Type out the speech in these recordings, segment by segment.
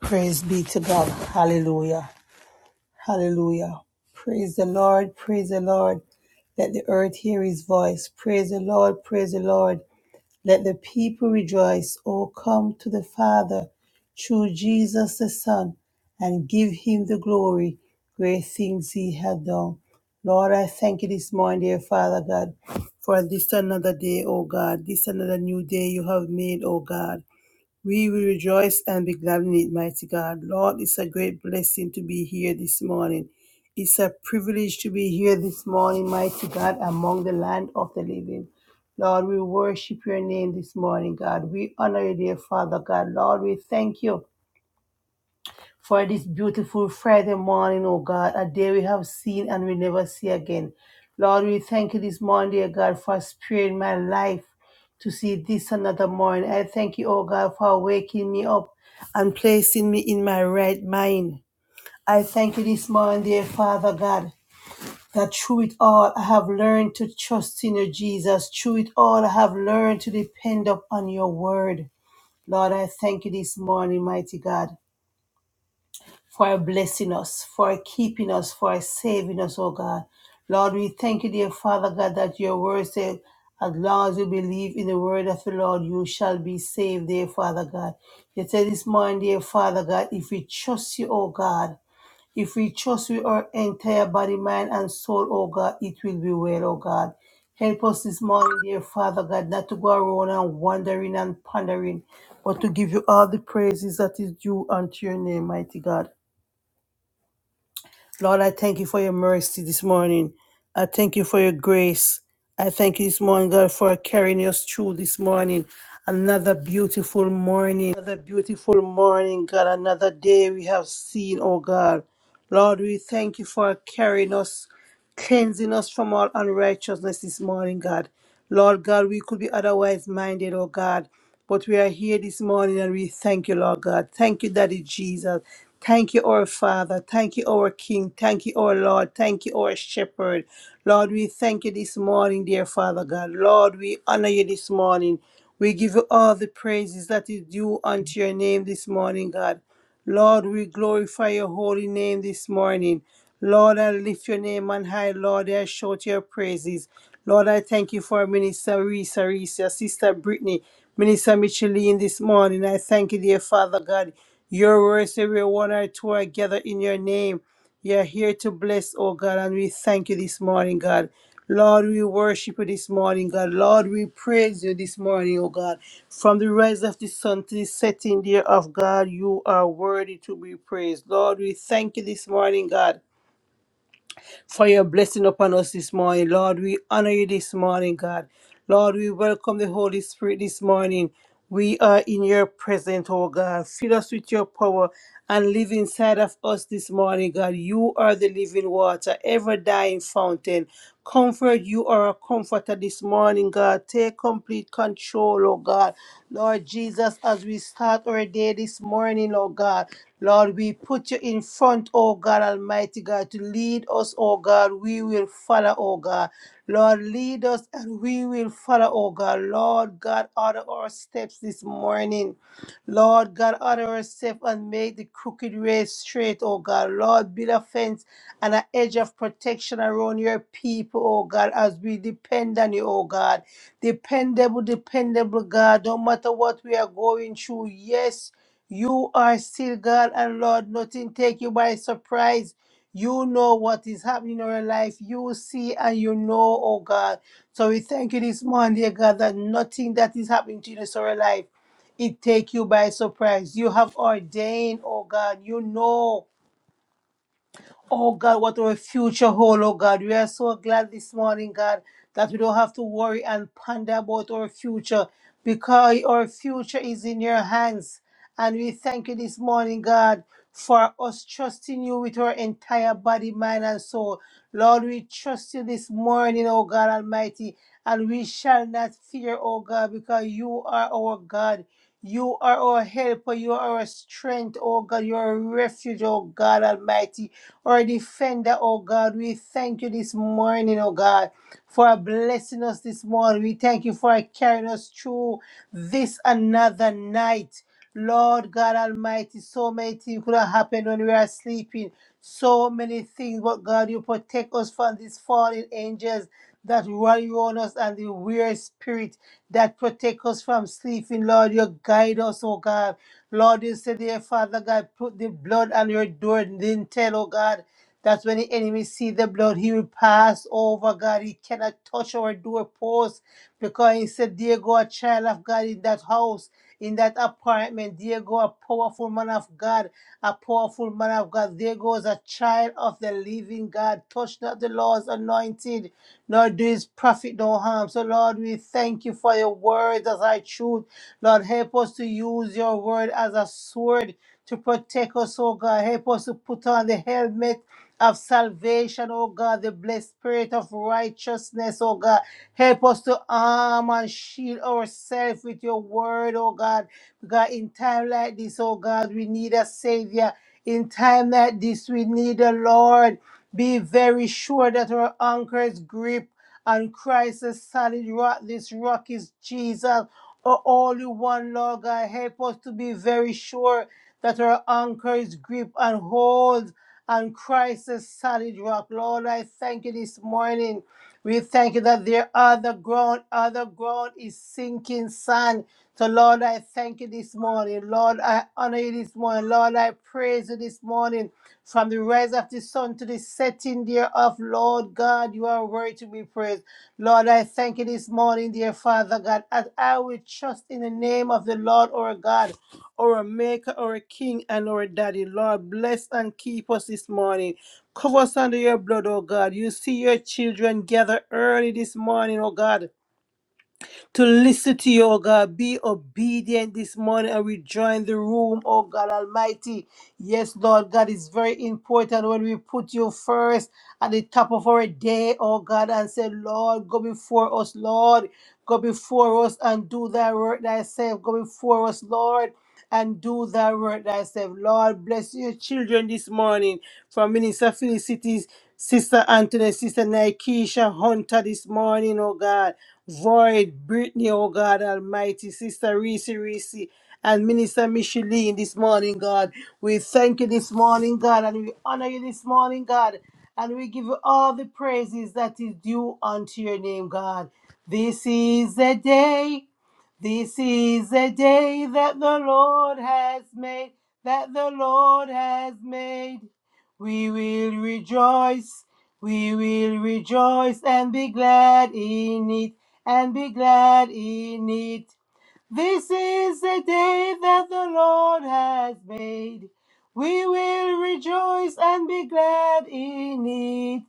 Praise be to God. Hallelujah. Hallelujah. Praise the Lord. Praise the Lord. Let the earth hear his voice. Praise the Lord. Praise the Lord. Let the people rejoice. Oh, come to the Father through Jesus the Son and give him the glory. Great things he had done. Lord, I thank you this morning, dear Father God, for this another day, oh God. This another new day you have made, oh God. We will rejoice and be glad in it, mighty God. Lord, it's a great blessing to be here this morning. It's a privilege to be here this morning, mighty God, among the land of the living. Lord, we worship your name this morning, God. We honor you, dear Father God. Lord, we thank you for this beautiful Friday morning, oh God, a day we have seen and we never see again. Lord, we thank you this morning, dear God, for sparing my life to see this another morning. I thank you, oh God, for waking me up and placing me in my right mind. I thank you this morning, dear Father God, that through it all I have learned to trust in you, Jesus. Through it all I have learned to depend upon your word. Lord, I thank you this morning, mighty God for blessing us, for keeping us, for saving us, oh God. Lord, we thank you, dear Father God, that your word says, as long as you believe in the word of the Lord, you shall be saved, dear Father God. You said this morning, dear Father God, if we trust you, oh God, if we trust with our entire body, mind, and soul, oh God, it will be well, oh God. Help us this morning, dear Father God, not to go around and wandering and pondering, but to give you all the praises that is due unto your name, mighty God. Lord, I thank you for your mercy this morning. I thank you for your grace. I thank you this morning, God, for carrying us through this morning. Another beautiful morning. Another beautiful morning, God. Another day we have seen, oh God. Lord, we thank you for carrying us cleansing us from all unrighteousness this morning, God. Lord God, we could be otherwise minded, oh God, but we are here this morning and we thank you, Lord God. Thank you, Daddy Jesus. Thank you, our Father. Thank you, our King. Thank you, our Lord. Thank you, our Shepherd. Lord, we thank you this morning, dear Father God. Lord, we honor you this morning. We give you all the praises that is due unto your name this morning, God. Lord, we glorify your holy name this morning. Lord, I lift your name on high. Lord, I shout your praises. Lord, I thank you for Minister Risa, Your Sister Brittany, Minister Micheline this morning. I thank you, dear Father God. Your words, every one or two are gathered in your name. You're here to bless, oh God, and we thank you this morning, God. Lord, we worship you this morning, God. Lord, we praise you this morning, oh God. From the rise of the sun to the setting there of God, you are worthy to be praised. Lord, we thank you this morning, God for your blessing upon us this morning. Lord, we honor you this morning, God. Lord, we welcome the Holy Spirit this morning. We are in your presence, oh God. Fill us with your power and live inside of us this morning, God. You are the living water, ever dying fountain. Comfort, you are a comforter this morning, God. Take complete control, oh God. Lord Jesus, as we start our day this morning, oh God, Lord, we put you in front, oh God Almighty God, to lead us, oh God. We will follow, oh God. Lord, lead us and we will follow, oh God. Lord God, order our steps this morning. Lord God, honor us safe and make the crooked way straight, oh God. Lord, build a fence and an edge of protection around your people, oh God, as we depend on you, oh God. Dependable, dependable God, no matter what we are going through, yes, you are still God and Lord, nothing take you by surprise. You know what is happening in our life. You see and you know, oh God. So we thank you this morning, dear God, that nothing that is happening to us in our life. It take you by surprise. You have ordained, oh God, you know Oh God, what our future hold, oh God. We are so glad this morning, God, that we don't have to worry and ponder about our future because our future is in your hands. And we thank you this morning, God, for us trusting you with our entire body, mind, and soul. Lord, we trust you this morning, oh God Almighty, and we shall not fear, oh God, because you are our God. You are our helper. You are our strength, oh God. You are our refuge, oh God Almighty our defender, oh God. We thank you this morning, oh God, for blessing us this morning. We thank you for carrying us through this another night. Lord God Almighty, so many things could have happened when we are sleeping. So many things, but God, you protect us from these fallen angels that rally on us and the weird spirit that protect us from sleeping. Lord, you guide us, oh God. Lord, you say, dear Father God, put the blood on your door lintel, oh God. That when the enemy see the blood, he will pass over, God. He cannot touch our doorpost because he said, There go a child of God in that house in that apartment. There go a powerful man of God, a powerful man of God. There goes a child of the living God. Touch not the Lord's anointed, nor do his prophet no harm. So, Lord, we thank you for your word as our truth. Lord, help us to use your word as a sword to protect us, oh God. Help us to put on the helmet of salvation, oh God, the blessed spirit of righteousness, oh God. Help us to arm and shield ourselves with your word, oh God. Because in time like this, oh God, we need a savior. In time like this, we need a Lord. Be very sure that our anchor is grip on Christ is solid rock. This rock is Jesus. our only one, Lord God. Help us to be very sure that our anchor is grip and hold on Christ's solid rock. Lord, I thank you this morning. We thank you that there other ground, other ground is sinking sand. So, Lord, I thank you this morning. Lord, I honor you this morning. Lord, I praise you this morning. From the rise of the sun to the setting thereof, Lord God, you are worthy to be praised. Lord, I thank you this morning, dear Father God, as I will trust in the name of the Lord our God our Maker, our King, and our Daddy. Lord, bless and keep us this morning. Cover us under your blood, oh God. You see your children gather early this morning, oh God to listen to you, oh God. Be obedient this morning and rejoin the room, oh God Almighty. Yes, Lord God, it's very important when we put you first at the top of our day, oh God, and say, Lord, go before us, Lord. Go before us and do thy work thyself. Go before us, Lord. And do thy work thyself. Lord, bless your children this morning from Minister Felicity's Sister Anthony, Sister Nikesha Hunter this morning, oh God. Void, Brittany, oh God Almighty, Sister Reese Reese, and Minister Micheline this morning, God. We thank you this morning, God, and we honor you this morning, God, and we give you all the praises that is due unto your name, God. This is the day, this is the day that the Lord has made, that the Lord has made. We will rejoice, we will rejoice and be glad in it and be glad in it. This is the day that the Lord has made. We will rejoice and be glad in it.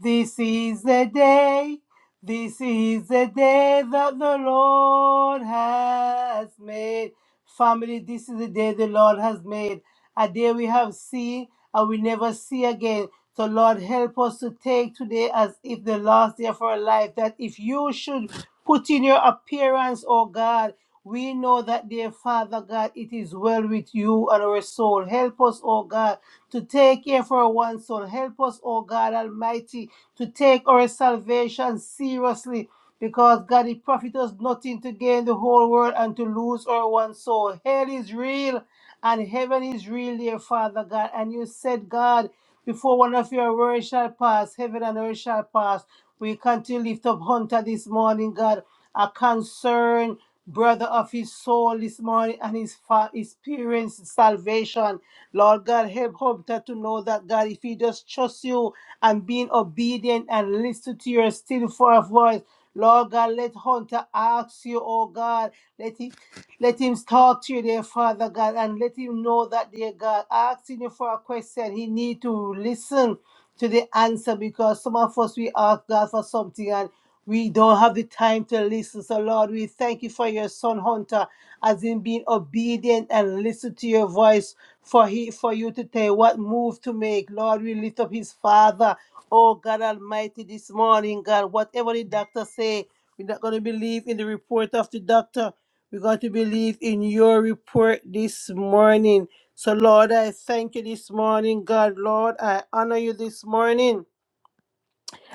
This is the day, this is the day that the Lord has made. Family, this is the day the Lord has made. A day we have seen and we never see again. So, Lord, help us to take today as if the last day of our life, that if you should put in your appearance, oh God, we know that, dear Father God, it is well with you and our soul. Help us, oh God, to take care for our one soul. Help us, oh God Almighty, to take our salvation seriously. Because God, it profits us nothing to gain the whole world and to lose our one soul. Hell is real and heaven is real, dear Father God. And you said, God, before one of your words shall pass, heaven and earth shall pass. We continue to lift up Hunter this morning, God, a concern brother of his soul this morning and his fa- his parents salvation lord god help hunter to know that god if he just trusts you and being obedient and listen to your still for voice lord god let hunter ask you oh god let him let him talk to you dear father god and let him know that dear god asking you for a question he need to listen to the answer because some of us we ask god for something and we don't have the time to listen. So, Lord, we thank you for your son Hunter, as in being obedient and listen to your voice for he for you to tell what move to make. Lord, we lift up his father. Oh God Almighty, this morning, God, whatever the doctor say, we're not going to believe in the report of the doctor. We're going to believe in your report this morning. So, Lord, I thank you this morning, God. Lord, I honor you this morning.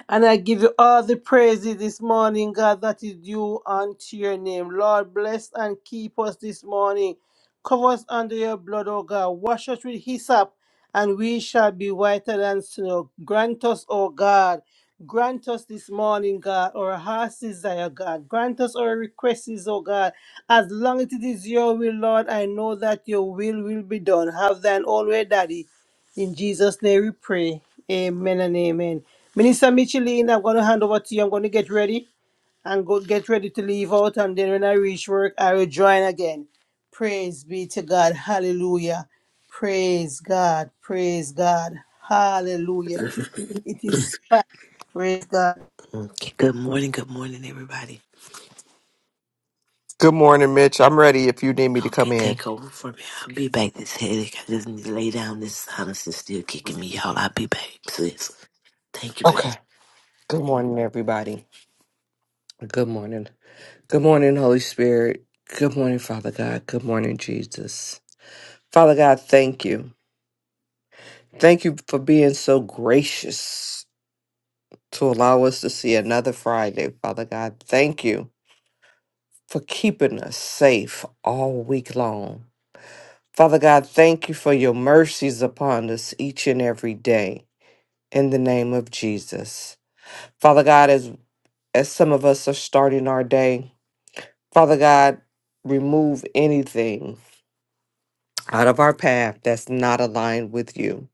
And I give you all the praises this morning, God, that is due unto your name. Lord, bless and keep us this morning. Cover us under your blood, O God. Wash us with hyssop, and we shall be whiter than snow. Grant us, O God. Grant us this morning, God, our heart's desire, God. Grant us our requests, O God. As long as it is your will, Lord, I know that your will will be done. Have thine own way, Daddy. In Jesus' name we pray. Amen and amen. Minister Micheline, I'm going to hand over to you. I'm going to get ready and go get ready to leave out. And then when I reach work, I will join again. Praise be to God. Hallelujah. Praise God. Praise God. Hallelujah. It is fact. Praise God. Good morning, Mitch. I'm ready if you need me to come in. Okay. Good morning, everybody. Good morning. Good morning, Holy Spirit. Good morning, Father God. Good morning, Jesus. Father God, thank you. Thank you for being so gracious to allow us to see another Friday, Father God. Thank you for keeping us safe all week long. Father God, thank you for your mercies upon us each and every day. In the name of Jesus. Father God, as as some of us are starting our day. Father God, remove anything out of our path that's not aligned with you.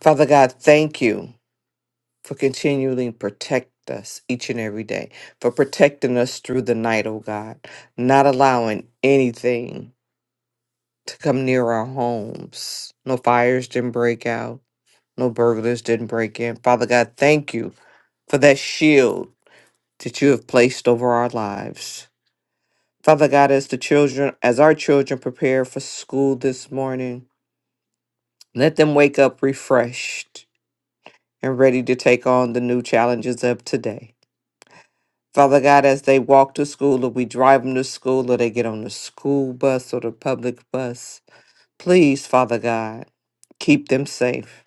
Father God, thank you for continually protect us each and every day, for protecting us through the night, oh God, not allowing anything to come near our homes. No fires didn't break out, no burglars didn't break in. Father God, thank you for that shield that you have placed over our lives. Father God, as the children, as our children prepare for school this morning, let them wake up refreshed and ready to take on the new challenges of today. Father God, as they walk to school or we drive them to school or they get on the school bus or the public bus, please, Father God, keep them safe.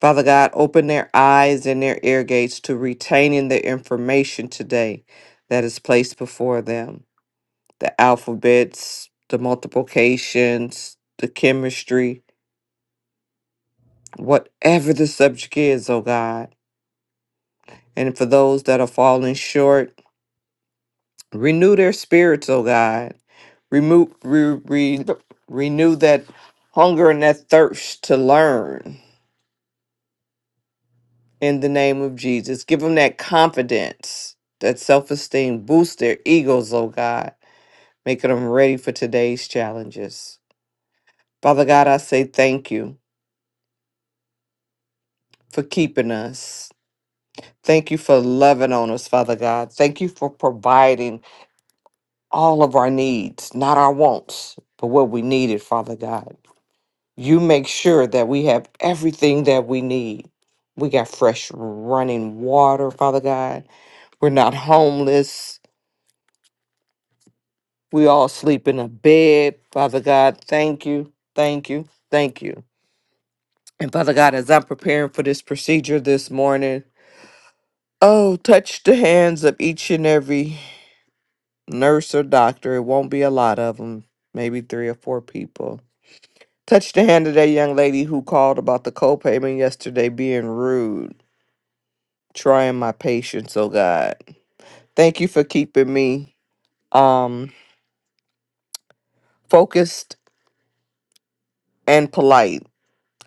Father God, open their eyes and their ear gates to retaining the information today that is placed before them. the alphabets, the multiplications, the chemistry, whatever the subject is, oh God. And for those that are falling short, renew their spirits, oh God. Remove, re, re, renew that hunger and that thirst to learn in the name of Jesus. Give them that confidence, that self esteem. Boost their egos, oh God, making them ready for today's challenges. Father God, I say thank you for keeping us. Thank you for loving on us, Father God. Thank you for providing all of our needs, not our wants, but what we needed, Father God. You make sure that we have everything that we need. We got fresh running water, Father God. We're not homeless. We all sleep in a bed, Father God. Thank you, thank you, thank you. And Father God, as I'm preparing for this procedure this morning, oh, touch the hands of each and every nurse or doctor. It won't be a lot of them, maybe three or four people. Touched the hand of that young lady who called about the copayment yesterday being rude, trying my patience, oh God. Thank you for keeping me um focused and polite.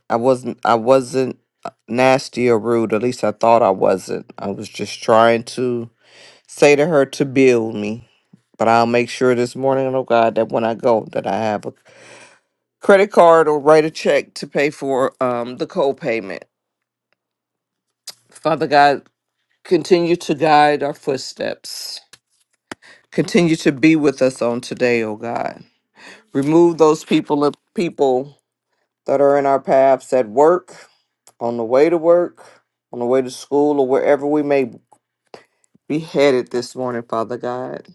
I wasn't I wasn't uh, nasty or rude, at least I thought I wasn't. I was just trying to say to her to build me. But I'll make sure this morning, oh God, that when I go that I have a credit card or write a check to pay for um, the co-payment. Father God, continue to guide our footsteps. Continue to be with us on today, oh God. Remove those people people that are in our paths at work, on the way to work, on the way to school, or wherever we may be headed this morning, Father God,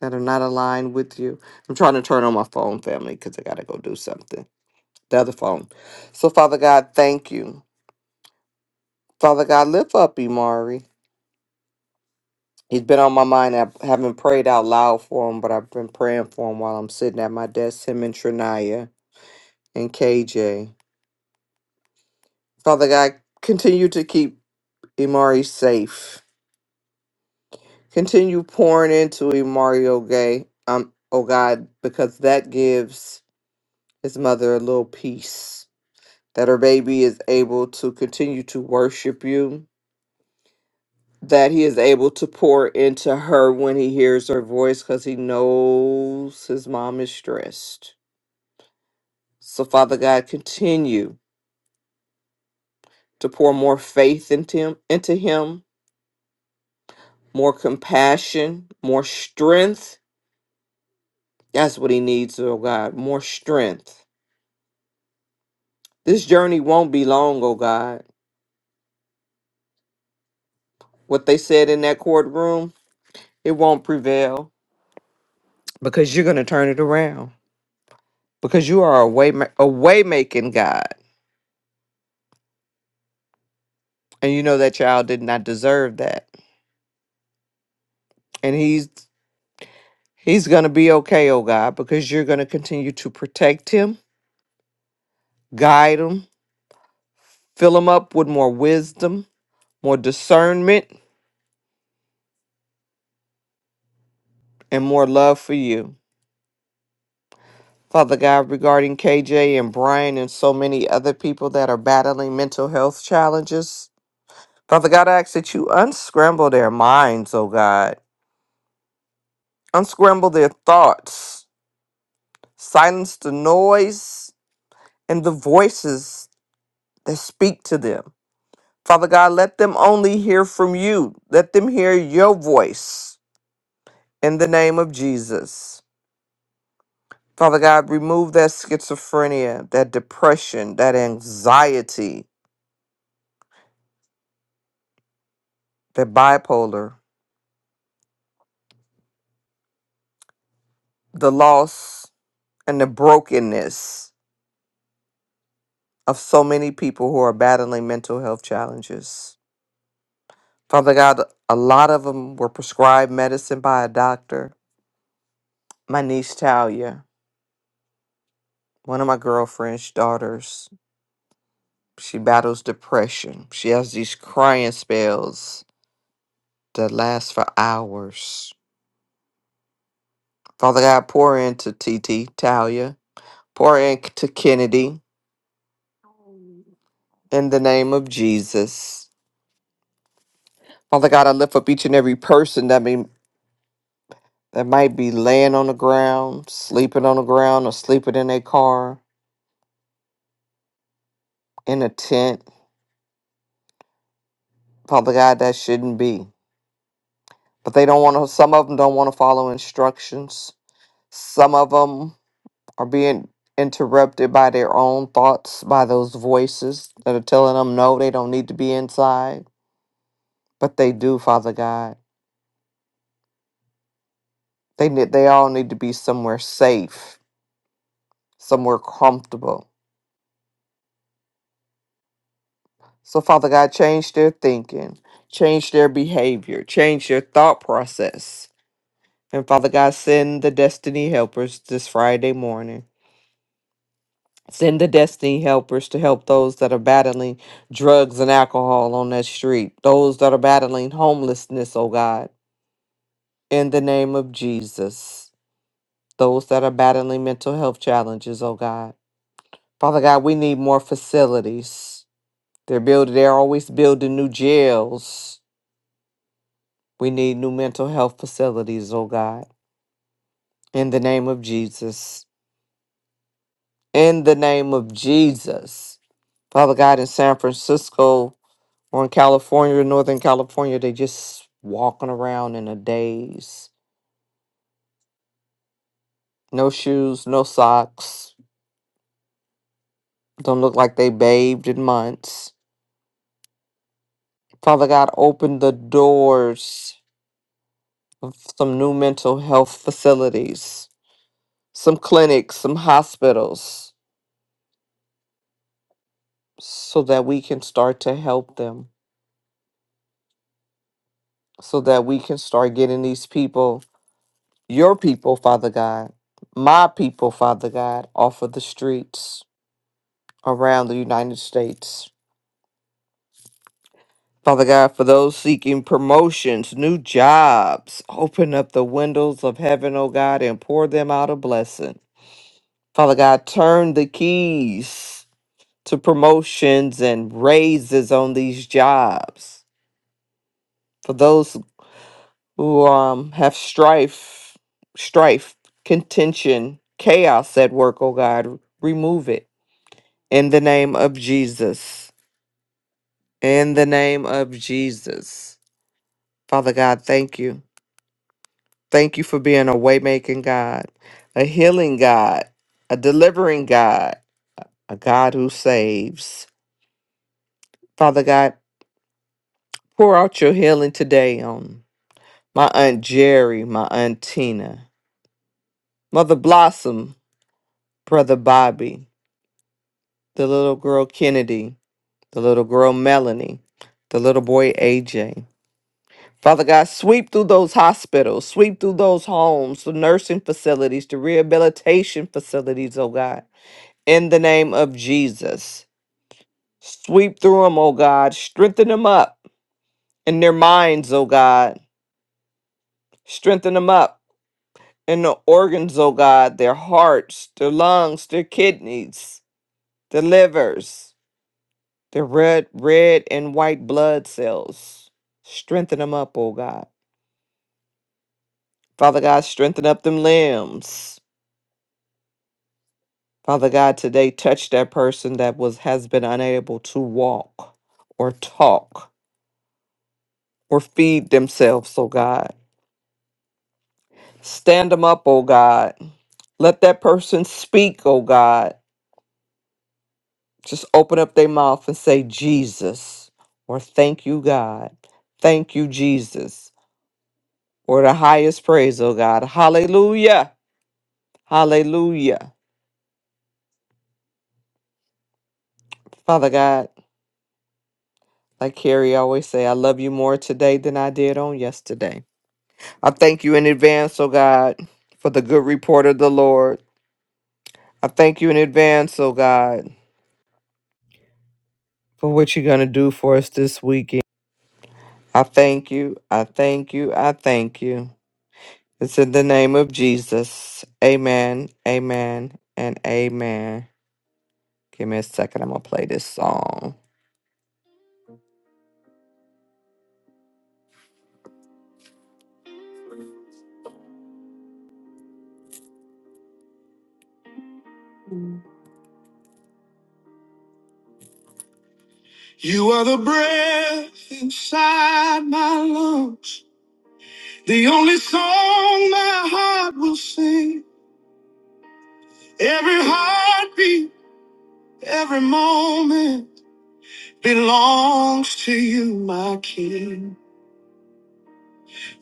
that are not aligned with you. I'm trying to turn on my phone, family, because I got to go do something. The other phone. So, Father God, thank you. Father God, lift up Imari. He's been on my mind. I haven't prayed out loud for him, but I've been praying for him while I'm sitting at my desk, him and Trinaya and KJ. Father God, continue to keep Imari safe. Continue pouring into Imari, okay? Um, oh God, because that gives his mother a little peace. That her baby is able to continue to worship you. That he is able to pour into her when he hears her voice because he knows his mom is stressed So, Father God, continue to pour more faith into him, into him, more compassion, more strength. That's what he needs, oh God, more strength. This journey won't be long, oh God. What they said in that courtroom, it won't prevail because you're going to turn it around because you are a way ma- a way making God. And you know that child did not deserve that. And he's he's going to be okay, oh God, because you're going to continue to protect him, guide him, Fill them up with more wisdom, more discernment, and more love for you. Father God, regarding KJ and Brian and so many other people that are battling mental health challenges, Father God, I ask that you unscramble their minds, oh God. Unscramble their thoughts, silence the noise and the voices that speak to them. Father God, let them only hear from you. Let them hear your voice in the name of Jesus. Father God, remove that schizophrenia, that depression, that anxiety, that bipolar, the loss and the brokenness of so many people who are battling mental health challenges. Father God, a lot of them were prescribed medicine by a doctor. My niece Talia, one of my girlfriend's daughters, she battles depression. She has these crying spells that last for hours. Father God, pour into T T Talia. Pour ink to Kennedy in the name of Jesus. Father God, I lift up each and every person that be that might be laying on the ground, sleeping on the ground, or sleeping in a car, in a tent. Father God, that shouldn't be. But they don't want to. Some of them don't want to follow instructions. Some of them are being interrupted by their own thoughts, by those voices that are telling them no, they don't need to be inside, but they do, Father God. They need, they all need to be somewhere safe, somewhere comfortable. So Father God, change their thinking, change their behavior, change their thought process. And Father God, send the destiny helpers this Friday morning. Send the destiny helpers to help those that are battling drugs and alcohol on that street, those that are battling homelessness, oh God, in the name of Jesus, those that are battling mental health challenges, oh God. Father God, we need more facilities. They're building, they're always building new jails. We need new mental health facilities, oh God. In the name of Jesus. In the name of Jesus. Father God, in San Francisco or in California, Northern California, they just walking around in a daze. No shoes, no socks. Don't look like they bathed in months. Father God, open the doors of some new mental health facilities, some clinics, some hospitals so that we can start to help them, so that we can start getting these people, your people, Father God, my people, Father God, off of the streets around the United States. Father God, for those seeking promotions, new jobs, open up the windows of heaven, oh God, and pour them out a blessing. Father God, turn the keys to promotions and raises on these jobs. For those who um have strife, strife, contention, chaos at work, oh God, remove it in the name of Jesus. In the name of Jesus. Father God, thank you. Thank you for being a way-making God, a healing God, a delivering God, a God who saves. Father God, pour out your healing today on my Aunt Jerry, my Aunt Tina, Mother Blossom, Brother Bobby, the little girl Kennedy, the little girl Melanie, the little boy AJ. Father God, sweep through those hospitals, sweep through those homes, the nursing facilities, the rehabilitation facilities, oh God, in the name of Jesus. Sweep through them, oh God. Strengthen them up in their minds, oh God. Strengthen them up in the organs, oh God, their hearts, their lungs, their kidneys, their livers. The red, red and white blood cells. Strengthen them up, oh God. Father God, strengthen up them limbs. Father God, today touch that person that was has been unable to walk or talk or feed themselves, oh God. Stand them up, oh God. Let that person speak, oh God. Just open up their mouth and say Jesus or thank you, God. Thank you, Jesus. Or the highest praise, oh God. Hallelujah. Hallelujah. Father God, like Carrie always say, I love you more today than I did on yesterday. I thank you in advance, oh God, for the good report of the Lord. I thank you in advance, oh God, for what you're going to do for us this weekend. I thank you. I thank you. I thank you. It's in the name of Jesus. Amen. Amen. And amen. Give me a second. I'm going to play this song. You are the breath inside my lungs. The only song my heart will sing, every heartbeat, every moment belongs to you, my King.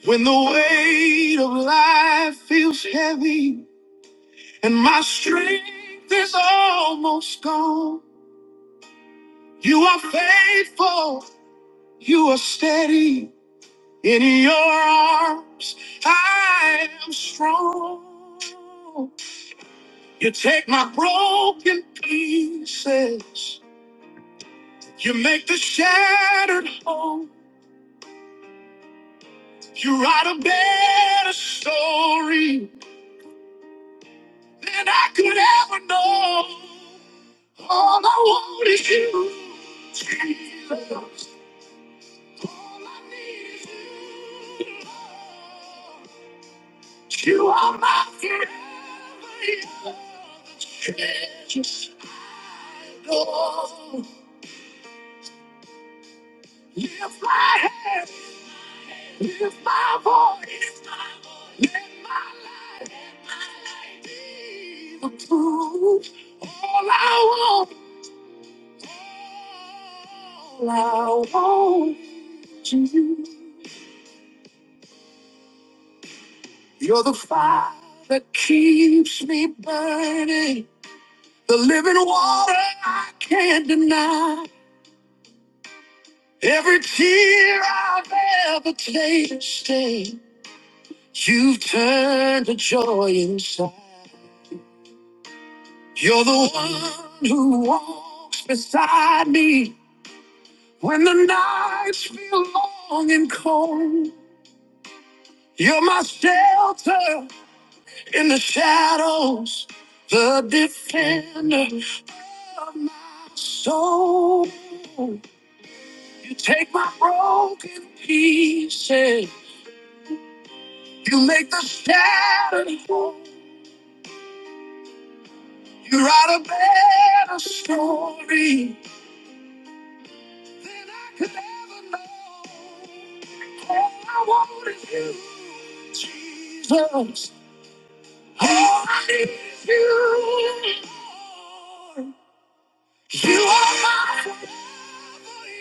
When the weight of life feels heavy and my strength is almost gone, you are faithful, you are steady. In your arms, I am strong. You take my broken pieces. You make the shattered whole. You write a better story than I could ever know. All I want is you, Jesus. All I need is you. Lord. You are my forever. You are the treasures I adore. Lift my head, lift my voice, let my life be the truth. All I want, all I want is you. You're the fire that keeps me burning, the living water I can't deny. Every tear I've ever tasted. You've turned the joy inside. You're the one who walks beside me when the nights feel long and cold. You're my shelter in the shadows, the defender of my soul. You take my broken pieces, you make the shattered whole. You write a better story. than I could ever know. All I want is you, Jesus. All I need is you. Lord. You are my forever,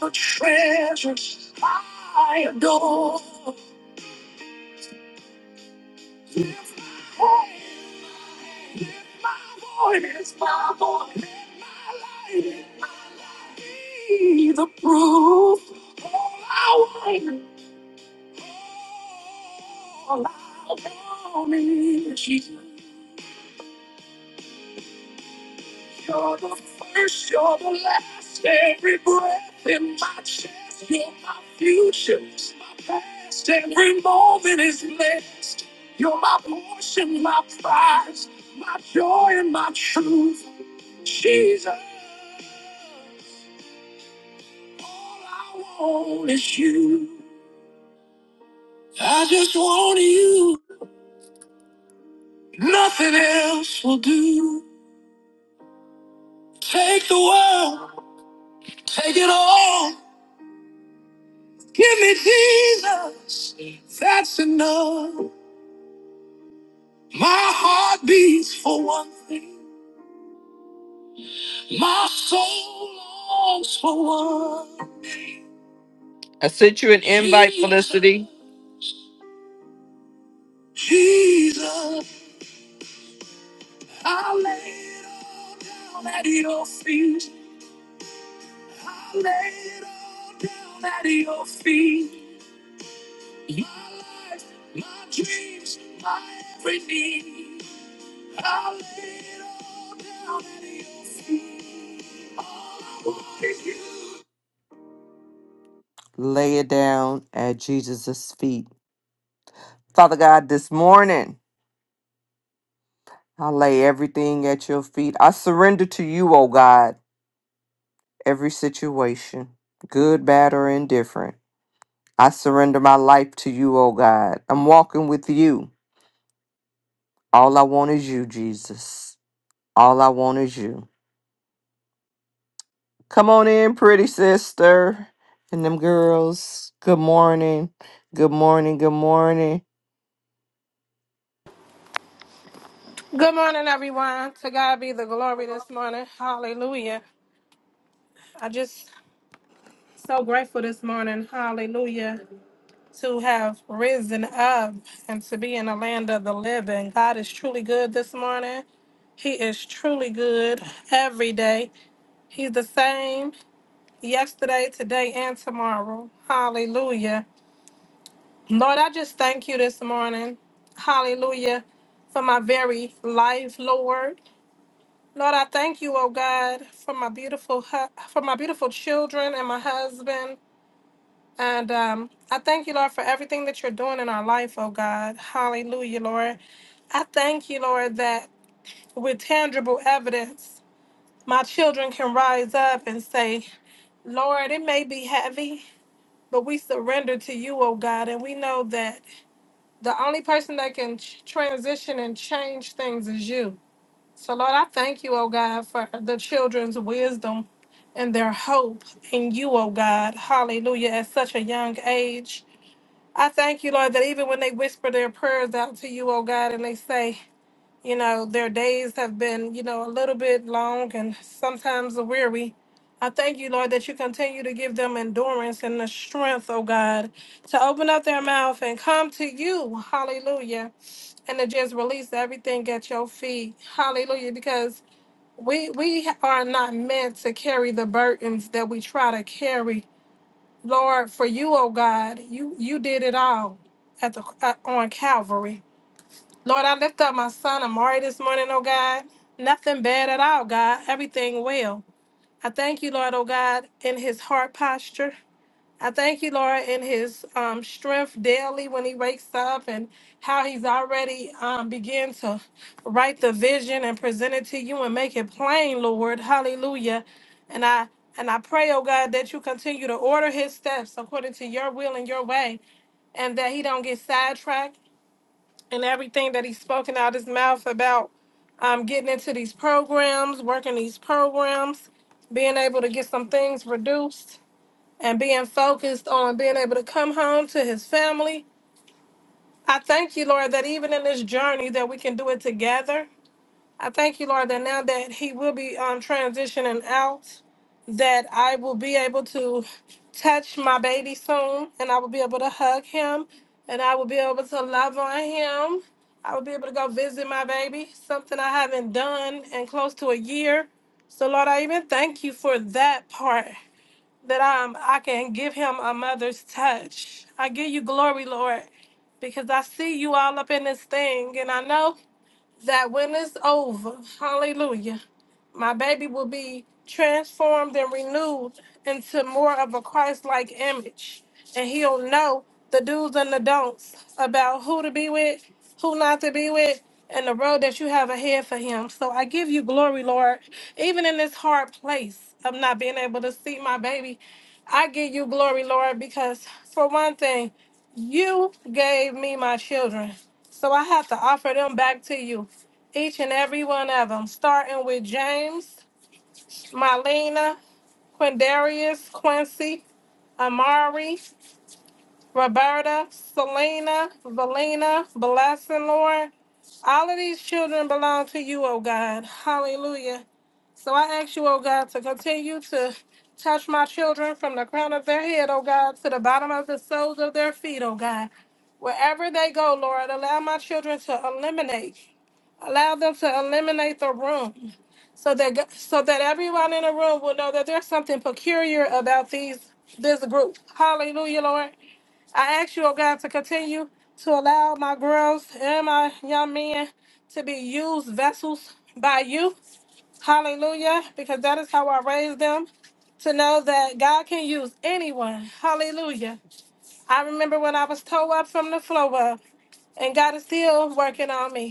you're the treasures I adore. Lift my hand, lift my voice, my voice, lift my light, lift my life. Be the proof. All I want. All I want is you. You're the first, you're the last. Every breath in my chest, you're my future, my past. Every moment is blessed. You're my portion, my prize, my joy, and my truth. Jesus, all I want is you. I just want you. Nothing else will do. Take the world, take it all. Give me Jesus, that's enough. My heart beats for one thing, my soul longs for one. I sent you an invite, Jesus, Felicity. Jesus, I lay it all down at your feet. I lay it all down at your feet. My life, my dreams, my every need. I lay it all down at your feet. All I want is you. Lay it down at Jesus' feet. Father God, this morning, I lay everything at your feet. I surrender to you, O God, every situation, good, bad, or indifferent. I surrender my life to you, O God. I'm walking with you. All I want is you, Jesus. All I want is you. Come on in, pretty sister and them girls. Good morning. Good morning. Good morning. Good morning, everyone. To God be the glory this morning. Hallelujah. I just so grateful this morning. Hallelujah. To have risen up and to be in the land of the living. God is truly good this morning. He is truly good every day. He's the same yesterday, today, and tomorrow. Hallelujah. Lord, I just thank you this morning. Hallelujah. For my very life, Lord. Lord, I thank you, oh God, for my beautiful hu- for my beautiful children and my husband. And um, I thank you, Lord, for everything that you're doing in our life, oh God. Hallelujah, Lord. I thank you, Lord, that with tangible evidence, my children can rise up and say, Lord, it may be heavy, but we surrender to you, oh God. And we know that the only person that can ch- transition and change things is you. So, Lord, I thank you, oh God, for the children's wisdom and their hope in you, oh God. Hallelujah, at such a young age. I thank you, Lord, that even when they whisper their prayers out to you, oh God, and they say, you know, their days have been, you know, a little bit long and sometimes weary. I thank you, Lord, that you continue to give them endurance and the strength, oh God, to open up their mouth and come to you, hallelujah, and to just release everything at your feet, hallelujah, because we we are not meant to carry the burdens that we try to carry lord for you oh god you you did it all at the at, on calvary lord i lift up my son amari this morning oh god nothing bad at all god everything well i thank you lord oh god in his heart posture I thank you, Laura, in his um, strength daily when he wakes up and how he's already um, began to write the vision and present it to you and make it plain, Lord. Hallelujah. And I and I pray, oh God, that you continue to order his steps according to your will and your way, and that he don't get sidetracked in everything that he's spoken out his mouth about um, getting into these programs, working these programs, being able to get some things reduced and being focused on being able to come home to his family. I thank you, Lord, that even in this journey that we can do it together. I thank you, Lord, that now that he will be um, transitioning out, that I will be able to touch my baby soon, and I will be able to hug him, and I will be able to love on him. I will be able to go visit my baby, something I haven't done in close to a year. So, Lord, I even thank you for that part that I'm, I can give him a mother's touch. I give you glory, Lord, because I see you all up in this thing, and I know that when it's over, hallelujah my baby will be transformed and renewed into more of a Christ-like image, and he'll know the do's and the don'ts about who to be with, who not to be with, and the road that you have ahead for him. So I give you glory, Lord, even in this hard place of not being able to see my baby. I give you glory, Lord, because for one thing, you gave me my children. So I have to offer them back to you each and every one of them, starting with James, Marlena, Quindarius, Quincy, Amari, Roberta, Selena, Valina, Blessing, Lord. All of these children belong to you, oh God. Hallelujah. So I ask you, oh God, to continue to touch my children from the crown of their head, oh God, to the bottom of the soles of their feet, oh God. Wherever they go, Lord, allow my children to eliminate. Allow them to eliminate the room so that go- so that everyone in the room will know that there's something peculiar about these this group. Hallelujah, Lord. I ask you, oh God, to continue to allow my girls and my young men to be used vessels by you. Hallelujah, because that is how I raised them to know that God can use anyone. Hallelujah. I remember when I was toe up from the flow up, and God is still working on me.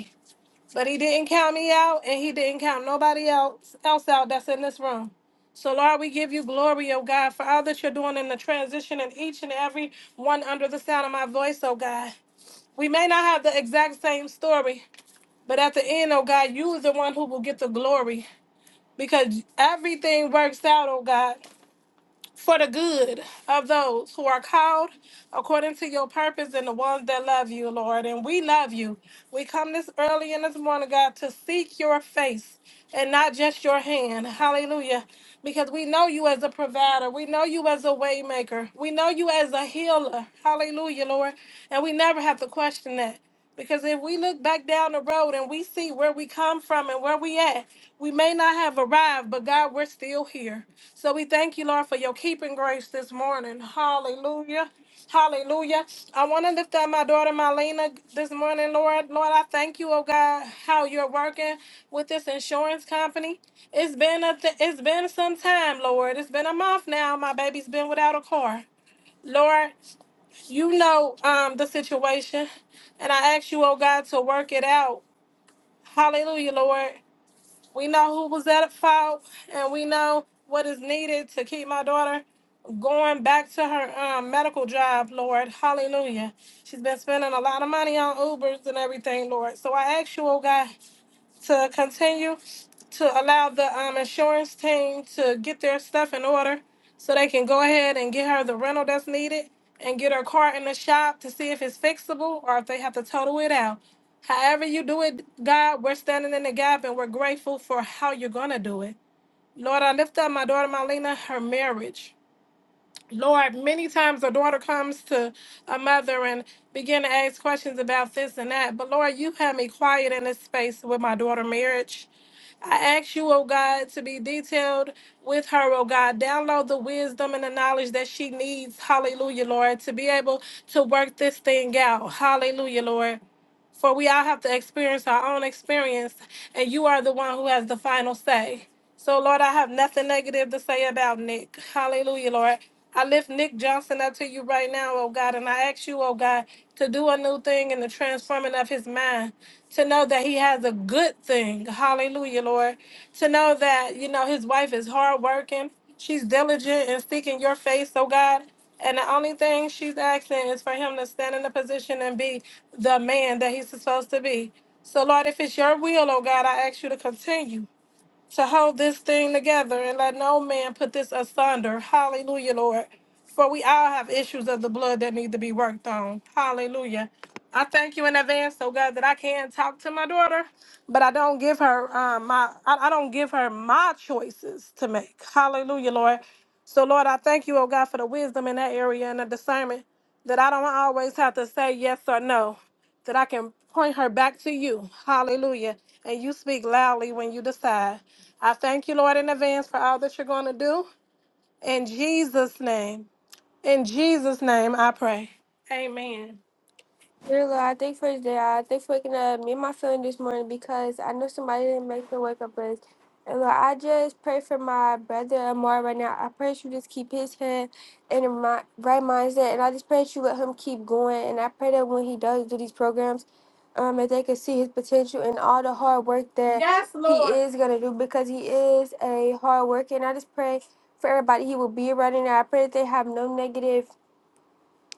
But he didn't count me out, and he didn't count nobody else else out that's in this room. So Lord, we give you glory, oh God, for all that you're doing in the transition in each and every one under the sound of my voice, oh God. We may not have the exact same story, but at the end, oh God, you is the one who will get the glory. Because everything works out, oh God for the good of those who are called according to your purpose and the ones that love you, Lord. And we love you. We come this early in this morning, God, to seek your face and not just your hand. Hallelujah. Because we know you as a provider. We know you as a waymaker. We know you as a healer. Hallelujah, Lord. And we never have to question that. Because if we look back down the road and we see where we come from and where we at, we may not have arrived, but God, we're still here. So we thank you, Lord, for your keeping grace this morning. Hallelujah. Hallelujah. I want to lift up my daughter Marlena this morning, Lord. Lord, I thank you, oh God, how you're working with this insurance company. It's been a th- it's been some time, Lord. It's been a month now. My baby's been without a car. Lord you know um the situation and i ask you oh god to work it out hallelujah lord we know who was at fault and we know what is needed to keep my daughter going back to her um, medical job lord hallelujah she's been spending a lot of money on ubers and everything lord so i ask you oh god to continue to allow the um, insurance team to get their stuff in order so they can go ahead and get her the rental that's needed and get her car in the shop to see if it's fixable or if they have to total it out. However, you do it, God, we're standing in the gap and we're grateful for how you're going to do it. Lord, I lift up my daughter Marlena, her marriage. Lord, many times a daughter comes to a mother and begin to ask questions about this and that. But Lord, you have me quiet in this space with my daughter marriage. I ask you, oh God, to be detailed with her, oh God. Download the wisdom and the knowledge that she needs, hallelujah, Lord, to be able to work this thing out, hallelujah, Lord. For we all have to experience our own experience, and you are the one who has the final say. So, Lord, I have nothing negative to say about Nick. Hallelujah, Lord. I lift Nick Johnson up to you right now, oh God, and I ask you, oh God, to do a new thing in the transforming of his mind, to know that he has a good thing. Hallelujah, Lord. To know that, you know, his wife is hardworking, she's diligent in seeking your face, oh God. And the only thing she's asking is for him to stand in a position and be the man that he's supposed to be. So, Lord, if it's your will, oh God, I ask you to continue to hold this thing together and let no man put this asunder. Hallelujah, Lord. For we all have issues of the blood that need to be worked on. Hallelujah. I thank you in advance, oh God, that I can talk to my daughter, but I don't give her um, my I, I don't give her my choices to make. Hallelujah, Lord. So Lord, I thank you, oh God, for the wisdom in that area and the discernment that I don't always have to say yes or no that I can point her back to you. Hallelujah. And you speak loudly when you decide. I thank you, Lord, in advance for all that you're going to do. In Jesus' name, in Jesus' name, I pray. Amen. Really, I think for today, I think for waking up me and my feeling this morning because I know somebody didn't make the wake up list. And look, I just pray for my brother Amar right now. I pray that you just keep his head in a mi- right mindset, and I just pray that you let him keep going. And I pray that when he does do these programs, um, that they can see his potential and all the hard work that Yes, Lord. he is gonna do because he is a hard worker. And I just pray for everybody he will be around. And I pray that they have no negative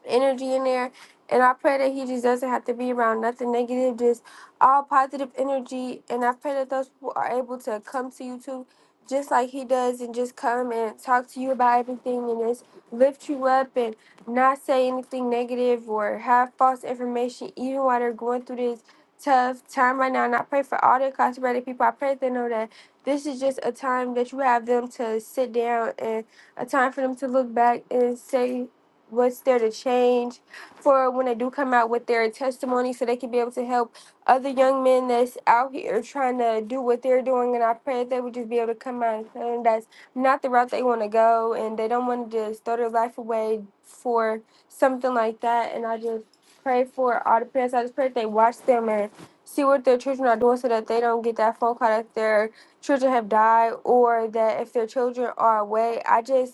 energy in there. And I pray that he just doesn't have to be around nothing negative, just all positive energy. And I pray that those people are able to come to you too, just like he does, and just come and talk to you about everything and just lift you up and not say anything negative or have false information, even while they're going through this tough time right now. And I pray for all the incarcerated people. I pray that they know that this is just a time that you have them to sit down and a time for them to look back and say what's there to change for when they do come out with their testimony so they can be able to help other young men that's out here trying to do what they're doing and I pray that they would just be able to come out and tell them that's not the route they want to go and they don't want to just throw their life away for something like that and I just pray for all the parents. I just pray that they watch them and see what their children are doing so that they don't get that phone call that their children have died or that if their children are away. I just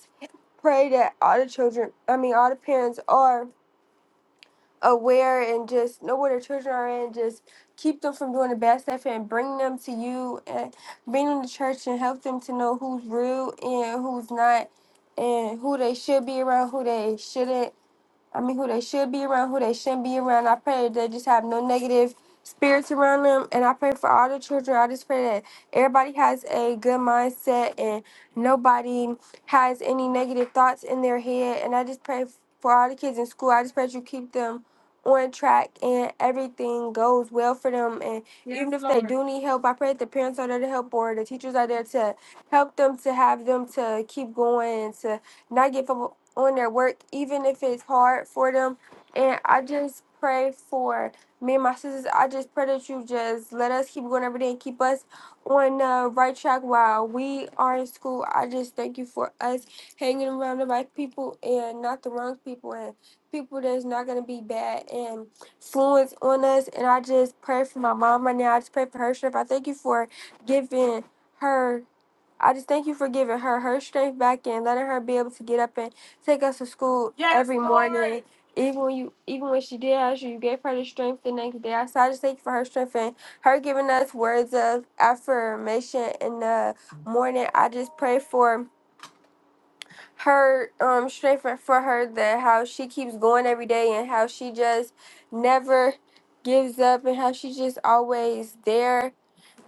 pray that all the children, I mean, all the parents are aware and just know where their children are and just keep them from doing the bad stuff and bring them to you and bring them to church and help them to know who's real and who's not and who they should be around, who they shouldn't I mean, who they should be around, who they shouldn't be around. I pray that they just have no negative spirits around them. And I pray for all the children. I just pray that everybody has a good mindset and nobody has any negative thoughts in their head. And I just pray for all the kids in school. I just pray that you keep them on track and everything goes well for them. And Yes, even if they Lord. do need help, I pray that the parents are there to help or the teachers are there to help them to have them to keep going and to not give up on their work, even if it's hard for them. And I just pray for me and my sisters. I just pray that you just let us keep going every day and keep us on the right track while we are in school. I just thank you for us hanging around the right people and not the wrong people and people that's not going to be bad and influence on us. And I just pray for my mom right now. I just pray for her strength. I thank you for giving her. I just thank you for giving her her strength back and letting her be able to get up and take us to school Yes, every Lord. morning. Even when you, even when she did ask you, you gave her the strength the next day. So I just thank you for her strength and her giving us words of affirmation in the morning. I just pray for her um strength and for her that how she keeps going every day and how she just never gives up and how she's just always there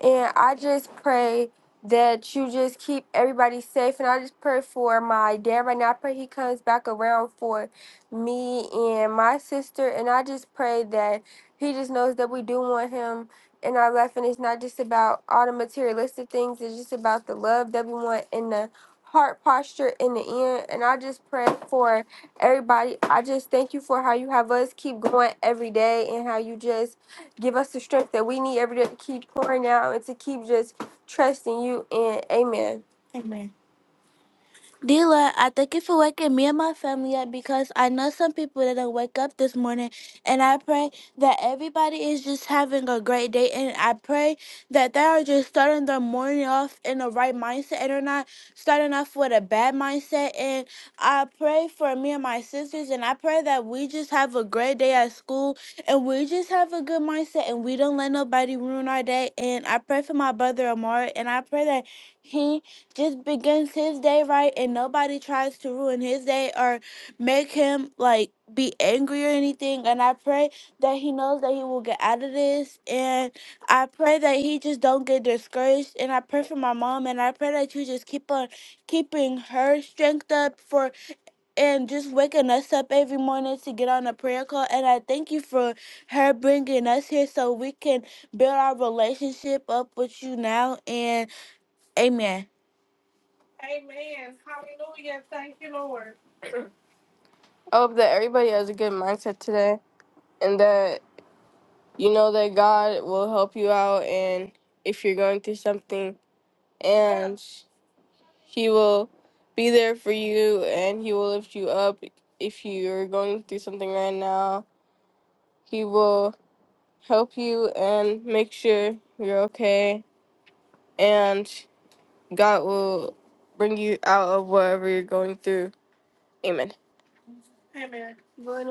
and I just pray that you just keep everybody safe. And I just pray for my dad right now. I pray he comes back around for me and my sister. And I just pray that he just knows that we do want him in our life. And it's not just about all the materialistic things, it's just about the love that we want in the heart posture in the end. And I just pray for everybody. I just thank you for how you have us keep going every day and how you just Give us the strength that we need every day to keep pouring out and to keep just trusting you and amen. Dila, I thank you for waking me and my family up because I know some people didn't wake up this morning. And I pray that everybody is just having a great day. And I pray that they are just starting their morning off in the right mindset and are not starting off with a bad mindset. And I pray for me and my sisters. And I pray that we just have a great day at school and we just have a good mindset and we don't let nobody ruin our day. And I pray for my brother Amari. And I pray that. He just begins his day right and nobody tries to ruin his day or make him like be angry or anything and i pray that he knows that he will get out of this and i pray that he just don't get discouraged and i pray for my mom and i pray that you just keep on keeping her strength up for and just waking us up every morning to get on a prayer call and i thank you for her bringing us here so we can build our relationship up with you now and amen Amen. Hallelujah. Thank you, Lord. I hope that everybody has a good mindset today and that you know that God will help you out and if you're going through something and he will be there for you and he will lift you up if you're going through something right now. He will help you and make sure you're okay and God will bring you out of whatever you're going through. Amen. Amen.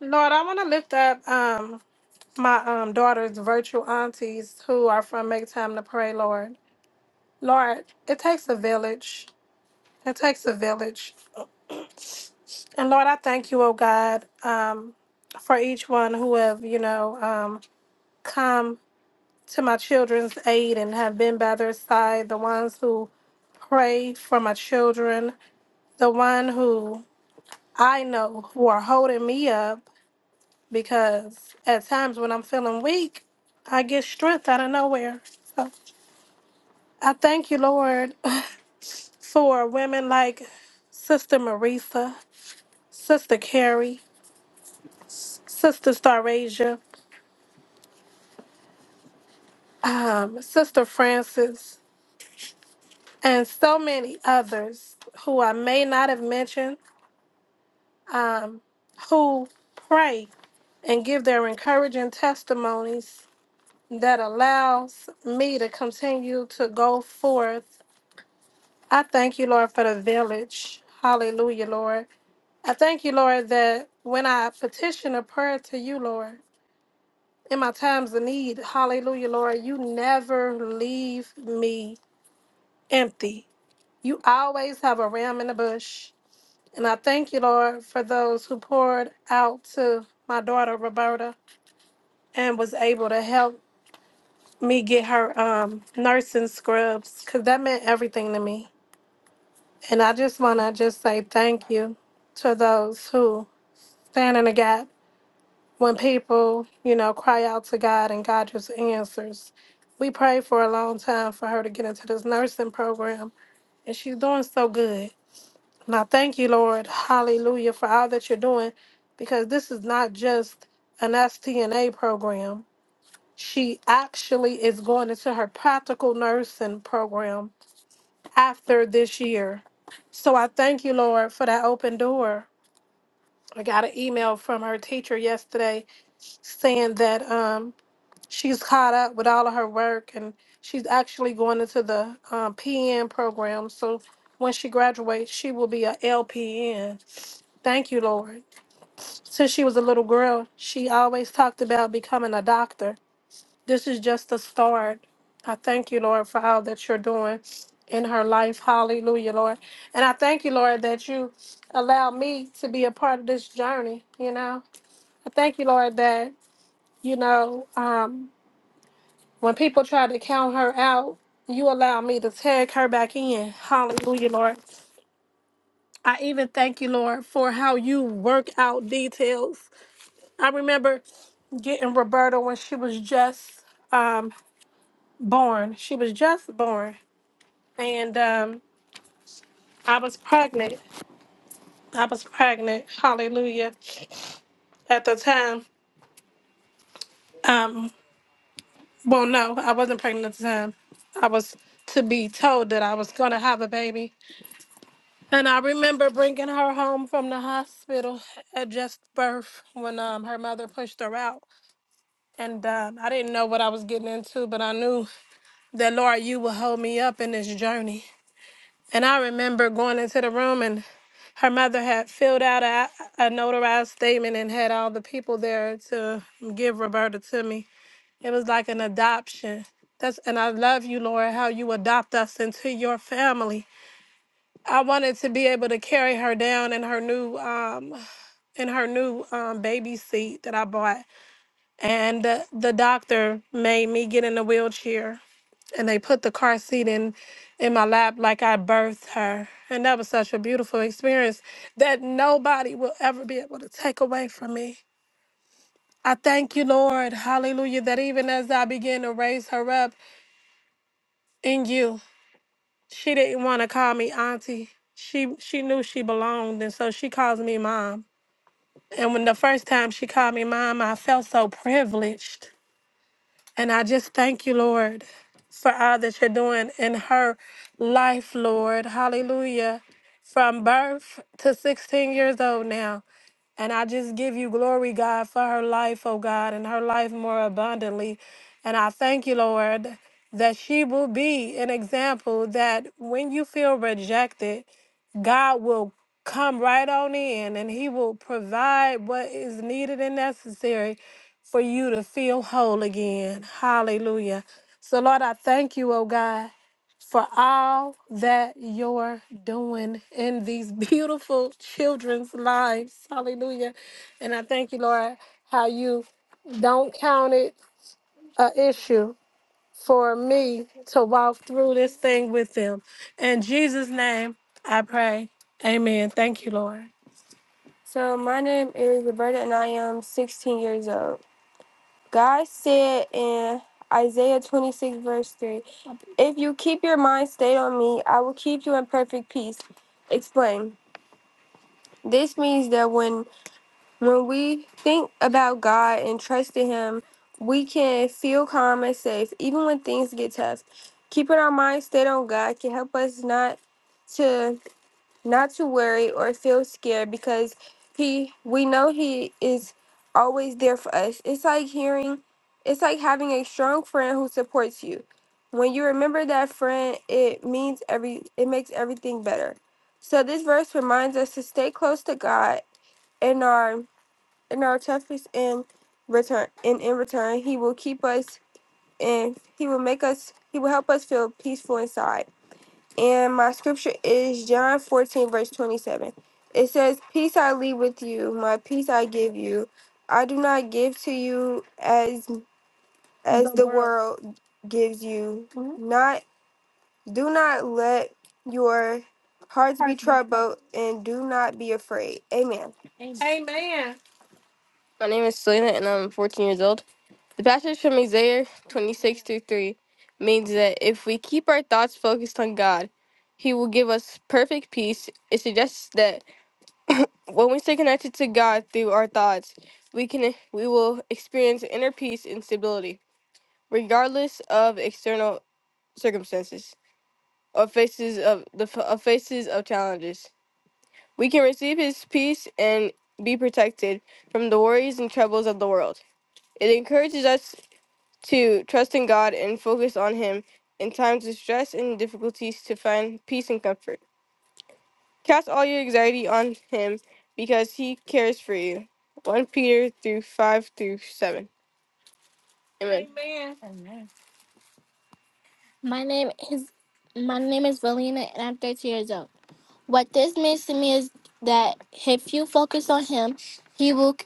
Lord, I want to lift up um my um daughter's virtual aunties who are from Make Time to Pray, Lord. Lord, it takes a village. It takes a village. And Lord, I thank you, oh God, um, for each one who have, you know, um, come to my children's aid and have been by their side, the ones who pray for my children, the one who I know who are holding me up because at times when I'm feeling weak, I get strength out of nowhere. So I thank you, Lord, for women like Sister Marisa, Sister Carrie, Sister Starasia, um, Sister Francis, and so many others who I may not have mentioned, um, who pray and give their encouraging testimonies that allows me to continue to go forth I thank you, Lord, for the village. Hallelujah, Lord. I thank you, Lord, that when I petition a prayer to you, Lord, in my times of need, hallelujah, Lord, you never leave me empty. You always have a ram in the bush. And I thank you, Lord, for those who poured out to my daughter, Roberta, and was able to help me get her um, nursing scrubs because that meant everything to me. And I just want to just say thank you to those who Stand in the gap when people, you know, cry out to God and God just answers. We prayed for a long time for her to get into this nursing program, and she's doing so good. And I thank you, Lord, hallelujah, for all that you're doing, because this is not just an STNA program. She actually is going into her practical nursing program after this year. So I thank you, Lord, for that open door. I got an email from her teacher yesterday saying that um, she's caught up with all of her work and she's actually going into the um, PN program. So when she graduates, she will be a LPN. Thank you, Lord. Since she was a little girl, she always talked about becoming a doctor. This is just the start. I thank you, Lord, for all that you're doing in her life. Hallelujah, Lord. And I thank you, Lord, that you allow me to be a part of this journey, you know. I thank you, Lord, that, you know, um, When people try to count her out, you allow me to tag her back in. Hallelujah, Lord. I even thank you, Lord, for how you work out details. I remember getting Roberta when she was just um, born. She was just born. And um, I was pregnant. I was pregnant. Hallelujah. At the time, um, well, no, I wasn't pregnant at the time. I was to be told that I was going to have a baby And I remember bringing her home from the hospital at just birth when um, her mother pushed her out. And um, I didn't know what I was getting into, but I knew that, Lord, you would hold me up in this journey. And I remember going into the room, and her mother had filled out a, a notarized statement and had all the people there to give Roberta to me. It was like an adoption. That's and I love you, Lord, how you adopt us into your family. I wanted to be able to carry her down in her new um, in her new um, baby seat that I bought. And uh, the doctor made me get in a wheelchair and they put the car seat in in my lap like I birthed her. And that was such a beautiful experience that nobody will ever be able to take away from me. I thank you, Lord, hallelujah, that even as I began to raise her up in you, she didn't want to call me auntie. She she knew she belonged and so she calls me mom. And when the first time she called me mom, I felt so privileged And I just thank you, Lord, for all that you're doing in her life, Lord. Hallelujah. From birth to 16 years old now. And I just give you glory, God, for her life, oh God, and her life more abundantly. And I thank you, Lord, that she will be an example that when you feel rejected, God will come right on in and He will provide what is needed and necessary for you to feel whole again. Hallelujah. So, Lord, I thank you, oh God, for all that you're doing in these beautiful children's lives. Hallelujah. And I thank you, Lord, how you don't count it a issue for me to walk through this thing with them. In Jesus' name, I pray. Amen. Thank you, Lord. So my name is Roberta and I am 16 years old. God said in Isaiah 26, verse 3, If you keep your mind stayed on me, I will keep you in perfect peace. Explain. This means that when when we think about God and trust in Him, we can feel calm and safe, even when things get tough. Keeping our mind stayed on God can help us not to not to worry or feel scared because he we know he is always there for us. It's like hearing it's like having a strong friend who supports you. When you remember that friend, it means every it makes everything better. So this verse reminds us to stay close to God in our in our toughest and return and in return he will keep us and he will make us he will help us feel peaceful inside. And my scripture is John 14, verse 27. It says, Peace I leave with you, my peace I give you. I do not give to you as as the the world world gives you. Mhm. Not do not let your hearts be troubled and do not be afraid. Amen. Amen. My name is Selena and I'm 14 years old. The passage from Isaiah 26 through 3 means that if we keep our thoughts focused on God, He will give us perfect peace. It suggests that when we stay connected to God through our thoughts, we can we will experience inner peace and stability, regardless of external circumstances or faces of the of faces of challenges. We can receive His peace and be protected from the worries and troubles of the world. It encourages us. Two, trust in God and focus on Him in times of stress and difficulties to find peace and comfort. Cast all your anxiety on Him because He cares for you. 1 Peter through 5 through 7. Amen. My name is my name is Valina and I'm 13 years old. What this means to me is that if you focus on him, he will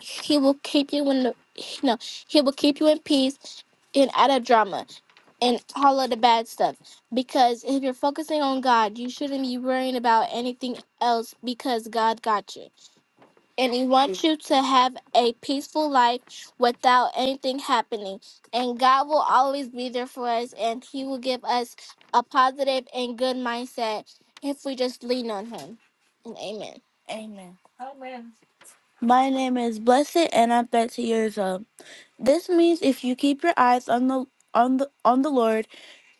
he will keep you in the no, he will keep you in peace and out of drama and all of the bad stuff. Because if you're focusing on God, you shouldn't be worrying about anything else because God got you and he wants you to have a peaceful life without anything happening. And God will always be there for us, and He will give us a positive and good mindset if we just lean on Him. And Amen. Amen. My name is Blessed, and I'm 13 years old. This means if you keep your eyes on the on the on the Lord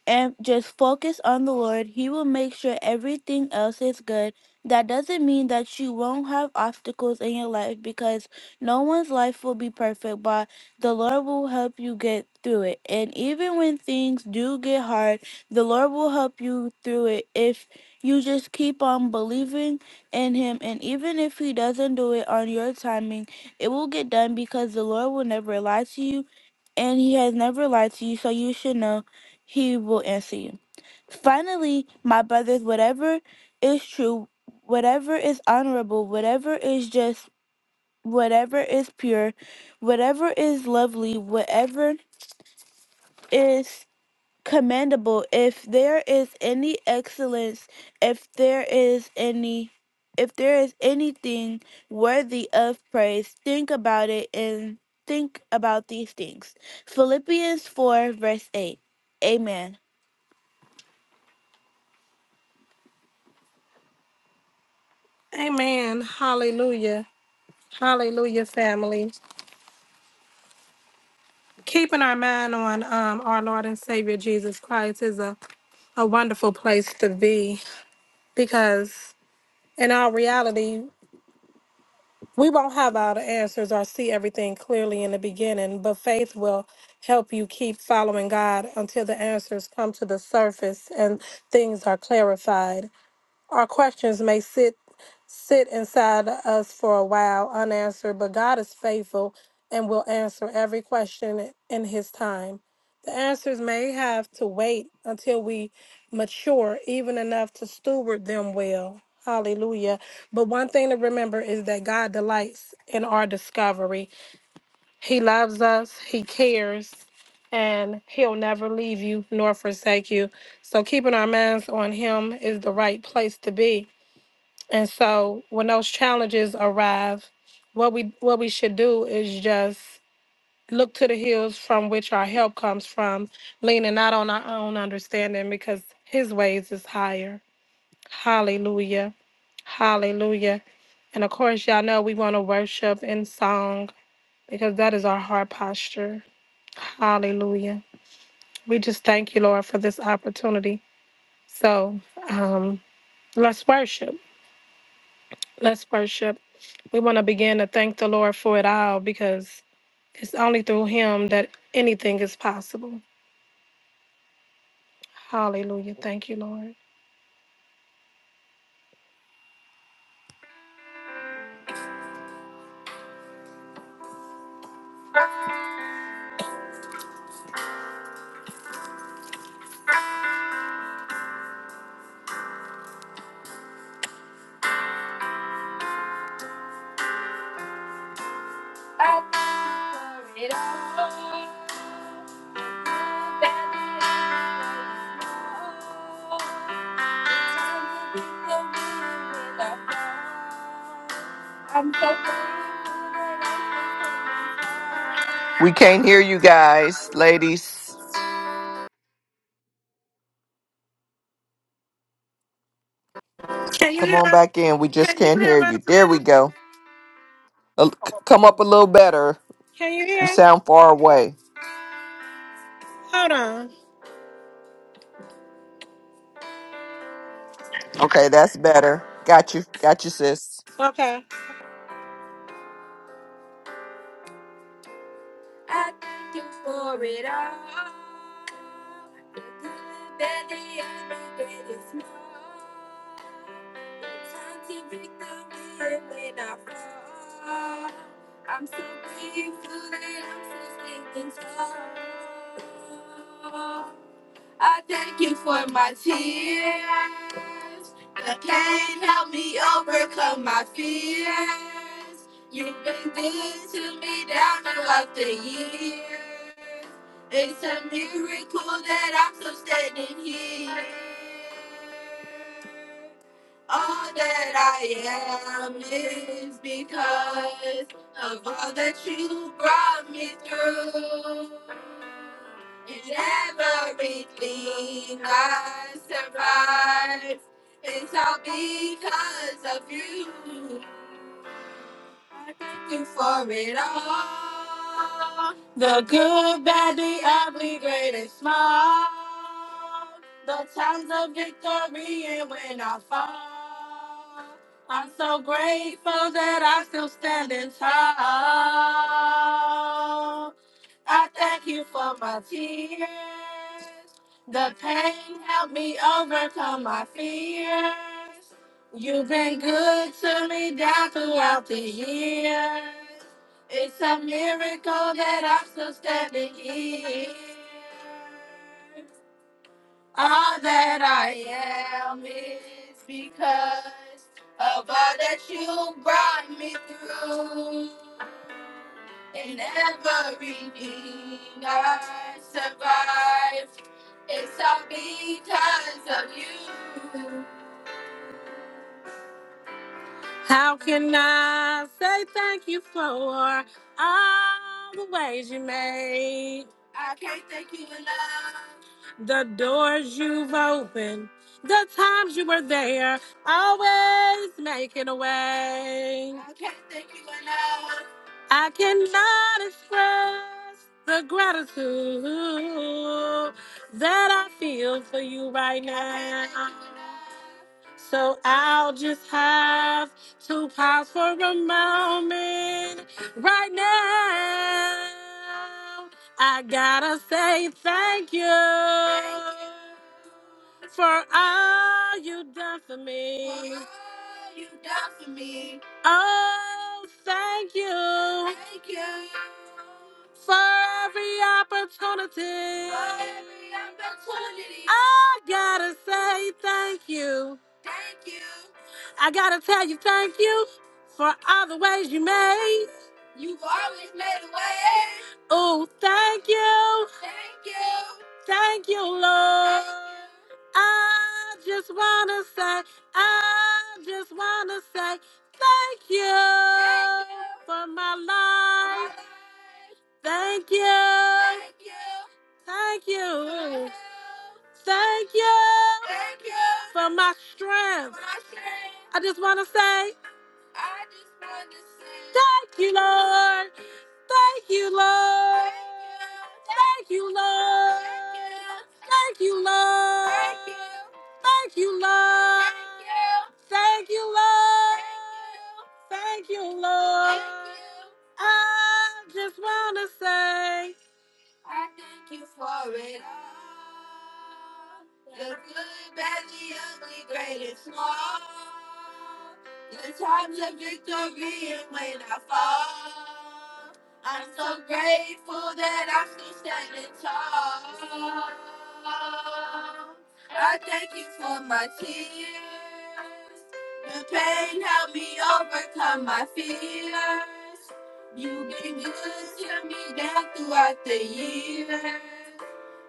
and just focus on the Lord, He will make sure everything else is good. That doesn't mean that you won't have obstacles in your life because no one's life will be perfect, but the Lord will help you get through it. And even when things do get hard, the Lord will help you through it if you just keep on believing in Him. And even if He doesn't do it on your timing, it will get done because the Lord will never lie to you and he has never lied to you, so you should know he will answer you. Finally, my brothers, whatever is true, whatever is honorable, whatever is just, whatever is pure, whatever is lovely, whatever is commendable, if there is any excellence, if there is any if there is anything worthy of praise, think about it and think about these things. Philippians 4 verse 8. Amen. Amen. Hallelujah. Hallelujah, family. Keeping our mind on um, our Lord and Savior Jesus Christ is a, a wonderful place to be because, in our reality, we won't have all the answers or see everything clearly in the beginning, but faith will help you keep following God until the answers come to the surface and things are clarified. Our questions may sit sit inside of us for a while unanswered, but God is faithful and will answer every question in his time. The answers may have to wait until we mature even enough to steward them well. Hallelujah. But one thing to remember is that God delights in our discovery. He loves us, he cares, and he'll never leave you nor forsake you. So keeping our minds on him is the right place to be. And so when those challenges arrive, what we what we should do is just look to the hills from which our help comes from, leaning not on our own understanding because his ways is higher. Hallelujah. Hallelujah. And of course, y'all know we want to worship in song because that is our heart posture. Hallelujah. We just thank you, Lord, for this opportunity. So um, let's worship. Let's worship. We want to begin to thank the Lord for it all because it's only through Him that anything is possible. Hallelujah. Thank you, Lord. We can't hear you guys, ladies. Can you Come hear on us? back in. We just Can you can't hear hear us you. There now? we go. A- c- Come up a little better. Can you You hear? us? sound far away. Hold on. Okay, that's better. Got you. Got you, sis. Okay. I thank you for it all. The good, bad, the ugly, great and small. Your tiny victory and when I fall. I'm so grateful that I'm so stinking strong. I thank you for my tears. That can't help me overcome my fears. You've been good to me down throughout the years. It's a miracle that I'm still standing here. All that I am is because of all that you brought me through. And everything I survived, it's all because of you. I thank you for it all. The good, bad, the ugly, great and small. The times of victory and when I fall. The pain helped overcome my fear. You've been good to me down throughout the years. It's a miracle that I'm still standing here. All that I am. How can I say thank you for all the ways you made? I can't thank you enough the doors you've opened, the times you were there, always making a way. I can't thank you enough. I cannot express the gratitude that I feel for you right now. So I'll just have to pause for a moment right now I gotta say thank you for all you done for me. For all you done for me. Oh, thank you. Thank you. For, every opportunity. oh, thank you. Thank you. You've always made a way. Oh, thank you. Thank you. Thank you, Lord. I just want to say, I just want to say thank you, for my life. Thank you. Thank you. Thank you. Thank you. For my strength. I just want to say. I just want to say. Thank you. I thank you for it all. The good, bad, the ugly, great and small. The times of victory and when I fall. I'm so grateful that I'm still standing tall. I thank you for my tears. The pain helped me overcome my fears. You've been good to me down throughout the years.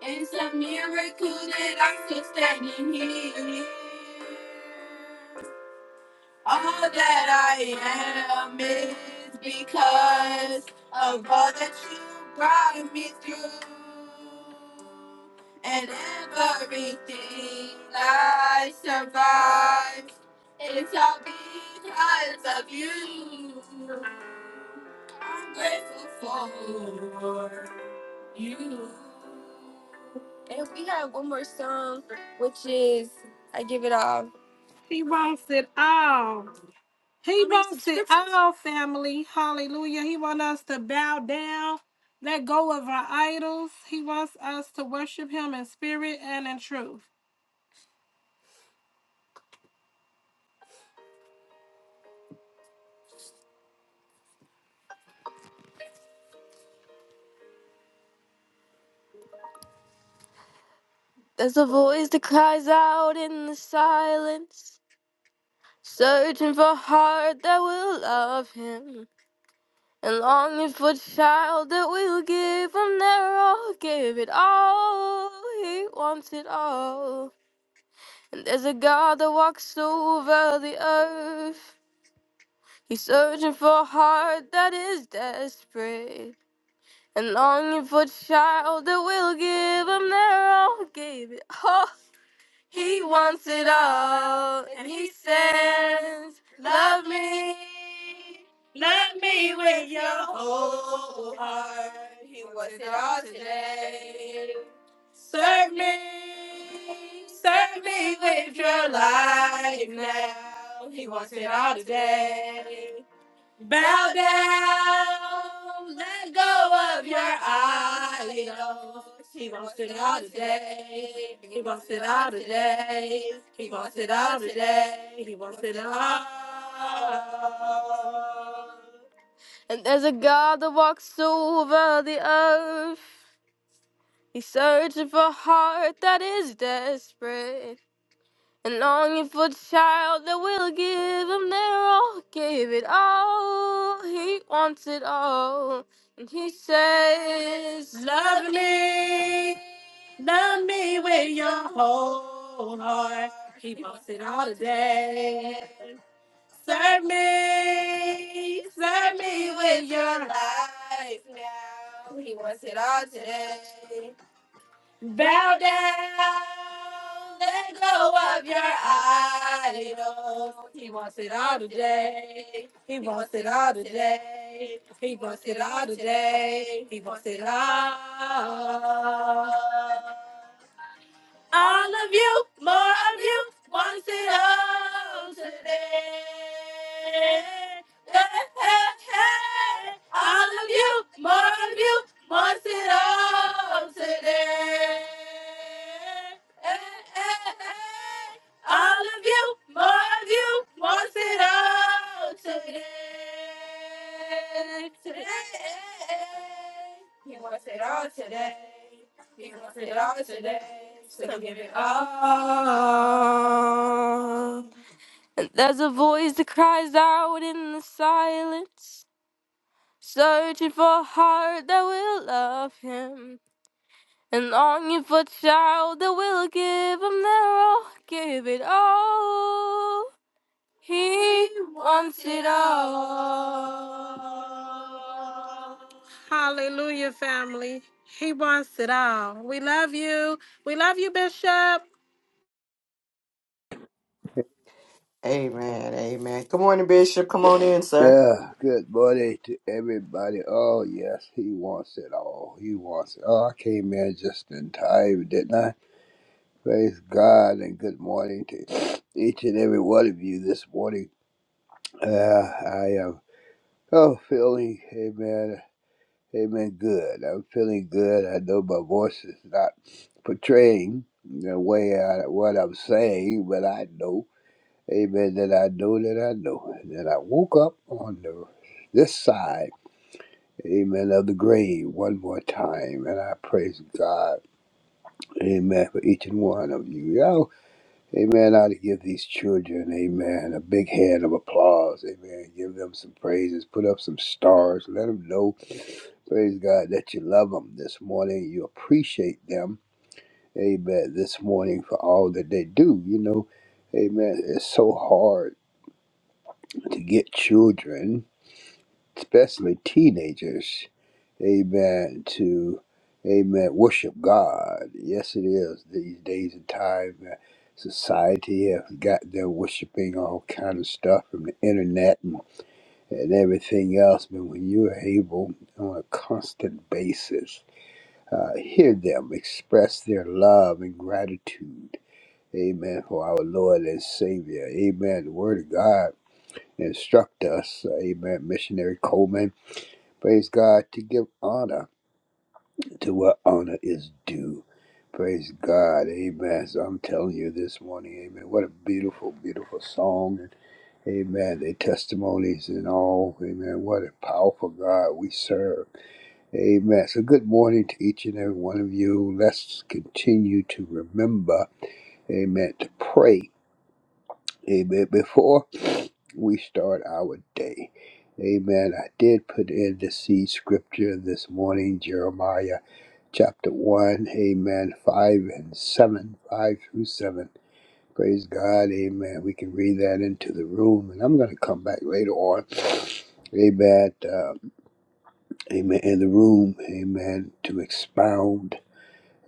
It's a miracle that I'm still standing here. All that I am is because of all that you brought me through. And everything I survived, it's all because of you. I'm grateful for you. And we have one more song, which is I Give It All. He wants it all. He I mean, some wants it scriptures. all, family. Hallelujah. He wants us to bow down, let go of our idols. He wants us to worship him in spirit and in truth. Of all the God of the earth. He out and he says, Love me, love me with your whole heart. He wants it all today. Serve me, serve me with your life now. He wants it all today. Bow down, let go of your idols. He wants it all today. He wants it all today. He wants it all today. He wants it all. And there's a God that walks over the earth. He's searching for a heart that is desperate and longing Love me, love me with your whole heart. Keep on sitting all the day. Serve me, serve me with your life now. He wants it all today. Bow down, let go of your idol. He wants it all today. He wants it all today. He wants it all today. He wants it all. All of you, more of you, wants it all today. Hey, hey, hey. All of you, more of you, wants it all today. Hey, hey, hey. All of you, more of you, wants it all today. Today. He wants it all today. He wants It all today, so give it all. And there's a voice that cries out in the silence, searching for a heart that will love him, and longing for a child that will give him their all, give it all. He wants it all. Hallelujah, family. He wants it all. We love you. We love you, Bishop. Amen. Amen. Good morning, Bishop. Come on in, sir. Uh, good morning to everybody. Oh, yes, he wants it all. He wants it. Oh, I came in just in time, didn't I? Praise God and good morning to each and every one of you this morning. Uh, I am, oh, feeling, amen, amen, good. I'm feeling good. I know my voice is not portraying the way I, what I'm saying, but I know, amen, that I know that I know that I woke up on the, this side. Amen. Of the grave one more time. And I praise God. Amen. For each and one of you. Yo, amen. I ought to give these children, amen, a big hand of applause. Amen. Give them some praises. Put up some stars. Let them know, praise God, that you love them this morning. You appreciate them. Amen. This morning for all that they do. You know, amen. It's so hard to get children. especially teenagers, amen, to, amen, worship God. Yes, it is. These days and time, uh, society has got them worshiping all kind of stuff from the internet and, and everything else. But when you are able on a constant basis, uh, hear them express their love and gratitude, amen, for our Lord and Savior. Amen. The Word of God instruct us, amen, missionary Coleman Praise God to give honor to what honor is due. Praise God. Amen. So I'm telling you this morning, amen. What a beautiful, beautiful song. And amen. The testimonies and all. Amen. What a powerful God we serve. Amen. So good morning to each and every one of you. Let's continue to remember, amen, to pray. Amen. Before we start our day. Amen. I did put in the seed scripture this morning, Jeremiah. chapter 1, amen, 5 and 7, 5 through 7. Praise God, amen. We can read that into the room, and I'm going to come back later on, amen, uh, amen, in the room, amen, to expound,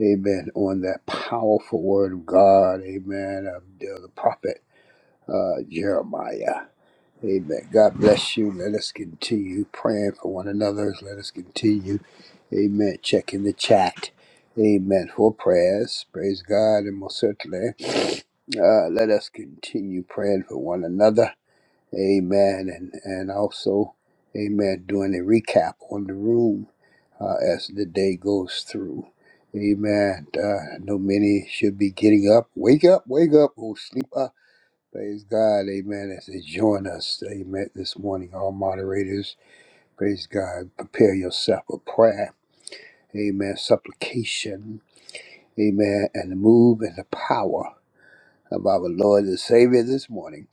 amen, on that powerful word of God, amen, of the prophet uh, Jeremiah. Amen. God bless you. Let us continue praying for one another. Let us continue. Amen. Checking the chat. Amen. For prayers. Praise God. And most certainly, uh, let us continue praying for one another. Amen. And, and also, amen, doing a recap on the room uh, as the day goes through. Amen. Uh, I know many should be getting up. Wake up, wake up. Oh, sleep up. Praise God, amen, as they join us, amen, this morning, all moderators. Praise God. Prepare yourself for prayer, amen, supplication, amen, and the move and the power of our Lord and Savior this morning.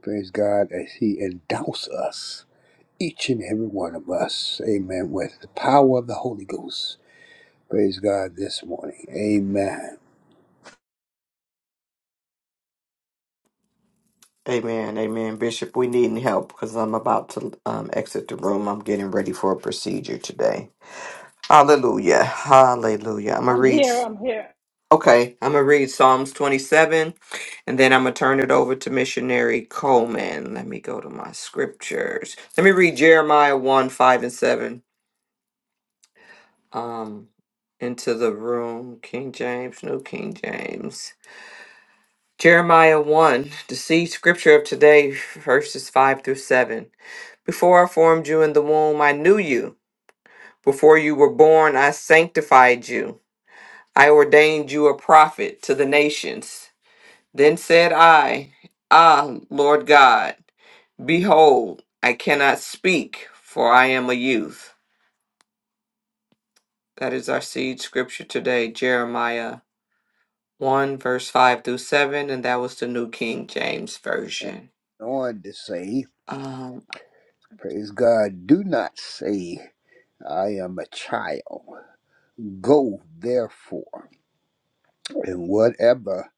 Praise God as He endows us, each and every one of us, amen, with the power of the Holy Ghost. Praise God this morning, amen. Amen. Amen. Bishop, we need help because I'm about to um, exit the room. I'm getting ready for a procedure today. Hallelujah. Hallelujah. I'm going to I'm read. here. I'm here. Okay. I'm going to read Psalms 27 and then I'm going to turn it over to missionary Coleman. Let me go to my scriptures. Let me read Jeremiah 1 5 and 7 um, into the room. King James, New King James. Jeremiah 1, the seed scripture of today, verses 5 through 7. Before I formed you in the womb, I knew you. Before you were born, I sanctified you. I ordained you a prophet to the nations. Then said I, Ah, Lord God, behold, I cannot speak, for I am a youth. That is our seed scripture today, Jeremiah 1, verse 5 through 7, and that was the New King James And Version. on to say, Um, praise God, do not say, I am a child. Go therefore, and whatever,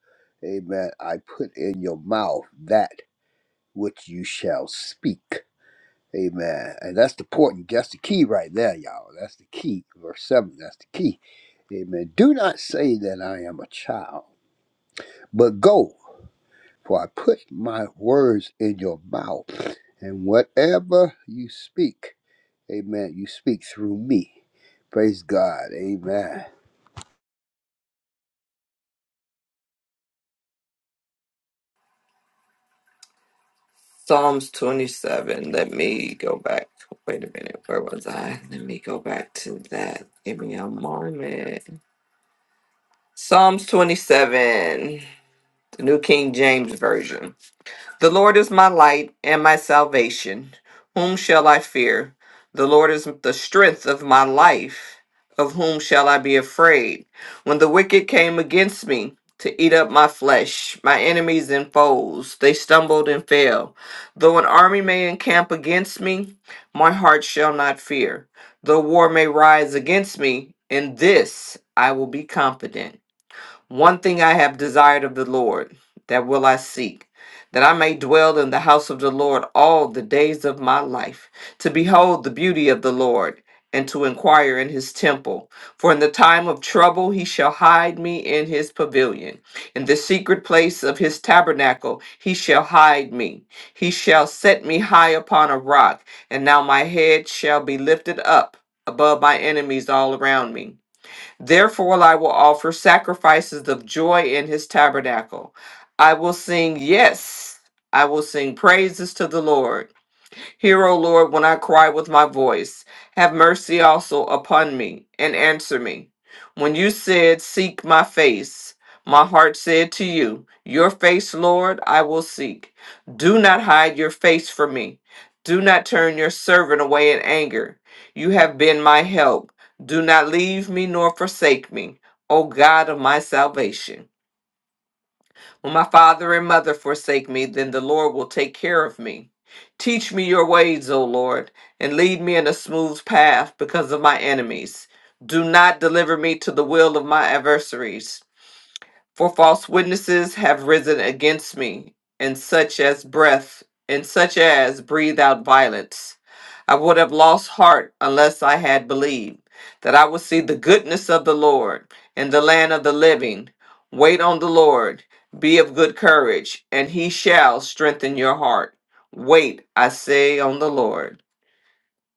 amen, I put in your mouth, that which you shall speak. Amen. And that's the important, that's the key right there, y'all. That's the key. Verse 7, that's the key. Amen. Do not say that I am a child, but go, for I put my words in your mouth, and whatever you speak, amen, you speak through me. Praise God. Amen. Psalms 27. Let me go back. Wait a minute. Where was I? Let me go back to that. Give me a moment. Psalms 27. The New King James Version. The Lord is my light and my salvation. Whom shall I fear? The Lord is the strength of my life. Of whom shall I be afraid? When the wicked came against me to eat up my flesh, my enemies and foes, they stumbled and fell. Though an army may encamp against me, my heart shall not fear. Though war may rise against me, in this I will be confident. One thing I have desired of the Lord, that will I seek, that I may dwell in the house of the Lord all the days of my life, to behold the beauty of the Lord, and to inquire in his temple. For in the time of trouble he shall hide me in his pavilion. In the secret place of his tabernacle he shall hide me. He shall set me high upon a rock, and now my head shall be lifted up above my enemies all around me. Therefore, I will offer sacrifices of joy in his tabernacle. I will sing, yes, I will sing praises to the Lord. Hear, O Lord, when I cry with my voice. Have mercy also upon me, and answer me. When you said, Seek my face, my heart said to you, Your face, Lord, I will seek. Do not hide your face from me. Do not turn your servant away in anger. You have been my help. Do not leave me nor forsake me, O God of my salvation. When my father and mother forsake me, then the Lord will take care of me. Teach me your ways, O Lord, and lead me in a smooth path because of my enemies. Do not deliver me to the will of my adversaries. For false witnesses have risen against me, and such as breath, and such as breathe out violence. I would have lost heart unless I had believed that I would see the goodness of the Lord in the land of the living. Wait on the Lord, be of good courage, and he shall strengthen your heart. Wait, I say, on the Lord.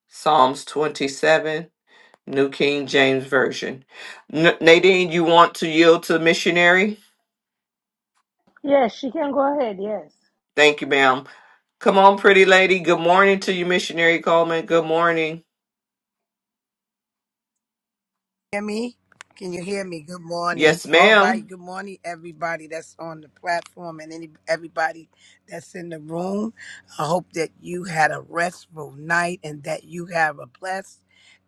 Psalms 27, New King James Version. N- Nadine, you want to yield to the missionary? Yes, she can go ahead. Yes. Thank you, ma'am. Come on, pretty lady. Good morning to you, missionary Coleman. Good morning. hear me? Can you hear me? Good morning. Yes, All ma'am. right. Good morning, everybody that's on the platform and any everybody that's in the room. I hope that you had a restful night and that you have a blessed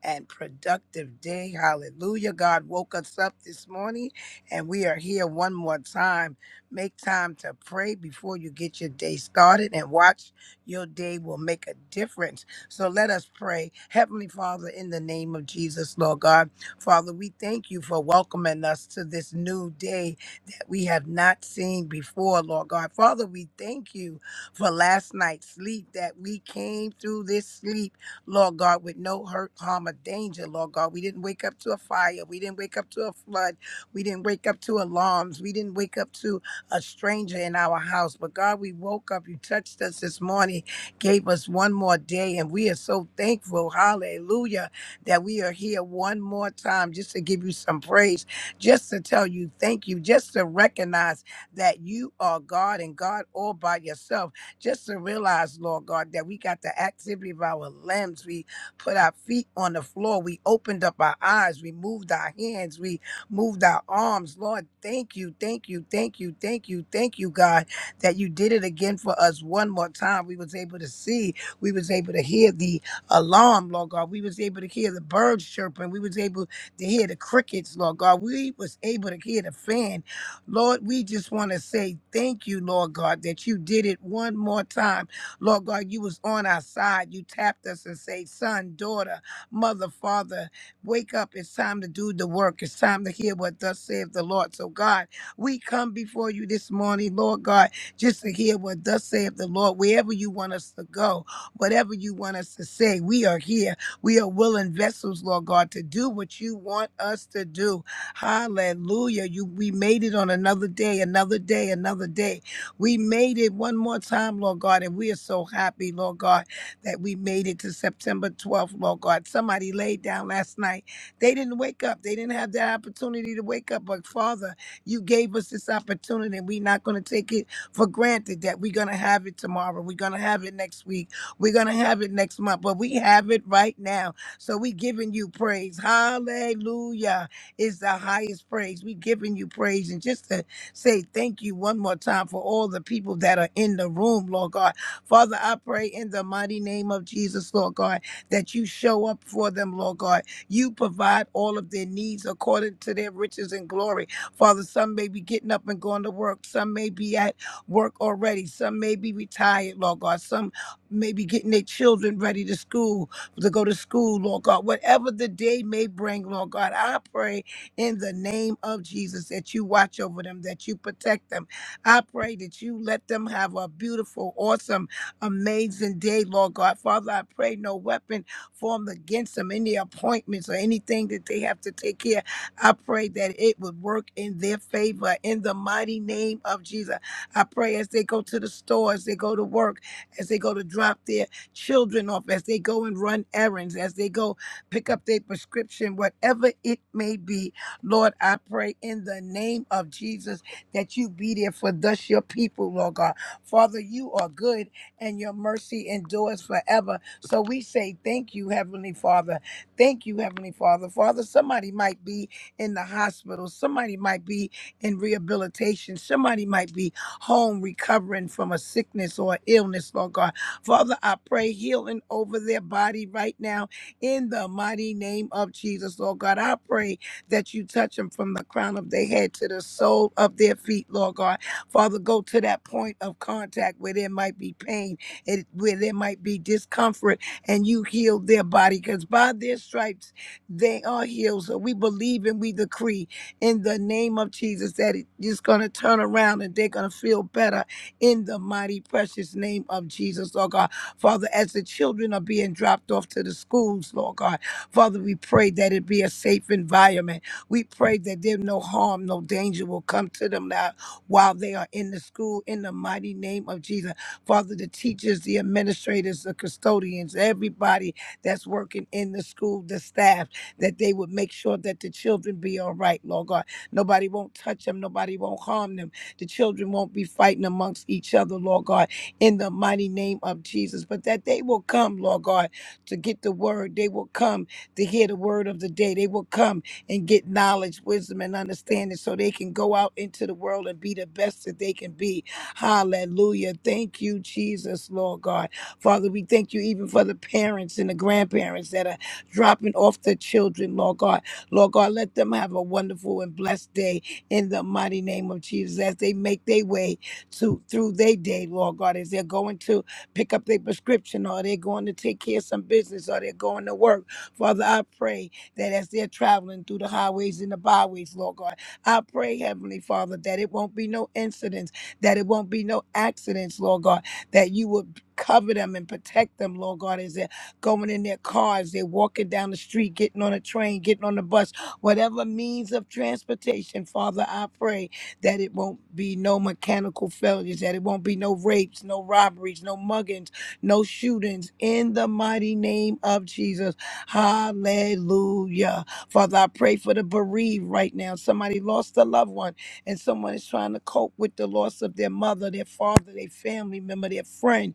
and productive day. Hallelujah. God woke us up this morning and we are here one more time. Make time to pray before you get your day started and watch your day will make a difference. So let us pray. Heavenly Father, in the name of Jesus, Lord God. Father, we thank you for welcoming us to this new day that we have not seen before, Lord God. Father, we thank you for last night's sleep that we came through this sleep, Lord God, with no hurt, harm, or danger, Lord God. We didn't wake up to a fire. We didn't wake up to a flood. We didn't wake up to alarms. We didn't wake up to a stranger in our house. But God, we woke up. You touched us this morning, gave us one more day, and we are so thankful. Hallelujah that we are here one more time just to give you some praise, just to tell you thank you, just to recognize that you are God and God all by yourself, just to realize, Lord God, that we got the activity of our limbs. We put our feet on the floor. We opened up our eyes. We moved our hands. We moved our arms. Lord, thank you, thank you, thank you, thank you, thank you, God, that you did it again for us one more time. We was able to see. We was able to hear thee alarm, Lord God. We was able to hear the birds chirping. We was able to hear the crickets, Lord God. We was able to hear the fan. Lord, we just want to say thank you, Lord God, that you did it one more time. Lord God, you was on our side. You tapped us and say, son, daughter, mother, father, wake up. It's time to do the work. It's time to hear what thus saith the Lord. So God, we come before you this morning, Lord God, just to hear what thus saith the Lord, wherever you want us to go whatever you want us to say. We are here. We are willing vessels, Lord God, to do what you want us to do. Hallelujah. You we made it on another day, another day, another day. We made it one more time, Lord God, and we are so happy, Lord God, that we made it to September 12th, Lord God. Somebody laid down last night. They didn't wake up. They didn't have that opportunity to wake up. But Father, you gave us this opportunity, and we're not going to take it for granted that we're going to have it tomorrow. We're going to have it next week. We're gonna have it next month, but we have it right now. So we giving you praise. Hallelujah is the highest praise. We giving you praise, and just to say thank you one more time for all the people that are in the room, Lord God. Father, I pray in the mighty name of Jesus, Lord God, that you show up for them, Lord God. You provide all of their needs according to their riches and glory. Father, some may be getting up and going to work. Some may be at work already. Some may be retired, Lord God. Some maybe getting their children ready to school, to go to school, Lord God. Whatever the day may bring, Lord God, I pray in the name of Jesus that you watch over them, that you protect them. I pray that you let them have a beautiful, awesome, amazing day, Lord God. Father, I pray no weapon formed against them, any appointments or anything that they have to take care. I pray that it would work in their favor in the mighty name of Jesus. I pray as they go to the stores, they go to work as they go to drop their children off, as they go and run errands, as they go pick up their prescription, whatever it may be. Lord, I pray in the name of Jesus that you be there for thus your people, Lord God. Father, you are good and your mercy endures forever. So we say thank you, Heavenly Father. Thank you, Heavenly Father. Father, somebody might be in the hospital, somebody might be in rehabilitation, somebody might be home recovering from a sickness or illness, Lord God. Father, I pray healing over their body right now in the mighty name of Jesus, Lord God. I pray that you touch them from the crown of their head to the sole of their feet, Lord God. Father, go to that point of contact where there might be pain, it, where there might be discomfort, and you heal their body because by their stripes they are healed. So we believe and we decree in the name of Jesus that it is going to turn around and they're going to feel better in the mighty precious name of Jesus, Lord God. Father, as the children are being dropped off to the schools, Lord God, Father, we pray that it be a safe environment. We pray that there no harm, no danger will come to them now while they are in the school in the mighty name of Jesus. Father, the teachers, the administrators, the custodians, everybody that's working in the school, the staff that they would make sure that the children be all right, Lord God. Nobody won't touch them, nobody won't harm them. The children won't be fighting amongst each other, Lord God, in the mighty name of Jesus. But that they will come, Lord God, to get the word. They will come to hear the word of the day. They will come and get knowledge, wisdom, and understanding so they can go out into the world and be the best that they can be. Hallelujah. Thank you, Jesus, Lord God. Father, we thank you even for the parents and the grandparents that are dropping off the children, Lord God. Lord God, let them have a wonderful and blessed day in the mighty name of Jesus as they make their way to through their day, Lord God, as they're going to pick up their prescription or they're going to take care of some business or they're going to work. Father, I pray that as they're traveling through the highways and the byways, Lord God, I pray, Heavenly Father, that it won't be no incidents, that it won't be no accidents, Lord God, that you would cover them and protect them, Lord God, as they're going in their cars, they're walking down the street, getting on a train, getting on the bus, whatever means of transportation, Father, I pray that it won't be no mechanical failures, that it won't be no rapes, no robberies, no muggings, no shootings, in the mighty name of Jesus. Hallelujah. Father, I pray for the bereaved right now. Somebody lost a loved one and someone is trying to cope with the loss of their mother, their father, their family member, their friend.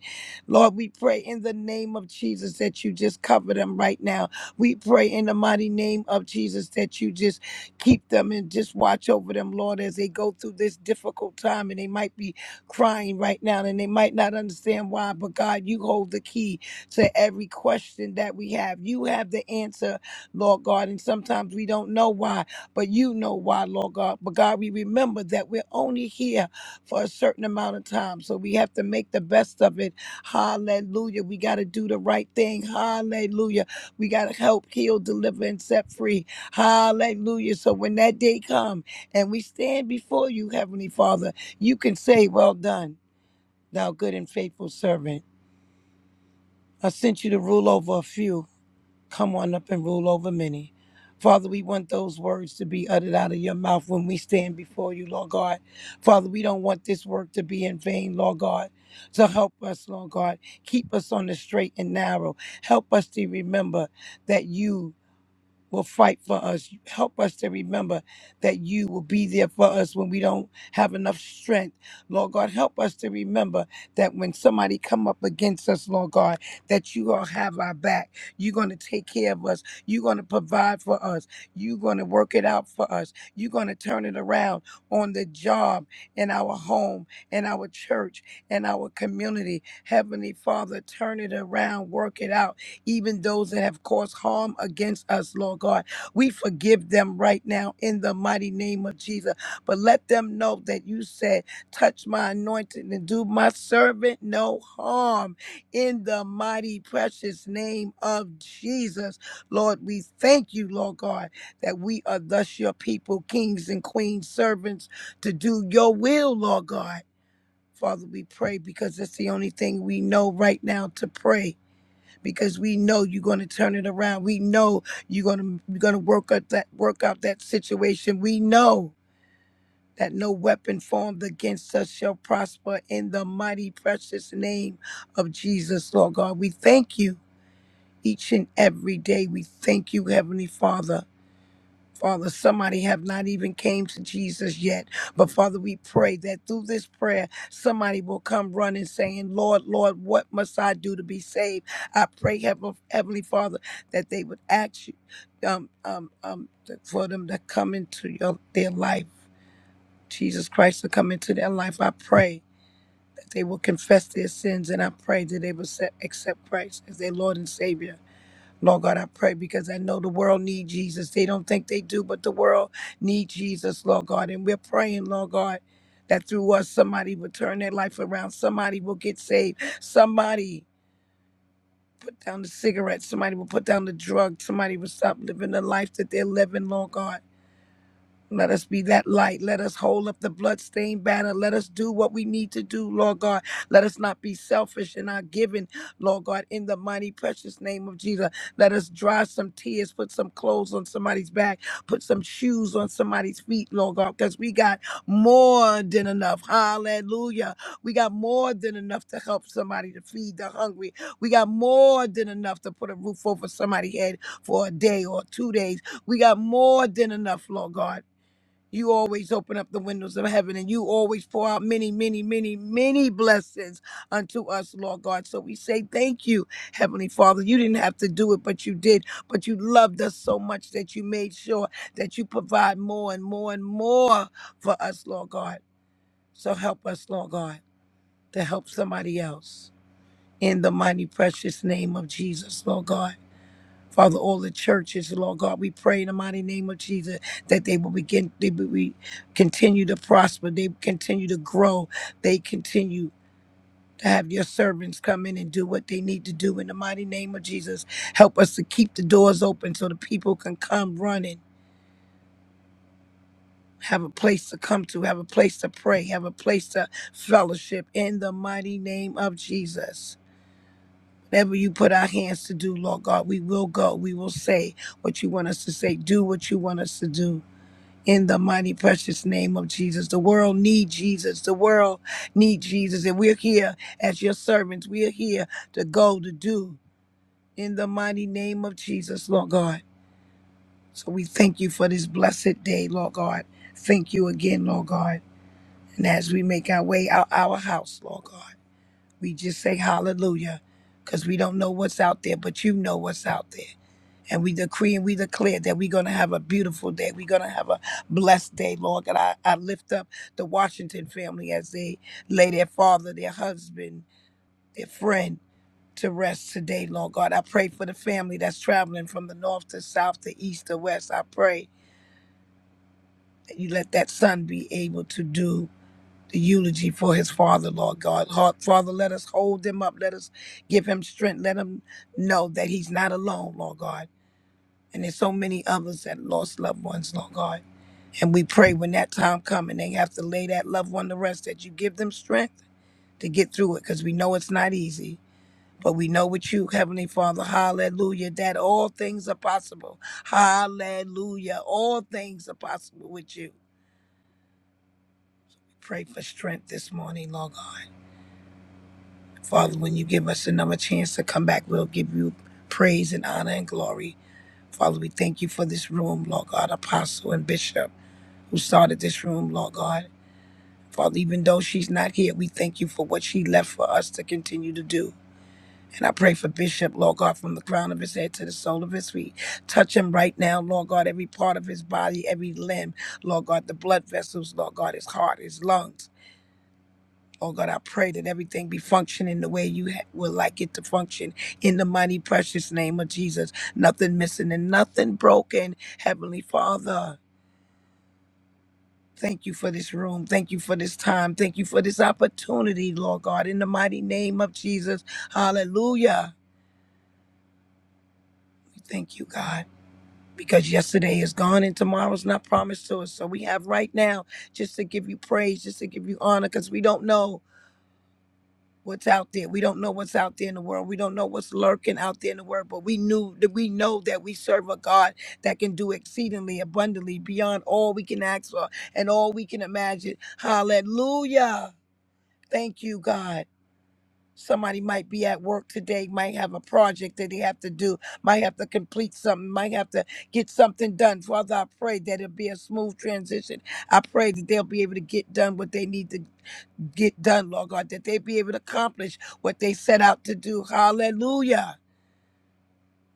Lord, we pray in the name of Jesus that you just cover them right now. We pray in the mighty name of Jesus that you just keep them and just watch over them, Lord, as they go through this difficult time and they might be crying right now and they might not understand why, but God, you hold the key to every question that we have. You have the answer, Lord God, and sometimes we don't know why, but you know why, Lord God. But God, we remember that we're only here for a certain amount of time, so we have to make the best of it Hallelujah. We got to do the right thing. Hallelujah. We got to help, heal, deliver, and set free. Hallelujah. So when that day come and we stand before you, Heavenly Father, you can say, well done, thou good and faithful servant. I sent you to rule over a few come on up and rule over many. Father, we want those words to be uttered out of your mouth when we stand before you, Lord God. Father, we don't want this work to be in vain, Lord God. So help us, Lord God. Keep us on the straight and narrow. Help us to remember that you will fight for us. Help us to remember that you will be there for us when we don't have enough strength. Lord God, help us to remember that when somebody come up against us, Lord God, that you gonna have our back. You're gonna take care of us. You're gonna provide for us. You're gonna work it out for us. You're gonna turn it around on the job, in our home, in our church, in our community. Heavenly Father, turn it around, work it out even those that have caused harm against us, Lord God. We forgive them right now in the mighty name of Jesus. But let them know that you said, touch my anointed and do my servant no harm in the mighty precious name of Jesus. Lord, we thank you, Lord God, that we are thus your people, kings and queens, servants to do your will, Lord God. Father, we pray because it's the only thing we know right now to pray because we know you're going to turn it around. We know you're going to you're going to work out that work out that situation. We know that no weapon formed against us shall prosper in the mighty precious name of Jesus, Lord God. We thank you each and every day. We thank you, Heavenly Father. Father, somebody have not even came to Jesus yet. But Father, we pray that through this prayer, somebody will come running saying, Lord, Lord, what must I do to be saved? I pray, Heaven- Heavenly Father, that they would ask you um, um, um, th- for them to come into your, their life. Jesus Christ to come into their life. I pray that they will confess their sins and I pray that they will se- accept Christ as their Lord and Savior. Lord God, I pray because I know the world needs Jesus. They don't think they do, but the world needs Jesus, Lord God. And we're praying, Lord God, that through us somebody will turn their life around. Somebody will get saved. Somebody down the cigarettes. Somebody will put down the drug. Somebody will stop living the life that they're living, Lord God. Let us be that light. Let us hold up the bloodstained banner. Let us do what we need to do, Lord God. Let us not be selfish in our giving, Lord God, in the mighty, precious name of Jesus. Let us dry some tears, put some clothes on somebody's back, put some shoes on somebody's feet, Lord God, because we got more than enough. Hallelujah. We got more than enough to help somebody to feed the hungry. We got more than enough to put a roof over somebody's head for a day or two days. We got more than enough, Lord God. You always open up the windows of heaven and you always pour out many, many, many, many blessings unto us, Lord God. So we say thank you, Heavenly Father. You didn't have to do it, but you did. But you loved us so much that you made sure that you provide more and more and more for us, Lord God. So help us, Lord God, to help somebody else. In the mighty, precious name of Jesus, Lord God. Father, all the churches, Lord God, we pray in the mighty name of Jesus that they will begin, they will be, continue to prosper, they continue to grow, they continue to have your servants come in and do what they need to do in the mighty name of Jesus. Help us to keep the doors open so the people can come running. Have a place to come to, have a place to pray, have a place to fellowship in the mighty name of Jesus. Whatever you put our hands to do, Lord God, we will go. We will say what you want us to say. Do what you want us to do in the mighty precious name of Jesus. The world need Jesus. The world need Jesus. And we're here as your servants. We are here to go to do in the mighty name of Jesus, Lord God. So we thank you for this blessed day, Lord God. Thank you again, Lord God. And as we make our way out our house, Lord God. We just say hallelujah because we don't know what's out there, but you know what's out there. And we decree and we declare that we're going to have a beautiful day. We're going to have a blessed day, Lord. God, I, I lift up the Washington family as they lay their father, their husband, their friend to rest today, Lord God. I pray for the family that's traveling from the north to south to east to west. I pray that you let that son be able to do the eulogy for his father, Lord God. Heart- Father, let us hold him up. Let us give him strength. Let him know that he's not alone, Lord God. And there's so many others that lost loved ones, Lord God. And we pray when that time comes and they have to lay that loved one to rest, that you give them strength to get through it, because we know it's not easy. But we know with you, Heavenly Father, hallelujah, that all things are possible. Hallelujah. All things are possible with you. Pray for strength this morning, Lord God. Father, when you give us another chance to come back, we'll give you praise and honor and glory. Father, we thank you for this room, Lord God, Apostle and Bishop, who started this room, Lord God. Father, even though she's not here, we thank you for what she left for us to continue to do. And I pray for Bishop, Lord God, from the crown of his head to the sole of his feet. Touch him right now, Lord God, every part of his body, every limb, Lord God, the blood vessels, Lord God, his heart, his lungs. Oh God, I pray that everything be functioning the way you ha- would like it to function in the mighty, precious name of Jesus. Nothing missing and nothing broken. Heavenly Father, thank you for this room. Thank you for this time. Thank you for this opportunity, Lord God, in the mighty name of Jesus. Hallelujah. We Thank you, God. Because yesterday is gone and tomorrow's not promised to us. So we have right now just to give you praise, just to give you honor, because we don't know. what's out there. We don't know what's out there in the world. We don't know what's lurking out there in the world, but we knew that we know that we serve a God that can do exceedingly abundantly beyond all we can ask for and all we can imagine. Hallelujah. Thank you, God. Somebody might be at work today, might have a project that they have to do, might have to complete something, might have to get something done. Father, I pray that it'll be a smooth transition. I pray that they'll be able to get done what they need to get done, Lord God, that they be able to accomplish what they set out to do. Hallelujah.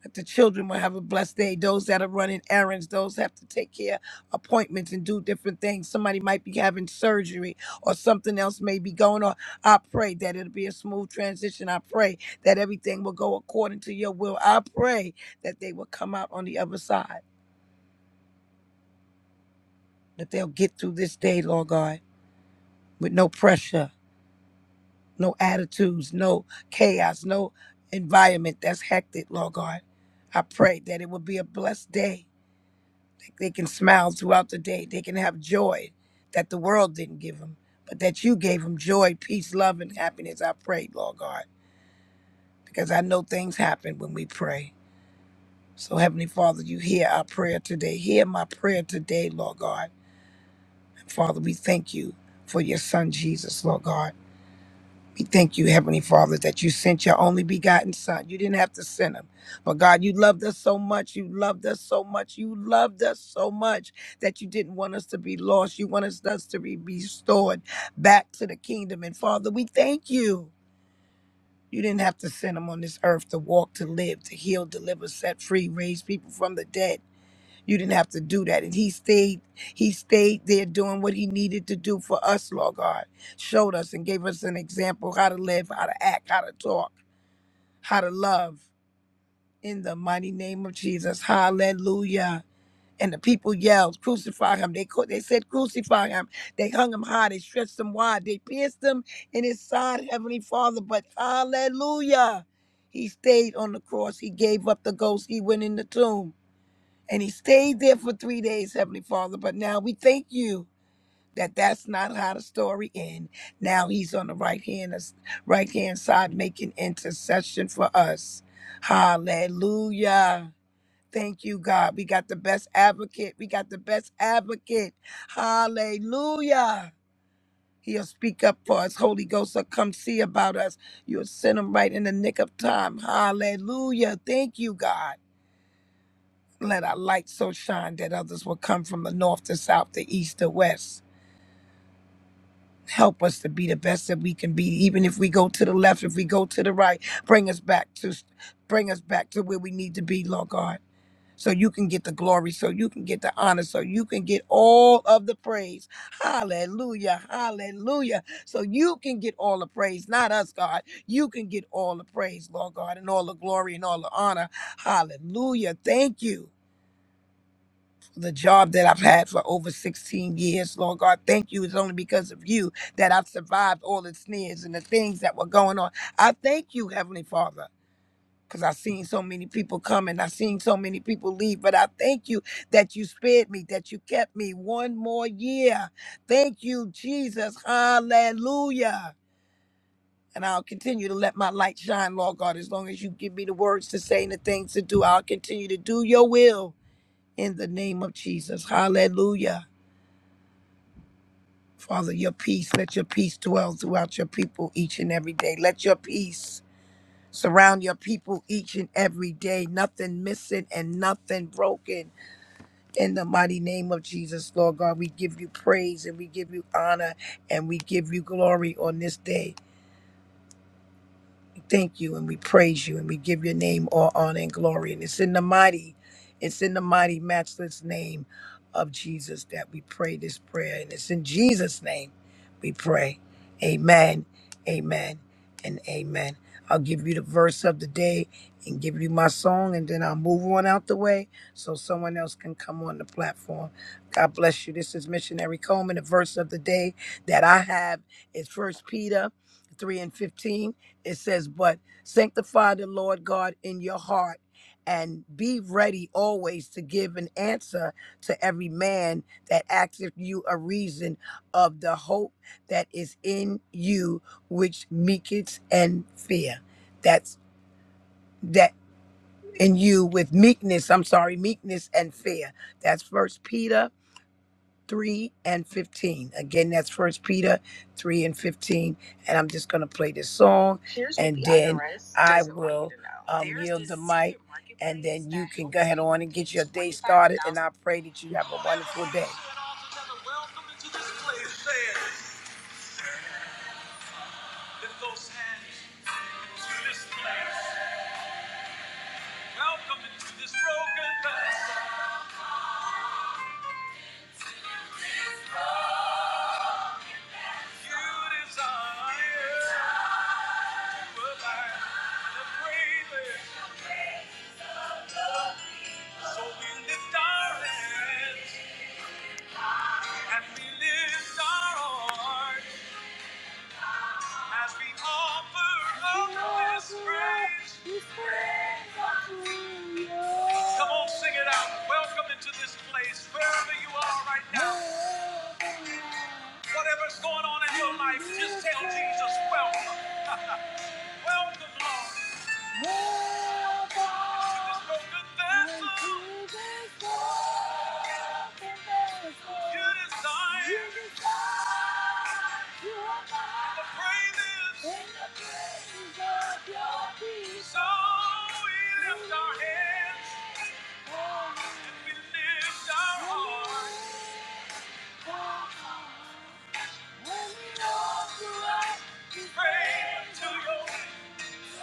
That the children will have a blessed day. Those that are running errands, those have to take care of appointments and do different things. Somebody might be having surgery or something else may be going on. I pray that it'll be a smooth transition. I pray that everything will go according to your will. I pray that they will come out on the other side, that they'll get through this day, Lord God, with no pressure no attitudes, no chaos, no environment that's hectic, Lord God. I pray that it will be a blessed day. They can smile throughout the day. They can have joy that the world didn't give them, but that you gave them joy, peace, love, and happiness. I pray, Lord God, because I know things happen when we pray. So, Heavenly Father, you hear our prayer today. Hear my prayer today, Lord God. Father, we thank you for your son, Jesus, Lord God. We thank you, Heavenly Father, that you sent your only begotten Son. You didn't have to send him. But God, you loved us so much. You loved us so much. You loved us so much that you didn't want us to be lost. You wanted us to be restored back to the kingdom. And Father, we thank you. You didn't have to send him on this earth to walk, to live, to heal, deliver, set free, raise people from the dead. You didn't have to do that. And he stayed, he stayed there doing what he needed to do for us, Lord God. Showed us and gave us an example how to live, how to act, how to talk, how to love. In the mighty name of Jesus. Hallelujah. And the people yelled, crucify him. They cru- they said, crucify him. They hung him high. They stretched him wide. They pierced him in his side, Heavenly Father. But hallelujah. He stayed on the cross. He gave up the ghost. He went in the tomb. And he stayed there for three days, Heavenly Father. But now we thank you that that's not how the story ends. Now he's on the right hand, right hand side making intercession for us. Hallelujah. Thank you, God. We got the best advocate. We got the best advocate. Hallelujah. He'll speak up for us. Holy Ghost will come see about us. You'll send him right in the nick of time. Hallelujah. Thank you, God. Let our light so shine that others will come from the north to south, the east to west. Help us to be the best that we can be, even if we go to the left, if we go to the right, bring us back to bring us back to where we need to be, Lord God. So you can get the glory, so you can get the honor, so you can get all of the praise. Hallelujah. Hallelujah. So you can get all the praise, not us, God. You can get all the praise, Lord God, and all the glory and all the honor. Hallelujah. Thank you. the job that I've had for over 16 years. Lord God, thank you. It's only because of you that I've survived all the sneers and the things that were going on. I thank you, Heavenly Father. Because I've seen so many people come and I've seen so many people leave. But I thank you that you spared me, that you kept me one more year. Thank you, Jesus. Hallelujah. And I'll continue to let my light shine, Lord God. As long as you give me the words to say and the things to do, I'll continue to do your will in the name of Jesus. Hallelujah. Father, your peace, let your peace dwell throughout your people each and every day. Let your peace surround your people each and every day. Nothing missing and nothing broken. In the mighty name of Jesus, Lord God, we give you praise and we give you honor and we give you glory on this day. We thank you and we praise you and we give your name all honor and glory. And it's in the mighty, it's in the mighty, matchless name of Jesus that we pray this prayer. And it's in Jesus' name we pray. Amen, amen, and amen. I'll give you the verse of the day and give you my song, and then I'll move on out the way so someone else can come on the platform. God bless you. This is Missionary Coleman. The verse of the day that I have is First Peter 3 and 15 it says, But sanctify the Lord God in your heart and be ready always to give an answer to every man that asketh you a reason of the hope that is in you, which meekness and fear. That's that in you with meekness. I'm sorry, meekness and fear. That's first Peter 3 and 15. Again, that's First Peter 3 and 15. And I'm just going to play this song. Here's what and the then IRS I doesn't want you will to know. um, There's yield this the mic. secret And then you marketplace can go ahead on and get your day started. And I pray that you have a wonderful day. Welcome into this place. Lift those hands to this place. Welcome into this broken vessel. You desire to abide in the So we lift our hands and we lift our hearts as we offer up this praise. Come on, sing it out. Welcome into this place, wherever you are right now. Whatever's going on in your life, just tell Jesus, welcome. Welcome, Lord. To this broken vessel, you desire. You are my praises. In the praise of your people. So we lift our hands. And we lift our hearts. When we offer up we praise to your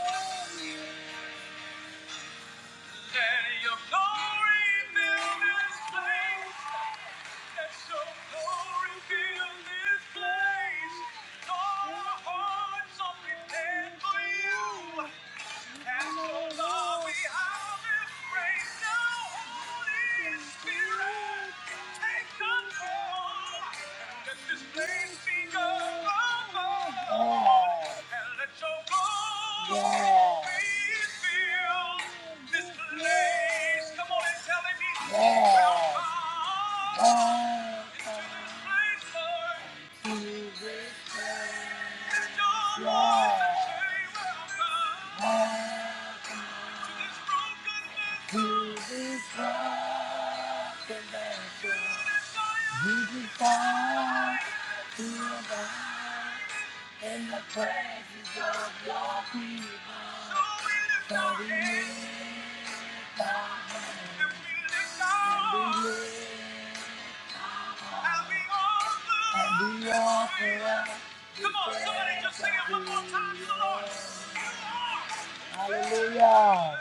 holy name. Let your glory fill this place. Let so glory fill this place. All our hearts open up for you. Yeah. Thank you. desire to We we the in presence of your people. So lift lift our hands and we lift and be all forever. Come on, somebody just sing it one more time to the Lord. Hallelujah.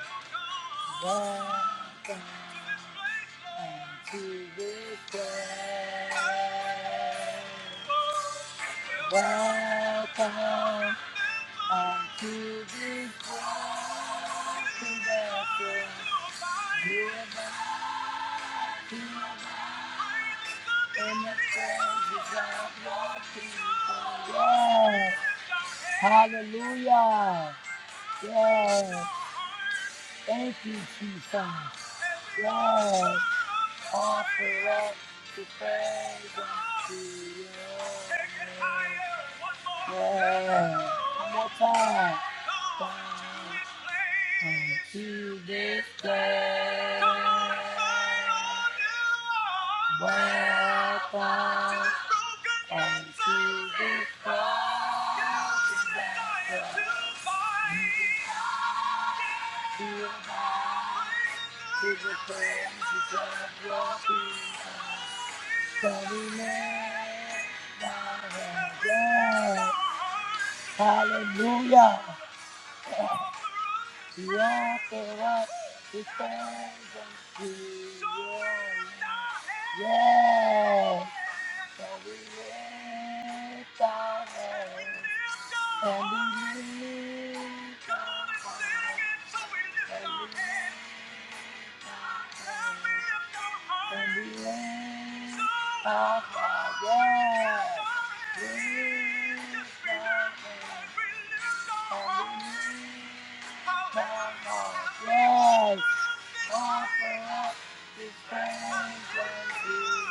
God To this place, and to this Oh, welcome Welcome unto this broken You to have been in the this presence of your God. Hallelujah. Yes. Thank you, Jesus. Yes. Offer up. To praise unto you. Yeah, one more time. Unto this place, back up unto this place. Be alive to the your peace. So we lift our Hallelujah. Yeah, for what he stands and he- Yeah. So we lift our hands and we lift our hands. and we lift our hands. Can be raised by God. Yeah. Raised by God. And be raised Yes. Offer up this praise unto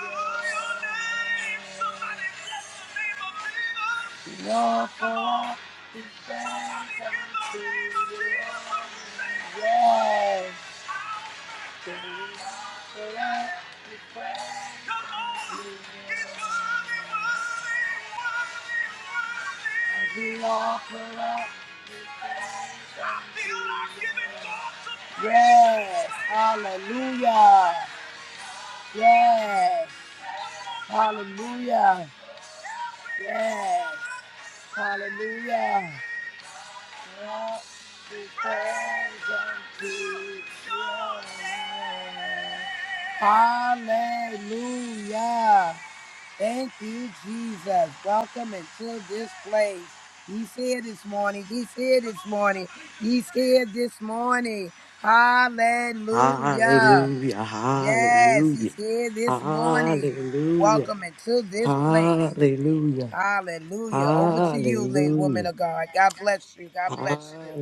the Lord. We offer up this praise unto the Lord. Yes. We offer up. Yes, hallelujah. Yes, hallelujah. Yes, hallelujah. Let the praise unto you. Hallelujah. Thank you, Jesus. Welcome into this place. He's here this morning. He's here this morning. He's here this morning. Hallelujah. Yes, he's here this morning. Welcome into this place. Hallelujah. Over to you, lady woman of God. God bless you. God bless you.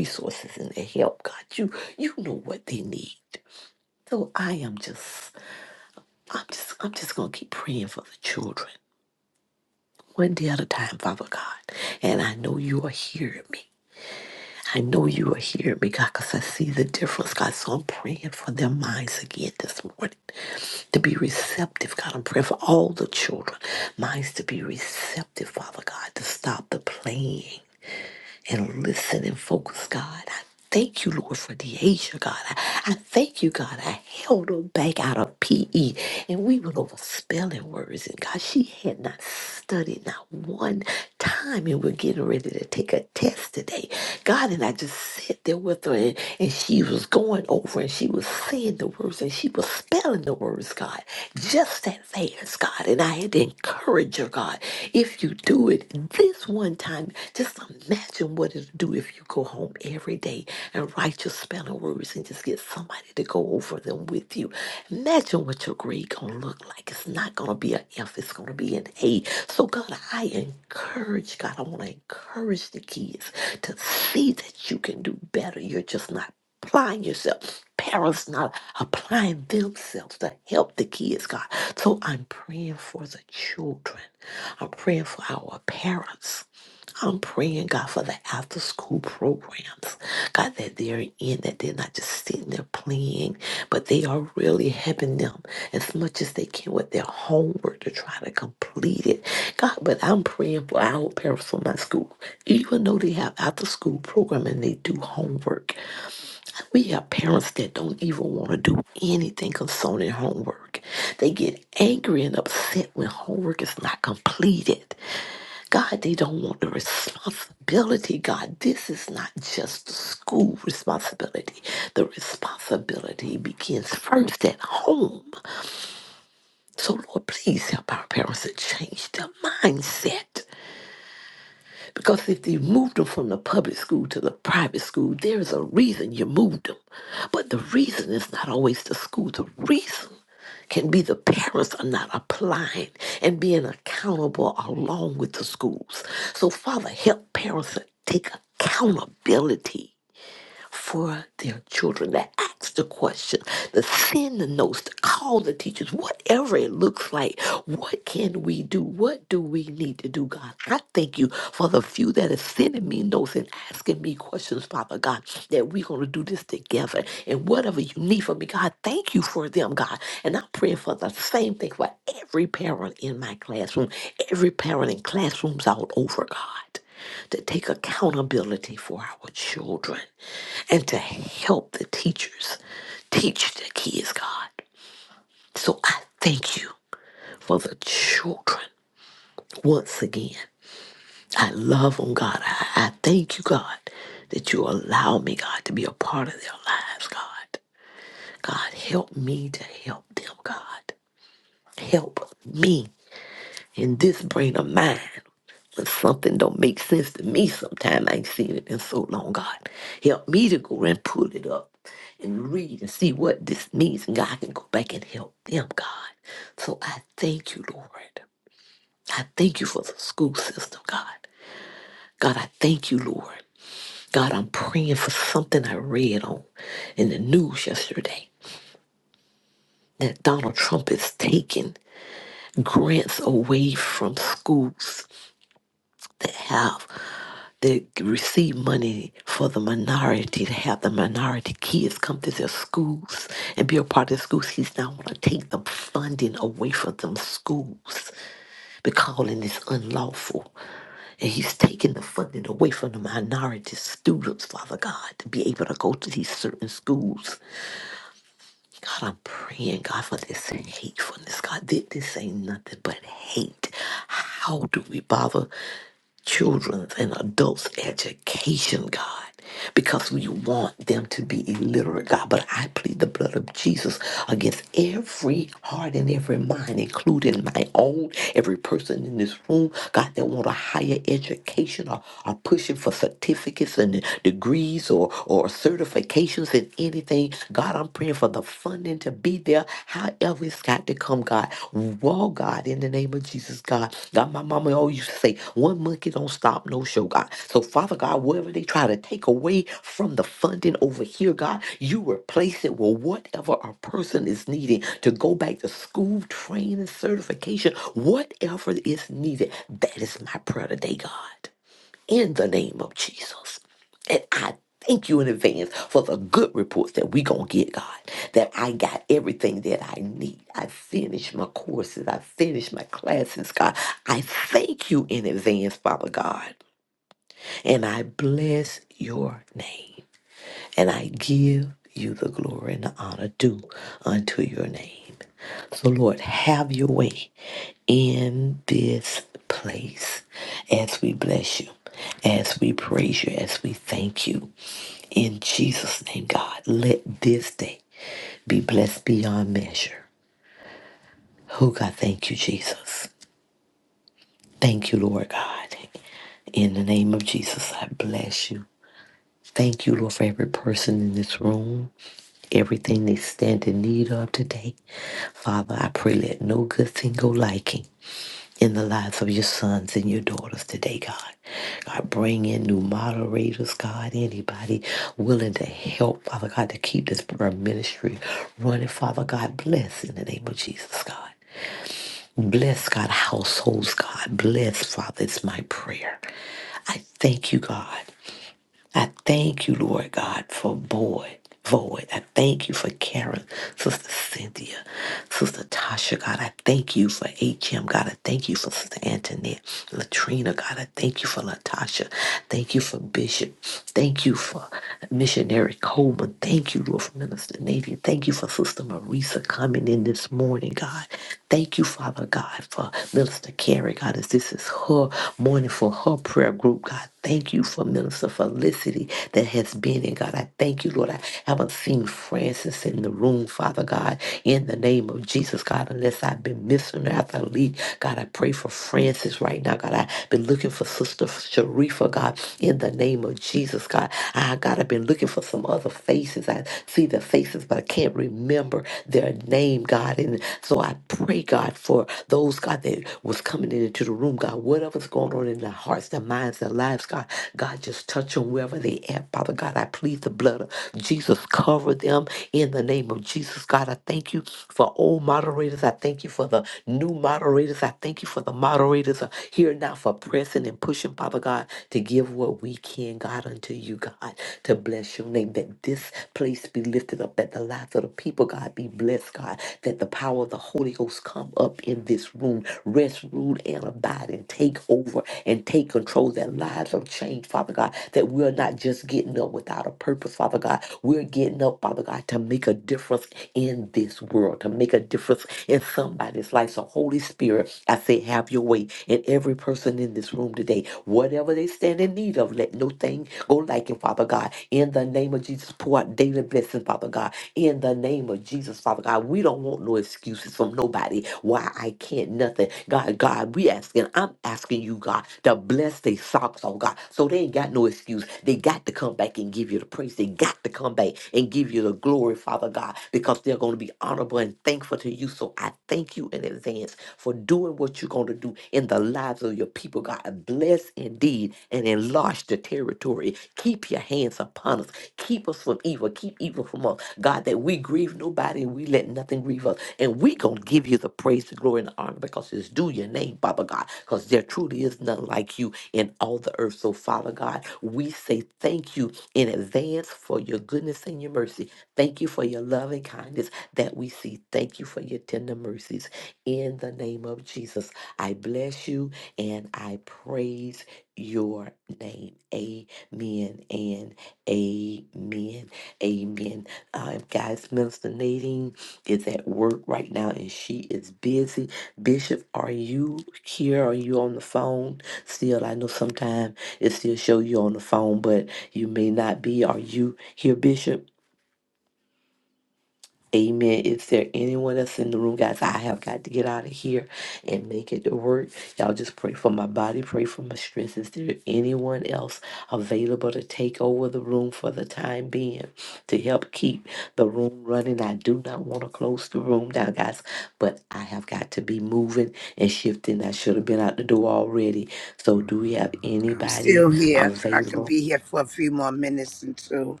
I'm still here. I can be here for a few more minutes until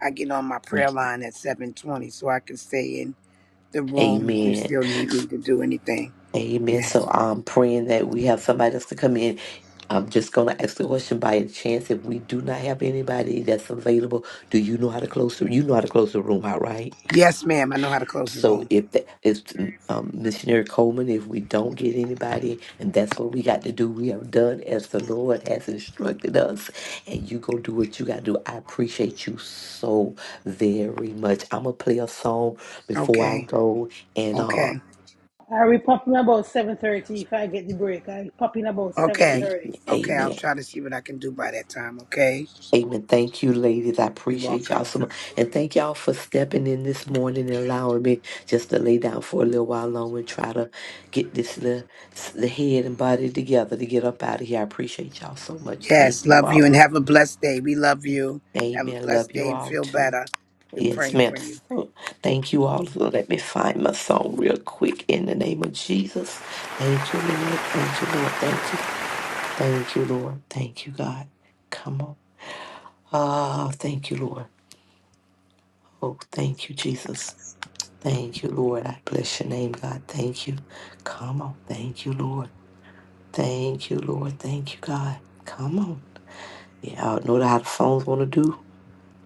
I get on my prayer line at 720 so I can stay in. the room if you still need me to do anything. Yes. Yes, ma'am. I know how to close the room. Okay. Okay. I will pop in about 7.30 if I get the break. I pop in about Okay. 7.30. Okay. I'll try to see what I can do by that time. Okay. You're welcome. Yes. Love you and have a blessed day. We love you. Have a blessed day and feel better. We're praying for you.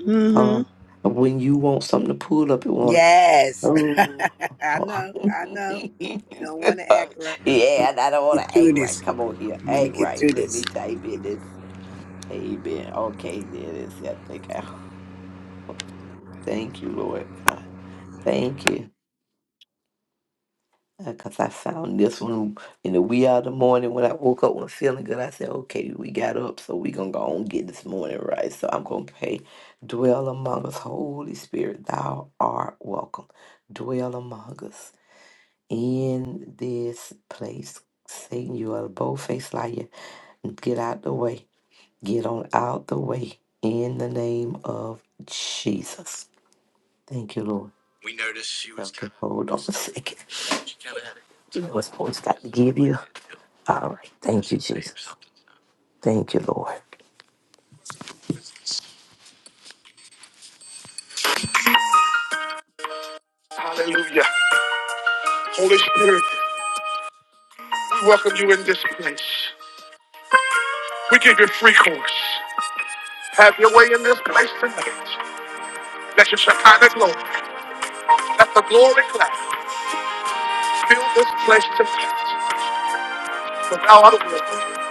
Mm hmm. Yes. I know. I know. You don't want to act right. Get through this. I'm going to get through this. We noticed she Hallelujah. Holy Spirit, we welcome you in this place. We give you free course. Have your way in this place tonight. Let your Shekinah glory, let the glory cloud fill this place tonight. For thou art worthy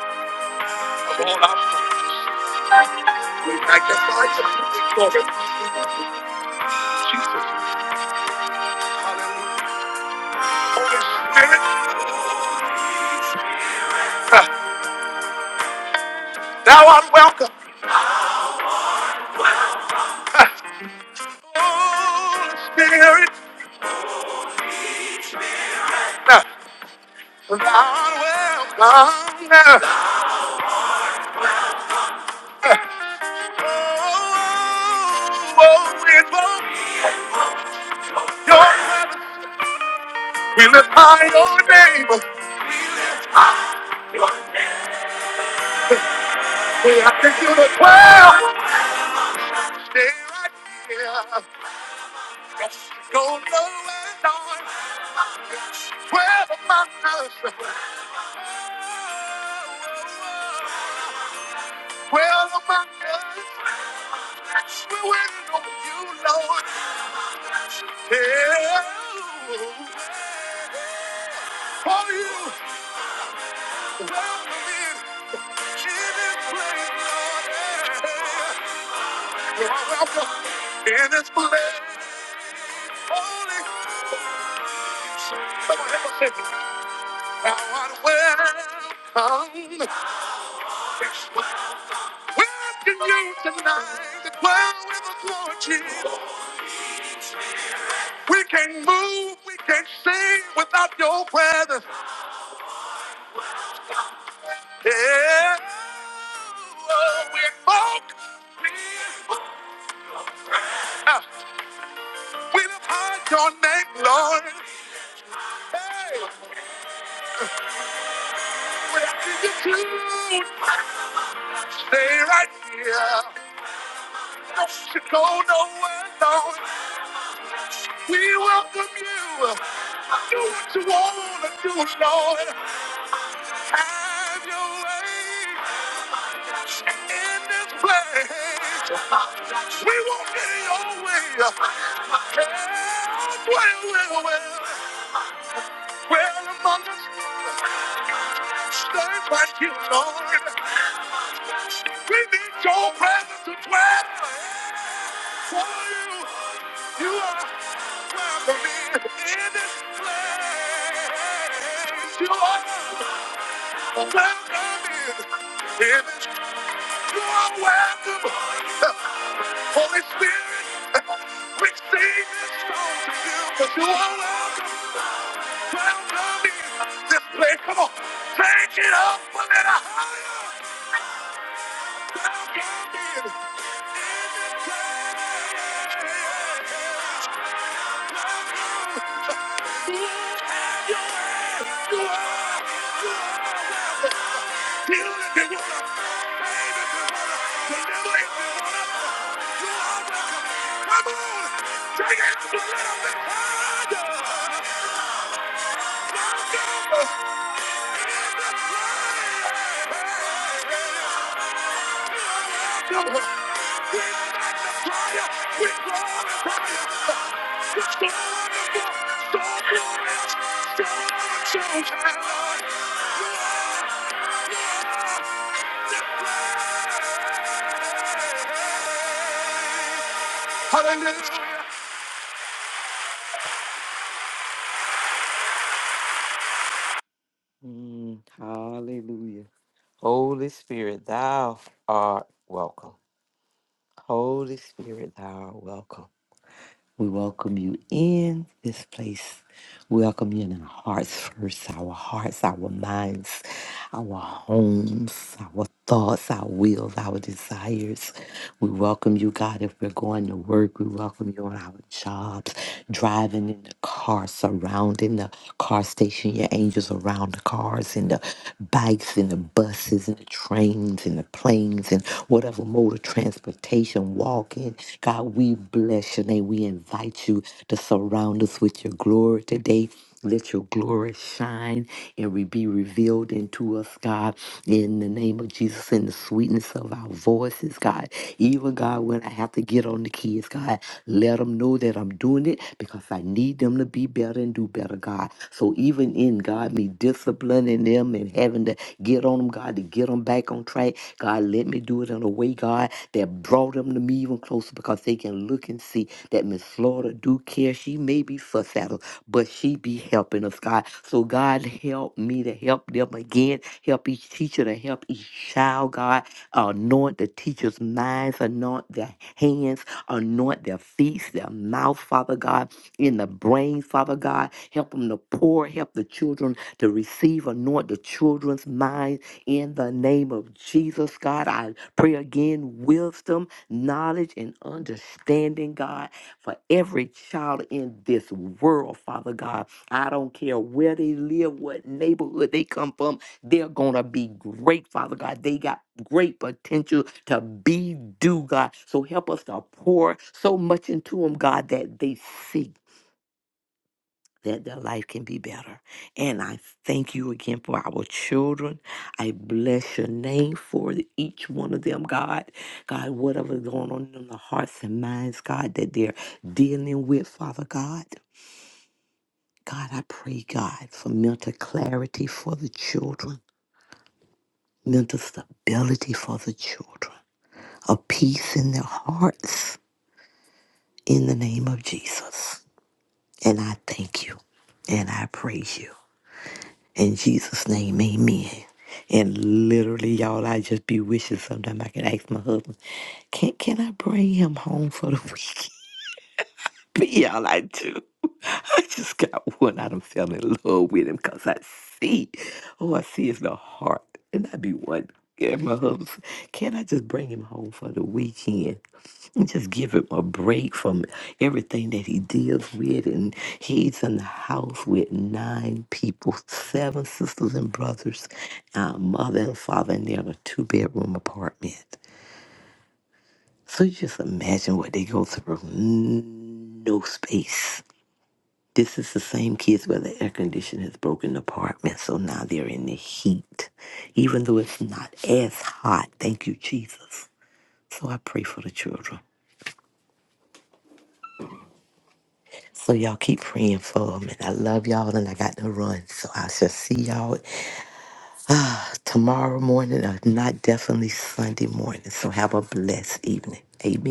of all our praise. We magnify you. We glorify you. Jesus. Hallelujah. Holy Spirit, uh, thou art welcome. Holy Spirit. Thou Oh, won't be We lift high your name. We have to do the twelve. Stay right here. Go low and on. Twelve among us. Twelve among us. We're waiting on you, Lord. Yeah. For you. Welcome in. You are welcome in this place. Holy, Come on, help us sing. thou art welcome. Welcome you tonight. The cloud with the glory, Jesus. We can't move, we can't sing without your presence. Yeah. Oh, we invoke, we invoke, we lift high your name, Lord. Hey. Stay right here. Don't you go nowhere, Lord. We welcome you. Do what you want to do, Lord. Have your way in this place. We won't get your way. Have well, well, well. Well among us. Stay right here, Lord. We need your presence to dwell. For you, you are welcome in this place. You are welcome in this You are welcome. Holy Spirit, we sing this song to you because you are welcome. Welcome in this place. Come on, take it up a little higher. Hallelujah.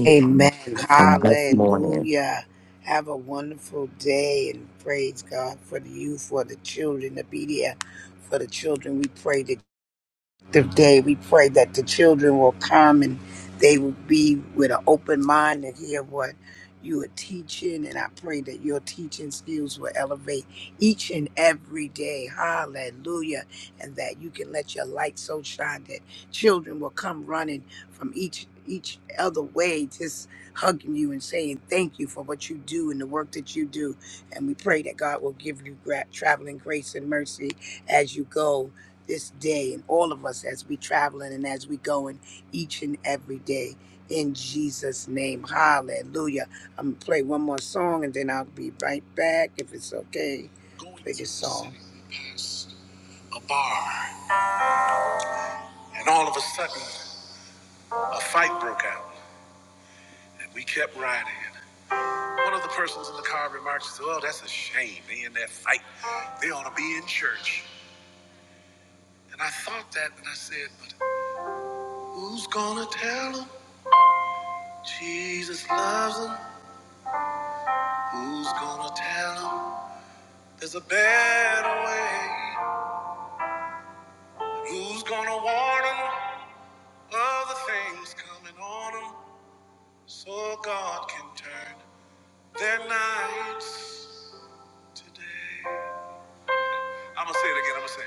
Amen. Hallelujah. Have a wonderful day and praise God for the youth, for the children, the media, for the children. We pray that productive day. We pray that the children will come and they will be with an open mind and hear what you are teaching. And I pray that your teaching skills will elevate each and every day. Hallelujah. And that you can let your light so shine that children will come running from each each other way just hugging you and saying thank you for what you do and the work that you do and we pray that god will give you gra- traveling grace and mercy as you go this day and all of us as we traveling and as we going each and every day in Jesus name. Hallelujah. I'm going to play one more song and then I'll be right back if it's okay. Play this song. A bar and all of a sudden a fight broke out and we kept riding. One of the persons in the car remarked, "Well, that's a shame. They in that fight. They ought to be in church." And I thought that and I said, "But who's gonna tell tell them?" Jesus loves them. Who's gonna tell them there's a better way? Who's gonna warn them of the things coming on them so God can turn their nights to day? I'm gonna say it again. I'm gonna say,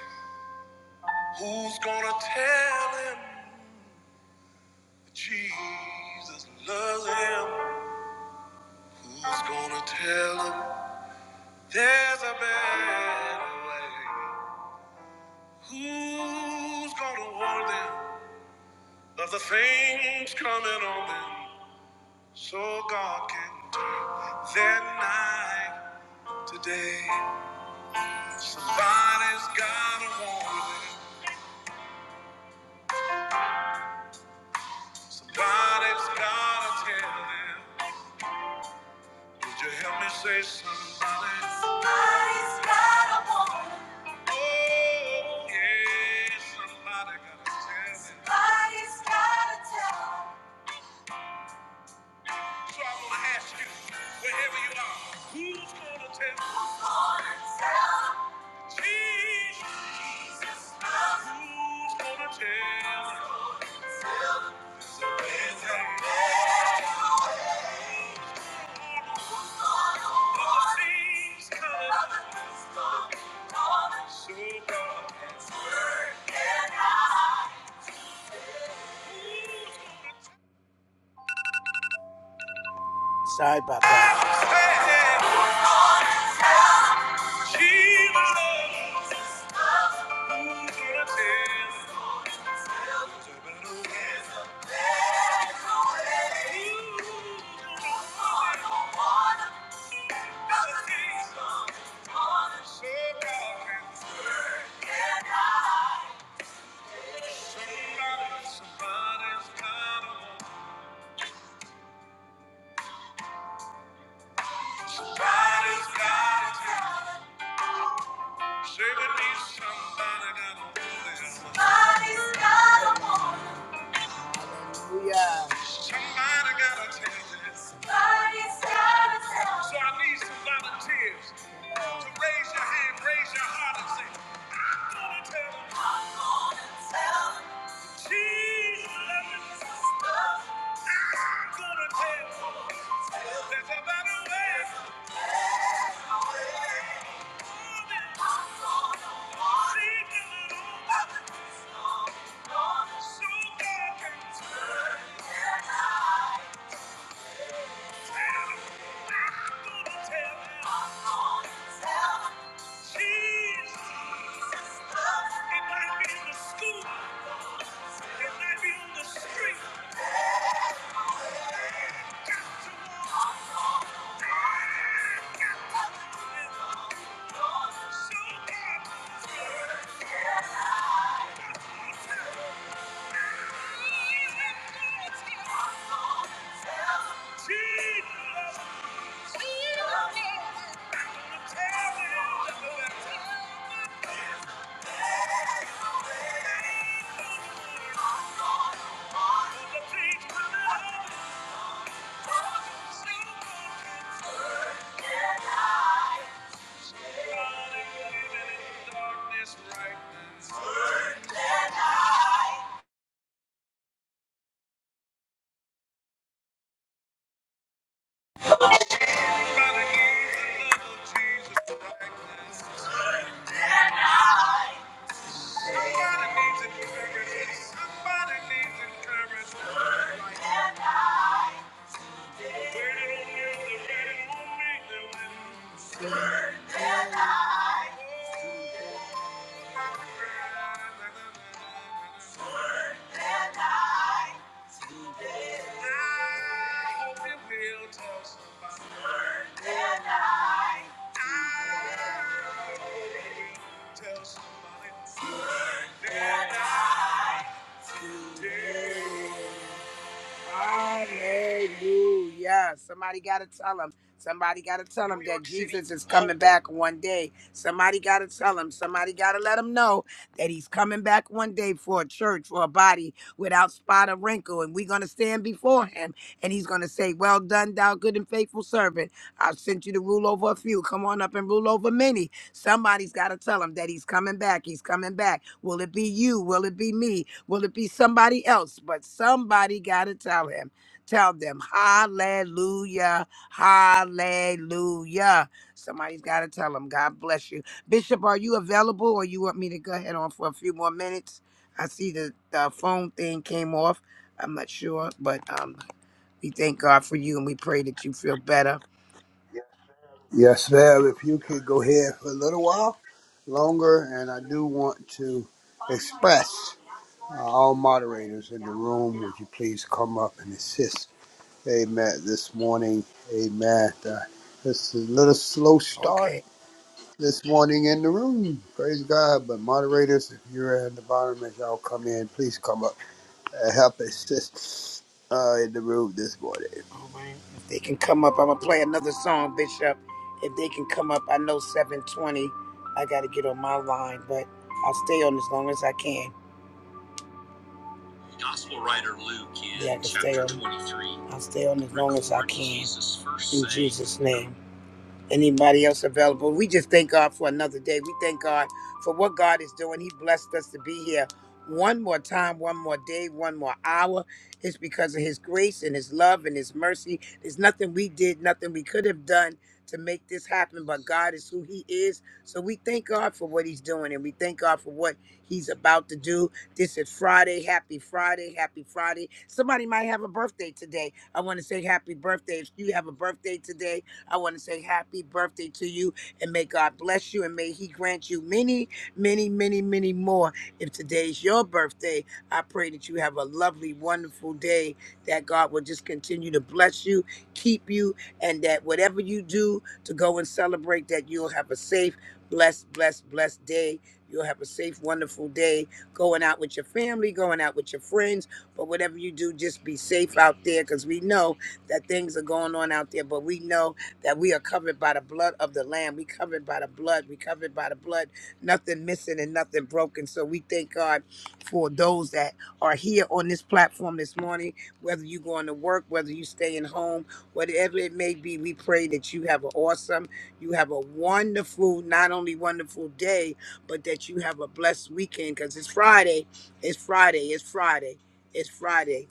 it. Who's gonna tell him that Jesus loves him? Who's gonna tell him there's a better way? Who's gonna warn them? of the things coming on them so God can turn their night to day. Somebody's gotta warn them. Somebody's gotta tell them. Would you help me say somebody? Somebody's gotta warn them. Oh, yeah, somebody gotta tell them. Somebody's gotta tell them. So I'm gonna ask you, wherever you are, who's gonna tell? Who's gonna tell? Jesus. Jesus loves you. Who's gonna tell? Who's gonna tell? There's a man of things coming. Others gonna come. So God has worked it out. Sorry about that. Hey, hey. Jesus loves you. Somebody's got a woman. Somebody's got a woman. Hallelujah. Somebody gotta tell this. Somebody's gotta tell So I need some volunteers to raise your hand, raise your heart, and say, I'm gonna tell 'em." I'm gonna tell 'em. Jesus loves me. I'm gonna tell them. There's a better way. I'm gonna seek the Lord. So God can turn. Jesus! Waiting on you, they're waiting on me, they're waiting. Tell somebody, tell somebody. Hallelujah. Somebody got to tell them. Somebody got to tell them that Jesus is coming back one day. Somebody got to tell them. Somebody got to let them know that he's coming back one day for a church, for a body without spot or wrinkle. And we're going to stand before him and he's going to say, Well done, thou good and faithful servant. I've sent you to rule over a few. Come on up and rule over many. Somebody's got to tell him that he's coming back. He's coming back. Will it be you? Will it be me? Will it be somebody else? But somebody got to tell him. Tell them, hallelujah, hallelujah. Somebody's got to tell him, God bless you. Bishop, are you available or you want me to go ahead on for a few more minutes? I see the, the phone thing came off. I'm not sure, but um, we thank God for you and we pray that you feel better. Yes, ma'am. If you could go here for a little while longer, and I do want to express uh, all moderators in the room, would you please come up and assist? Amen. This morning, amen. Uh, it's a little slow start Okay. this morning in the room. Praise God. But moderators, if you're at the bottom, as y'all come in, please come up and help assist uh, in the room this morning. All right. If they can come up, I'm gonna play another song, Bishop. If they can come up, I know 720. I got to get on my line, but I'll stay on as long as I can. Gospel writer Luke in yeah, I can stay chapter on. 23. I'll stay on as long as I can. Jesus' in saying. Jesus' name. Anybody else available? We just thank God for another day. We thank God for what God is doing. He blessed us to be here one more time, one more day, one more hour. It's because of His grace and His love and His mercy. There's nothing we did, nothing we could have done to make this happen, but God is who He is. So we thank God for what He's doing and we thank God for what He's about to do. This is Friday. Happy Friday. Happy Friday. Somebody might have a birthday today. I want to say happy birthday. If you have a birthday today, I want to say happy birthday to you and may God bless you and may He grant you many, many, many, many more. If today's your birthday, I pray that you have a lovely, wonderful day, that God will just continue to bless you, keep you, and that whatever you do to go and celebrate, that you'll have a safe, blessed, blessed, blessed day. You'll have a safe, wonderful day going out with your family, going out with your friends. But whatever you do, just be safe out there because we know that things are going on out there. But we know that we are covered by the blood of the Lamb. We covered by the blood. We covered by the blood. Nothing missing and nothing broken. So we thank God for those that are here on this platform this morning. Whether you going to work, whether you staying home, whatever it may be, we pray that you have an awesome, you have a wonderful, not only wonderful day, but that you have a blessed weekend. Because it's Friday. It's Friday. It's Friday. It's Friday.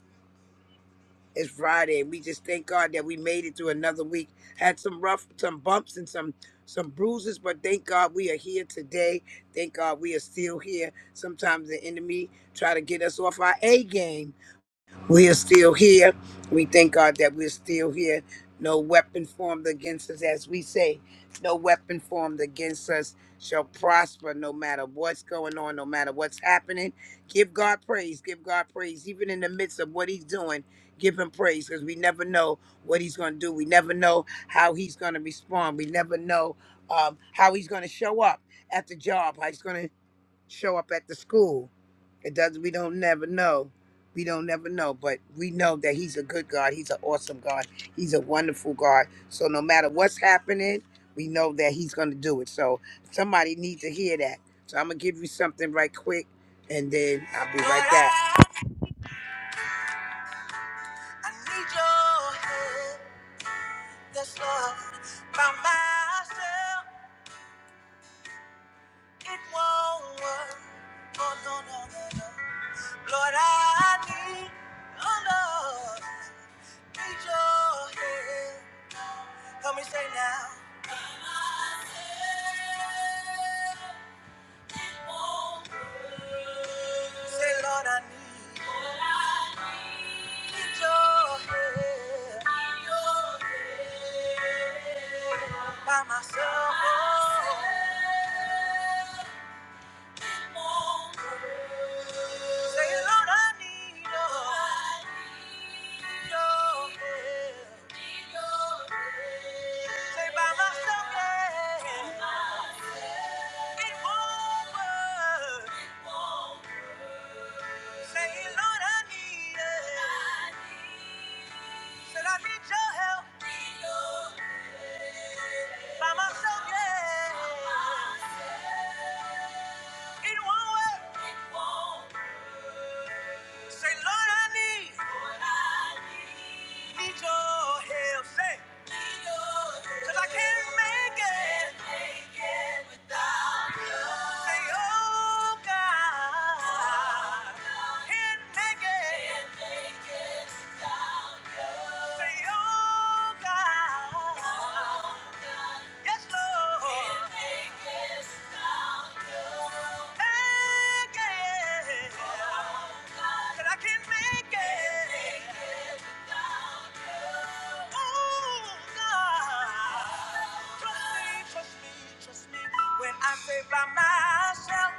It's Friday. We just thank God that we made it through another week. Had some rough, some bumps and some some bruises, but thank God we are here today. Thank God we are still here. Sometimes the enemy try to get us off our A game, we are still here. We thank God that we're still here. No weapon formed against us, as we say, no weapon formed against us shall prosper no matter what's going on, no matter what's happening. Give God praise. Give God praise. Even in the midst of what He's doing, give Him praise because we never know what He's going to do. We never know how He's going to respond. We never know um, how He's going to show up at the job, how He's going to show up at the school. It does. We don't never know. We don't never know, but we know that He's a good God. He's an awesome God. He's a wonderful God. So no matter what's happening, we know that He's going to do it. So somebody needs to hear that. So I'm gonna give you something right quick, and then I'll be right back. I need your help. This love by myself, it won't work. Oh, no, no, no, no. Lord, I need, oh Lord, need your help. Help me say now. Say, Lord, I need, need your help. By myself, oh. Say, Lord, I need your help. Say, by myself, yeah, it won't work. Say, Lord, I need it. Said, I need your help. By myself, yeah, it won't work. It won't work. Say, Lord, I need. Lord, I need. Need your help. Say. Need your help. 'Cause I can't make it. Can't make it without you. Say, oh, God. Oh, God. Can't make it. Can't make it without you. Say, oh, God. Oh, Yes, Lord. Again. That I can make it. Oh, God. Trust me, trust me, trust me. When I say by myself,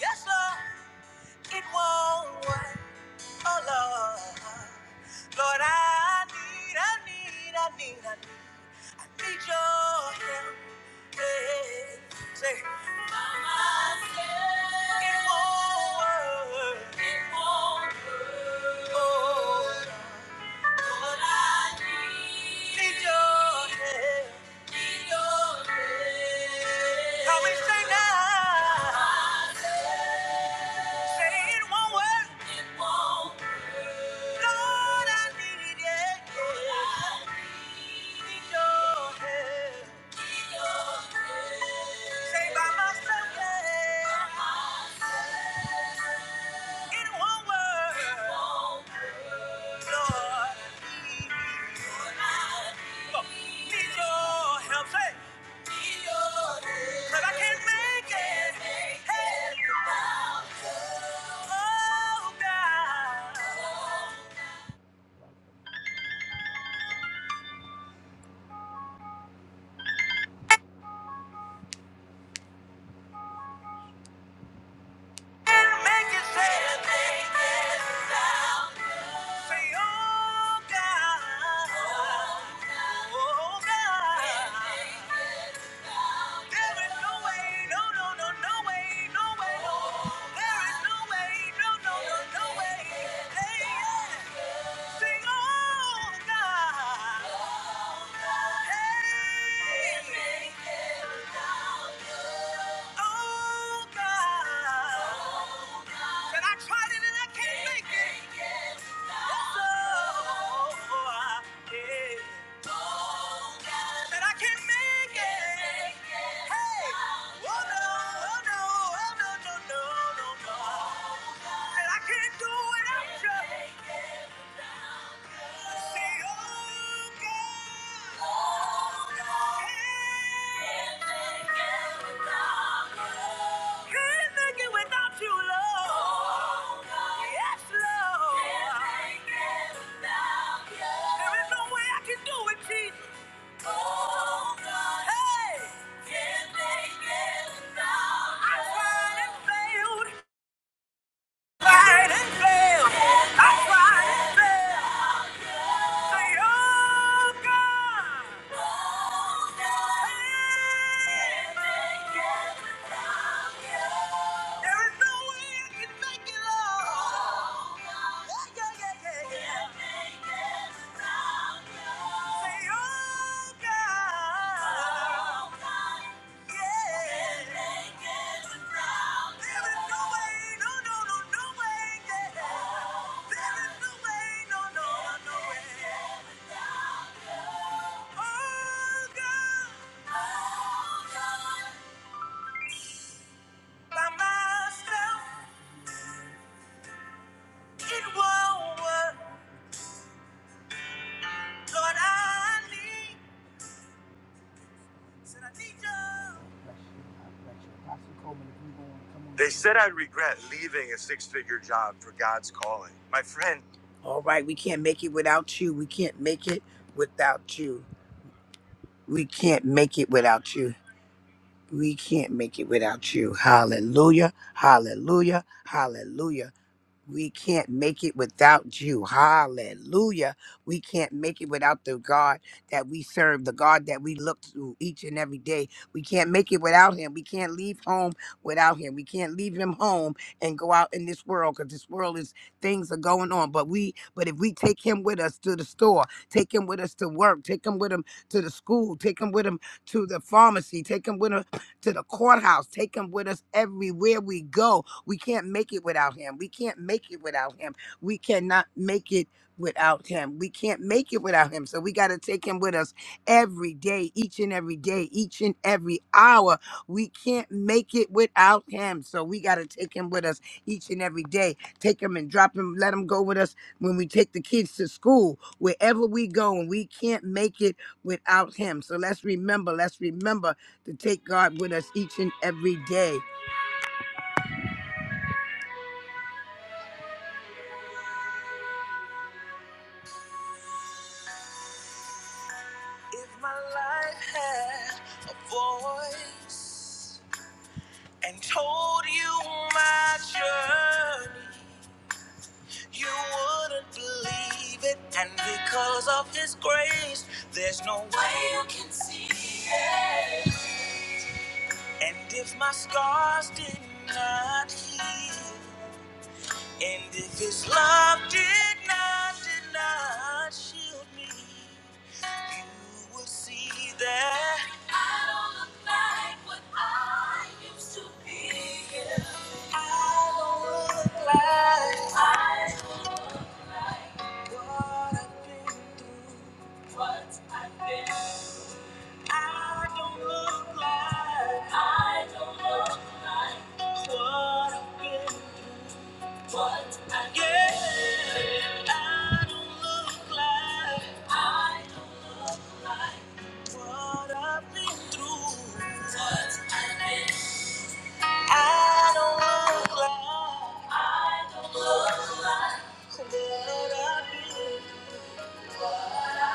yes, Lord, it won't work. Oh, Lord. Lord, I need, I need, I need, I need, I need your help. Say, Mama said, it won't work. It won't work. Oh, but I need Need your help. Need your help. Help me say now. Mama said, Say it won't work. It won't work. Lord, I need it. Lord, I need your help. Say by myself, yeah. In one word, Lord, need your help, say, 'cause I can't make it. Hey. Oh, God. Make it, say, say, oh, God. Oh, God. There is no way, no, no, no, no way, no way, no. There is no way, no, no, no, no way. Hey, yeah. Sing on, God. Hey, oh, God. Said I tried it and I can't make it. Yes, oh, yeah. Said I can't make it. Hey, oh, no, oh, no, oh, no, no, no, no, no. I oh God. Oh Can't make it without you. Can't make it without you, Lord. Oh God. Yes, Lord. Can't make it without you. There is no way I can do it, Jesus. Oh Hey. Can't make it without you. I tried and failed. Yeah. yeah, yeah, yeah, yeah. Say, oh God. Oh God. They All right, we can't make it without you. We can't make it without you. We can't make it without you. We can't make it without you. Hallelujah. Hallelujah. Hallelujah we can't make it without you. Hallelujah. We can't make it without the God that we serve, the God that we look to each and every day. We can't make it without him. We can't leave home without him. We can't leave him home and go out in this world because this world is things are going on. But we but if we take him with us to the store, take him with us to work, take him with him to the school, take him with him to the pharmacy, take him with him to the courthouse. Take him with us everywhere we go. We can't make it without him. We can't make it without him. We cannot make it without him. We can't make it without him. So we got to take him with us every day, each and every day, each and every hour. We can't make it without him. So we got to take him with us each and every day. Take him and drop him, let him go with us when we take the kids to school, wherever we go, and we can't make it without him. So let's remember, let's remember to take God with us each and every day. If my life had a voice and told you my journey, you wouldn't believe it. And because of His grace, there's no way you can. And if my scars did not heal, and if His love did not, did not shield me, You will see that I don't look like what I used to be. I don't look like I don't look like what I've been through. What I've been through. I don't look like I don't look like what I've been through. What I've been through. yeah. I, I don't look like. I don't look like I don't look like what I do. Don't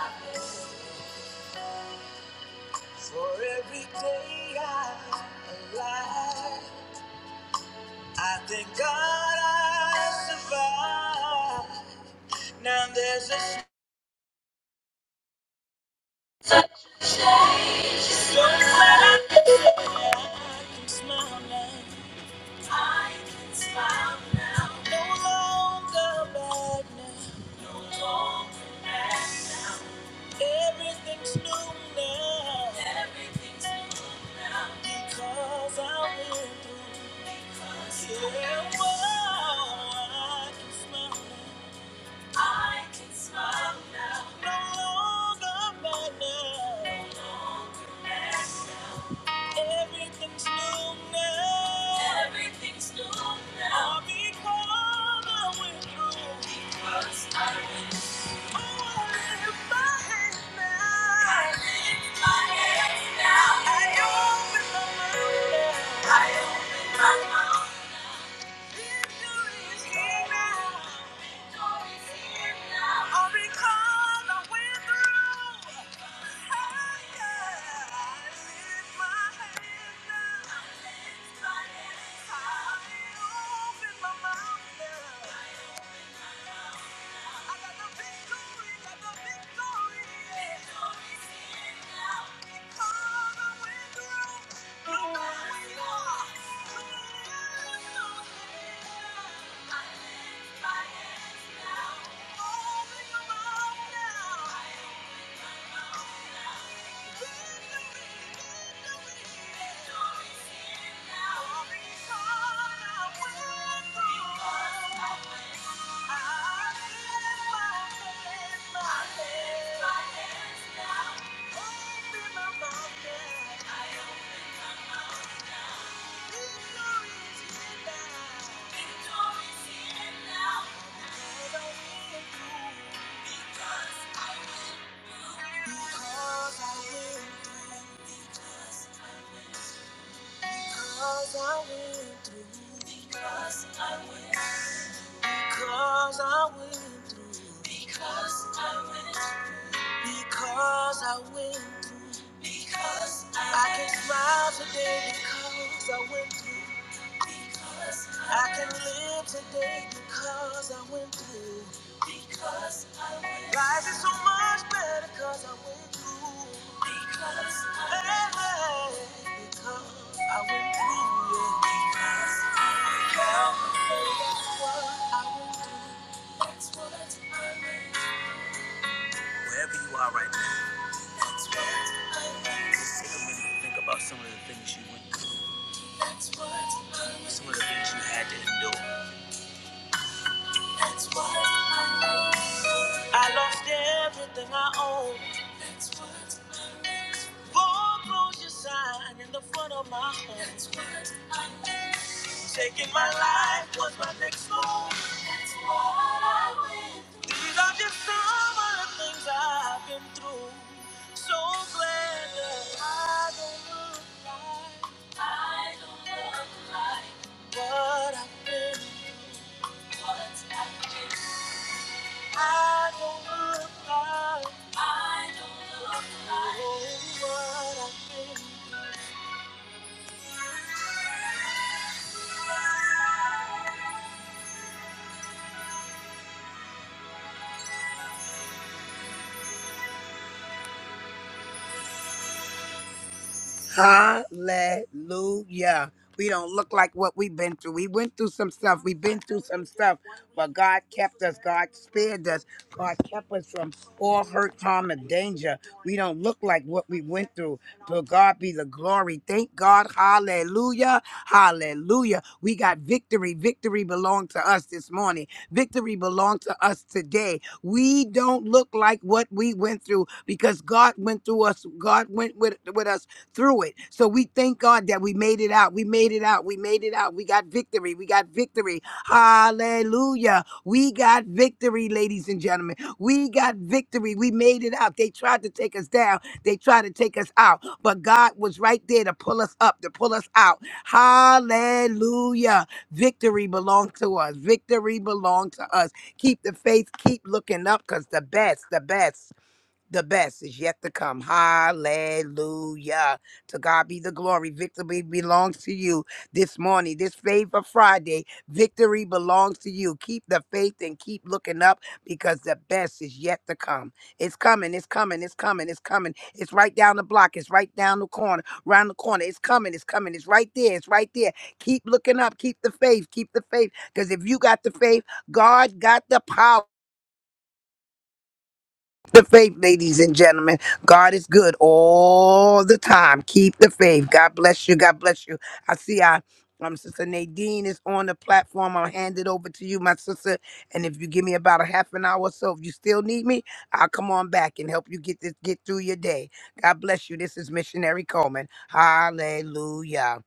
let I can smile now. No longer bad now. No longer bad. Everything's now. Everything's new now because yeah, well, I can smile now. No longer bad. No longer bad. Everything's new now. Everything's new now. All because I went through. Because I went through. Oh, I lift my hands now. I lift my hands now. I open my mouth now. I open my mouth. I the got the victory. Because I will. Because I will do. Because I will through. Because I went through. Because I went through. Because I went through. Because I can smile today because I went through. Because I can live today because I went through. Because life is so much better because I went through. Because I went through. Hey, hey, because I went through. Yeah. Because I went through. Wherever you are right now. Think about some of the things you went through, some of the things you had to endure. I lost everything I owned. Foreclosure sign in the front of my home. Taking my life was my next move. These are just some of the things I've been through. So glad that I don't look like what I've been. What I've been. I don't look like. I don't look like. oh, what I've been. Thank you. Hallelujah. We don't look like what we've been through. We went through some stuff. We've been through some stuff. But God kept us. God spared us. God kept us from all hurt, harm, and danger. We don't look like what we went through. To God be the glory. Thank God. Hallelujah. Hallelujah. We got victory. Victory belonged to us this morning. Victory belonged to us today. We don't look like what we went through because God went through us. God went with, with us through it. So we thank God that we made it out. We made it out. We made it out. We got victory. We got victory. Hallelujah. We got victory, ladies and gentlemen. We got victory. We made it out. They tried to take us down. They tried to take us out. But God was right there to pull us up, to pull us out. Hallelujah. Victory belongs to us. Victory belongs to us. Keep the faith. Keep looking up because the best, the best. The best is yet to come. Hallelujah. To God be the glory. Victory belongs to you this morning, this favor Friday. Victory belongs to you. Keep the faith and keep looking up because the best is yet to come. It's coming, it's coming, it's coming, it's coming. It's right down the block, it's right down the corner, round the corner. It's coming, it's coming, it's right there, it's right there. Keep looking up, keep the faith, keep the faith because if you got the faith, God got the power the faith, ladies and gentlemen. God is good all the time. Keep the faith. God bless you. God bless you. I see I um sister Nadine is on the platform. I'll hand it over to you, my sister. And if you give me about a half an hour or so, if you still need me, I'll come on back and help you get this get through your day. God bless you. This is Missionary Coleman. Hallelujah.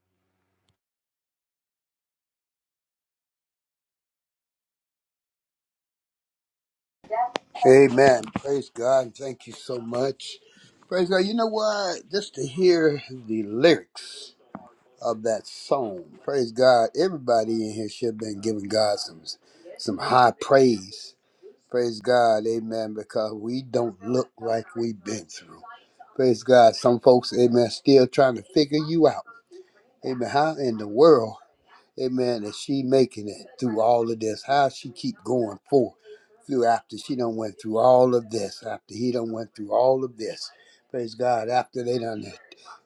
Amen. Praise God. Thank you so much. Praise God. You know what? Just to hear the lyrics of that song. Praise God. Everybody in here should have been giving God some some high praise. Praise God. Amen. Because we don't look like we've been through. Praise God. Some folks, amen, still trying to figure you out. Amen. How in the world? Amen. And she making it through all of this. How she keep going forth through after she done went through all of this, after he done went through all of this. Praise God. After they done,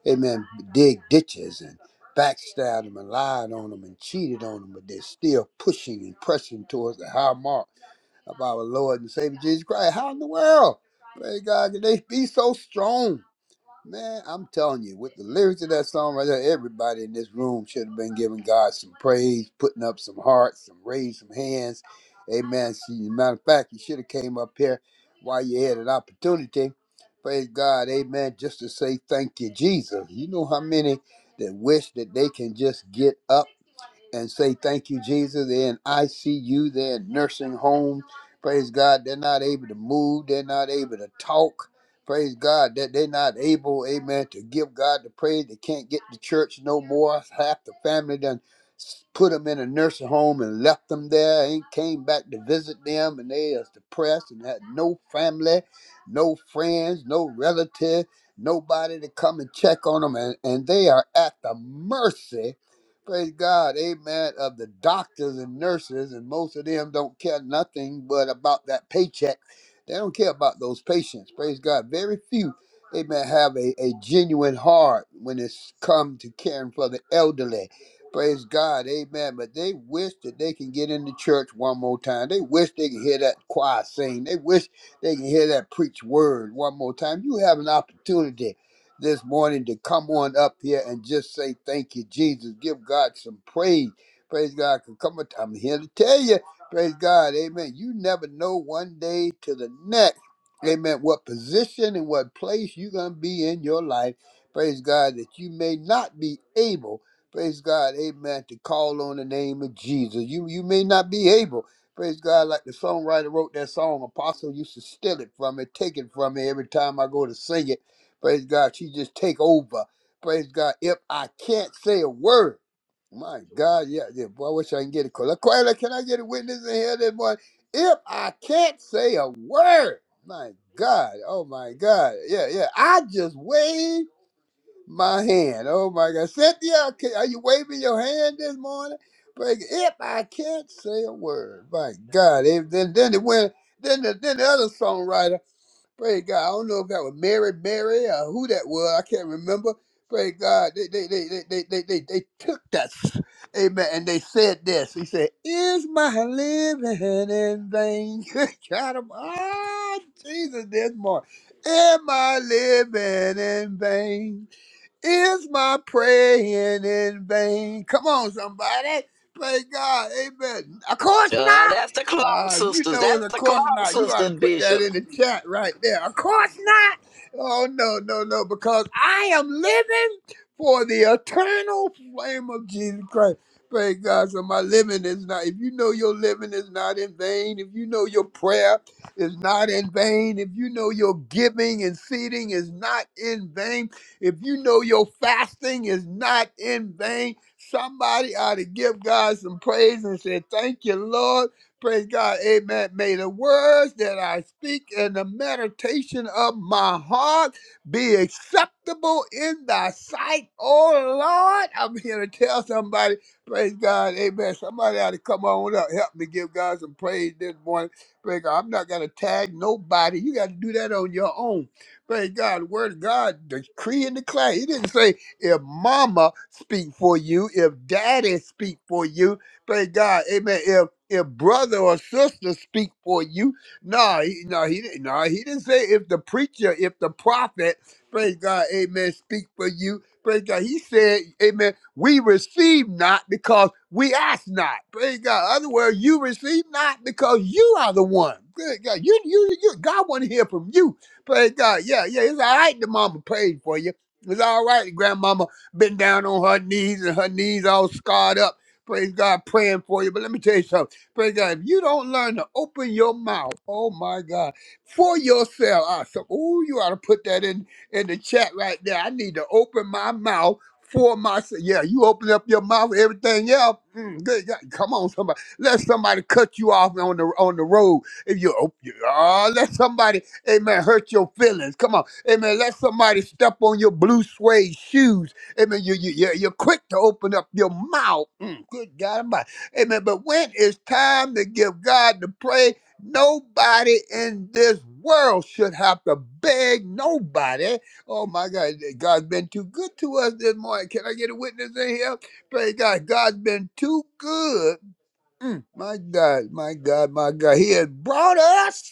amen, dig ditches and backstabbed them and lied on them and cheated on them, but they're still pushing and pressing towards the high mark of our Lord and Savior Jesus Christ. How in the world, praise God, can they be so strong? Man, I'm telling you, with the lyrics of that song right there, everybody in this room should have been giving God some praise, putting up some hearts, some raised some hands. Amen. See, as a matter of fact, you should have came up here while you had an opportunity. Praise God, amen. Just to say thank you, Jesus. You know how many that wish that they can just get up and say thank you, Jesus. They're in ICU, they're in nursing home. Praise God, they're not able to move, they're not able to talk. Praise God that they're not able, amen, to give God the praise. They can't get to church no more. Half the family done s- put them in a nursing home and left them there. Ain't came back to visit them, and they is depressed and had no family, no friends, no relative, nobody to come and check on them, and, and they are at the mercy praise God, amen, of the doctors and nurses, and most of them don't care nothing but about that paycheck. They don't care about those patients. Praise God. Very few, amen, have a, a genuine heart when it's come to caring for the elderly. Praise God, amen. But they wish that they can get into church one more time. They wish they can hear that choir sing. They wish they can hear that preach word one more time. You have an opportunity this morning to come on up here and just say thank you, Jesus. Give God some praise. Praise God. 'Cause Come on, I'm here to tell you. Praise God. Amen. You never know one day to the next. Amen. What position and what place you're going to be in your life. Praise God that you may not be able. Praise God. Amen. To call on the name of Jesus. You you may not be able. Praise God. Like the songwriter wrote that song, Apostle used to steal it from me, take it from me every time I go to sing it. Praise God. She just take over. Praise God. If I can't say a word, my God, yeah, yeah boy, I wish I can get a call. Laquela, can I get a witness in here this morning? If I can't say a word, my God, oh my God, yeah, yeah, I just wave my hand. Oh my God, Cynthia, can, are you waving your hand this morning? Praise If I can't say a word, my God, if, then then it went. Then the, then the other songwriter. Praise God. I don't know if that was Mary, Mary, or who that was. I can't remember. Praise God. They they they they they they, they, they took that. s- Amen. And they said this. He said, Is my living in vain? Good God of ah, Jesus this morning. Am I living in vain? Is my praying in vain? Come on, somebody. Praise God. Amen. Of course not. Uh, you know it, of course not. You ought to put that in the chat right there. Of course not. Oh, no, no, no, because I am living for the eternal flame of Jesus Christ. Praise God. So my living is not, if you know your living is not in vain, if you know your prayer is not in vain, if you know your giving and seeding is not in vain, if you know your fasting is not in vain, somebody ought to give God some praise and say, Thank you, Lord. Praise God. Amen. May the words that I speak and the meditation of my heart be acceptable in thy sight, oh Lord. I'm here to tell somebody, praise God, amen. Somebody ought to come on up, help me give God some praise this morning. Praise God. I'm not going to tag nobody. You got to do that on your own. Thank God, the word of God, decree and declare. He didn't say if mama speak for you, if daddy speak for you. Thank God, amen. If if brother or sister speak for you, no, he, no, he didn't. No, he didn't say if the preacher, if the prophet, praise God, amen, speak for you. Praise God. He said, Amen. We receive not because we ask not. Praise God. Other words, you receive not because you are the one. Good God. You, you, you, God want to hear from you. Praise God. Yeah, yeah. It's all right. The mama prayed for you. It's all right. The Grandmama been down on her knees and her knees all scarred up. Praise God, praying for you. But let me tell you something. Praise God. If you don't learn to open your mouth, oh my God, for yourself. Ah, so, oh, you ought to put that in in the chat right there. I need to open my mouth for myself. Yeah, you open up your mouth, everything else. mm, good God. Come on, somebody. Let somebody cut you off on the on the road. If you open, oh, let somebody. Amen. Hurt your feelings. Come on. Amen. Let somebody step on your blue suede shoes. Amen. You, you, you're, you're quick to open up your mouth. Mm, good God Almighty. Amen. But when it's time to give God the praise, nobody in this world should have to beg nobody. Oh my God. God's been too good to us this morning. Can I get a witness in here? Praise God. God's been too good Mm, my God, my God, my God. He has brought us.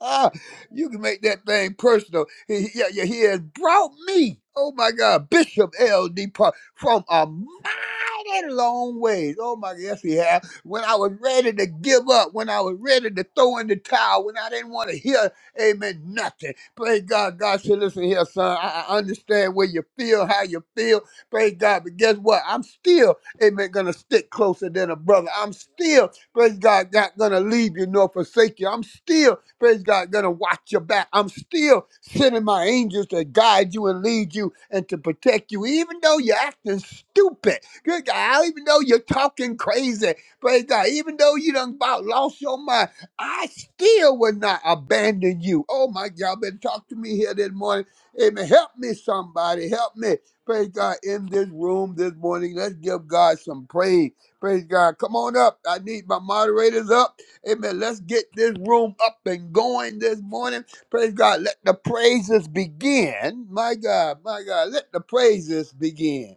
Ah, you can make that thing personal. He, he- yeah, yeah, he has brought me. Oh my God, Bishop L.D. Park from a mighty long ways. Oh my God, yes, he has. When I was ready to give up, when I was ready to throw in the towel, when I didn't want to hear, amen, nothing. Praise God. God said, listen here, son, I, I understand where you feel, how you feel. Praise God. But guess what? I'm still amen, gonna stick closer than a brother. I'm still, praise God, not gonna leave you nor forsake you. I'm still, praise God, gonna watch your back. I'm still sending my angels to guide you and lead you and to protect you, even though you're acting stupid. Good God, even though you're talking crazy, praise God, even though you done about lost your mind, I still will not abandon you. Oh my God, better talk to me here this morning. Amen. Help me, somebody. Help me. Praise God in this room this morning. Let's give God some praise. Praise God. Come on up. I need my moderators up. Amen. Let's get this room up and going this morning. Praise God. Let the praises begin. My God, my God. Let the praises begin.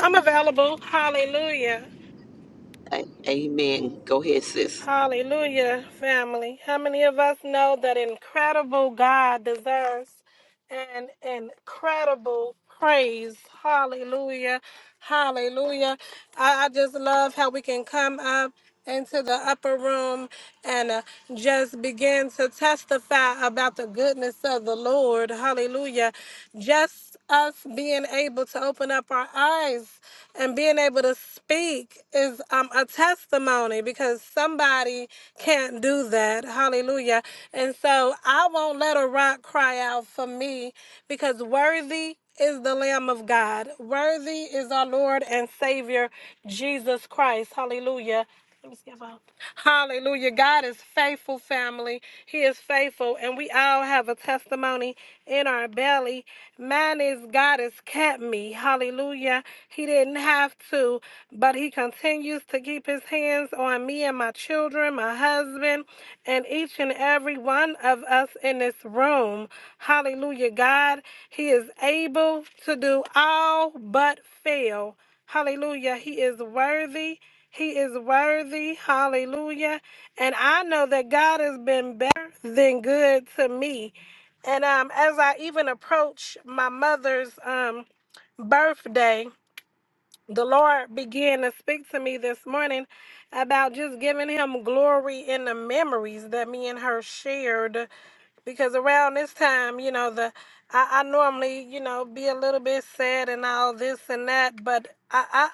I'm available. Hallelujah. Hallelujah, family. How many of us know that incredible God deserves an incredible praise? Hallelujah. Hallelujah. I, I just love how we can come up into the upper room and uh, just begin to testify about the goodness of the Lord. Hallelujah. Just us being able to open up our eyes and being able to speak is um, a testimony because somebody can't do that. Hallelujah. And so I won't let a rock cry out for me because worthy is the Lamb of God. Worthy is our Lord and Savior, Jesus Christ. Hallelujah. Let me skip out. Hallelujah. God is faithful, family. He is faithful. And we all have a testimony in our belly. Man is God has kept me. Hallelujah. He didn't have to, but he continues to keep his hands on me and my children, my husband, and each and every one of us in this room. Hallelujah. God, he is able to do all but fail. Hallelujah. He is worthy. He is worthy. Hallelujah. And I know that God has been better than good to me. And um, as I even approach my mother's um, birthday, the Lord began to speak to me this morning about just giving him glory in the memories that me and her shared because around this time, you know, the I, I normally, you know, be a little bit sad and all this and that, but I, I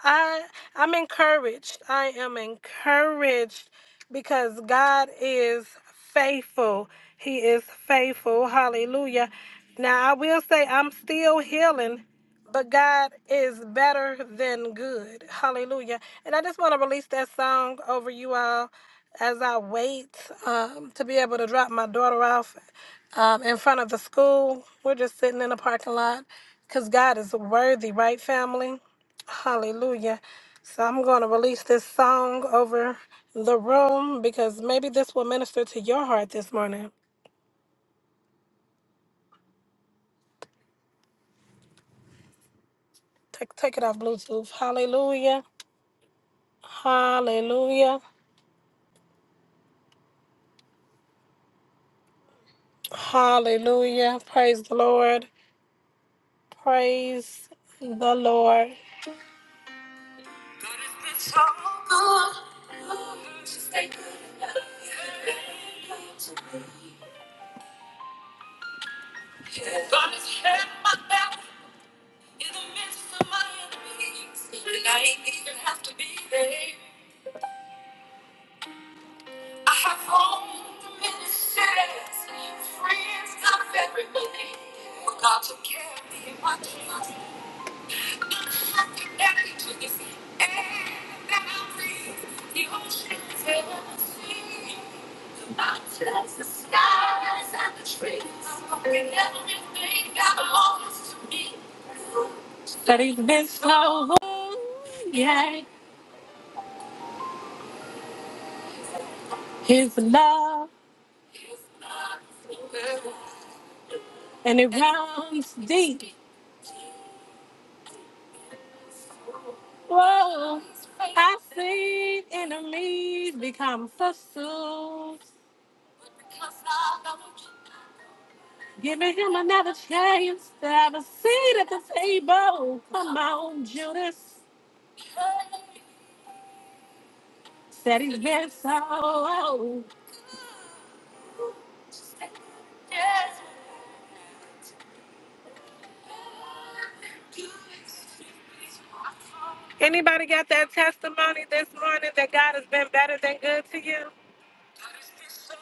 I I'm encouraged. I am encouraged because God is faithful. He is faithful. Hallelujah. Now I will say I'm still healing. But God is better than good. Hallelujah. And I just want to release that song over you all as I wait um, to be able to drop my daughter off um, in front of the school. We're just sitting in the parking lot because God is worthy, right, family? Hallelujah. So I'm going to release this song over the room because maybe this will minister to your heart this morning. Take, take it off Bluetooth. Hallelujah. Hallelujah. Hallelujah. Praise the Lord. Praise the Lord. God has been so good. Just stay good. God has had my back in the midst of my enemies. And I ain't even have to be there. I have home, ministers, friends, not everybody. But God took care of me in my time. I'm connected to this air that I breathe. The oceans and the sea. The mountains, the skies, and the trees. I'm walking everything that belongs to me. And it brought our enemies become footstools. Giving him another chance to have a seat at the table. Come on, Judas. Said he's been so. old. Anybody got that testimony this morning that God has been better than good to you? so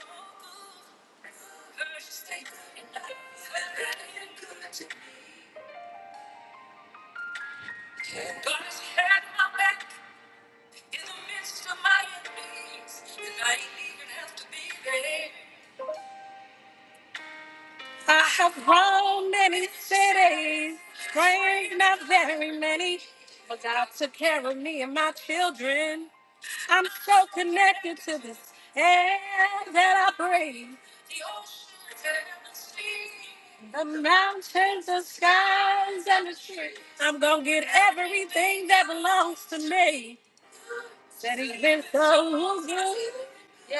I have to roamed many cities, praying not very many, but God took care of me and my children. I'm so connected to this air that I breathe. The the the sea, the mountains, the skies, and the trees. I'm gonna get everything that belongs to me. That he's been so good. Yeah.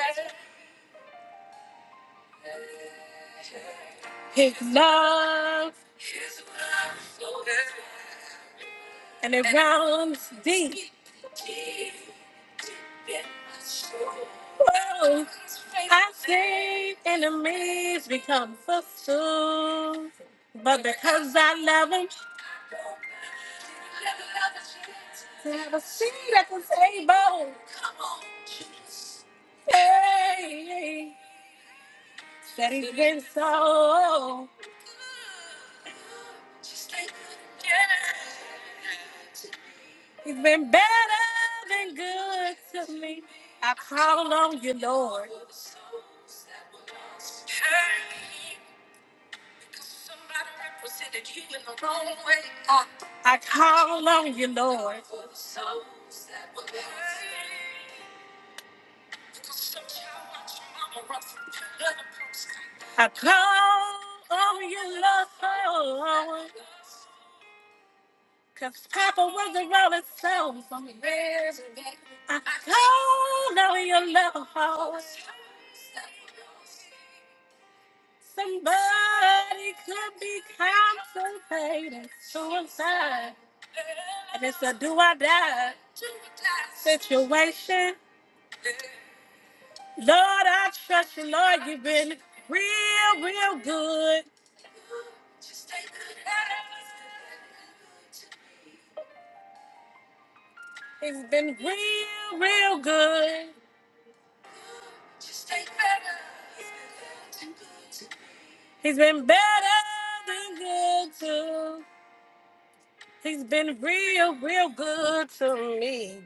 The ground's deep. I see. To have a seat at the table. Come on, Hey, that is been so good. Just like Hey, Ah, Lord. For the Hey, Suicide. And it's a do I situation real, real good. It's been real, real good. He's been better than good too. He's been real, real good to me.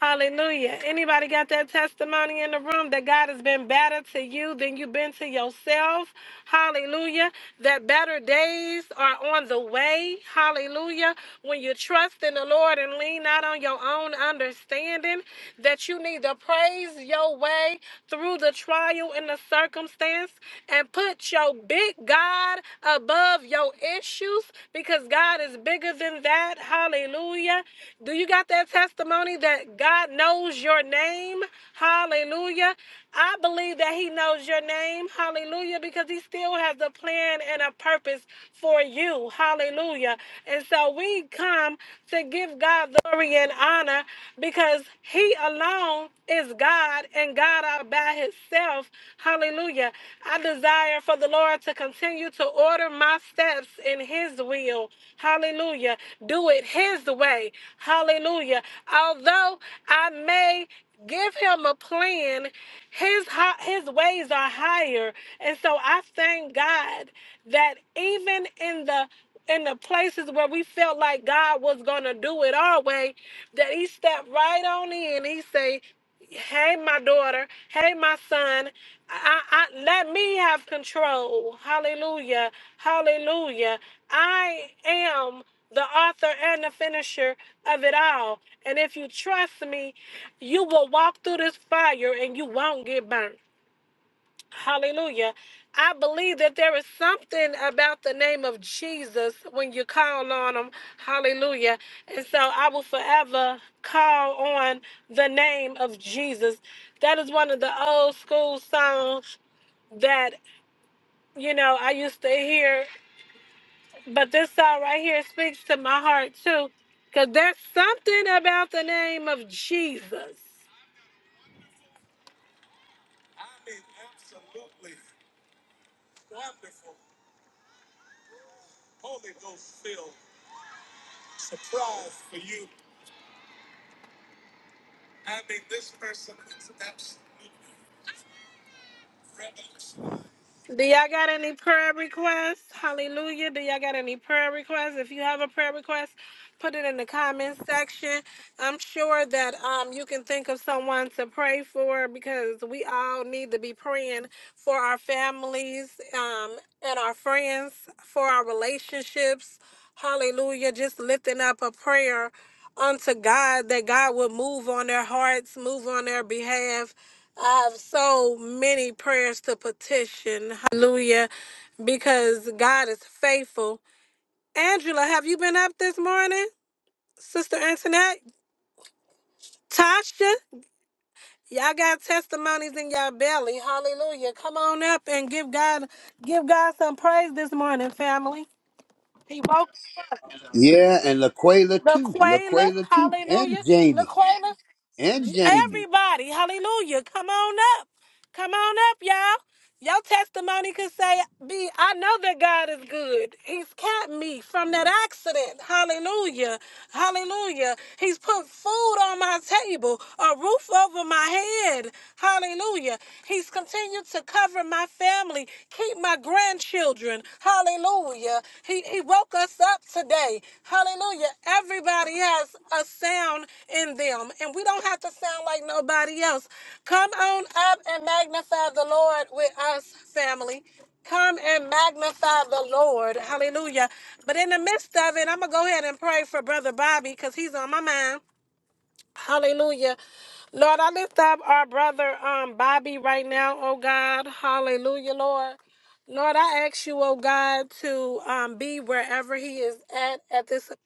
Hallelujah. Anybody got that testimony in the room that God has been better to you than you've been to yourself? Hallelujah. That better days are on the way. Hallelujah. When you trust in the Lord and lean not on your own understanding, that you need to praise your way through the trial and the circumstance and put your big God above your issues because God. God is bigger than that. Hallelujah. Do you got that testimony that God knows your name? Hallelujah. I believe that He knows your name. Hallelujah. Because He still has a plan and a purpose for you. Hallelujah. And so we come to give God glory and honor because He alone is God and God all by Himself. Hallelujah. I desire desire for the Lord to continue to order my steps in His will. Hallelujah. Do it His way. Hallelujah. Although I may give him a plan his hi- his ways are higher and so i thank god that even in the in the places where we felt like god was gonna do it our way that he stepped right on in he say hey my daughter hey my son I, I let me have control hallelujah hallelujah i am the author and the finisher of it all and if you trust me you will walk through this fire and you won't get burnt Hallelujah. I believe that there is something about the name of Jesus when you call on him. Hallelujah. And so I will forever call on the name of Jesus. That is one of the old school songs that, you know, I used to hear. But this song right here speaks to my heart too. Because there's something about the name of Jesus. Do y'all got any prayer requests? Hallelujah. Do y'all got any prayer requests? If you have a prayer request, put it in the comment section. I'm sure that um you can think of someone to pray for because we all need to be praying for our families um and our friends, for our relationships. Hallelujah. Just lifting up a prayer unto God that God would move on their hearts, move on their behalf I have so many prayers to petition. Hallelujah. Because God is faithful. Angela, have you been up this morning? Sister Antoinette? Tasha? Y'all got testimonies in y'all belly. Hallelujah. Come on up and give God give God some praise this morning, family. He woke Yeah, and Laquela too. LaQuela. Laquela too. And Hallelujah. Jamie. LaQuela. And Jamie. Everybody, hallelujah. Come on up. Come on up, y'all. Your testimony could say, B, I know that God is good. He's kept me from that accident. Hallelujah. Hallelujah. He's put food on my table, a roof over my head. Hallelujah. He's continued to cover my family, keep my grandchildren. Hallelujah. He, he he woke us up today. Hallelujah. Everybody has a sound in them, and we don't have to sound like nobody else. Come on up and magnify the Lord with us, family. Come and magnify the Lord. Hallelujah. But in the midst of it, I'm going to go ahead and pray for Brother Bobby because he's on my mind. Hallelujah. Lord, I lift up our brother um, Bobby right now, oh God. Hallelujah, Lord. Lord, I ask you, oh God, to um, be wherever he is at at this app-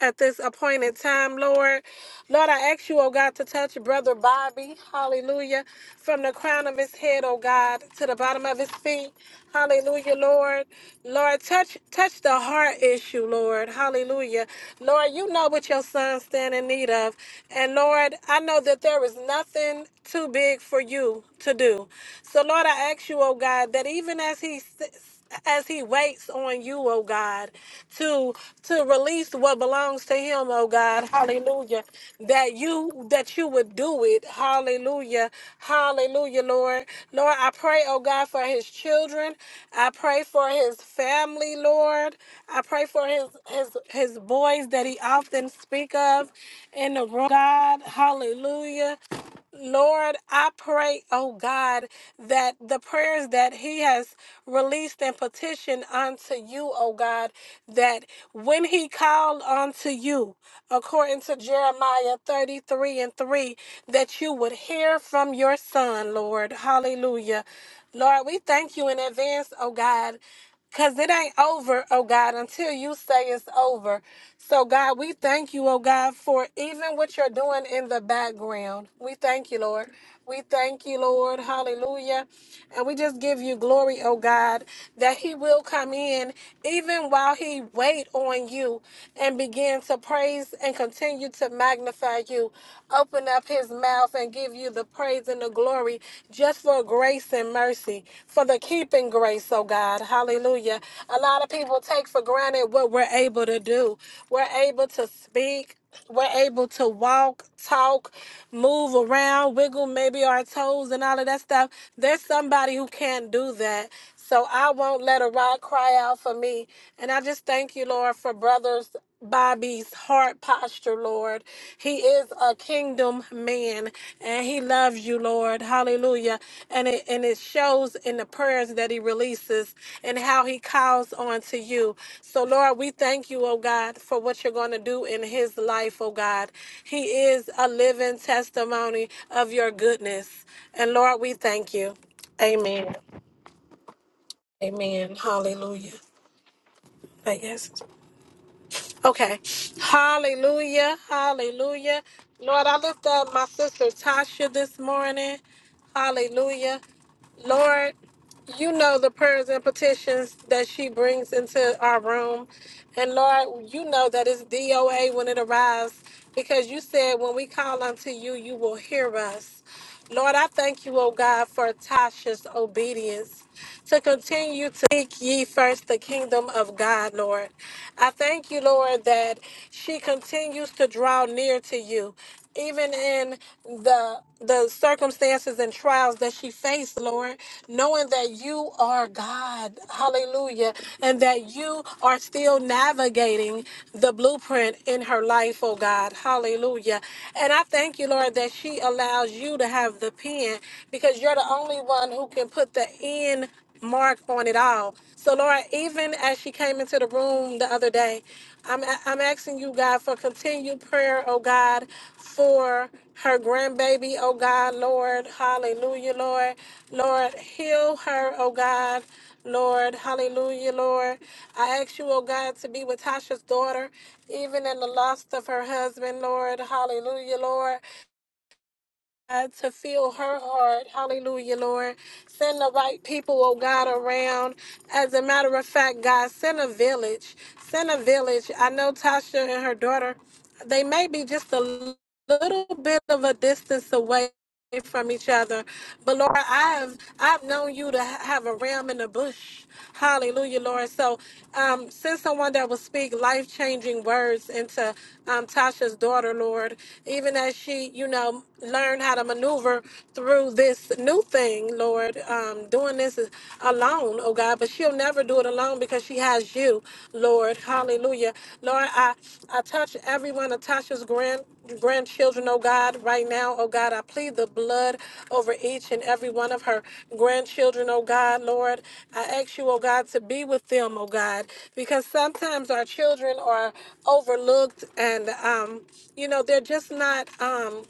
at this appointed time, Lord. Lord, I ask you, oh God, to touch brother Bobby, hallelujah, from the crown of his head, oh God, to the bottom of his feet. Hallelujah, Lord. Lord, touch touch the heart issue, Lord. Hallelujah. Lord, you know what your son stand in need of. And Lord, I know that there is nothing too big for you to do him. So Lord, I ask you, oh God, that even as he sits as he waits on you, oh God, to to release what belongs to him, oh God, hallelujah. That you that you would do it. Hallelujah. Hallelujah, Lord. Lord, I pray, oh God, for his children. I pray for his family, Lord. I pray for his his his boys that he often speak of in the room, God. Hallelujah. Lord, I pray, oh God, that the prayers that he has released and petitioned unto you, oh God, that when he called unto you, according to Jeremiah 33 and 3, that you would hear from your son, Lord. Hallelujah. Lord, we thank you in advance, oh God. Because it ain't over, oh God, until you say it's over. So, God, we thank you, oh God, for even what you're doing in the background. We thank you, Lord. We thank you, Lord. Hallelujah. And we just give you glory, oh God, that He will come in even while He wait on you and begin to praise and continue to magnify you. Open up His mouth and give give you the praise and the glory just for grace and mercy, for the keeping grace, oh God. Hallelujah. A lot of people take for granted what we're able to do. We're able to speak. We're able to walk, talk, move around, wiggle maybe our toes and all of that stuff. There's somebody who can't do that. So I won't let a rock cry out for me. And I just thank you, Lord, for brothers Bobby's heart posture, Lord. He is a kingdom man and he loves you, Lord. Hallelujah. And it and it shows in the prayers that he releases and how he calls on to you. So Lord, we thank you, oh God, for what you're going to do in his life, oh God. He is a living testimony of your goodness. And Lord, we thank you. Amen. Amen. Hallelujah. I Okay. Hallelujah. Hallelujah. Lord, I lift up my sister Tasha this morning. Hallelujah. Lord, you know the prayers and petitions that she brings into our room. And Lord, you know that it's DOA when it arrives because you said when we call unto you, you will hear us. Lord, I thank you, oh God, for Tasha's obedience to continue to seek ye first the kingdom of God, Lord. I thank you, Lord, that she continues to draw near to you, even in the the circumstances and trials that she faced, Lord, knowing that you are God, hallelujah, and that you are still navigating the blueprint in her life, oh God, hallelujah. And I thank you, Lord, that she allows you to have the pen because you're the only one who can put the end mark on it all. So, Lord, even as she came into the room the other day, I'm I'm asking you, God, for continued prayer, oh God, for her grandbaby, oh God, Lord, hallelujah, Lord, Lord, heal her, oh God. Lord, hallelujah, Lord. I ask you, oh God, to be with Tasha's daughter, even in the loss of her husband, Lord, hallelujah, Lord. God, to feel her heart. Hallelujah, Lord. Send the right people, oh God, around. As a matter of fact, God, send a village. Send a village. I know Tasha and her daughter, they may be just a little bit of a distance away away from each other. But Lord, I've I've known you to ha- have a ram in the bush. Hallelujah, Lord. So um, send someone that will speak life changing words into um, Tasha's daughter, Lord, even as she, you know, learn how to maneuver through this new thing, Lord, um, doing this is alone, oh God. But she'll never do it alone because she has you, Lord. Hallelujah. Lord, I, I touch everyone of Tasha's grand grandchildren, oh God, right now, oh God. I plead the blood over each and every one of her grandchildren, oh God, Lord. I ask you, oh God, to be with them, oh God, because sometimes our children are overlooked and, um, you know, they're just not. Um,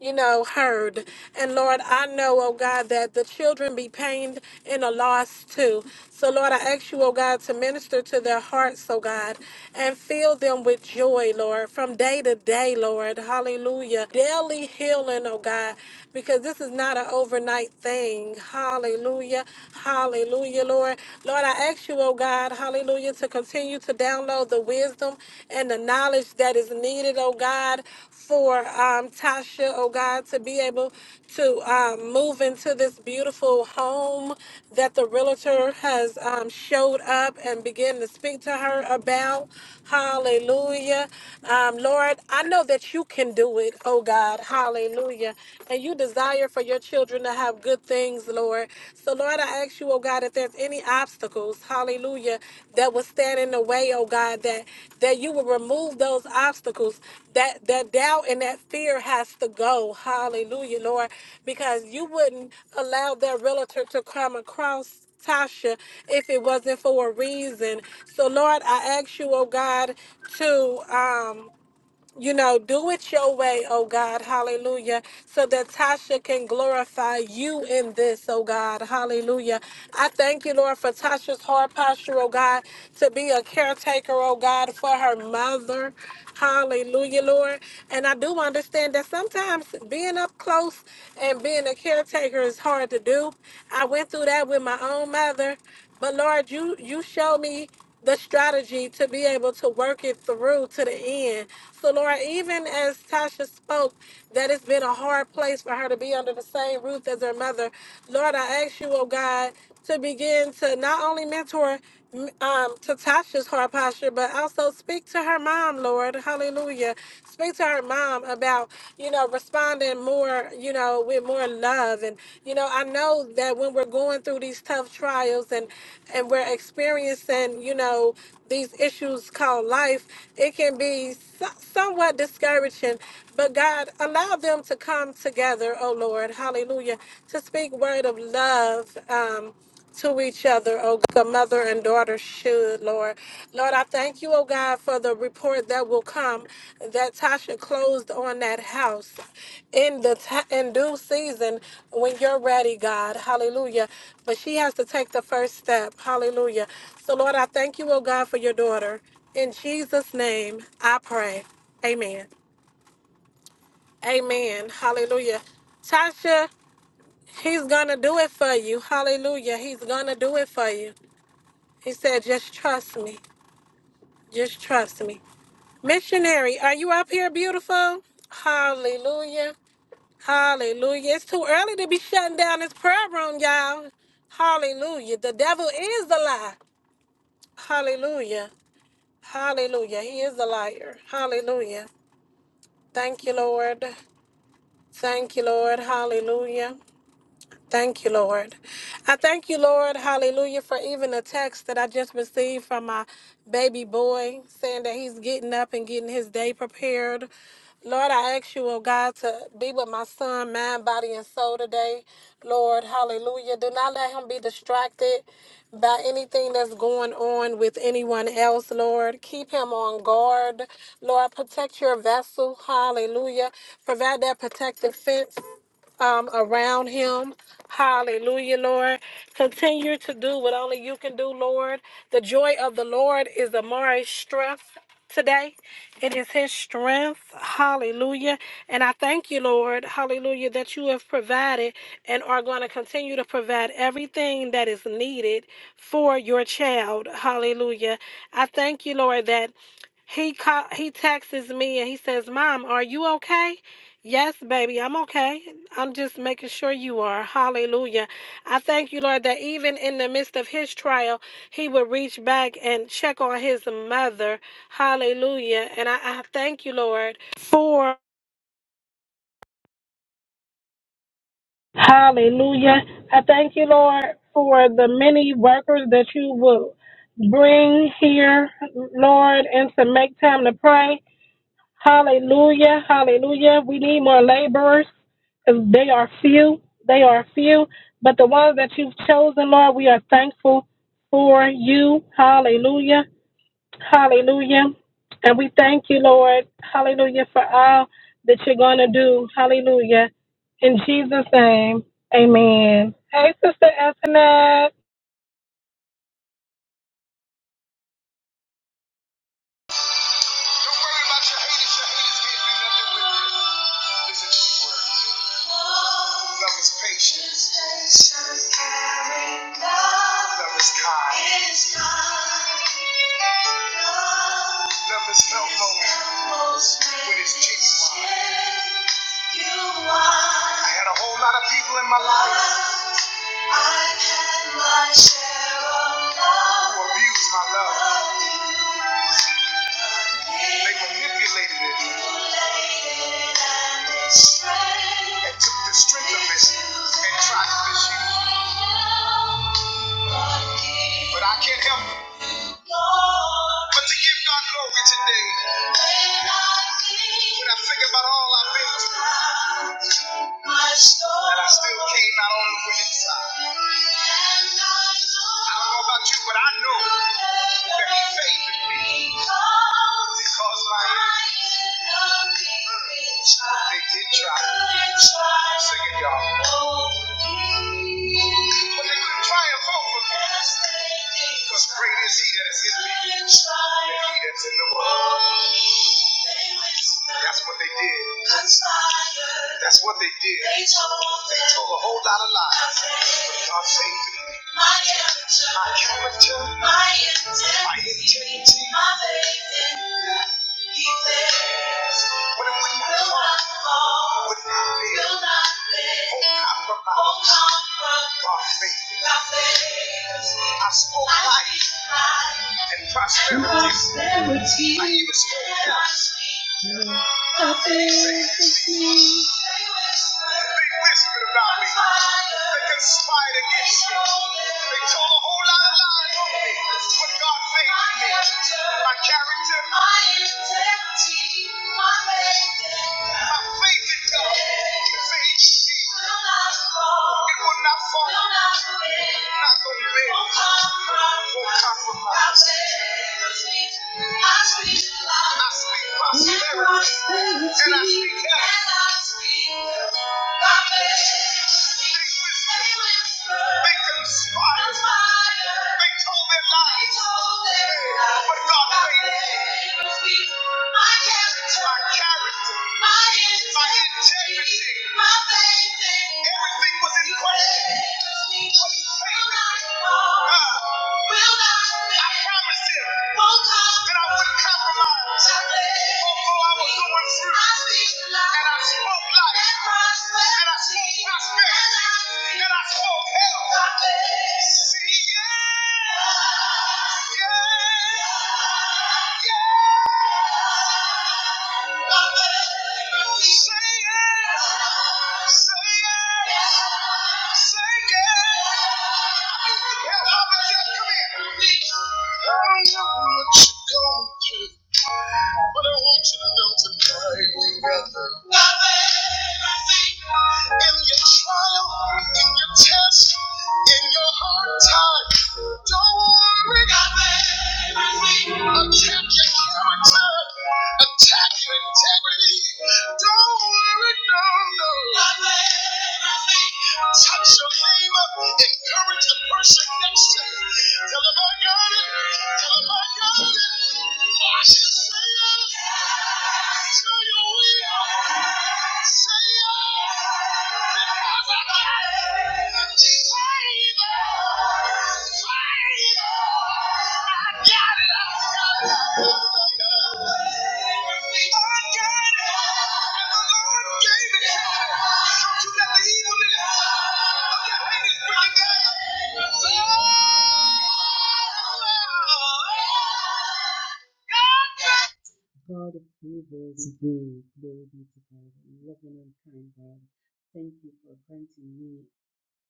you know, heard. And Lord, I know, oh God, that the children be pained in a loss too. So Lord, I ask you, oh God, to minister to their hearts, oh God, and fill them with joy, Lord, from day to day, Lord. Hallelujah. Daily healing, oh God, because this is not an overnight thing. Hallelujah. Hallelujah, Lord. Lord, I ask you, oh God, hallelujah, to continue continue to download the wisdom and the knowledge that is needed, oh God, for um, Tasha, oh God, to be able to um, move into this beautiful home that the realtor has um, showed up and begin to speak to her about. Hallelujah. Um, Lord, I know that you can do it, oh God. Hallelujah. And you desire for your children to have good things, Lord. So, Lord, I ask you, oh God, if there's any obstacles, hallelujah, that would stand in the way, oh God, that that you would remove those obstacles. That that doubt and that fear has to go. Hallelujah, Lord. Because you wouldn't allow that realtor to come across Tasha if it wasn't for a reason. So Lord, I ask you, oh God, to um you know, do it your way, oh God, hallelujah, so that Tasha can glorify you in this, oh God, hallelujah. I thank you, Lord, for Tasha's heart posture, oh God, to be a caretaker, oh God, for her mother, hallelujah, Lord. And I do understand that sometimes being up close and being a caretaker is hard to do. I went through that with my own mother, but Lord, you you showed me the strategy to be able to work it through to the end. So, Laura, even as Tasha spoke, that it's been a hard place for her to be under the same roof as her mother. Lord, I ask you, oh God, to begin to not only mentor m- um, to Tasha's heart posture, but also speak to her mom, Lord. Hallelujah. Speak to her mom about, you know, responding more, you know, with more love. And, you know, I know that when we're going through these tough trials and, and we're experiencing, you know, these issues called life, it can be so- somewhat discouraging. But God, allow them to come together, oh Lord, hallelujah, to speak word of love. Um, to each other, oh God, mother and daughter should, Lord. Lord, I thank you, oh God, for the report that will come that Tasha closed on that house in the ti in due season when you're ready, God. Hallelujah. But she has to take the first step. Hallelujah. So Lord, I thank you, oh God, for your daughter. In Jesus' name, I pray. Amen. Amen. Hallelujah. Tasha, he's gonna do it for you. Hallelujah. He's gonna do it for you. He said, just trust me. Just trust me. Missionary, are you up here, beautiful? Hallelujah. Hallelujah. It's too early to be shutting down this prayer room, y'all. Hallelujah. The devil is the lie. Hallelujah. Hallelujah. He is the liar. Hallelujah. Thank you, Lord. Thank you, Lord. Hallelujah. Thank you, Lord. I thank you, Lord, hallelujah, for even the text that I just received from my baby boy saying that he's getting up and getting his day prepared. Lord, I ask you, oh God, to be with my son, mind, body, and soul today. Lord, hallelujah. Do not let him be distracted by anything that's going on with anyone else, Lord. Keep him on guard. Lord, protect your vessel. Hallelujah. Provide that protective fence um, around him. Hallelujah, Lord. Continue to do what only you can do, Lord. The joy of the Lord is Amari's strength today. It is his strength. Hallelujah. And I thank you, Lord. Hallelujah, that you have provided and are going to continue to provide everything that is needed for your child. Hallelujah. I thank you, Lord, that he ca- he texts me and he says, "Mom, are you okay?" Yes, baby, I'm okay. I'm just making sure you are. Hallelujah. I thank you, Lord, that even in the midst of his trial, he would reach back and check on his mother. Hallelujah. And I, I thank you, Lord, for. Hallelujah. I thank you, Lord, for the many workers that you will bring here, Lord, and to make time to pray. Hallelujah. Hallelujah. We need more laborers because they are few. They are few. But the ones that you've chosen, Lord, we are thankful for you. Hallelujah. Hallelujah. And we thank you, Lord. Hallelujah for all that you're going to do. Hallelujah. In Jesus' name, amen. Hey, Sister Ethna. Don't worry about your haters. Your haters can't do nothing with you. Listen to these words. Love is patient. Love is kind. Love is felt most when it's genuine. I had a whole lot of people in my life who abused my love. They manipulated it and took the strength of it and tried to misuse it. But I can't help it. but to give God glory today. When I think about all I've been through, my soul. And I still came out on the winning side. And I I don't know about you, but I know that He favored me because my enemies, they did try. Sing it, y'all. But they couldn't triumph over me. Because great is he that is in me than he that's in the world. That's what they did. That's what they did. They told a whole lot of lies. But God saved me. My character, my character, my integrity, My faith in. you. He says, when it would not will not fall, would not fail, will not fail, won't compromise, will By faith, I spoke life and prosperity. prosperity. I even spoke health. How big is he? They whispered about me. They conspired against me. They told a whole lot of lies on me. But God favored me. My character. My integrity. My faith in God. My faith in God. Favored Will not fall. It will not fall. Will not bend. Not gonna bend. Won't compromise. Won't compromise. I bear with me. I speak and I speak health. Make them smile. Make told their lies. But God faithful. My character. My integrity. Everything was in question not I I I I I I compromise. And and And wouldn't was going through, and I spoke life, and I spoke prosperity, and I spoke life. Yeah. yeah, yeah. Say yes. Say yes. Say yes. Yeah, Mama, Dad, come here. I know what you're going through. But I want you to know tonight, you got the Got everything. In your trial, in your test, in your hard time, don't worry. Got everything. Attack your character, attack your integrity. Don't worry, no, no. Touch your neighbor, encourage the person next to you. Tell them I got it. Tell them I got it. Watch it. Say it. Tell your will. Say it. Because I got it. Say it. God of universe, be glory be to God. Loving and kind God, thank you for granting me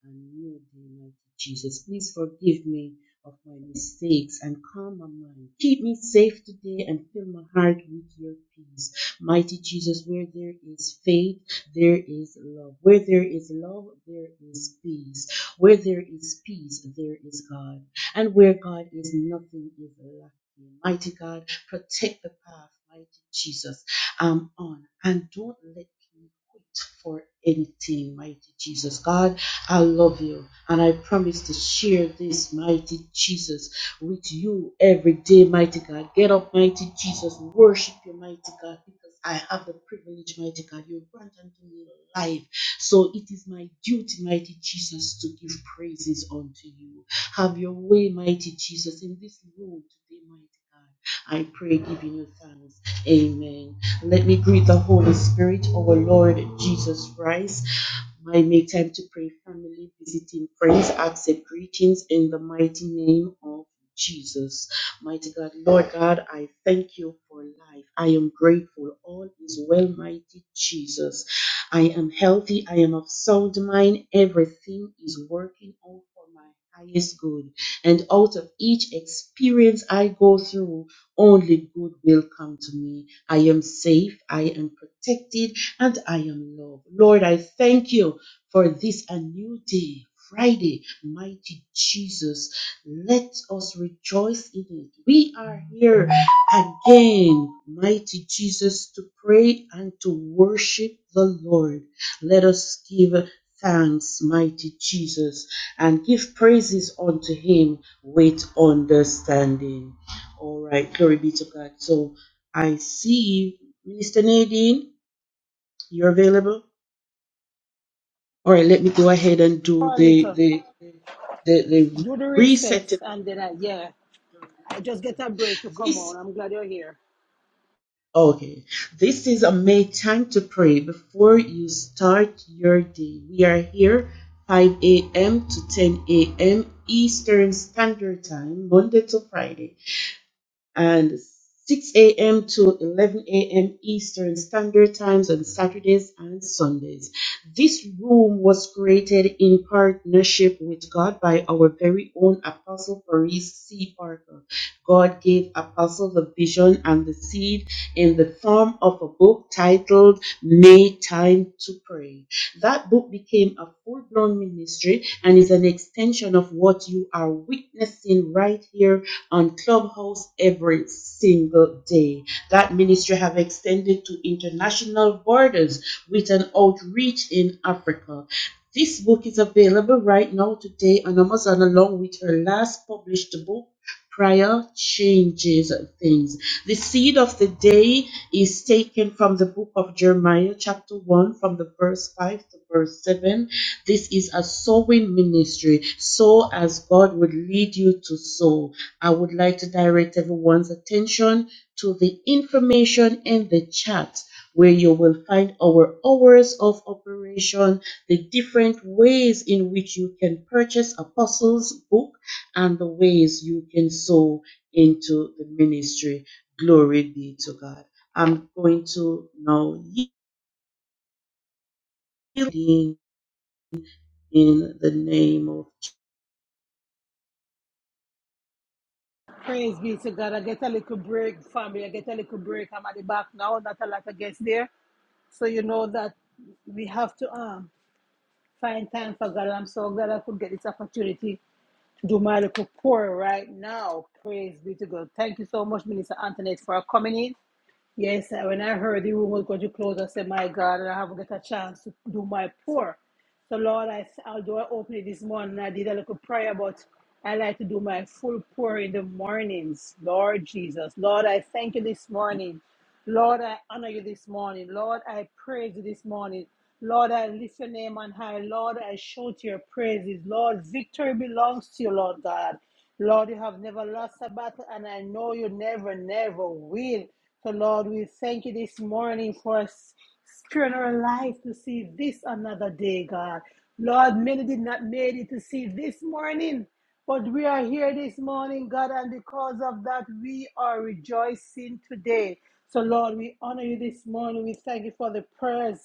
and new day, mighty Jesus. Please forgive me of my mistakes and calm my mind. Keep me safe today and fill my heart with your peace. Mighty Jesus, where there is faith, there is love. Where there is love, there is peace. Where there is peace, there is God. And where God is, nothing is lacking. Mighty God, protect the path, mighty Jesus. I'm on and don't let me quit for anything, mighty Jesus. God, I love you. And I promise to share this, mighty Jesus, with you every day, mighty God. Get up, mighty Jesus. Worship you, mighty God, because I have the privilege, mighty God. You grant unto me life. So it is my duty, mighty Jesus, to give praises unto you. Have your way, mighty Jesus, in this room today, mighty God. I pray, giving you thanks. Amen. Let me greet the Holy Spirit, our Lord Jesus Christ. I make time to pray, family, visiting friends, accept greetings in the mighty name of Jesus. Mighty God, Lord God, I thank you for life. I am grateful. All is well, mighty Jesus. I am healthy. I am of sound mind. Everything is working out for my highest good. And out of each experience I go through, only good will come to me. I am safe. I am protected and I am loved. Lord, I thank you for this a new day. Friday, mighty Jesus, let us rejoice in it. We are here again, mighty Jesus, to pray and to worship the Lord. Let us give thanks, mighty Jesus, and give praises unto Him with understanding. All right, glory be to God. So I see Minister Nadine. You're available? All right, let me go ahead and For do a the little. the the, the Do the reset, resetting. and then I, yeah. I just get a break to come on. This I'm glad you're here. okay. This is a make time to pray before you start your day. We are here 5 a.m. to 10 a.m. Eastern Standard Time, Monday to Friday. and 6 a.m. to 11 a.m. Eastern Standard Times on Saturdays and Sundays. This room was created in partnership with God by our very own Apostle Paris C. Parker. God gave Apostle the vision and the seed in the form of a book titled Make Time to Pray. That book became a full blown ministry and is an extension of what you are witnessing right here on Clubhouse every single day. That ministry have extended to international borders with an outreach in Africa. This book is available right now today on Amazon along with her last published book, Prior Changes Things. The seed of the day is taken from the book of Jeremiah, chapter 1, from the verse 5 to verse 7. This is a sowing ministry. Sow as God would lead you to sow. I would like to direct everyone's attention to the information in the chat where you will find our hours of operation, the different ways in which you can purchase Apostles' book, and the ways you can sow into the ministry. Glory be to God. I'm going to now yield in in the name of. Praise be to God. I get a little break, family. I get a little break. I'm at the back now. Not a lot of guests there. So you know that we have to um find time for God. And I'm so glad I could get this opportunity to do my little pour right now. Praise be to God. Thank you so much, Minister Antoinette, for coming in. Yes, when I heard the room was going to close, I said, My God, I haven't got a chance to do my pour. So, Lord, I, although I opened it this morning, I did a little prayer, but I like to do my full pour in the mornings. Lord Jesus, Lord, I thank you this morning. Lord, I honor you this morning. Lord, I praise you this morning. Lord, I lift your name on high. Lord, I shout your praises. Lord, victory belongs to you, Lord God. Lord, you have never lost a battle, and I know you never, never will. So, Lord, we thank you this morning for us. Turn our life to see this another day, God. Lord, many did not make it to see this morning, but we are here this morning, God, and because of that, we are rejoicing today. So, Lord, we honor you this morning. We thank you for the prayers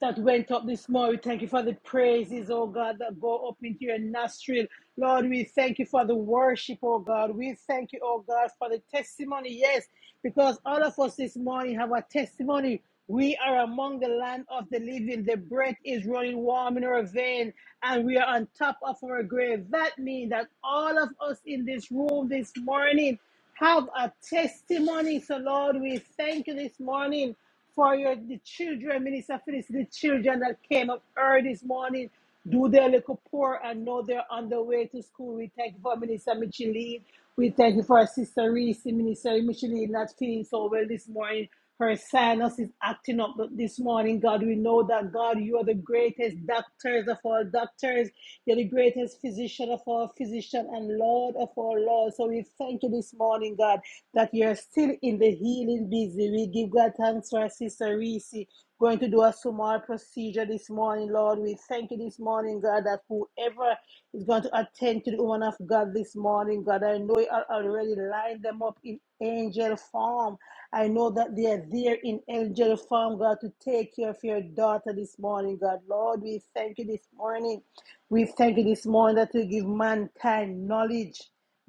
that went up this morning. We Thank you for the praises, oh God, that go up into your nostril. Lord, we thank you for the worship, oh God. We thank you, oh God, for the testimony. Yes, because all of us this morning have a testimony. We are among the land of the living. The breath is running warm in our vein, and we are on top of our grave. That means that all of us in this room this morning have a testimony. So, Lord, we thank you this morning for your the children, Minister Felicity, the children that came up early this morning do their little pour and know they're on their way to school. We thank you for Minister Micheline. We thank you for our sister Reese, Minister Micheline, not feeling so well this morning. Her sinus is acting up this morning. God, we know that God, you are the greatest doctors of all doctors. You're the greatest physician of all physicians and Lord of all lords. So we thank you this morning, God, that you're still in the healing busy. We give God thanks for our sister Reese going to do a small procedure this morning, Lord. We thank you this morning, God, that whoever is going to attend to the woman of God this morning, God, I know you are already lined them up in angel form. I know that they are there in angel form, God, to take care of your daughter this morning, God. Lord, we thank you this morning. We thank you this morning that you give mankind knowledge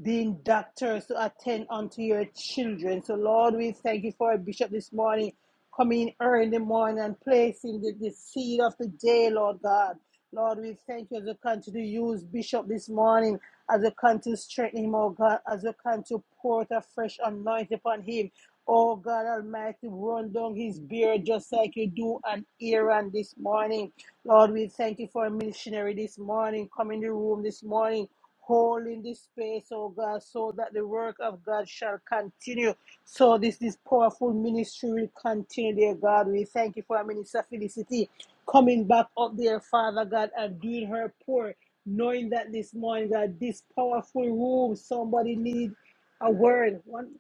being doctors to attend unto your children. So, Lord, we thank you for our bishop this morning. Come in early in the morning and place in the, the seed of the day, Lord God. Lord, we thank you as we continue to use Bishop this morning, as we continue to strengthen him, oh God, as we continue to pour out a fresh anointing upon him. Oh God Almighty, run down his beard just like you do on Aaron this morning. Lord, we thank you for a missionary this morning, come in the room this morning, holding this space, oh God, so that the work of God shall continue. So this this powerful ministry will continue, dear God. We thank you for our minister Felicity coming back up there, Father God, and doing her pour, knowing that this morning, God, this powerful room, somebody need a word. One,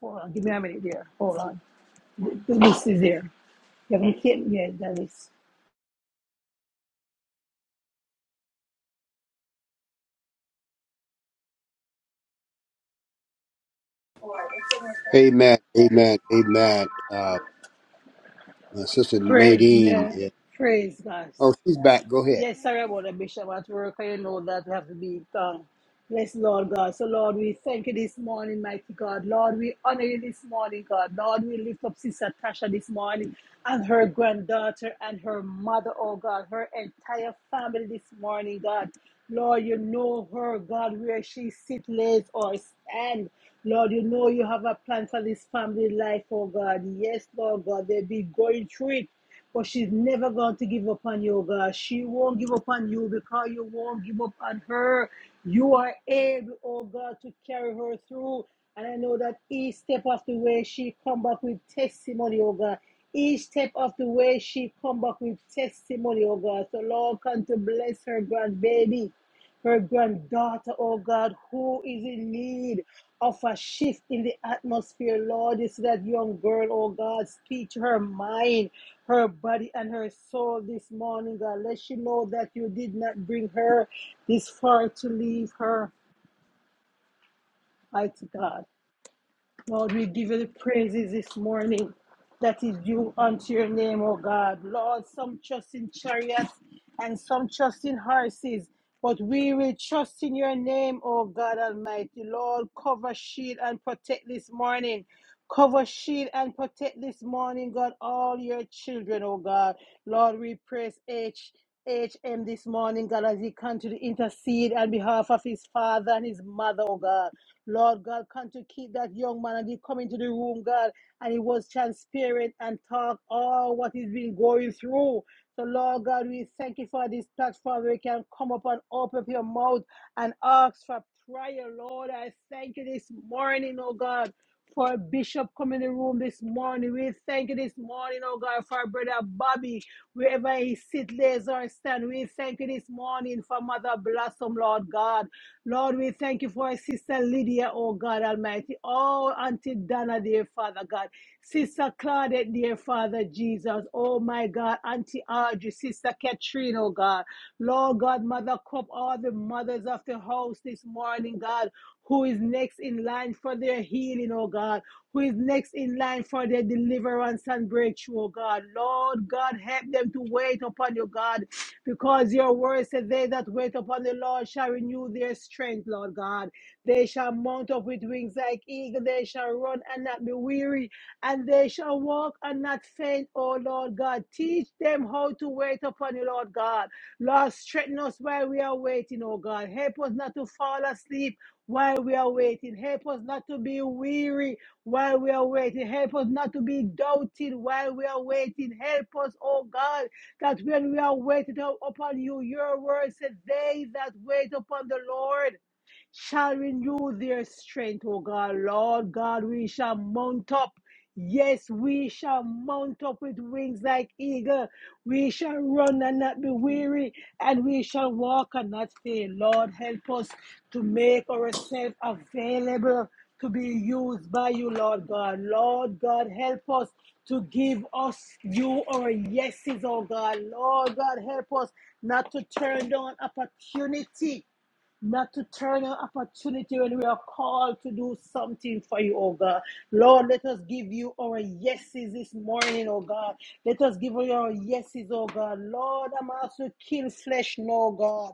hold on, give me a minute there. Hold on, the, the list is there. You haven't kept yeah, the list. Amen. Amen. Amen. Uh, uh, Sister Pray, Nadine. yeah, yeah. praise God. Oh, she's back. Go ahead. Yes, sorry about that, Bishop. At work, I know that we have to be um, Yes, Lord God. So, Lord, we thank you this morning, mighty God. Lord, we honor you this morning, God. Lord, we lift up Sister Tasha this morning and her granddaughter and her mother, oh God, her entire family this morning, God. Lord, you know her, God, where she sit, lays, or stand. Lord, you know you have a plan for this family life, oh God. Yes, Lord God, they be going through it. But she's never going to give up on you, God. She won't give up on you because you won't give up on her. You are able, oh God, to carry her through. And I know that each step of the way she come back with testimony, oh God. Each step of the way she come back with testimony, oh God. So Lord, come to bless her grandbaby her granddaughter, oh God, who is in need of a shift in the atmosphere, Lord. It's that young girl, oh God, speak to her mind her body and her soul this morning, God. Let she know that you did not bring her this far to leave her, mighty God. Lord, we give you the praises this morning that is due unto your name, O God. Lord, some trust in chariots and some trust in horses, but we will trust in your name, O God Almighty. Lord, cover, shield, and protect this morning. Cover, shield, and protect this morning, God, all your children, O God. Lord, we praise H H M this morning, God, as he come to intercede on behalf of his father and his mother, oh God. Lord God, come to keep that young man and he come into the room, God, and he was transparent and talk all what he's been going through. So, Lord God, we thank you for this platform where you can come up and open up your mouth and ask for prayer, Lord. I thank you this morning, oh God, for Bishop coming in the room this morning. We thank you this morning, oh God, for Brother Bobby, wherever he sit, lays or stand. We thank you this morning for Mother Blossom, Lord God. Lord, we thank you for our sister Lydia, oh God Almighty. Oh, Auntie Donna, dear Father God. Sister Claudette, dear Father Jesus. Oh, my God. Auntie Audrey, Sister Katrina, oh God. Lord God, Mother Cup, all the mothers of the house this morning, God who is next in line for their healing, oh God, who is next in line for their deliverance and breakthrough, oh God. Lord God, help them to wait upon you, God because your word said, They that wait upon the Lord shall renew their strength, Lord God. They shall mount up with wings like eagle. They shall run and not be weary, and they shall walk and not faint, oh Lord God. Teach them how to wait upon you, Lord God. Lord, strengthen us while we are waiting, oh God. Help us not to fall asleep while we are waiting. Help us not to be weary while we are waiting. Help us not to be doubted while we are waiting. Help us, oh God, that when we are waiting upon you, your word said, They that wait upon the Lord shall renew their strength, O God. Lord God, we shall mount up. Yes, we shall mount up with wings like eagle. We shall run and not be weary, and we shall walk and not faint. Lord, help us to make ourselves available to be used by you, Lord God. Lord God, help us to give us you our yeses, oh God. Lord God, help us not to turn down opportunity not to turn an opportunity when we are called to do something for you, oh God. Lord, let us give you our yeses this morning, oh God. Let us give you our yeses, oh God. Lord, I'm asked to kill flesh, no God.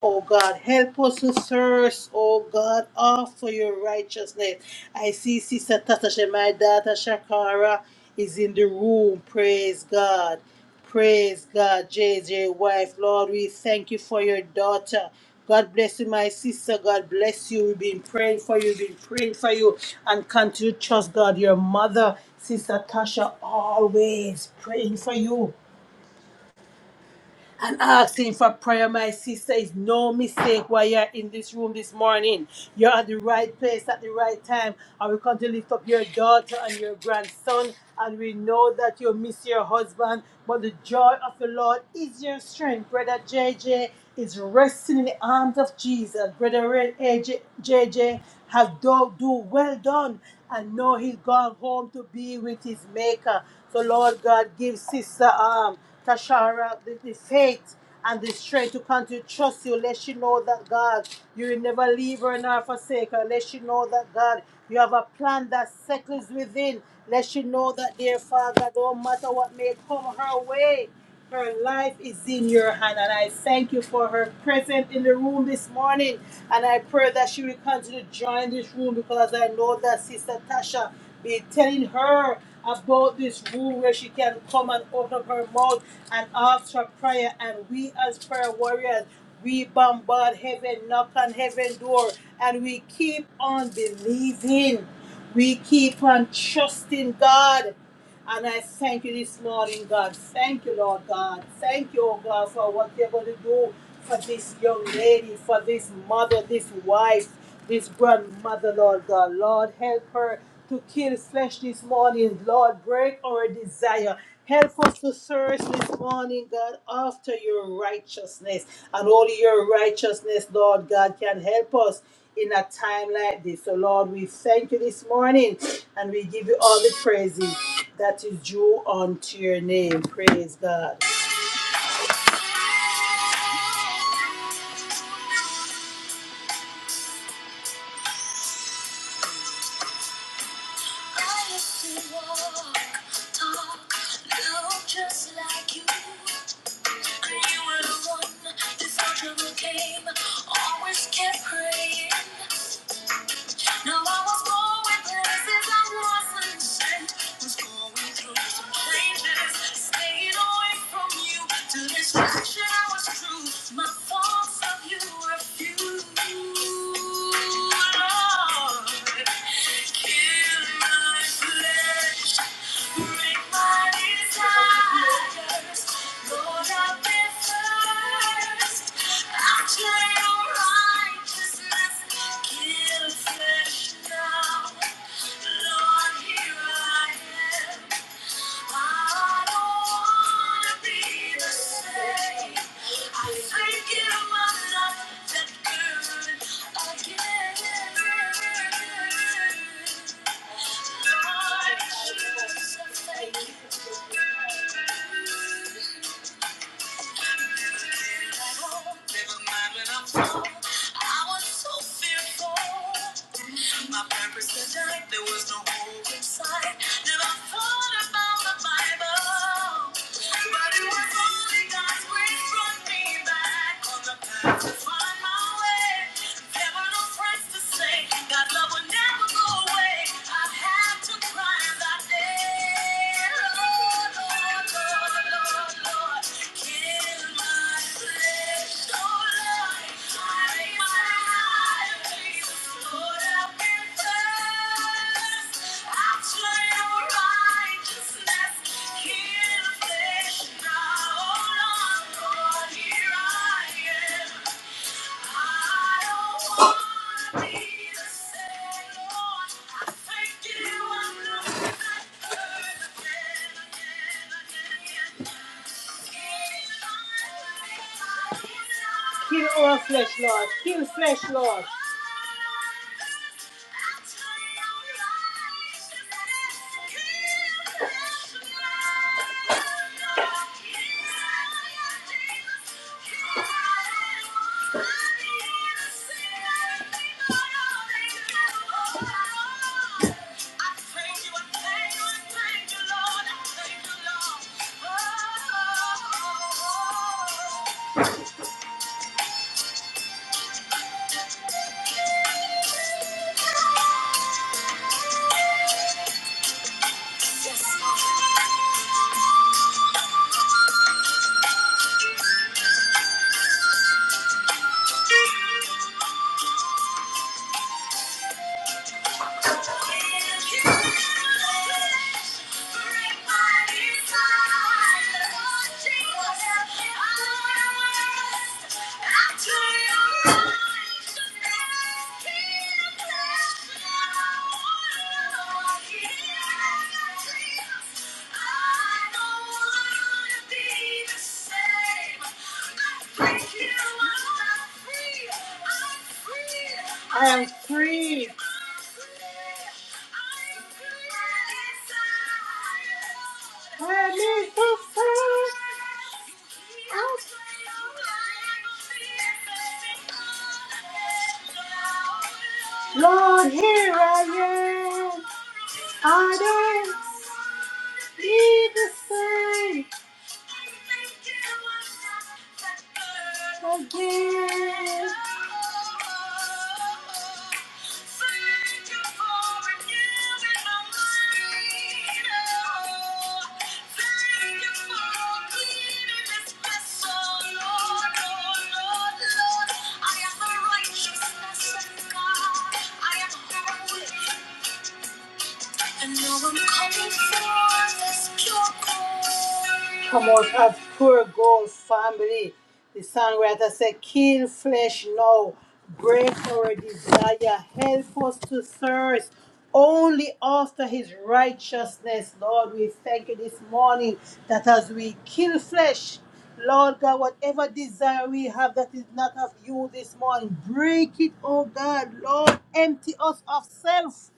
Oh God, help us to thirst, oh God, off for your righteousness. I see Sister Tatasha, my daughter Shakara, is in the room. Praise God. Praise God, J J, wife. Lord, we thank you for your daughter. God bless you, my sister. God bless you. We've been praying for you. We've been praying for you. And continue to trust God, your mother, Sister Tasha, always praying for you and asking for prayer, my sister, is no mistake why you're in this room this morning. You're at the right place at the right time. And we come to lift up your daughter and your grandson. And we know that you miss your husband, but the joy of the Lord is your strength. Brother JJ is resting in the arms of Jesus. Brother Ray- AJ, JJ has do, do well done and know he's gone home to be with his maker. So Lord God, give sister arm. Tashara, the, the faith and the strength to continue to trust you. Let she know that God, you will never leave her nor forsake her. Let she know that God, you have a plan that settles within. Let she know that, dear Father, no matter what may come her way. Her life is in your hand, and I thank you for her presence in the room this morning. And I pray that she will continue to join this room because I know that Sister Tasha be telling her about this room where she can come and open up her mouth and ask for prayer. And we, as prayer warriors, we bombard heaven, knock on heaven door, and we keep on believing. We keep on trusting God and I thank you this morning, God. Thank you, Lord God. Thank you, oh God, for what you're going to do for this young lady, for this mother, this wife, this grandmother, Lord God. Lord, help her to kill flesh this morning. Lord, break our desire. Help us to search this morning, God, after your righteousness. And only your righteousness, Lord God, can help us in a time like this. So, Lord, we thank you this morning and we give you all the praises that is due unto your name. Praise God. I used to walk, talk, look just like you. And you were the one, this trouble came, always kept praying. Now I was going places I wasn't sent. Was going through some changes. Stayed away from you. To distraction I was true. My thoughts of you were few. Lord, kill my flesh. I think you my love that good again. I'm was so fearful. My purpose to die, there was no hope inside. Never thought about the Bible. But it was only God's grace brought me back on the path to find my way. There no friends to say, God's love would never go away. I had Righteousness, kill flesh now, oh Lord, here I am. Kill all flesh, Lord. Kill flesh, Lord. Yes. I don't wanna be the same. I thank you. I am free. Let me go free. I'm free. Lord, here I am. I don't need to say. Again. Thank you for renewing my mind. Oh, thank you for cleaning this vessel, Lord, Lord, Lord, Lord. I am the righteousness of God. I am holy. I know Promote of pure gold family. The songwriter said, Kill flesh now, break our desire, help us to thirst only after his righteousness. Lord, we thank you this morning that as we kill flesh, Lord God, whatever desire we have that is not of you this morning, break it, oh God. Lord, empty us of self.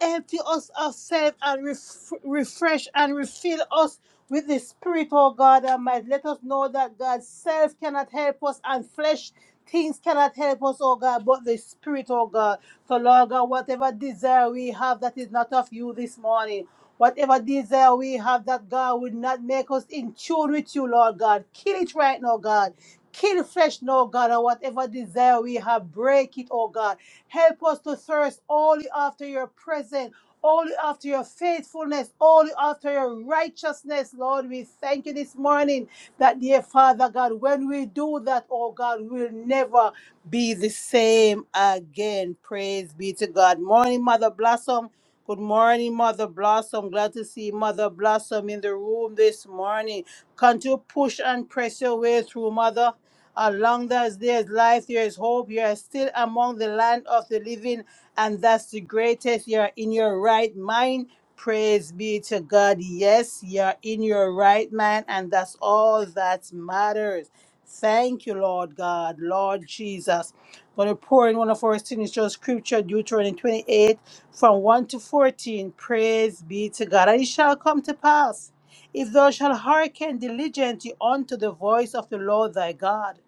Empty us ourselves and ref- refresh and refill us with the Spirit, oh God Almighty. Let us know that God's self cannot help us and flesh things cannot help us, oh God, but the Spirit, oh God. So, Lord God, whatever desire we have that is not of you this morning. Whatever desire we have that God will not make us in tune with you, Lord God. Kill it right now, God. Kill flesh now, God, and whatever desire we have, break it, oh God. Help us to thirst only after your presence, only after your faithfulness, only after your righteousness, Lord. We thank you this morning that, dear Father God, when we do that, oh God, we'll never be the same again. Praise be to God. Morning, Mother Blossom. Good morning, Mother Blossom. Glad to see Mother Blossom in the room this morning. Can't you push and press your way through, Mother? As long as there's life, there is hope. You are still among the land of the living, and that's the greatest. You are in your right mind. Praise be to God. Yes, you are in your right mind, and that's all that matters. Thank you, Lord God, Lord Jesus. I'm going to pour in one of our signature scripture, Deuteronomy 28, from 1 to 14. Praise be to God. And it shall come to pass, if thou shalt hearken diligently unto the voice of the Lord thy God,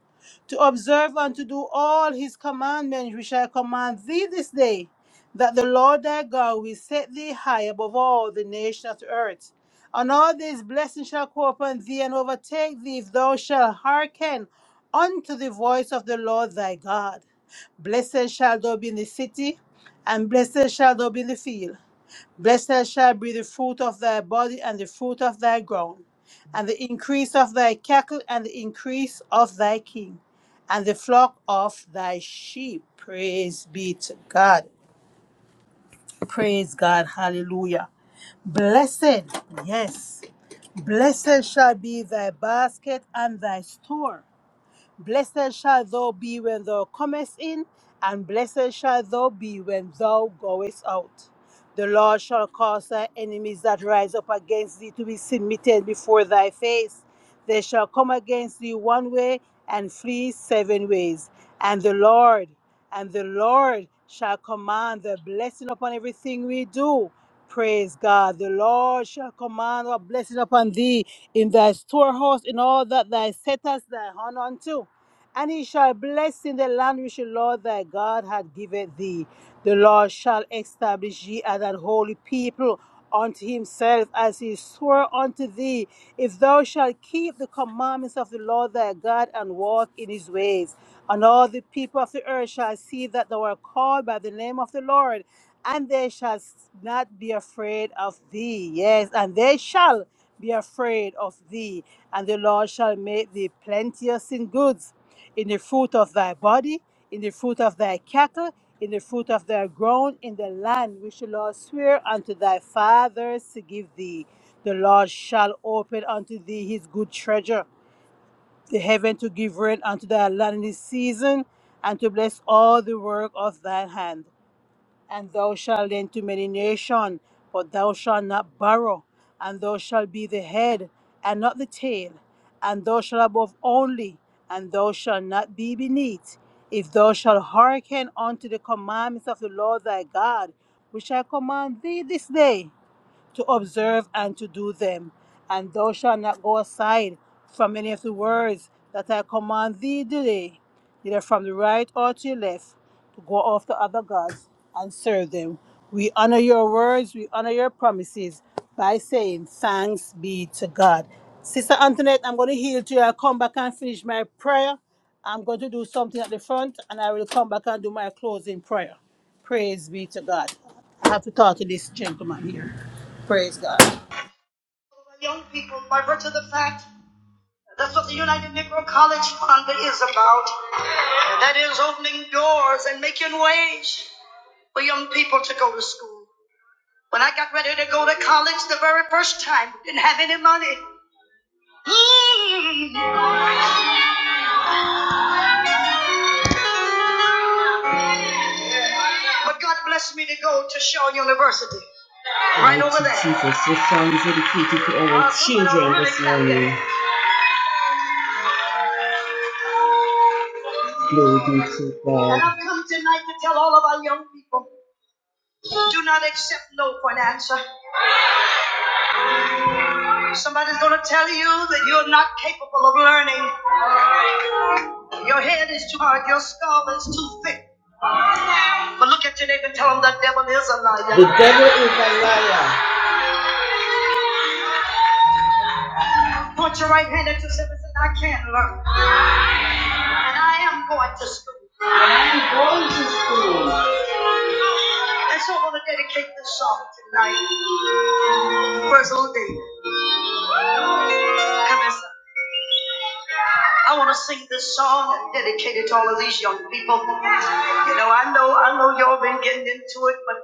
to observe and to do all his commandments which I command thee this day that the Lord thy God will set thee high above all the nations of the earth. And all these blessings shall come upon thee and overtake thee if thou shalt hearken unto the voice of the Lord thy God. Blessed shall thou be in the city, and blessed shall thou be in the field. Blessed shall be the fruit of thy body and the fruit of thy ground, and the increase of thy cattle and the increase of thy king, and the flock of thy sheep. Praise be to God. Praise God. Hallelujah. Blessed, yes, blessed shall be thy basket and thy store. Blessed shall thou be when thou comest in, and blessed shall thou be when thou goest out. The Lord shall cause thy enemies that rise up against thee to be submitted before thy face. They shall come against thee one way and flee seven ways. And the Lord, and the Lord shall command the blessing upon everything we do. Praise God. The Lord shall command a blessing upon thee in thy storehouse, in all that thou settest thy hand unto. And he shall bless in the land which the Lord thy God hath given thee. The Lord shall establish ye as an holy people unto himself as he swore unto thee, if thou shalt keep the commandments of the Lord thy God and walk in his ways. And all the people of the earth shall see that thou art called by the name of the Lord, and they shall not be afraid of thee. Yes, and they shall be afraid of thee, and the Lord shall make thee plenteous in goods in the fruit of thy body, in the fruit of thy cattle, in the fruit of thy ground, in the land which the Lord swear unto thy fathers to give thee. The Lord shall open unto thee his good treasure, the heaven to give rain unto thy land in this season, and to bless all the work of thine hand and thou shalt lend to many nations, but thou shalt not borrow, and thou shalt be the head, and not the tail, and thou shalt above only, and thou shalt not be beneath. If thou shalt hearken unto the commandments of the Lord thy God, which I command thee this day, to observe and to do them. And thou shalt not go aside from any of the words that I command thee today, neither from the right or to the left, to go after other gods and serve them. We honor your words, we honor your promises by saying thanks be to God. Sister Antoinette, I'm going to heal to you. I'll come back and finish my prayer. I'm going to do something at the front and I will come back and do my closing prayer. Praise be to God. I have to talk to this gentleman here. Praise God. That is opening doors and making ways for young people to go to school When I got ready to go to college the very first time, didn't have any money. Mm. But God blessed me to go to Shaw University. Right Thank over you, there. Jesus, the songs dedicated to our Uh, children this morning. Glory be to God. And I've come tonight to tell all of our young people do not accept no for an answer. Somebody's going to tell you that you're not capable of learning. Your head is too hard, your skull is too thick. But look at your neighbor and tell them the devil is a liar. The devil is a liar. Point your right hand at yourself and say, I can learn. And I am going to school. And so I want to dedicate this song tonight. Where's old David? Come here, son. I want to sing this song and dedicate it to all of these young people. You know, I know, I know y'all been getting into it, but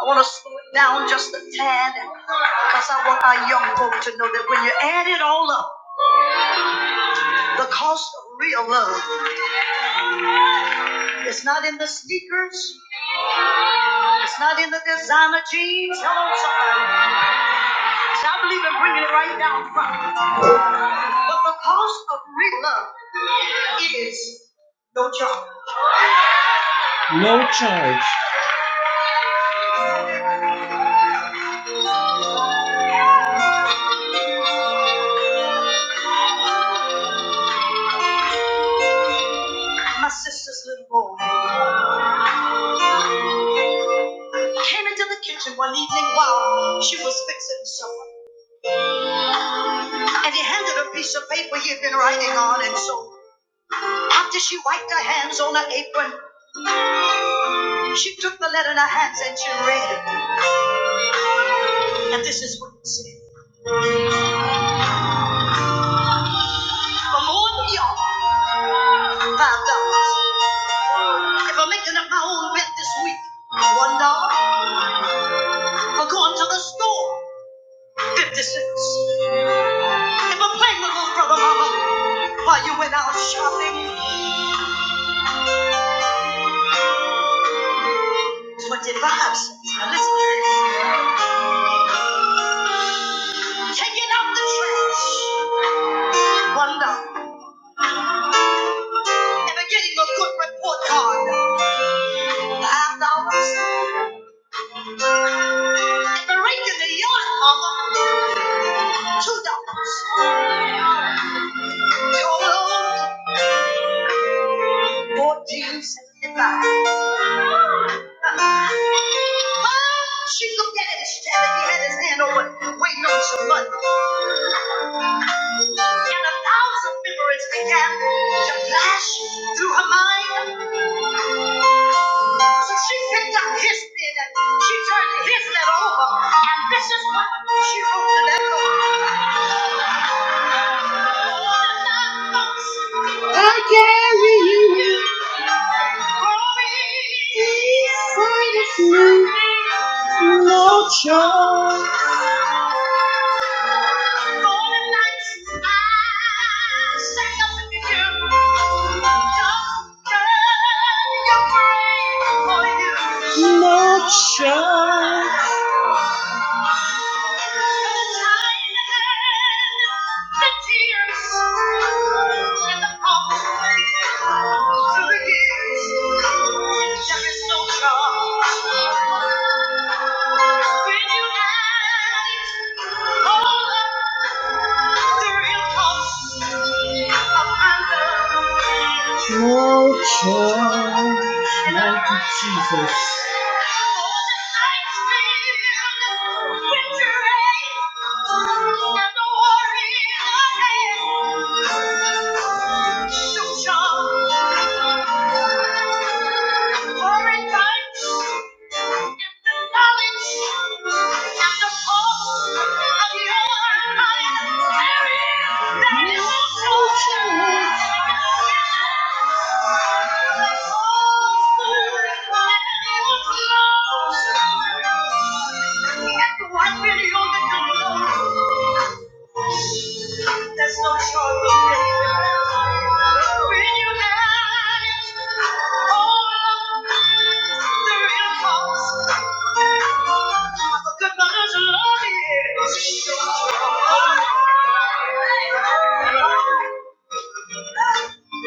I want to slow it down just a tad because I want our young folk to know that when you add it all up, the cost of real love is not in the sneakers, it's not in the designer jeans. Come on, somebody. And I believe in bringing it right down front. But the cost of real love is no charge. No charge. My sister's little boy came into the kitchen one evening while she was fixing supper. And he handed a piece of paper he had been writing on. And so after she wiped her hands on her apron, she took the letter in her hands and she read it. And this is what it said. For more than y'all, five dollars. If I'm making up my own rent this week, one dollar. For going to the store, 56. If playing with little brother, mama, while you went out shopping, 25 cents. Now listen to this. Taking out the trash, one dollar. And a getting a good report card, five dollars. And a rake in the yard, mama, two dollars. Total, fourteen seventy-five. She looked at it and he had his hand over, waiting on some money. And a thousand memories began to flash through her mind. So she picked up his pen and she turned his letter over, and this is what she wrote to them. No choice. For the nights I stay up with you. Doctor, you're brave for you. No choice. No charge, mighty Jesus.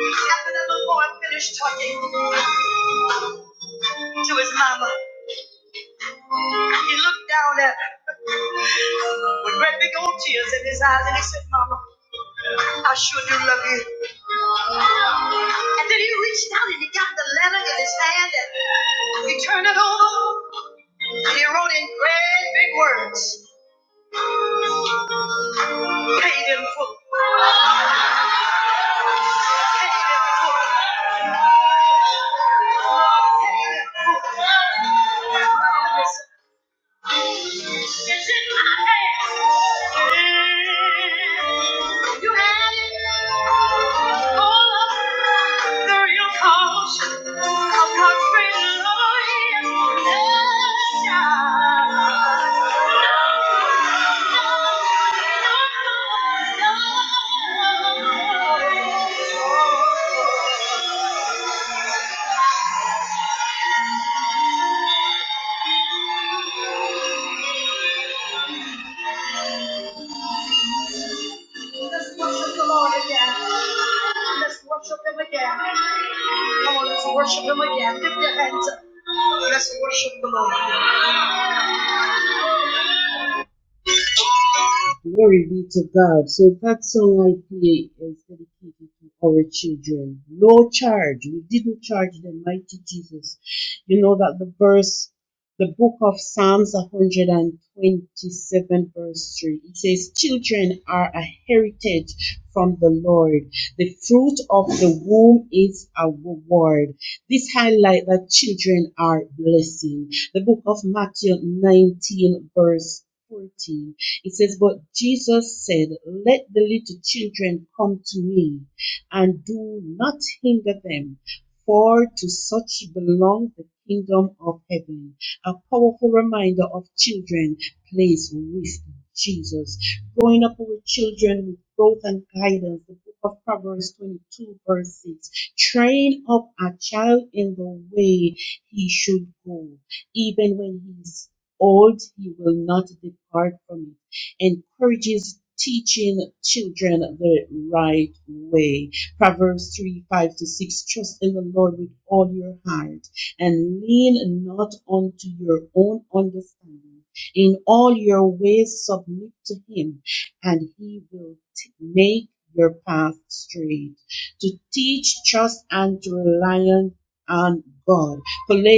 After the boy finished talking to his mama, and he looked down at her. with great big old tears in his eyes, and he said, Mama, I sure do love you. And then he reached out and he got the letter in his hand and he turned it over and he wrote in great big words, paid in full. Paid in full. It's in my hands. You had it all up. The real cause of God's great love and child. Let's worship the Lord again. Let's worship Him again. Come on, let's worship Him again. Lift your hands up. Let's worship the Lord. Glory be to God. So that song I play is dedicated to our children. No charge. We didn't charge them, mighty Jesus. You know that the verse, the book of Psalms 127, verse 3, it says, Children are a heritage from the Lord. The fruit of the womb is a reward. This highlight that children are blessing. The book of Matthew 19, verse 14. It says, But Jesus said, Let the little children come to me, and do not hinder them, for to such belongs the kingdom of heaven. A powerful reminder of children plays with Jesus. Growing up with children with growth and guidance. The book of Proverbs 22, verse 6. Train up a child in the way he should go. Even when he is old, he will not depart from it encourages teaching children the right way. Proverbs 3 5 to 6 Trust in the Lord with all your heart and lean not unto your own understanding. In all your ways, submit to Him, and He will t- make your path straight. To teach, trust, and to rely on on God.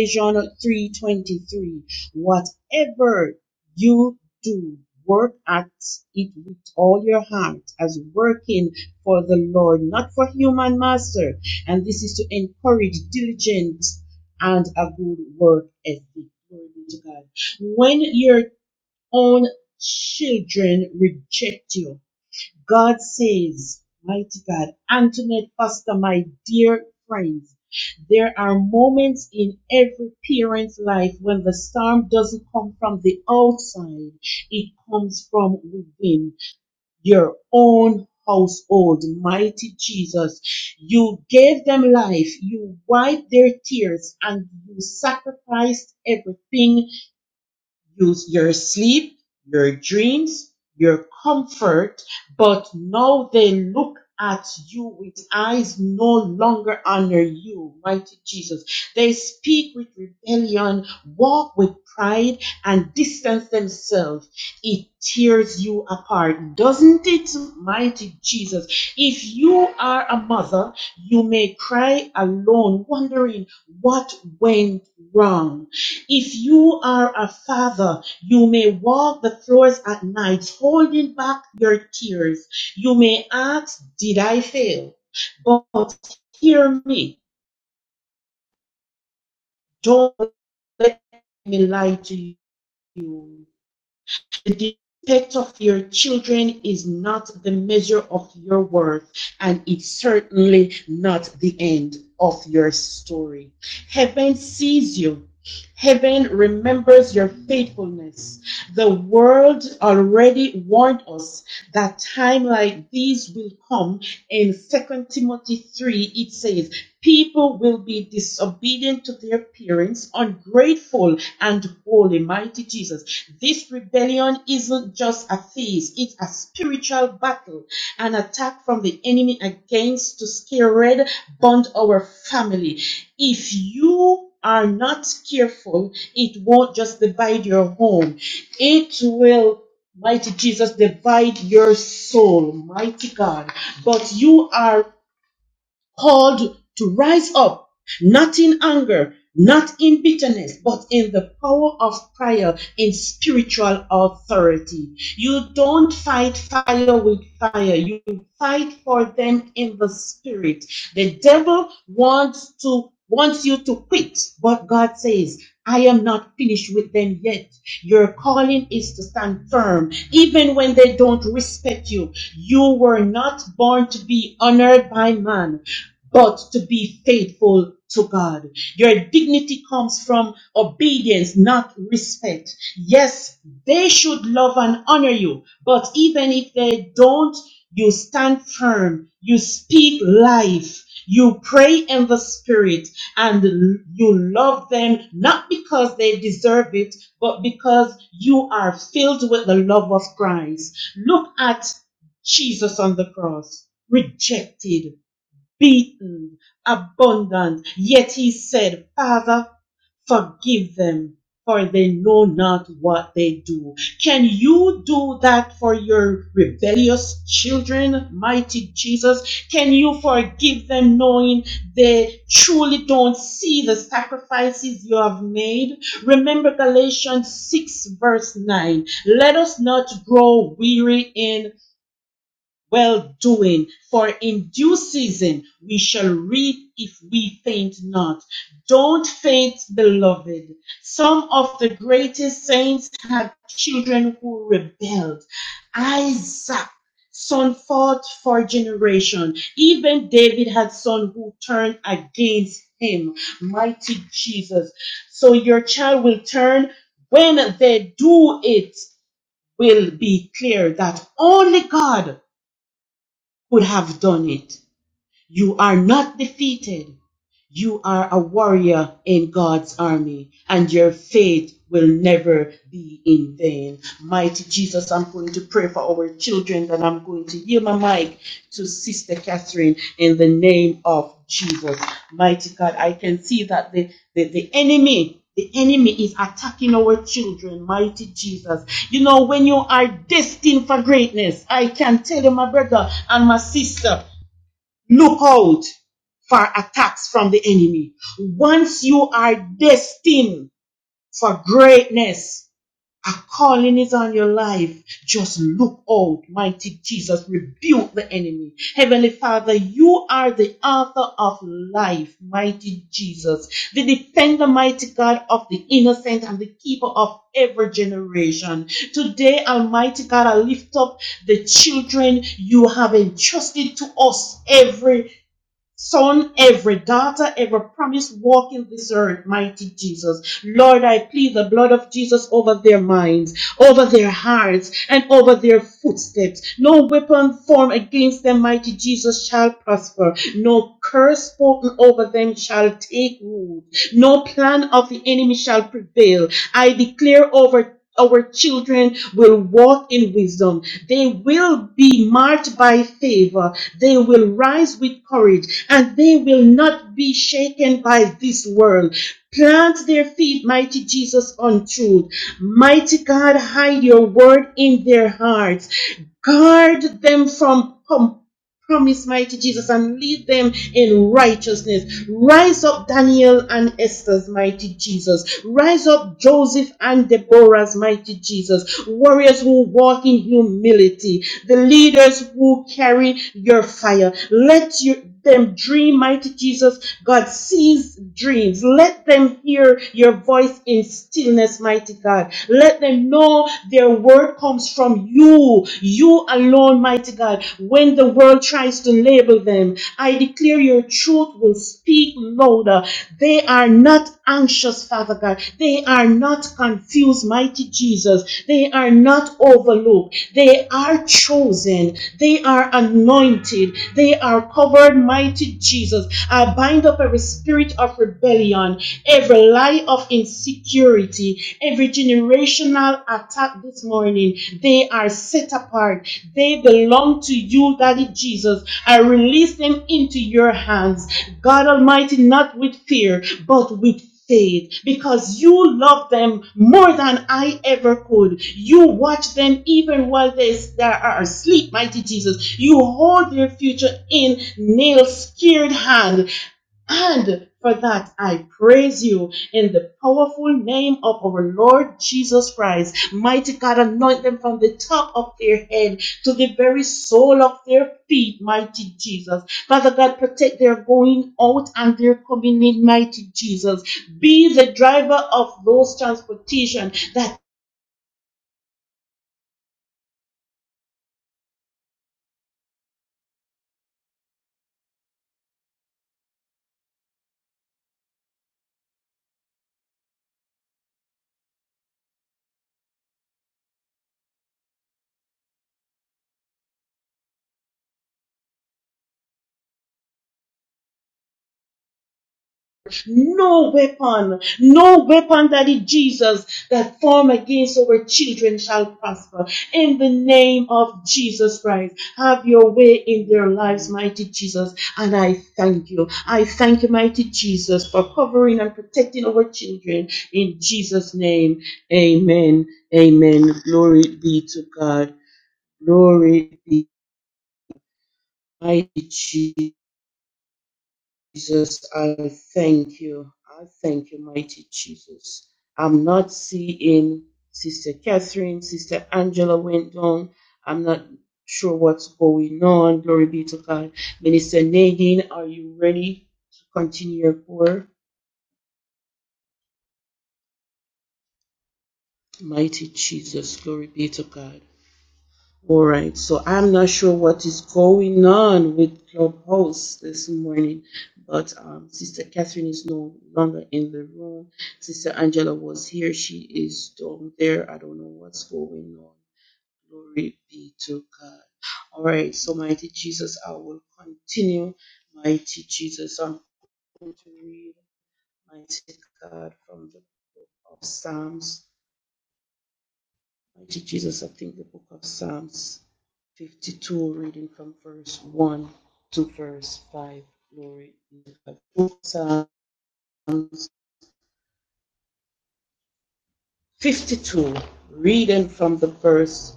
Colossians 3:23 Whatever you do. Work at it with all your heart as working for the Lord, not for human master. And this is to encourage diligence and a good work ethic. Glory be to God. When your own children reject you, God says, Mighty God, Antoinette Foster, my dear friends, there are moments in every parent's life when the storm doesn't come from the outside, it comes from within your own household. Mighty Jesus, you gave them life, you wiped their tears, and you sacrificed everything Use your sleep, your dreams, your comfort, but now they look at you with eyes no longer honor you, mighty Jesus. They speak with rebellion, walk with pride, and distance themselves. It tears you apart, doesn't it, mighty Jesus? If you are a mother, you may cry alone, wondering what went wrong if you are a father, you may walk the floors at night holding back your tears. You may ask, Did I fail? But hear me. Don't let me lie to you. The defect of your children is not the measure of your worth, and it's certainly not the end of your story. Heaven sees you. Heaven remembers your faithfulness. The world already warned us that time like these will come. In Second Timothy 3, it says, People will be disobedient to their parents, ungrateful, and holy. Mighty Jesus. This rebellion isn't just a phase, it's a spiritual battle, an attack from the enemy against to scare red, bond our family. If you are not careful, it won't just divide your home. It will, mighty Jesus, divide your soul, mighty God. But you are called to rise up not in anger, not in bitterness, but in the power of prayer, in spiritual authority. You don't fight fire with fire, you fight for them in the spirit. The devil wants to wants you to quit, but God says, I am not finished with them yet. Your calling is to stand firm, even when they don't respect you. You were not born to be honored by man but to be faithful to God. Your dignity comes from obedience, not respect. Yes, they should love and honor you, but even if they don't, you stand firm, you speak life, you pray in the spirit, and you love them not because they deserve it, but because you are filled with the love of Christ. Look at Jesus on the cross, rejected, beaten, abundant. Yet he said, Father, forgive them, for they know not what they do. Can you do that for your rebellious children, mighty Jesus? Can you forgive them knowing they truly don't see the sacrifices you have made? Remember Galatians 6, verse 9. Let us not grow weary in well doing. For in due season we shall reap if we faint not. Don't faint, beloved. Some of the greatest saints had children who rebelled. Isaac. Son fought for generation. Even David had son who turned against him. Mighty Jesus. So your child will turn when they do it will be clear that only God could have done it. You are not defeated. You are a warrior in God's army, and your faith will never be in vain. Mighty Jesus, I'm going to pray for our children, and I'm going to yield my mic to Sister Catherine in the name of Jesus. Mighty God, I can see that the, the, the enemy. The enemy is attacking our children, mighty Jesus. You know, when you are destined for greatness, I can tell you, my brother and my sister, Look out for attacks from the enemy. Once you are destined for greatness, a calling is on your life. Just look out, mighty Jesus. Rebuke the enemy. Heavenly Father, you are the author of life, mighty Jesus. The defender, mighty God of the innocent and the keeper of every generation. Today, Almighty God, I lift up the children you have entrusted to us every Son, every daughter, every promise walking this earth, mighty Jesus. Lord, I plead the blood of Jesus over their minds, over their hearts, and over their footsteps. No weapon formed against them, mighty Jesus, shall prosper. No curse spoken over them shall take root. No plan of the enemy shall prevail. I declare over our children will walk in wisdom. They will be marked by favor. They will rise with courage and they will not be shaken by this world. Plant their feet, mighty Jesus, on truth. Mighty God, hide your word in their hearts. Guard them from compassion. Promise, mighty Jesus, and lead them in righteousness. Rise up Daniel and Esther's mighty Jesus. Rise up Joseph and Deborah's mighty Jesus. Warriors who walk in humility. The leaders who carry your fire. Let your them dream, mighty Jesus. God sees dreams. Let them hear your voice in stillness, mighty God. Let them know their word comes from you, you alone, mighty God. When the world tries to label them, I declare your truth will speak louder. They are not anxious, Father God. They are not confused, mighty Jesus. They are not overlooked. They are chosen. They are anointed. They are covered, mighty Jesus. I bind up every spirit of rebellion, every lie of insecurity, every generational attack this morning. They are set apart. They belong to you, Daddy Jesus. I release them into your hands. God Almighty, not with fear, but with stayed because you love them more than I ever could. You watch them even while they they are asleep, mighty Jesus. You hold their future in nail scared hand and for that, I praise you in the powerful name of our Lord Jesus Christ. Mighty God, anoint them from the top of their head to the very sole of their feet, mighty Jesus. Father God, protect their going out and their coming in, mighty Jesus. Be the driver of those transportation that No weapon, no weapon, Daddy Jesus, that form against our children shall prosper. In the name of Jesus Christ, have your way in their lives, mighty Jesus. And I thank you. I thank you, mighty Jesus, for covering and protecting our children. In Jesus' name, amen. Amen. Glory be to God. Glory be to mighty Jesus. Jesus, I thank you. I thank you, mighty Jesus. I'm not seeing Sister Catherine, Sister Angela went down. I'm not sure what's going on. Glory be to God. Minister Nadine, are you ready to continue your prayer? Mighty Jesus, glory be to God. All right, so I'm not sure what is going on with Clubhouse this morning, but um, Sister Catherine is no longer in the room. Sister Angela was here, she is down there. I don't know what's going on. Glory be to God. All right, so mighty Jesus, I will continue. Mighty Jesus, I'm going to read, mighty God, from the book of Psalms Mighty Jesus, I think the book of Psalms 52, reading from verse 1 to verse 5. Glory to God. Book of Psalms 52, reading from the verse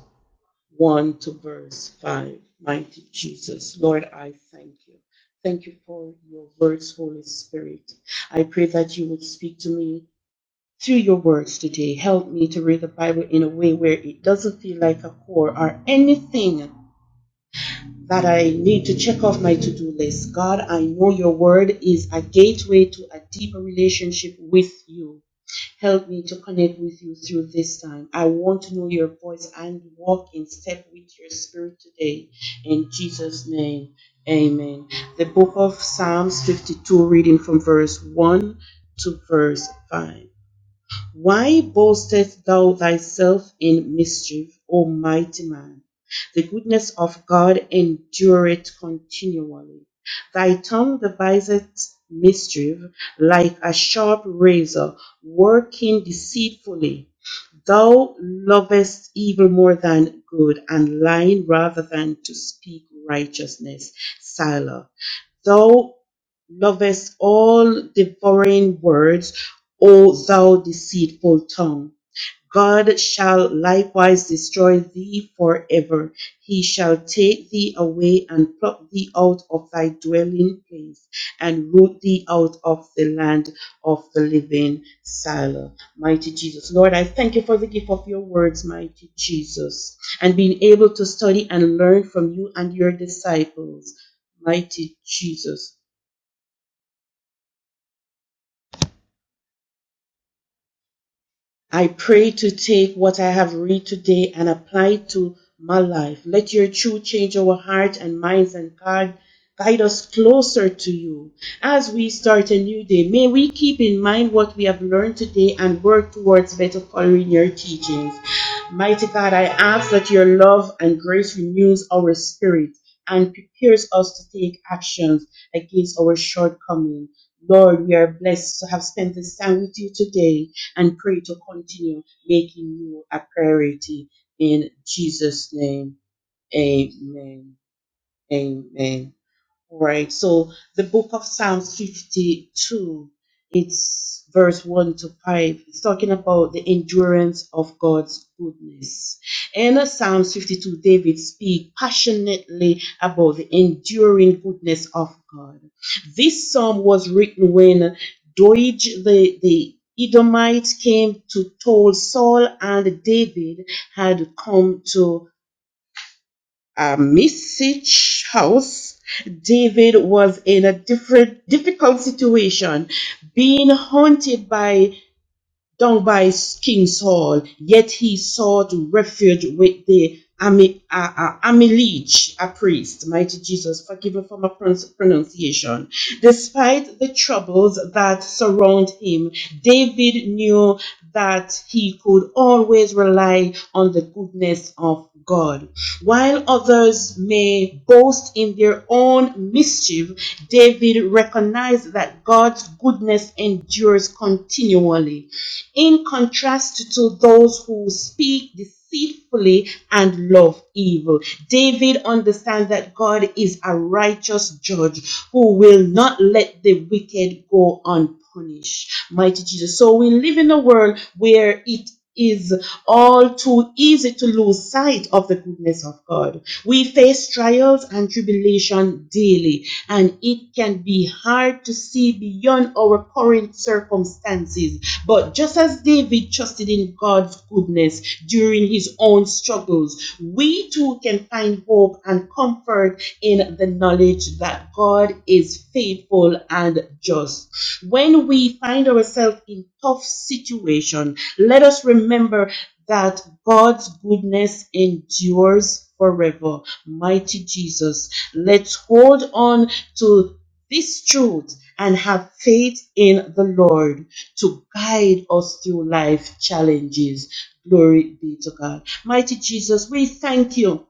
1 to verse 5. Mighty Jesus, Lord, I thank you. Thank you for your words, Holy Spirit. I pray that you would speak to me through your words today. Help me to read the Bible in a way where it doesn't feel like a chore or anything that I need to check off my to do list. God, I know your word is a gateway to a deeper relationship with you. Help me to connect with you through this time. I want to know your voice and walk in step with your spirit today. In Jesus' name, amen. The book of Psalms 52, reading from verse 1 to verse 5. Why boastest thou thyself in mischief, O mighty man? The goodness of God endureth continually. Thy tongue deviseth mischief like a sharp razor, working deceitfully. Thou lovest evil more than good, and lying rather than to speak righteousness. Selah. Thou lovest all the foreign words, O thou deceitful tongue. God shall likewise destroy thee forever. He shall take thee away and pluck thee out of thy dwelling place and root thee out of the land of the living. Salah. Mighty Jesus. Lord, I thank you for the gift of your words, mighty Jesus, and being able to study and learn from you and your disciples. Mighty Jesus. I pray to take what I have read today and apply it to my life. Let your truth change our hearts and minds and guide, guide us closer to you. As we start a new day, may we keep in mind what we have learned today and work towards better following your teachings. Mighty God, I ask that your love and grace renews our spirit and prepares us to take actions against our shortcomings. Lord, we are blessed to have spent this time with you today and pray to continue making you a priority in Jesus' name. Amen. Amen. All right. So the book of Psalms 52, it's verse 1 to 5. It's talking about the endurance of God's goodness. And In Psalms 52, David speaks passionately about the enduring goodness of God. This psalm was written when Doeg, the, the Edomite, came to toll Saul and David had come to uh, Message House, David was in a different difficult situation, being haunted by down by King's Hall, yet he sought refuge with the Ami, uh, uh, a priest. Mighty Jesus, forgive me for my pronunciation. Despite the troubles that surround him, David knew that he could always rely on the goodness of God. While others may boast in their own mischief, David recognized that God's goodness endures continually in contrast to those who speak deceitfully and love evil. David understands that God is a righteous judge who will not let the wicked go unpunished. Mighty Jesus. So we live in a world where it is all too easy to lose sight of the goodness of God. We face trials and tribulation daily, and it can be hard to see beyond our current circumstances. But just as David trusted in God's goodness during his own struggles, we too can find hope and comfort in the knowledge that God is faithful and just. When we find ourselves in tough situation, let us remember that God's goodness endures forever. Mighty Jesus, let's hold on to this truth and have faith in the Lord to guide us through life challenges. Glory be to God. Mighty Jesus, we thank you.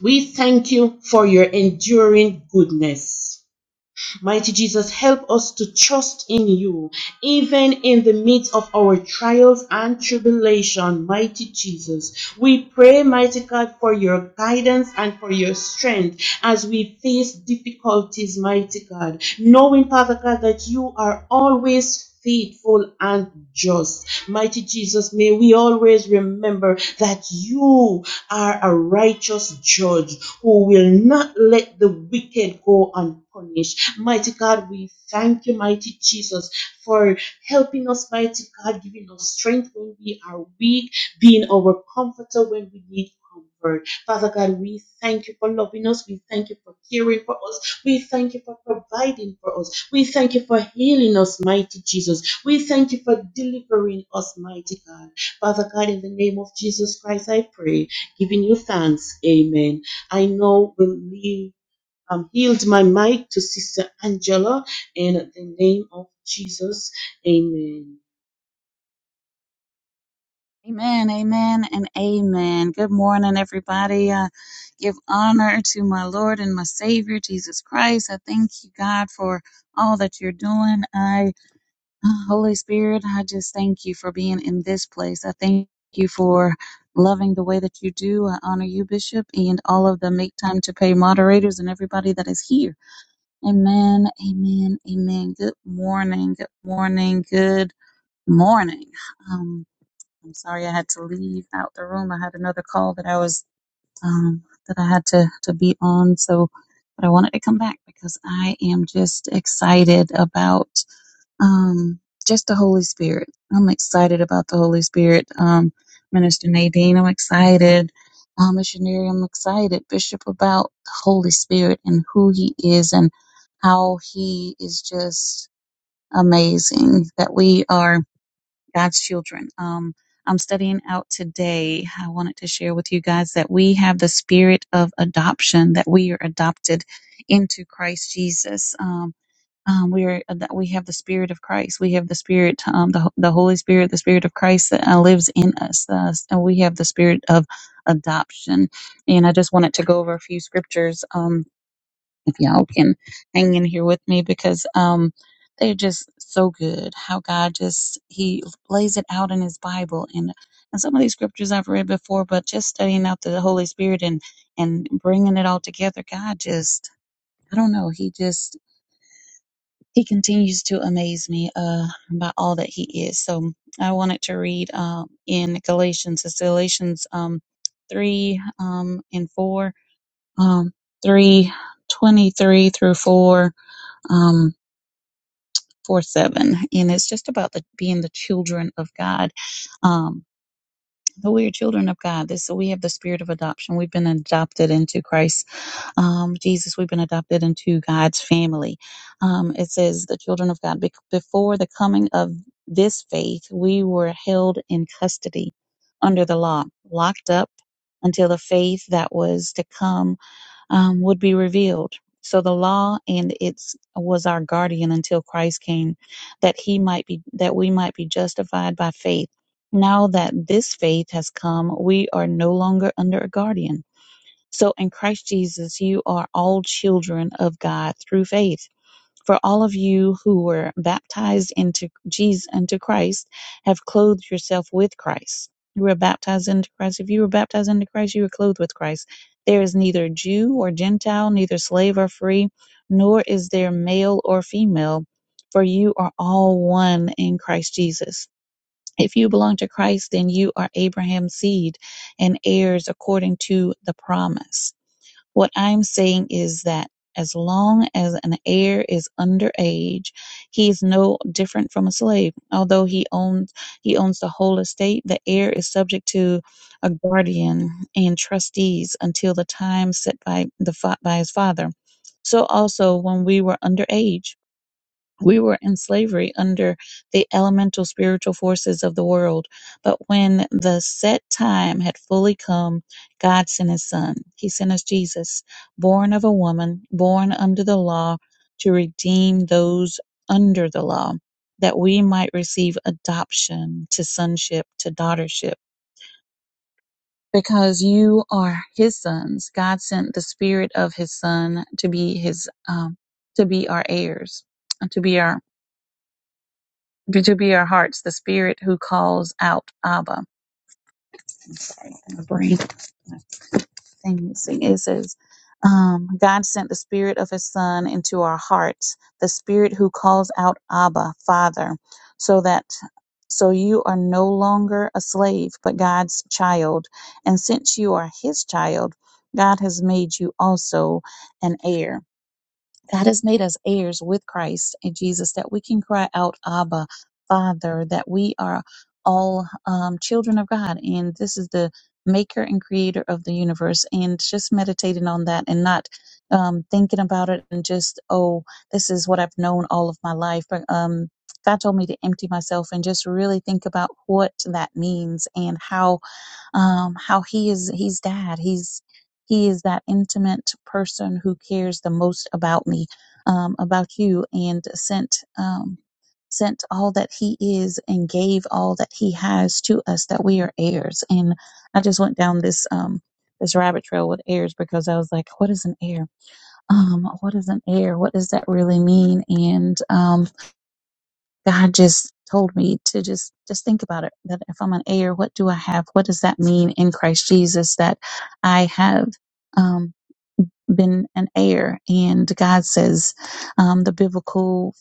We thank you for your enduring goodness. Mighty Jesus, help us to trust in you, even in the midst of our trials and tribulation. Mighty Jesus, we pray, mighty God, for your guidance and for your strength as we face difficulties, mighty God. Knowing, Father God, that you are always faithful and just. Mighty Jesus, may we always remember that you are a righteous judge who will not let the wicked go unpunished. Mighty God, we thank you, mighty Jesus, for helping us, mighty God, giving us strength when we are weak, being our comforter when we need comfort. Father God, we thank you for loving us. We thank you for caring for us. We thank you for providing for us. We thank you for healing us, mighty Jesus. We thank you for delivering us, mighty God. Father God, in the name of Jesus Christ, I pray, giving you thanks. Amen. I know will leave. Um, yield my mic to Sister Angela in the name of Jesus. Amen. Amen, amen, and amen. Good morning, everybody. I give honor to my Lord and my Savior, Jesus Christ. I thank you, God, for all that you're doing. I, Holy Spirit, I just thank you for being in this place. I thank you for loving the way that you do. I honor you, Bishop, and all of the Make Time to Pay moderators and everybody that is here. Amen, amen, amen. Good morning, good morning, good morning. Um, I'm sorry I had to leave out the room. I had another call that I was um, that I had to to be on. So, but I wanted to come back because I am just excited about um, just the Holy Spirit. I'm excited about the Holy Spirit. Um, Minister Nadine, I'm excited. Um, missionary, I'm excited. Bishop about the Holy Spirit and who He is and how He is just amazing. That we are. God's children. Um, I'm studying out today. I wanted to share with you guys that we have the spirit of adoption, that we are adopted into Christ Jesus. Um, um, we are uh, that we have the spirit of Christ. We have the spirit, um, the the Holy Spirit, the spirit of Christ that uh, lives in us, uh, and we have the spirit of adoption. And I just wanted to go over a few scriptures. Um, if y'all can hang in here with me because um they're just so good how god just he lays it out in his bible and and some of these scriptures i've read before but just studying out the holy spirit and and bringing it all together god just i don't know he just he continues to amaze me uh by all that he is so i wanted to read um in galatians it's galatians um 3 um and 4 um 3 23 through 4 um, 4 7. And it's just about the, being the children of God. Um, that we are children of God. This so we have the spirit of adoption. We've been adopted into Christ, um, Jesus. We've been adopted into God's family. Um, it says the children of God. Bec- before the coming of this faith, we were held in custody under the law, locked up until the faith that was to come um, would be revealed. So the law and its was our guardian until Christ came, that he might be that we might be justified by faith. Now that this faith has come, we are no longer under a guardian. So in Christ Jesus, you are all children of God through faith. For all of you who were baptized into Jesus, into Christ, have clothed yourself with Christ. You were baptized into Christ. If you were baptized into Christ, you were clothed with Christ. There is neither Jew or Gentile, neither slave or free, nor is there male or female, for you are all one in Christ Jesus. If you belong to Christ, then you are Abraham's seed and heirs according to the promise. What I'm saying is that as long as an heir is underage, he is no different from a slave. Although he owns he owns the whole estate, the heir is subject to a guardian and trustees until the time set by the fa- by his father. So also when we were underage we were in slavery under the elemental spiritual forces of the world. But when the set time had fully come, God sent his son. He sent us Jesus, born of a woman, born under the law, to redeem those under the law, that we might receive adoption to sonship, to daughtership. Because you are his sons, God sent the spirit of his son to be his, um, to be our heirs, to be our to be our hearts, the spirit who calls out Abba. I'm sorry, my brain thing it says, um, God sent the spirit of his son into our hearts, the spirit who calls out Abba, Father, so that so you are no longer a slave, but God's child. And since you are his child, God has made you also an heir. God has made us heirs with Christ and Jesus, that we can cry out, Abba, Father, that we are all um, children of God. And this is the maker and creator of the universe. And just meditating on that and not um, thinking about it and just, oh, this is what I've known all of my life. But um, God told me to empty myself and just really think about what that means and how um, how he is he's dad he's he is that intimate person who cares the most about me um, about you and sent um, sent all that he is and gave all that he has to us that we are heirs and i just went down this um, this rabbit trail with heirs because i was like what is an heir um, what is an heir what does that really mean and um, God just told me to just just think about it that if I'm an heir, what do I have? What does that mean in Christ Jesus that I have um, been an heir? And God says um, the biblical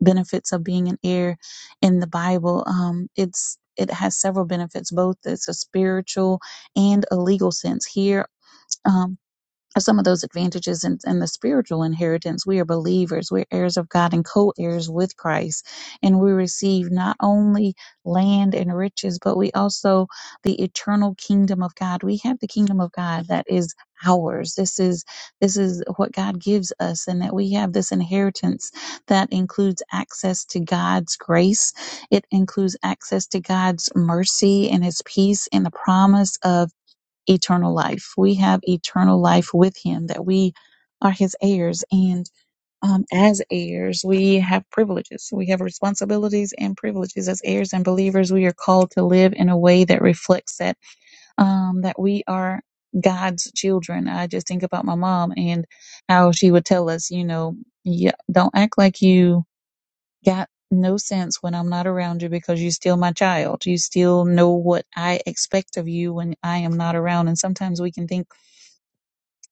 benefits of being an heir in the Bible. Um, it's it has several benefits, both it's a spiritual and a legal sense here. Um, are some of those advantages in, in the spiritual inheritance. We are believers, we're heirs of God and co heirs with Christ. And we receive not only land and riches, but we also the eternal kingdom of God. We have the kingdom of God that is ours this is this is what god gives us and that we have this inheritance that includes access to god's grace it includes access to god's mercy and his peace and the promise of eternal life. We have eternal life with him, that we are his heirs. And um, as heirs, we have privileges. We have responsibilities and privileges. As heirs and believers, we are called to live in a way that reflects that, um, that we are God's children. I just think about my mom and how she would tell us, you know, yeah, don't act like you got no sense when I'm not around you because you're still my child. You still know what I expect of you when I am not around. And sometimes we can think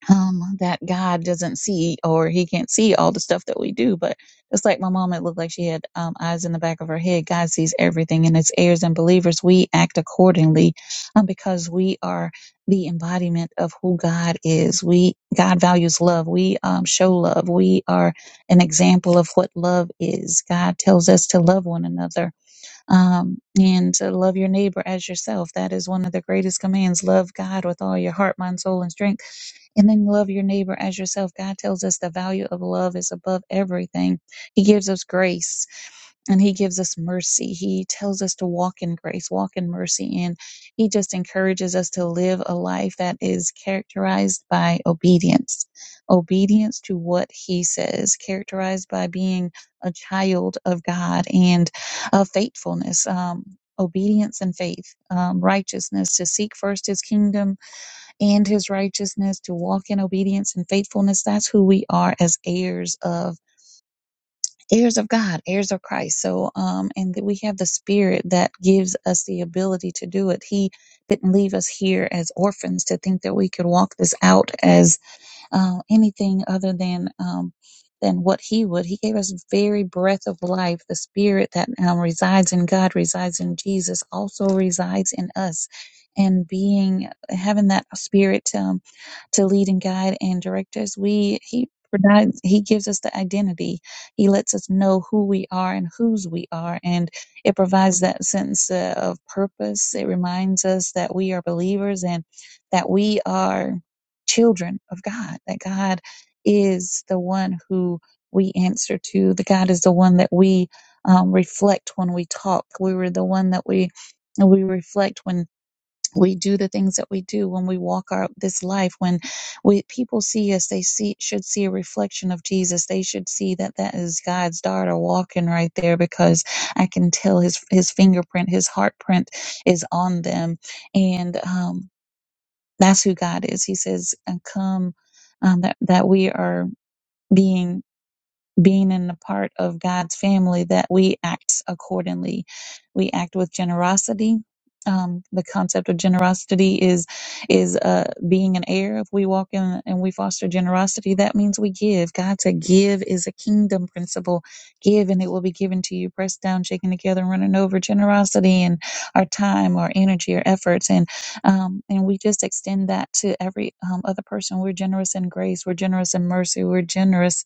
um, that God doesn't see or he can't see all the stuff that we do. But just like my mom, it looked like she had um, eyes in the back of her head. God sees everything and as heirs and believers. We act accordingly um, because we are the embodiment of who God is. We, God values love. We um, show love. We are an example of what love is. God tells us to love one another um, and to love your neighbor as yourself. That is one of the greatest commands. Love God with all your heart, mind, soul, and strength and then love your neighbor as yourself. God tells us the value of love is above everything. He gives us grace and He gives us mercy. He tells us to walk in grace, walk in mercy. And He just encourages us to live a life that is characterized by obedience, obedience to what He says, characterized by being a child of God and uh, faithfulness. Um, Obedience and faith, um, righteousness, to seek first his kingdom and his righteousness, to walk in obedience and faithfulness. That's who we are as heirs of heirs of God, heirs of Christ. So um and that we have the spirit that gives us the ability to do it. He didn't leave us here as orphans to think that we could walk this out as uh, anything other than um, than what he would. He gave us very breath of life. The spirit that um, resides in God resides in Jesus, also resides in us. And being having that spirit um, to lead and guide and direct us, we he provides he gives us the identity. He lets us know who we are and whose we are, and it provides that sense uh, of purpose. It reminds us that we are believers and that we are children of God, that God is the one who we answer to, The God is the one that we um, reflect when we talk. We were the one that we we reflect when we do the things that we do when we walk out this life when we people see us they see should see a reflection of jesus they should see that that is god's daughter walking right there because i can tell his his fingerprint his heart print is on them and um, that's who God is. He says, and come, um, that, that we are being being in a part of God's family that we act accordingly. We act with generosity. Um, the concept of generosity is is uh, being an heir. If we walk in and we foster generosity, that means we give. God said, "Give is a kingdom principle. Give, and it will be given to you. Pressed down, shaken together, and running over. Generosity and our time, our energy, our efforts, and um, and we just extend that to every um, other person. We're generous in grace. We're generous in mercy. We're generous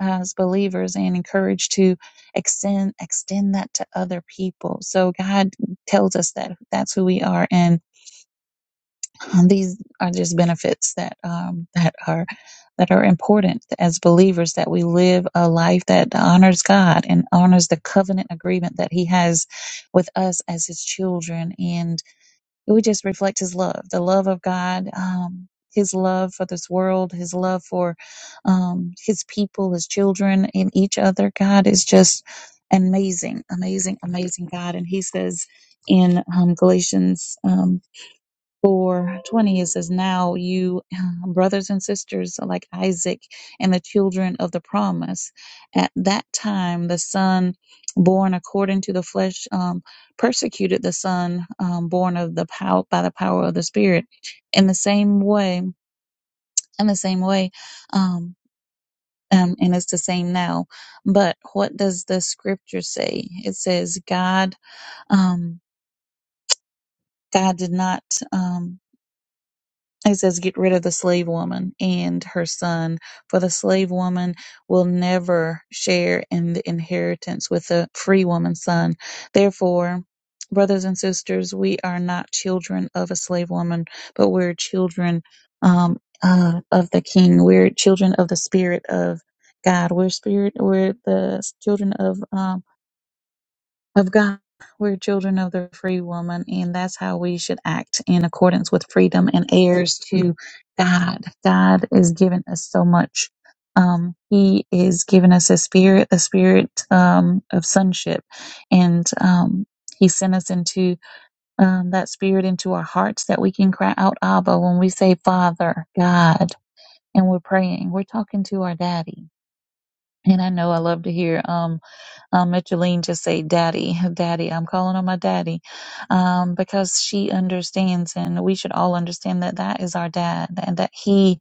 as believers and encouraged to extend extend that to other people. So God tells us that that's who we are, and these are just benefits that um, that are that are important as believers that we live a life that honors God and honors the covenant agreement that He has with us as His children. and. It would just reflect His love, the love of God, um, His love for this world, His love for um, His people, His children, and each other. God is just an amazing, amazing, amazing God. And He says in um, Galatians um, for 20 it says now you brothers and sisters like isaac and the children of the promise at that time the son born according to the flesh um, persecuted the son um, born of the power by the power of the spirit in the same way in the same way um, um, and it's the same now but what does the scripture say it says god um, god did not um, it says, Get rid of the slave woman and her son, for the slave woman will never share in the inheritance with the free woman's son. Therefore, brothers and sisters, we are not children of a slave woman, but we're children um, uh, of the King. We're children of the Spirit of God. We're spirit. We're the children of. um, of God. We're children of the free woman, and that's how we should act in accordance with freedom and heirs to God. God is giving us so much. Um, he is giving us a spirit, a spirit um, of sonship, and um, He sent us into um, that spirit into our hearts that we can cry out, Abba, when we say Father, God, and we're praying. We're talking to our Daddy and I know I love to hear um, um Micheline just say, "Daddy, Daddy." I'm calling on my daddy, um, because she understands, and we should all understand that that is our dad, and that he,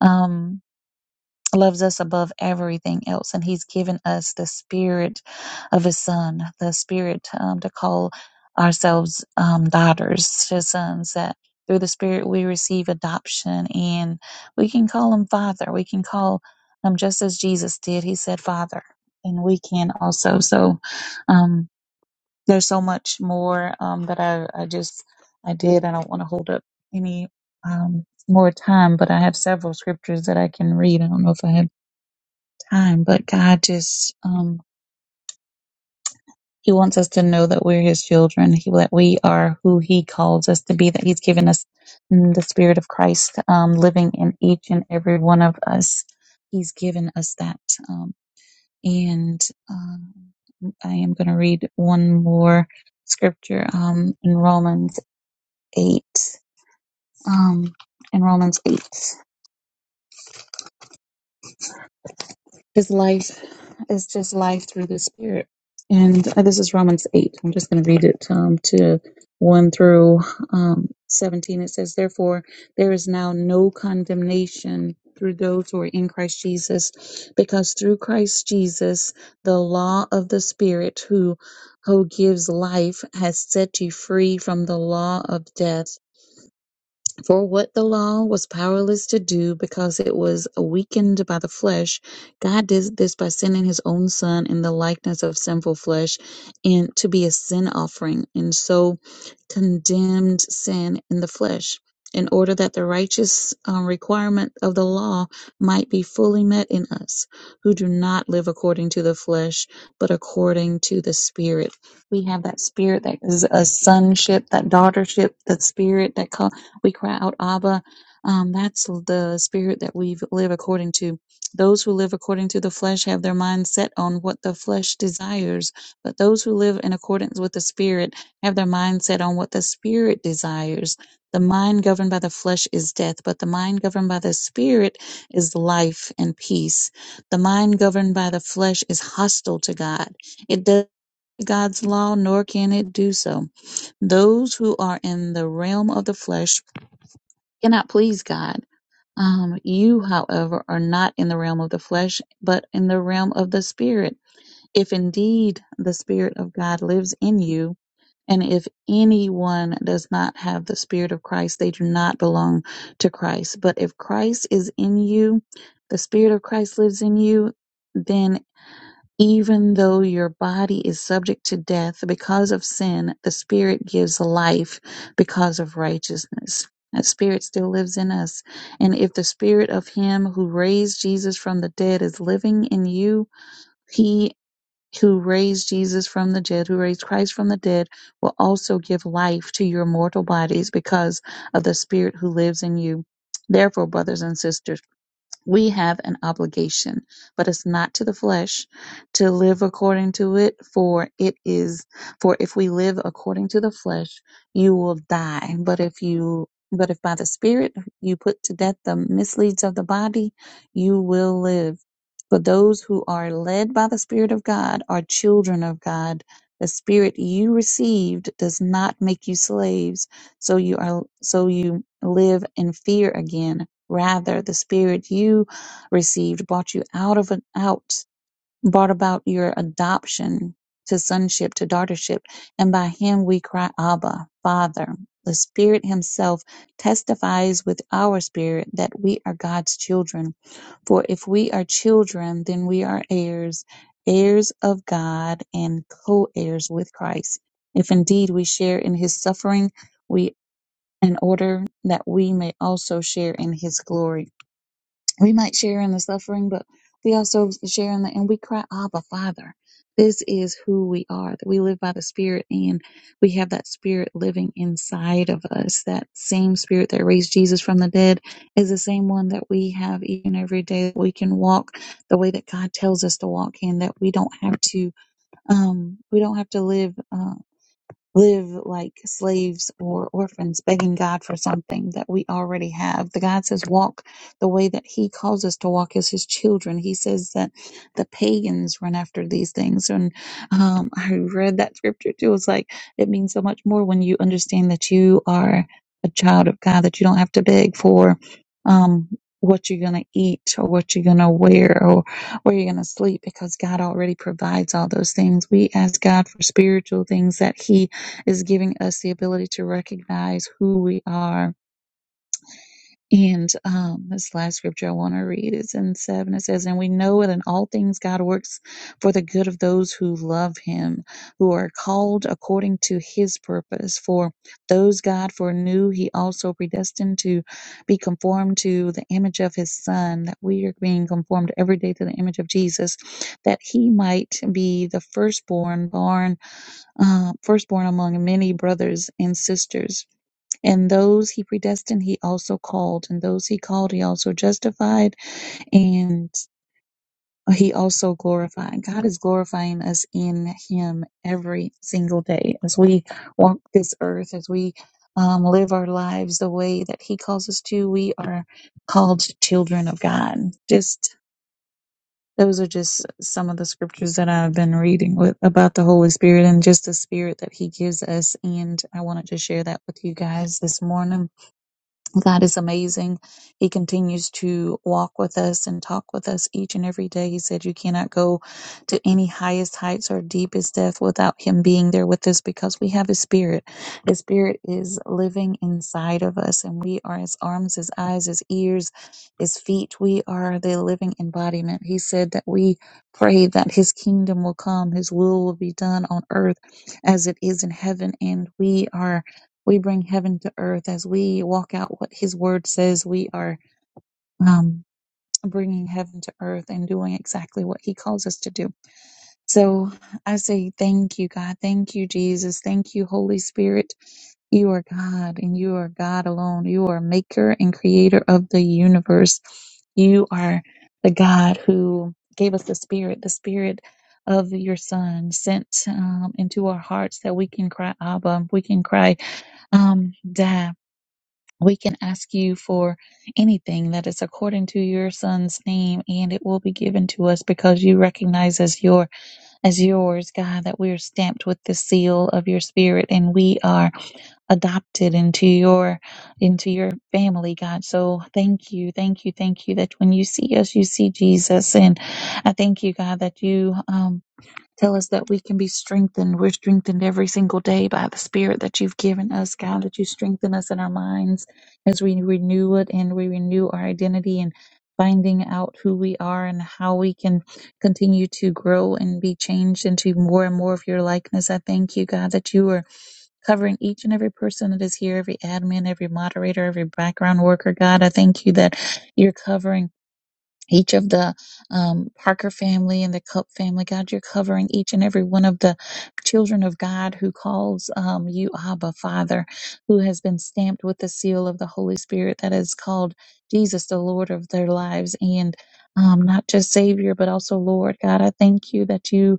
um loves us above everything else, and He's given us the Spirit of His Son, the Spirit um, to call ourselves um, daughters to sons. That through the Spirit we receive adoption, and we can call Him Father. We can call Him just as Jesus did. He said Father, and we can also. So um, there's so much more um, that I, I just I did. I don't want to hold up any. Um, more time, but I have several scriptures that I can read. I don't know if I have time, but God just, um, He wants us to know that we're His children, he, that we are who He calls us to be, that He's given us mm, the Spirit of Christ um, living in each and every one of us. He's given us that. Um, and um, I am going to read one more scripture um, in Romans 8. Um, in Romans 8. His life is just life through the Spirit. And uh, this is Romans 8. I'm just going to read it um, to 1 through um, 17. It says, Therefore, there is now no condemnation through those who are in Christ Jesus, because through Christ Jesus, the law of the Spirit who who gives life has set you free from the law of death for what the law was powerless to do because it was weakened by the flesh, God did this by sending his own son in the likeness of sinful flesh and to be a sin offering, and so condemned sin in the flesh. In order that the righteous um, requirement of the law might be fully met in us, who do not live according to the flesh, but according to the Spirit. We have that Spirit that is a sonship, that daughtership, that Spirit that comes we cry out, Abba. Um, that's the spirit that we live according to. Those who live according to the flesh have their mind set on what the flesh desires, but those who live in accordance with the spirit have their mind set on what the spirit desires. The mind governed by the flesh is death, but the mind governed by the spirit is life and peace. The mind governed by the flesh is hostile to God. It does God's law, nor can it do so. Those who are in the realm of the flesh cannot please God. Um, you, however, are not in the realm of the flesh, but in the realm of the spirit. If indeed the spirit of God lives in you, and if anyone does not have the spirit of Christ, they do not belong to Christ. But if Christ is in you, the spirit of Christ lives in you, Then. Even though your body is subject to death because of sin, the spirit gives life because of righteousness. That spirit still lives in us. And if the spirit of him who raised Jesus from the dead is living in you, he who raised Jesus from the dead, who raised Christ from the dead, will also give life to your mortal bodies because of the spirit who lives in you. Therefore, brothers and sisters, we have an obligation, but it's not to the flesh to live according to it, for it is, for if we live according to the flesh, you will die. But if you, but if by the Spirit you put to death the misleads of the body, you will live. For those who are led by the Spirit of God are children of God. The Spirit you received does not make you slaves, so you are, so you live in fear again Rather, the Spirit you received brought you out of an out, brought about your adoption to sonship, to daughtership, and by him we cry, Abba, Father. The Spirit Himself testifies with our spirit that we are God's children. For if we are children, then we are heirs, heirs of God, and co heirs with Christ. If indeed we share in His suffering, we in order that we may also share in his glory we might share in the suffering, but we also share in the, and we cry, Abba, Father. This is who we are, that we live by the Spirit and we have that Spirit living inside of us. That same Spirit that raised Jesus from the dead is the same one that we have each and every day. We can walk the way that God tells us to walk and that we don't have to, um, we don't have to live. Uh, live like slaves or orphans, begging God for something that we already have. The God says, walk the way that He calls us to walk as His children. He says that the pagans run after these things. And um, I read that scripture too. It's like, it means so much more when you understand that you are a child of God, that you don't have to beg for. Um, what you're going to eat or what you're going to wear or where you're going to sleep because God already provides all those things. We ask God for spiritual things that He is giving us the ability to recognize who we are. And um, this last scripture I want to read is in seven. It says, And we know that in all things God works for the good of those who love him, who are called according to his purpose. For those God foreknew, he also predestined to be conformed to the image of his son, that we are being conformed every day to the image of Jesus, that he might be the firstborn born uh, firstborn among many brothers and sisters. And those he predestined, he also called. And those he called, he also justified. And he also glorified. God is glorifying us in him every single day as we walk this earth, as we um, live our lives the way that he calls us to. We are called children of God. Just those are just some of the scriptures that I've been reading with about the Holy Spirit and just the spirit that he gives us. And I wanted to share that with you guys this morning. God is amazing. He continues to walk with us and talk with us each and every day. He said, You cannot go to any highest heights or deepest depth without Him being there with us because we have His Spirit. His Spirit is living inside of us, and we are His arms, His eyes, His ears, His feet. We are the living embodiment. He said that we pray that His kingdom will come, His will will be done on earth as it is in heaven, and we are we bring heaven to earth as we walk out what His Word says. We are um, bringing heaven to earth and doing exactly what He calls us to do. So I say thank you, God. Thank you, Jesus. Thank you, Holy Spirit. You are God and you are God alone. You are maker and creator of the universe. You are the God who gave us the Spirit, the Spirit of your Son sent um, into our hearts that we can cry, Abba, we can cry, um, Dad. We can ask you for anything that is according to your son's name and it will be given to us because you recognize as your as yours, God, that we are stamped with the seal of your spirit and we are adopted into your into your family, God. So thank you, thank you, thank you that when you see us, you see Jesus. And I thank you, God, that you um Tell us that we can be strengthened. We're strengthened every single day by the Spirit that you've given us, God, that you strengthen us in our minds as we renew it and we renew our identity and finding out who we are and how we can continue to grow and be changed into more and more of your likeness. I thank you, God, that you are covering each and every person that is here, every admin, every moderator, every background worker. God, I thank you that you're covering each of the um, Parker family and the Cup family. God, you're covering each and every one of the children of God who calls um, you Abba, Father, who has been stamped with the seal of the Holy Spirit that is called Jesus, the Lord of their lives, and um, not just Savior, but also Lord. God, I thank you that you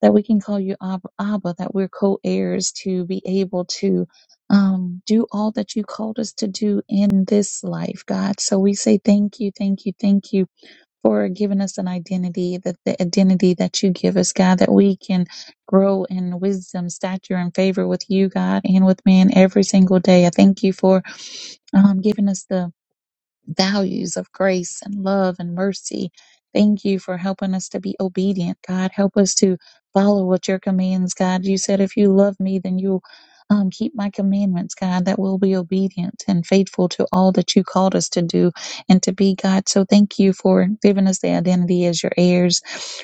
that we can call you Ab- Abba, that we're co-heirs to be able to. Um, do all that you called us to do in this life, God. So we say thank you, thank you, thank you for giving us an identity, that the identity that you give us, God, that we can grow in wisdom, stature, and favor with you, God, and with man every single day. I thank you for um, giving us the values of grace and love and mercy. Thank you for helping us to be obedient, God. Help us to follow what your commands, God. You said if you love me, then you'll um, keep my commandments, God, that we'll be obedient and faithful to all that you called us to do and to be, God. So thank you for giving us the identity as your heirs,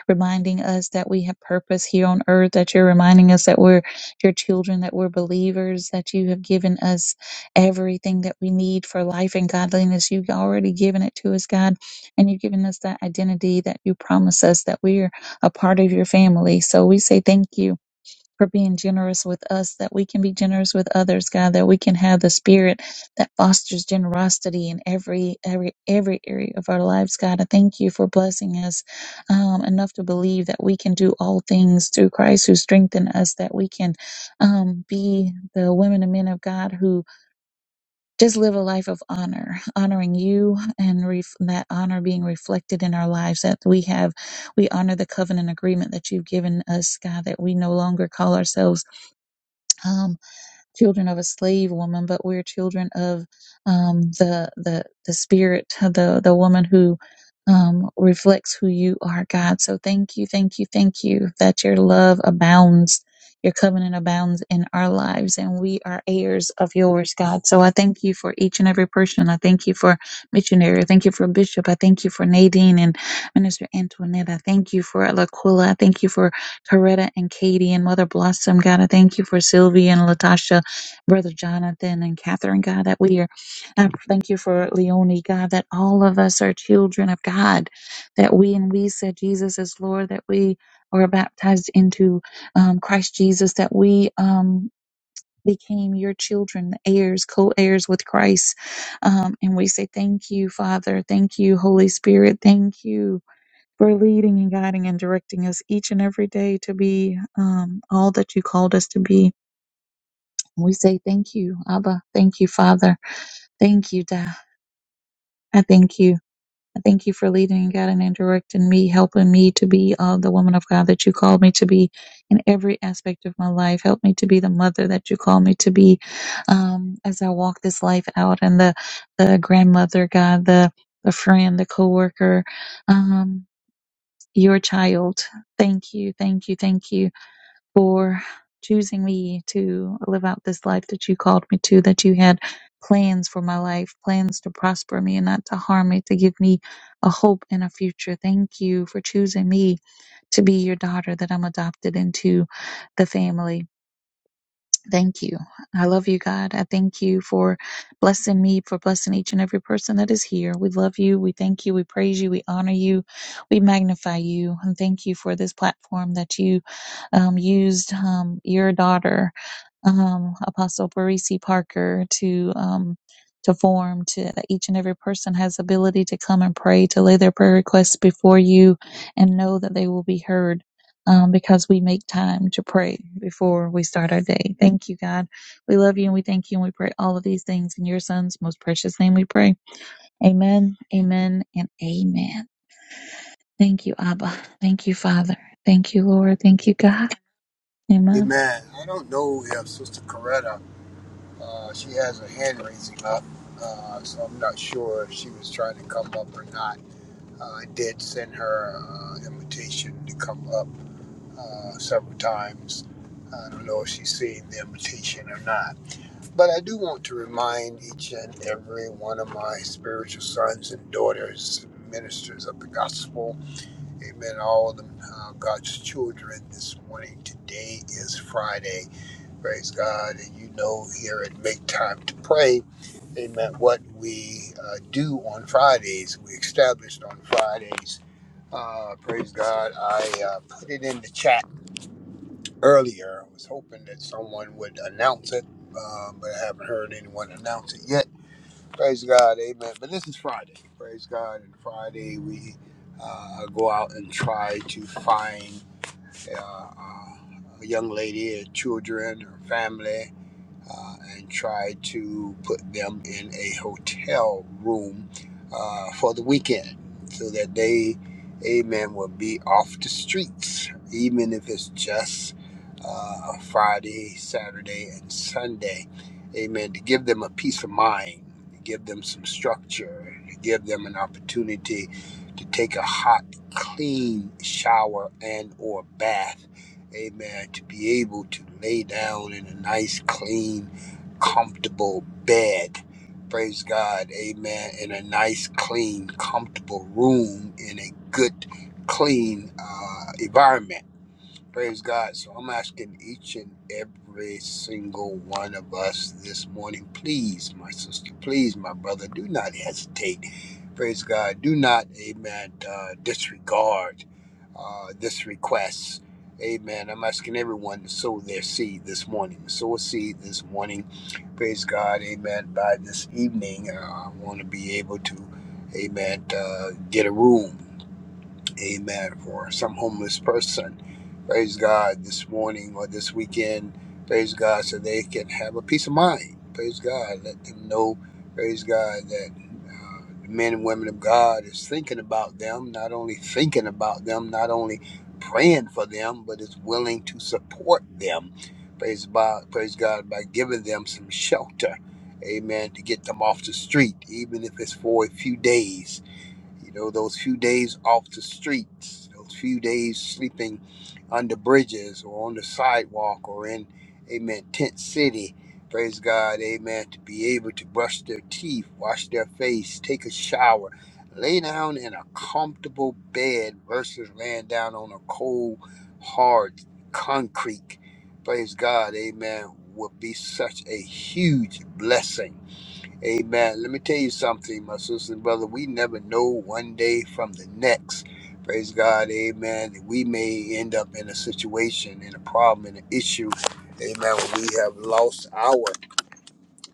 reminding us that we have purpose here on earth, that you're reminding us that we're your children, that we're believers, that you have given us everything that we need for life and godliness. You've already given it to us, God, and you've given us that identity that you promise us that we are a part of your family. So we say thank you. For being generous with us, that we can be generous with others, God, that we can have the spirit that fosters generosity in every every every area of our lives, God. I thank you for blessing us um, enough to believe that we can do all things through Christ who strengthened us, that we can um, be the women and men of God who just live a life of honor, honoring you and ref- that honor being reflected in our lives that we have. We honor the covenant agreement that you've given us, God, that we no longer call ourselves um, children of a slave woman, but we're children of um, the the the spirit, the the woman who um, reflects who you are, God. So thank you, thank you, thank you that your love abounds. Your covenant abounds in our lives, and we are heirs of yours, God. So I thank you for each and every person. I thank you for missionary. I thank you for Bishop. I thank you for Nadine and Minister Antoinette. I thank you for Laquila. I thank you for Coretta and Katie and Mother Blossom. God, I thank you for Sylvia and Latasha. Brother Jonathan and Catherine, God, that we are. I thank you for Leonie, God, that all of us are children of God, that we and we said Jesus is Lord, that we are baptized into um, Christ Jesus, that we um, became your children, heirs, co heirs with Christ. Um, and we say thank you, Father. Thank you, Holy Spirit. Thank you. For leading and guiding and directing us each and every day to be um, all that you called us to be. We say thank you, Abba. Thank you, Father. Thank you, Dad. I thank you. I thank you for leading and guiding and directing me, helping me to be uh, the woman of God that you called me to be in every aspect of my life. Help me to be the mother that you call me to be um, as I walk this life out, and the the grandmother, God, the the friend, the coworker, um, your child. Thank you, thank you, thank you for choosing me to live out this life that you called me to, that you had plans for my life, plans to prosper me and not to harm me, to give me a hope and a future. Thank you for choosing me to be your daughter that I'm adopted into the family. Thank you. I love you, God. I thank you for blessing me, for blessing each and every person that is here. We love you. We thank you. We praise you. We honor you. We magnify you. And thank you for this platform that you um, used um, your daughter, um, Apostle Parisi Parker, to. Um, to form to that each and every person has ability to come and pray to lay their prayer requests before you and know that they will be heard um, because we make time to pray before we start our day. Thank you, God. We love you and we thank you and we pray all of these things in your son's most precious name we pray. Amen, amen, and amen. Thank you, Abba. Thank you, Father. Thank you, Lord. Thank you, God. Amen. Amen. I don't know if Sister Coretta Uh, she has her hand raising up, uh, so I'm not sure if she was trying to come up or not. Uh, I did send her an uh, invitation to come up uh, several times. I don't know if she's seeing the invitation or not. But I do want to remind each and every one of my spiritual sons and daughters, ministers of the gospel, amen, all of them, uh, God's children, this morning, today is Friday. Praise God. And you know here at Make Time to Pray, amen, what we uh, do on Fridays. We established on Fridays. Uh, praise God. I uh, put it in the chat earlier. I was hoping that someone would announce it, um, but I haven't heard anyone announce it yet. Praise God. Amen. But this is Friday. Praise God. And Friday we uh, go out and try to find uh, uh, a young lady or children or family uh, and tried to put them in a hotel room uh, for the weekend so that they, amen, will be off the streets, even if it's just uh, Friday, Saturday, and Sunday, amen, to give them a peace of mind, to give them some structure, to give them an opportunity to take a hot, clean shower and or bath amen, to be able to lay down in a nice, clean, comfortable bed. Praise God, amen, in a nice, clean, comfortable room in a good, clean uh, environment. Praise God. So I'm asking each and every single one of us this morning, please, my sister, please, my brother, do not hesitate. Praise God. Do not, amen, uh, disregard uh, this request. Amen. I'm asking everyone to sow their seed this morning. Sow a seed this morning. Praise God. Amen. By this evening, uh, I want to be able to, amen, uh, get a room amen for some homeless person praise god this morning or this weekend praise god so they can have a peace of mind praise god let them know praise god that uh, the men and women of god is thinking about them not only thinking about them not only praying for them but is willing to support them praise god praise god by giving them some shelter amen to get them off the street even if it's for a few days you know, those few days off the streets, those few days sleeping under bridges or on the sidewalk or in, amen, tent city. Praise God, amen, to be able to brush their teeth, wash their face, take a shower, lay down in a comfortable bed versus laying down on a cold, hard concrete. Praise God, amen, would be such a huge blessing Amen. Let me tell you something, my sister and brother. We never know one day from the next. Praise God. Amen. We may end up in a situation, in a problem, in an issue. Amen. When we have lost our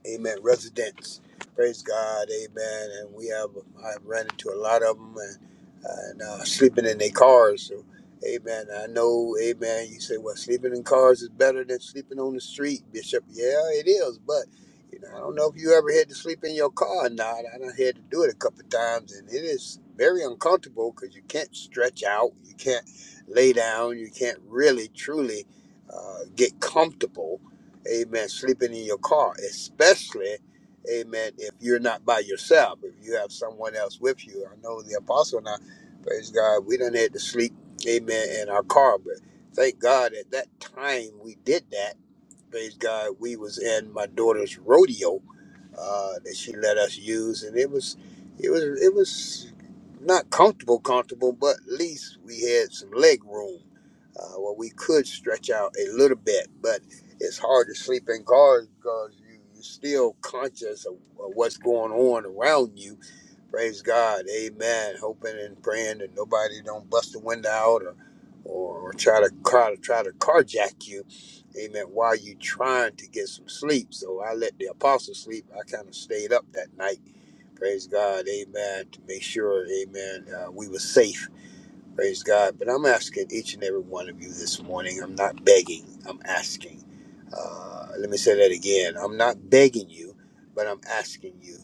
Amen. Residents, praise God. Amen. And we have I've ran into a lot of them and uh, and uh, sleeping in their cars. So, Amen. I know. Amen. You say, well, sleeping in cars is better than sleeping on the street, Bishop. Yeah, it is. But you know, I don't know if you ever had to sleep in your car or not. I done had to do it a couple of times, and it is very uncomfortable because you can't stretch out, you can't lay down, you can't really truly uh, get comfortable amen, sleeping in your car, especially, amen, if you're not by yourself, if you have someone else with you. I know the apostle and I, praise God, we done had to sleep, amen, in our car, but thank God at that time we did that Praise God, we was in my daughter's rodeo uh, that she let us use, and it was, it was, it was not comfortable, comfortable, but at least we had some leg room uh, where we could stretch out a little bit. But it's hard to sleep in cars because you, you're still conscious of, of what's going on around you Praise God. Amen. Hoping and praying that nobody don't bust the window out or or, or try to car, try to carjack you. Amen. While you trying to get some sleep. So I let the apostle sleep. I kind of stayed up that night. Praise God. Amen. To make sure, amen, uh, we were safe. Praise God. But I'm asking each and every one of you this morning. I'm not begging, I'm asking. Uh, let me say that again. I'm not begging you, but I'm asking you.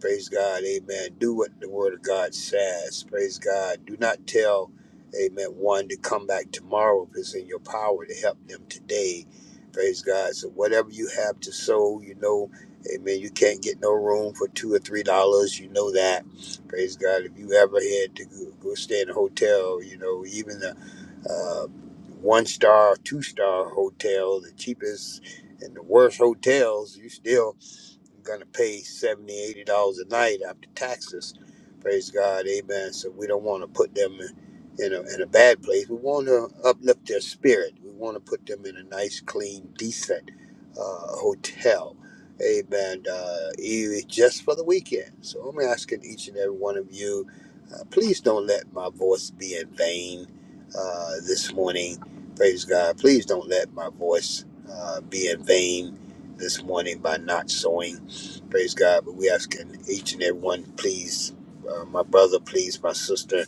Praise God. Amen. Do what the Word of God says. Praise God. Do not tell, Amen, one to come back tomorrow if it's in your power to help them today. Praise God. So whatever you have to sow, you know, Amen, you can't get no room for two or three dollars. You know that. Praise God. If you ever had to go, go stay in a hotel, you know, even the uh, one star, two star hotel, the cheapest and the worst hotels, you still gonna pay 70, 80 dollars a night after taxes praise god amen so we don't want to put them in in a, in a bad place we want to uplift their spirit we want to put them in a nice clean decent uh, hotel amen uh, e- just for the weekend so i'm asking each and every one of you uh, please don't let my voice be in vain uh, this morning praise god please don't let my voice uh, be in vain this morning by not sowing Praise God. But we ask each and every one, please, uh, my brother, please, my sister,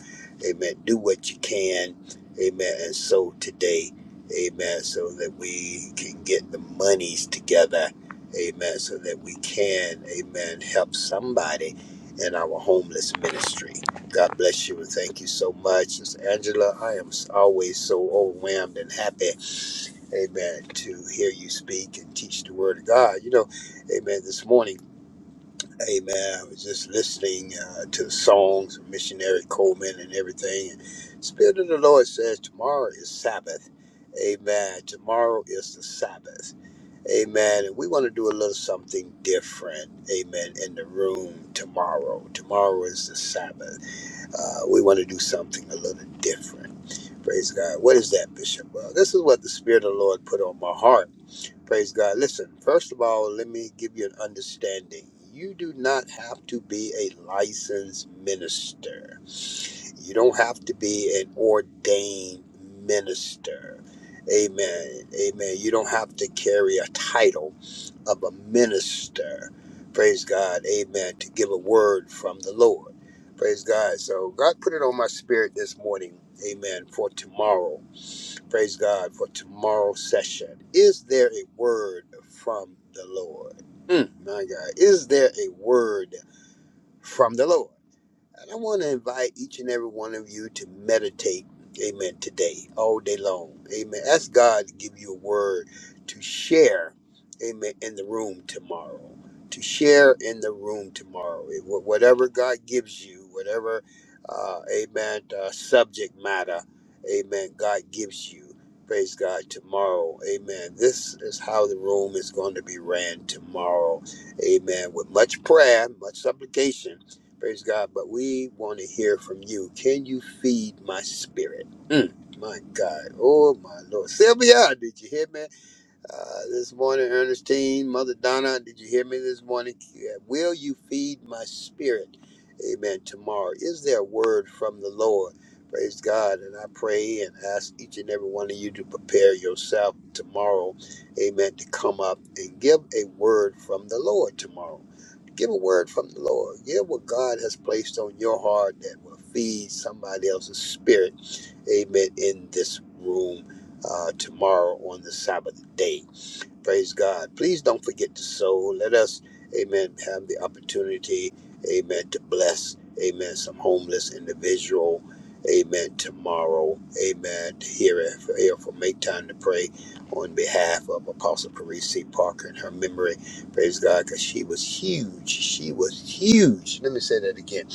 amen. Do what you can, amen. And so today, amen, so that we can get the monies together, amen, so that we can, amen, help somebody in our homeless ministry. God bless you and thank you so much. Miss Angela, I am always so overwhelmed and happy, amen, to hear you speak and teach the word of God. You know, Amen. This morning, Amen. I was just listening uh, to the songs of Missionary Coleman and everything. Spirit of the Lord says tomorrow is Sabbath. Amen. Tomorrow is the Sabbath. Amen. And we want to do a little something different. Amen. In the room tomorrow. Tomorrow is the Sabbath. Uh, we want to do something a little different. Praise God. What is that, Bishop? Well, this is what the Spirit of the Lord put on my heart Praise God. Listen, first of all, let me give you an understanding. You do not have to be a licensed minister, you don't have to be an ordained minister. Amen. Amen. You don't have to carry a title of a minister. Praise God. Amen. To give a word from the Lord. Praise God. So God put it on my spirit this morning. Amen. For tomorrow. Praise God for tomorrow's session. Is there a word from the Lord? My God, is there a word from the Lord? And I want to invite each and every one of you to meditate, amen, today, all day long. Amen. Ask God to give you a word to share, amen, in the room tomorrow. To share in the room tomorrow. It- wh- Whatever God gives you, whatever, uh, amen, uh, subject matter, amen, God gives you. Praise God tomorrow. Amen. This is how the room is going to be ran tomorrow. Amen. With much prayer, much supplication. Praise God. But we want to hear from you. Can you feed my spirit? My God. Oh, my Lord. Sylvia, did you hear me uh, this morning? Ernestine, Mother Donna, did you hear me this morning? Yeah. Will you feed my spirit? Amen. Tomorrow. Is there a word from the Lord? Praise God. And I pray and ask each and every one of you to prepare yourself tomorrow. Amen. To come up and give a word from the Lord tomorrow. Give a word from the Lord. Give what God has placed on your heart that will feed somebody else's spirit. Amen. In this room uh, tomorrow on the Sabbath day. Praise God. Please don't forget to sow. Let us, amen, have the opportunity, amen, to bless, amen, some homeless individual, amen, tomorrow, amen, to hear, hear from Make Time to Pray on behalf of Apostle Parisi Parker and her memory. Praise God, because she was huge. She was huge. Let me say that again.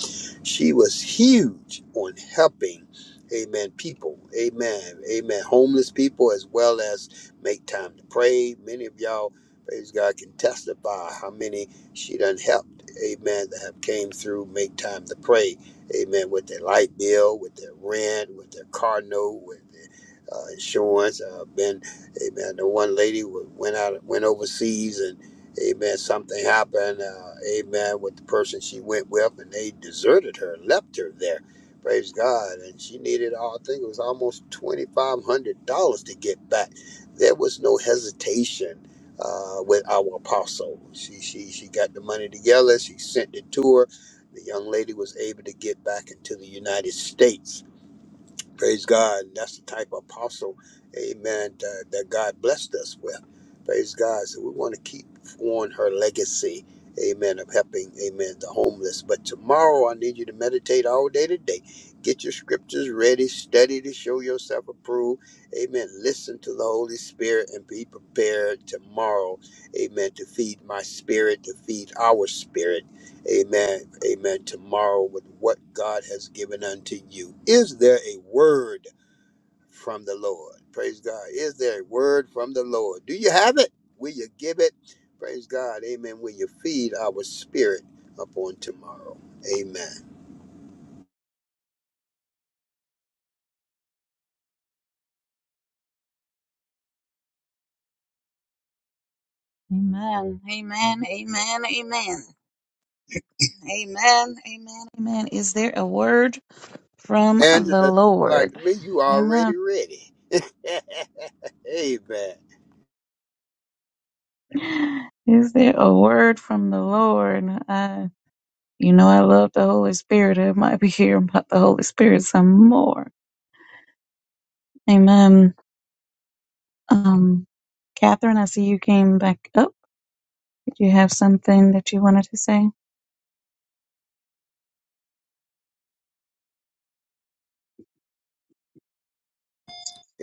She was huge on helping, amen, people, amen, amen, homeless people as well as make time to pray. Many of y'all, praise God, can testify how many she done helped, amen, that have came through make time to pray, amen, with their light bill, with their rent, with their car note, with their uh, insurance. Uh, been, amen, the one lady wa- went out, went overseas and Amen. Something happened. Uh, amen. With the person she went with, and they deserted her, left her there. Praise God. And she needed, all- I think it was almost $2,500 to get back there was no hesitation uh, with our apostle. She, she, she got the money together, she sent it to her. The young lady was able to get back into the United States Praise God. That's the type of apostle, amen, that, that God blessed us with. Praise God. So we want to keep on her legacy, amen, of helping, amen, the homeless. But tomorrow, I need you to meditate all day today. Get your scriptures ready, study to show yourself approved, amen. Listen to the Holy Spirit and be prepared tomorrow, amen, to feed my spirit, to feed our spirit. Amen. Amen. Tomorrow with what God has given unto you. Is there a word from the Lord? Praise God. Is there a word from the Lord? Do you have it? Will you give it? Praise God. Amen. Will you feed our spirit upon tomorrow? Amen. Amen. Amen. Amen. Amen. Amen. Amen. Amen. Is there a word from And the that's like Lord? me, you Amen. already ready. Amen. Is there a word from the Lord? Uh, You know, I love the Holy Spirit. I might be hearing about the Holy Spirit some more. Amen. Um, Catherine, I see you came back up. Did you have something that you wanted to say?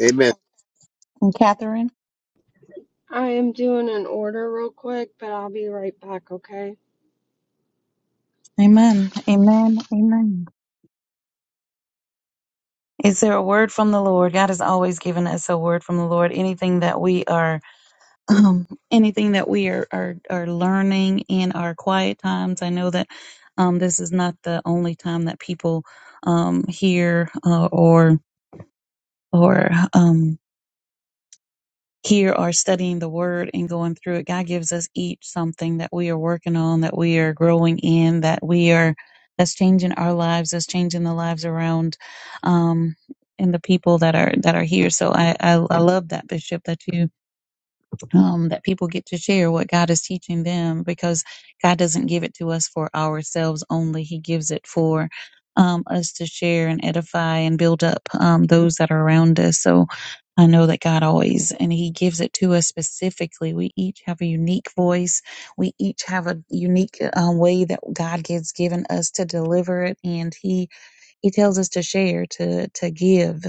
Amen. And Catherine, I am doing an order real quick, but I'll be right back, okay? amen. Amen. Amen. Is there a word from the Lord? God has always given us a word from the Lord. Anything that we are, um, anything that we are, are, are learning in our quiet times. I know that, um, this is not the only time that people, um, hear, uh, or, or um, here are studying the word and going through it. God gives us each something that we are working on, that we are growing in, that we are that's changing our lives, that's changing the lives around um and the people that are that are here. So I I, I love that bishop that you um, that people get to share what God is teaching them because God doesn't give it to us for ourselves only. He gives it for um, us to share and edify and build up um, those that are around us. So I know that God always, and He gives it to us specifically. We each have a unique voice. We each have a unique uh, way that God gives given us to deliver it, and He he tells us to share, to to give,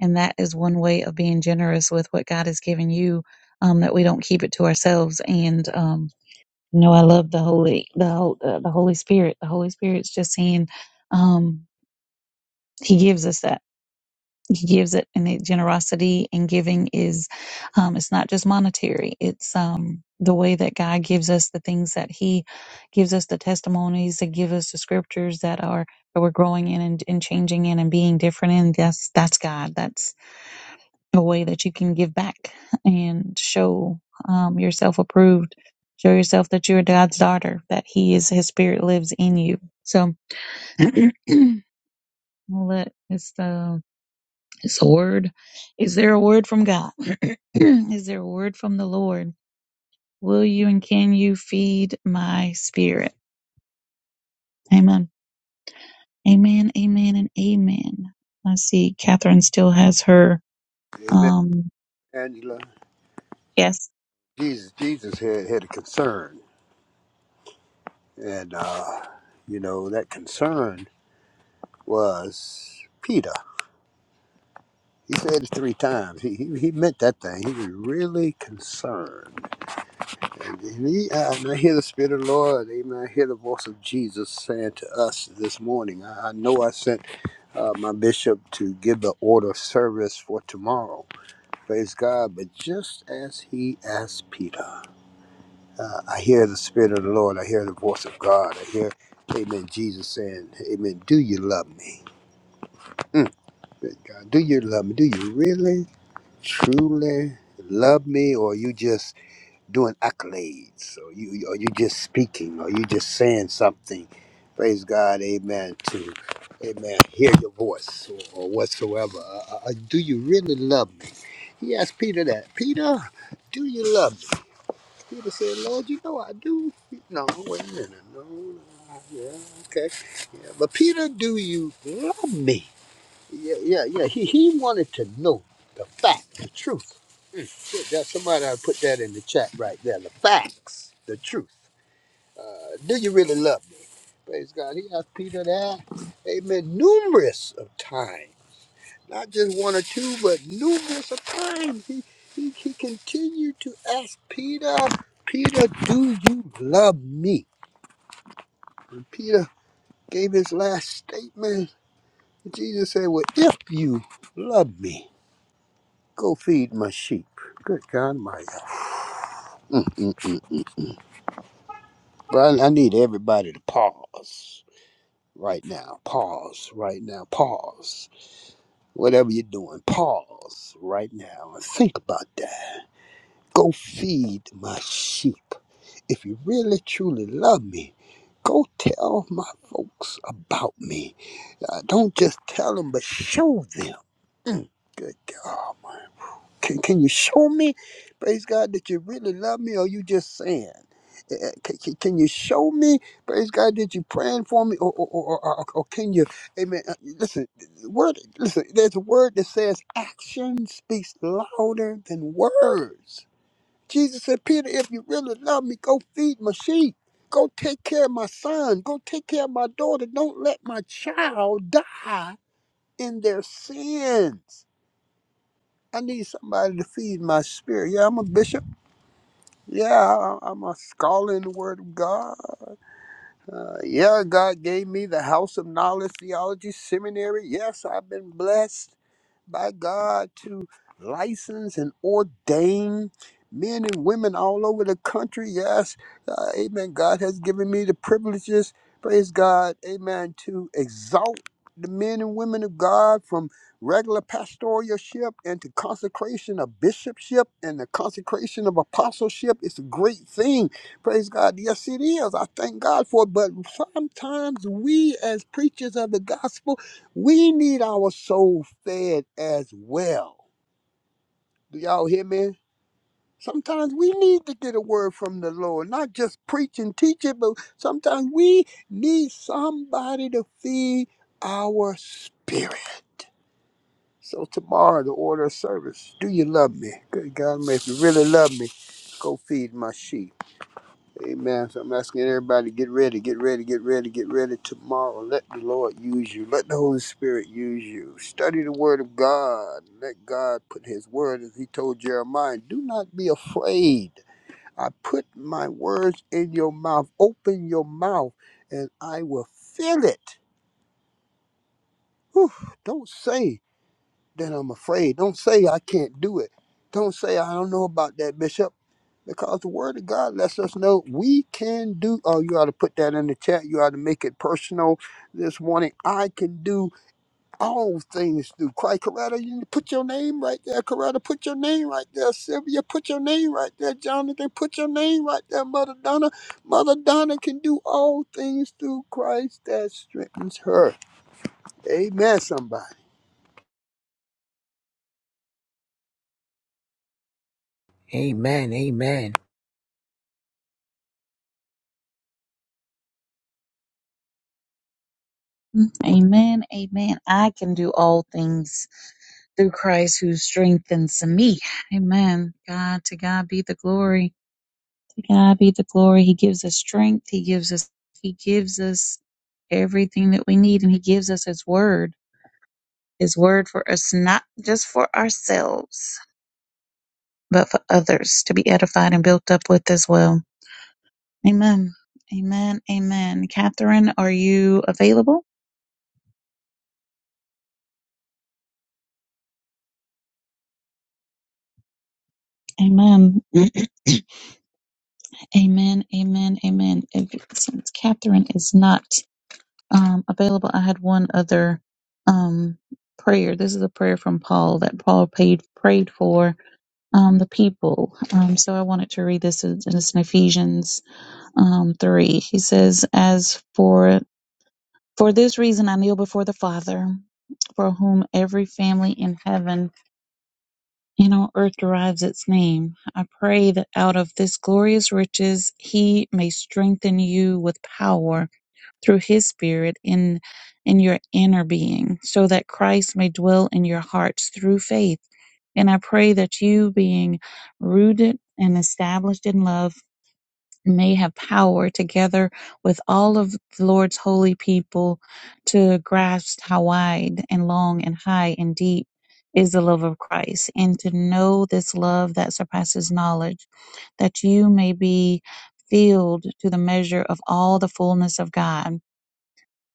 and that is one way of being generous with what God has given you. Um, that we don't keep it to ourselves. And um, you know, I love the holy the Hol- uh, the Holy Spirit. The Holy Spirit's just saying, um, He gives us that he gives it and it, generosity and giving is um, it's not just monetary it's um, the way that god gives us the things that he gives us the testimonies that give us the scriptures that are that we're growing in and, and changing in and being different in that's that's god that's a way that you can give back and show um, yourself approved show yourself that you're god's daughter that he is his spirit lives in you so let it's the it's a word. Is there a word from God? Is there a word from the Lord? Will you and can you feed my spirit? Amen. Amen. Amen. And amen. I see Catherine still has her. Amen. Um. Angela. Yes. Jesus, Jesus had, had a concern. And uh, you know, that concern was Peter. He said it three times. He, he, he meant that thing. He was really concerned. And, he, and I hear the Spirit of the Lord, amen. I hear the voice of Jesus saying to us this morning, I, I know I sent uh, my bishop to give the order of service for tomorrow. Praise God. But just as he asked Peter, uh, I hear the Spirit of the Lord. I hear the voice of God. I hear, amen, Jesus saying, amen, do you love me? Mm, God, do you love me? Do you really? truly love me or you just doing accolades or you or you just speaking or you just saying something praise god amen to amen hear your voice or, or whatsoever uh, uh, uh, do you really love me he asked peter that peter do you love me peter said lord you know i do no wait a minute no no, yeah okay yeah, but peter do you love me yeah, yeah, yeah. He he wanted to know the fact, the truth. Mm. Put somebody I put that in the chat right there. The facts, the truth. Uh, do you really love me? Praise God. He asked Peter that. Amen. Numerous of times, not just one or two, but numerous of times. He he, he continued to ask Peter, Peter, do you love me? And Peter gave his last statement. Jesus said, Well, if you love me. Go feed my sheep. Good God, my. Mm-mm-mm. Brian, I need everybody to pause right now. Pause right now. Pause. Whatever you're doing, pause right now and think about that. Go feed my sheep. If you really truly love me, go tell my folks about me. Uh, don't just tell them, but show them. Good God. Can, can you show me, praise God, that you really love me or you just saying? Eh, eh, Can, can- can you show me, praise God, that you praying for me or, or, or, or, or can you, amen, uh, listen, the word, listen, there's a word that says action speaks louder than words. Jesus said, Peter, if you really love me, go feed my sheep. Go take care of my son. Go take care of my daughter. Don't let my child die in their sins. I need somebody to feed my spirit. Yeah, I'm a bishop. Yeah, I, I'm a scholar in the Word of God. Uh, yeah, God gave me the House of Knowledge Theology Seminary. Yes, I've been blessed by God to license and ordain men and women all over the country. Yes, uh, amen. God has given me the privileges, praise God, amen, to exalt the men and women of God from regular pastoralship into consecration of bishopship and the consecration of apostleship. It's a great thing. Praise God. Yes, it is. I thank God for it. But sometimes we, as preachers of the gospel, we need our soul fed as well. Do y'all hear me? Sometimes we need to get a word from the Lord, not just preach and teach it, but sometimes we need somebody to feed our spirit. So, tomorrow, the order of service. Do you love me? Good God, man, if you really love me, go feed my sheep. Amen. So I'm asking everybody get ready, get ready, get ready, get ready tomorrow. Let the Lord use you. Let the Holy Spirit use you. Study the Word of God. Let God put His Word, as He told Jeremiah, do not be afraid. I put my words in your mouth. Open your mouth, and I will fill it. Whew. don't say then I'm afraid. Don't say I can't do it. Don't say I don't know about that, Bishop, because the Word of God lets us know we can do. Oh, you ought to put that in the chat. You ought to make it personal this morning. I can do all things through Christ. Coretta, you need to put your name right there. Coretta, put your name right there. Sylvia, put your name right there. Jonathan, put your name right there. Mother Donna, Mother Donna can do all things through Christ that strengthens her. Amen, somebody. Amen. Amen. Amen. Amen. I can do all things through Christ who strengthens me. Amen. God to God be the glory. To God be the glory. He gives us strength. He gives us He gives us everything that we need and He gives us His word. His word for us not just for ourselves, but for others to be edified and built up with as well. Amen. Amen. Amen. Catherine, are you available? Amen. amen. Amen. Amen. If, since Catherine is not um, available, I had one other um, prayer. This is a prayer from Paul that Paul paid, prayed for um, the people. Um, so I wanted to read this, and it's in Ephesians um, 3. He says, As for for this reason I kneel before the Father, for whom every family in heaven and on earth derives its name. I pray that out of this glorious riches he may strengthen you with power through his spirit in in your inner being so that Christ may dwell in your hearts through faith and i pray that you being rooted and established in love may have power together with all of the lord's holy people to grasp how wide and long and high and deep is the love of Christ and to know this love that surpasses knowledge that you may be filled to the measure of all the fullness of God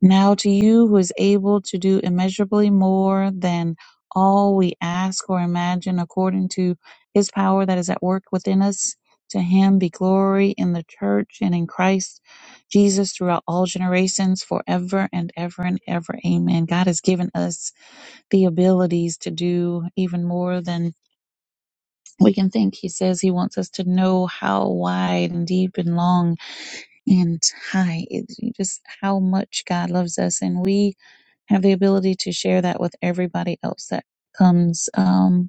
now to you who is able to do immeasurably more than all we ask or imagine according to his power that is at work within us, to him be glory in the church and in Christ Jesus throughout all generations forever and ever and ever. Amen. God has given us the abilities to do even more than we can think. He says he wants us to know how wide and deep and long and high, it- just how much God loves us. And we have the ability to share that with everybody else that comes um,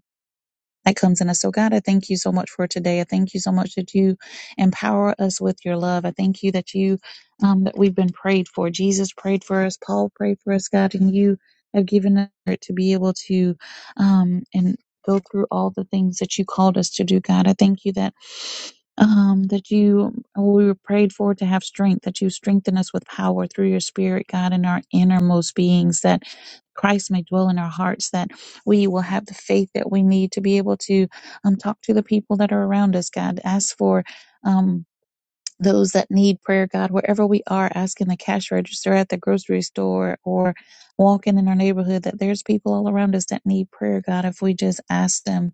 that comes in us. So, God, I thank you so much for today. I thank you so much that you empower us with your love. I thank you that you um, that we've been prayed for. Jesus prayed for us. Paul prayed for us, God, and you have given us to be able to um, and go through all the things that you called us to do, God. I thank you that. Um, that you oh, we were prayed for to have strength, that you strengthen us with power through your spirit, God, in our innermost beings, that Christ may dwell in our hearts, that we will have the faith that we need to be able to um, talk to the people that are around us, God. Ask for. Um, those that need prayer, God, wherever we are, asking the cash register at the grocery store or walking in our neighborhood, that there's people all around us that need prayer, God, if we just ask them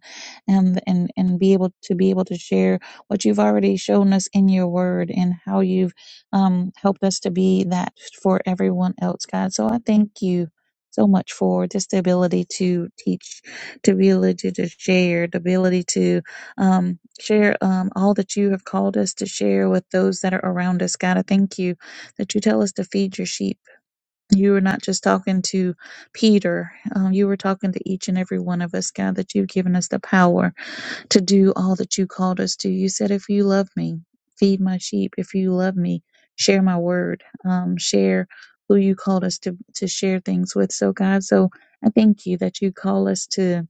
and and and be able to be able to share what you've already shown us in your word and how you've um, helped us to be that for everyone else, God. So I thank you so much for just the ability to teach, to be able to, to share, the ability to um, share um, all that you have called us to share with those that are around us. God, I thank you that you tell us to feed your sheep. You were not just talking to Peter, um, you were talking to each and every one of us, God, that you've given us the power to do all that you called us to. You said, if you love me, feed my sheep. If you love me, share my word, um, share who you called us to, to share things with. So, God, so I thank you that you call us to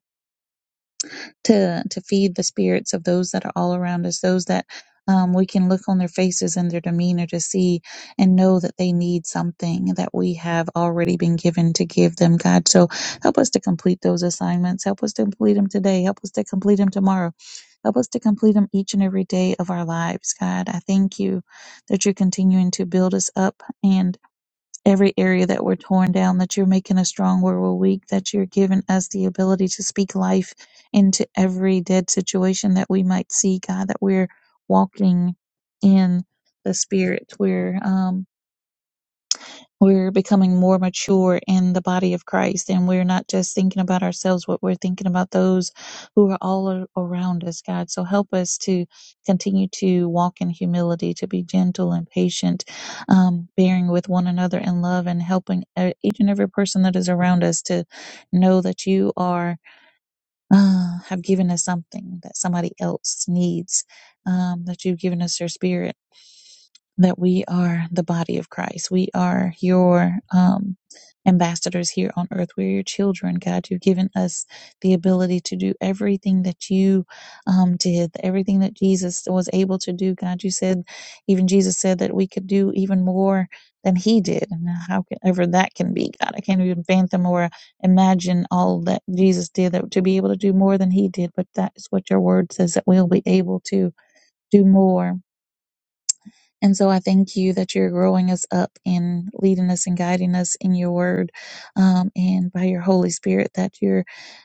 to to feed the spirits of those that are all around us, those that um, we can look on their faces and their demeanor to see and know that they need something that we have already been given to give them, God. So help us to complete those assignments. Help us to complete them today. Help us to complete them tomorrow. Help us to complete them each and every day of our lives, God. I thank you that you're continuing to build us up and every area that we're torn down, that you're making us strong where we're weak, that you're giving us the ability to speak life into every dead situation that we might see, God, that we're walking in the Spirit. We're um, we're becoming more mature in the body of Christ, and we're not just thinking about ourselves, but we're thinking about those who are all a- around us, God. So help us to continue to walk in humility, to be gentle and patient, um, bearing with one another in love, and helping uh, each and every person that is around us to know that you are uh, have given us something that somebody else needs um, that you've given us your spirit that we are the body of Christ. We are your um, ambassadors here on earth. We're your children, God. You've given us the ability to do everything that you um, did, everything that Jesus was able to do, God. You said, even Jesus said that we could do even more than he did. And how can ever that can be, God? I can't even fathom or imagine all that Jesus did that to be able to do more than he did. But that is what your word says that we'll be able to do more and so I thank you that you're growing us up and leading us and guiding us in your word um, and by your Holy Spirit that you're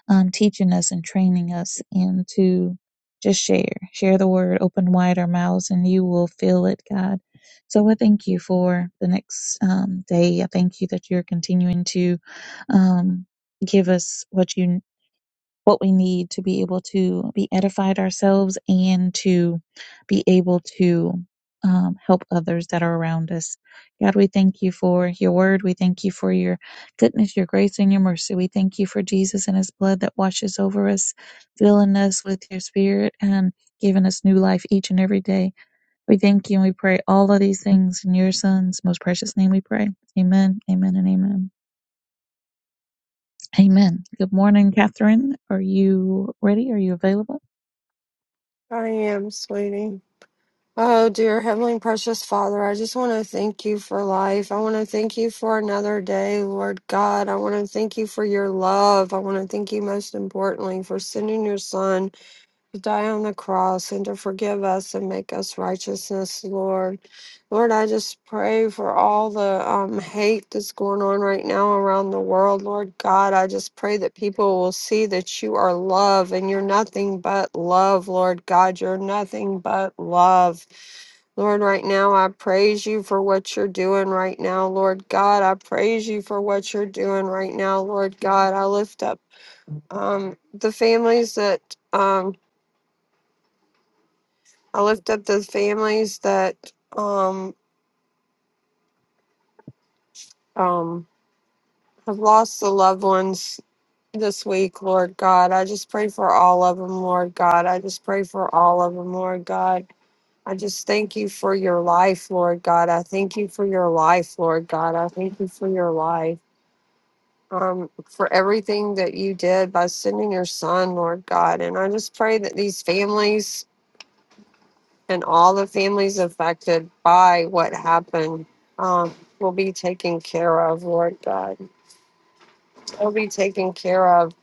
um, teaching us and training us and to just share, share the word, open wide our mouths, and you will fill it, God. So I thank you for the next um, day. I thank you that you're continuing to um, give us what you what we need to be able to be edified ourselves and to be able to um, help others that are around us. God, we thank you for your word. We thank you for your goodness, your grace, and your mercy. We thank you for Jesus and his blood that washes over us, filling us with your spirit and giving us new life each and every day. We thank you and we pray all of these things in your son's most precious name we pray. Amen, amen, and amen. Amen. Good morning, Catherine. Are you ready? Are you available? I am, sweetie. Oh, dear Heavenly Precious Father, I just want to thank you for life. I want to thank you for another day, Lord God. I want to thank you for your love. I want to thank you most importantly for sending your son. to die on the cross and to forgive us and make us righteousness, Lord. Lord, I just pray for all the um, hate that's going on right now around the world, Lord God. I just pray that people will see that you are love and you're nothing but love, Lord God. You're nothing but love. Lord, right now I praise you for what you're doing right now, Lord God. I praise you for what you're doing right now, Lord God. I lift up um, the families that. Um, I lift up the families that um um have lost the loved ones this week, Lord God. I just pray for all of them, Lord God. I just pray for all of them, Lord God. I just thank you for your life, Lord God. I thank you for your life, Lord God. I thank you for your life. Um, for everything that you did by sending your son, Lord God. And I just pray that these families and all the families affected by what happened um, will be taken care of, Lord God. Will be taken care of,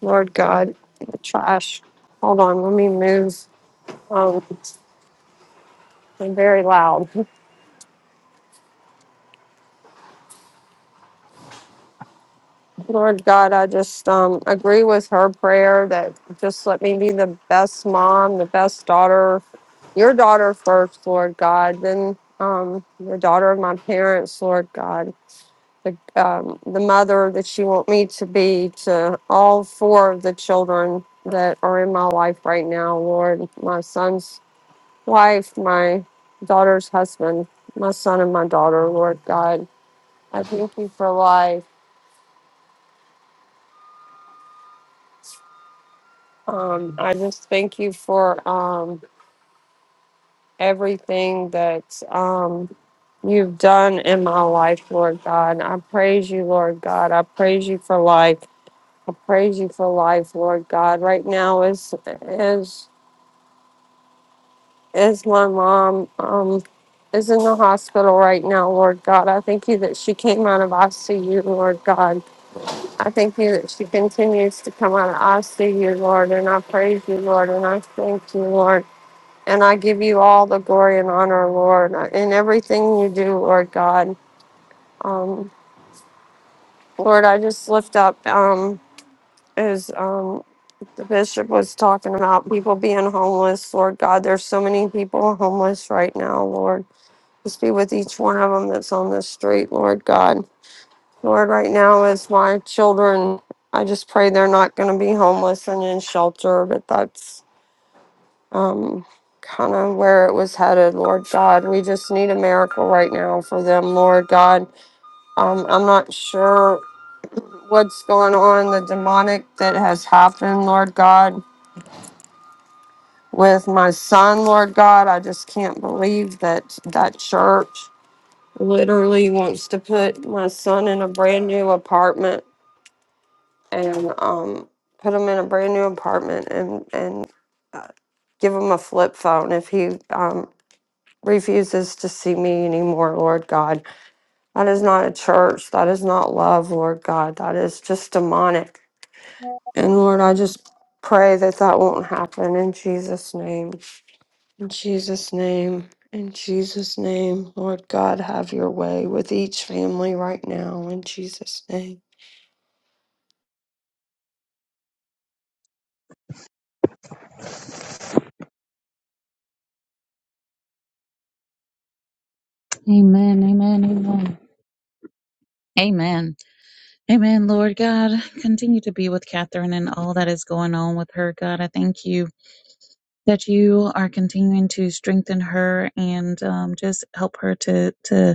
Lord God. Trash. Hold on, let me move. Um, I'm very loud. Lord God, I just um, agree with her prayer that just let me be the best mom, the best daughter, your daughter first, Lord God, then um, the daughter of my parents, Lord God the, um, the mother that you want me to be to all four of the children that are in my life right now, Lord. My son's wife, my daughter's husband, my son and my daughter, Lord God. I thank you for life. Um, I just thank you for um, everything that um, you've done in my life, Lord God. I praise you, Lord God. I praise you for life. I praise you for life, Lord God. Right now is is Is my mom um, is in the hospital right now, Lord God. I thank you that she came out of ICU, Lord God. I thank you that she continues to come out of ICU, Lord, and I praise you, Lord, and I thank you, Lord. And I give you all the glory and honor, Lord, in everything you do, Lord God. Um, Lord, I just lift up um, as um, the bishop was talking about people being homeless, Lord God. There's so many people homeless right now, Lord. Just be with each one of them that's on this street, Lord God. Lord, right now, as my children, I just pray they're not going to be homeless and in shelter, but that's um, kind of where it was headed, Lord God. We just need a miracle right now for them, Lord God. Um, I'm not sure what's going on, the demonic that has happened, Lord God. With my son, Lord God, I just can't believe that that church. literally wants to put my son in a brand new apartment and um put him in a brand new apartment and and uh, give him a flip phone if he um refuses to see me anymore lord god that is not a church that is not love lord god that is just demonic and lord i just pray that that won't happen in jesus name In Jesus' name, in Jesus' name, Lord God, have your way with each family right now, in Jesus' name. Amen. Amen. Amen. Amen. Amen. Lord God, continue to be with Catherine and all that is going on with her. God, I thank you. that you are continuing to strengthen her and um, just help her to to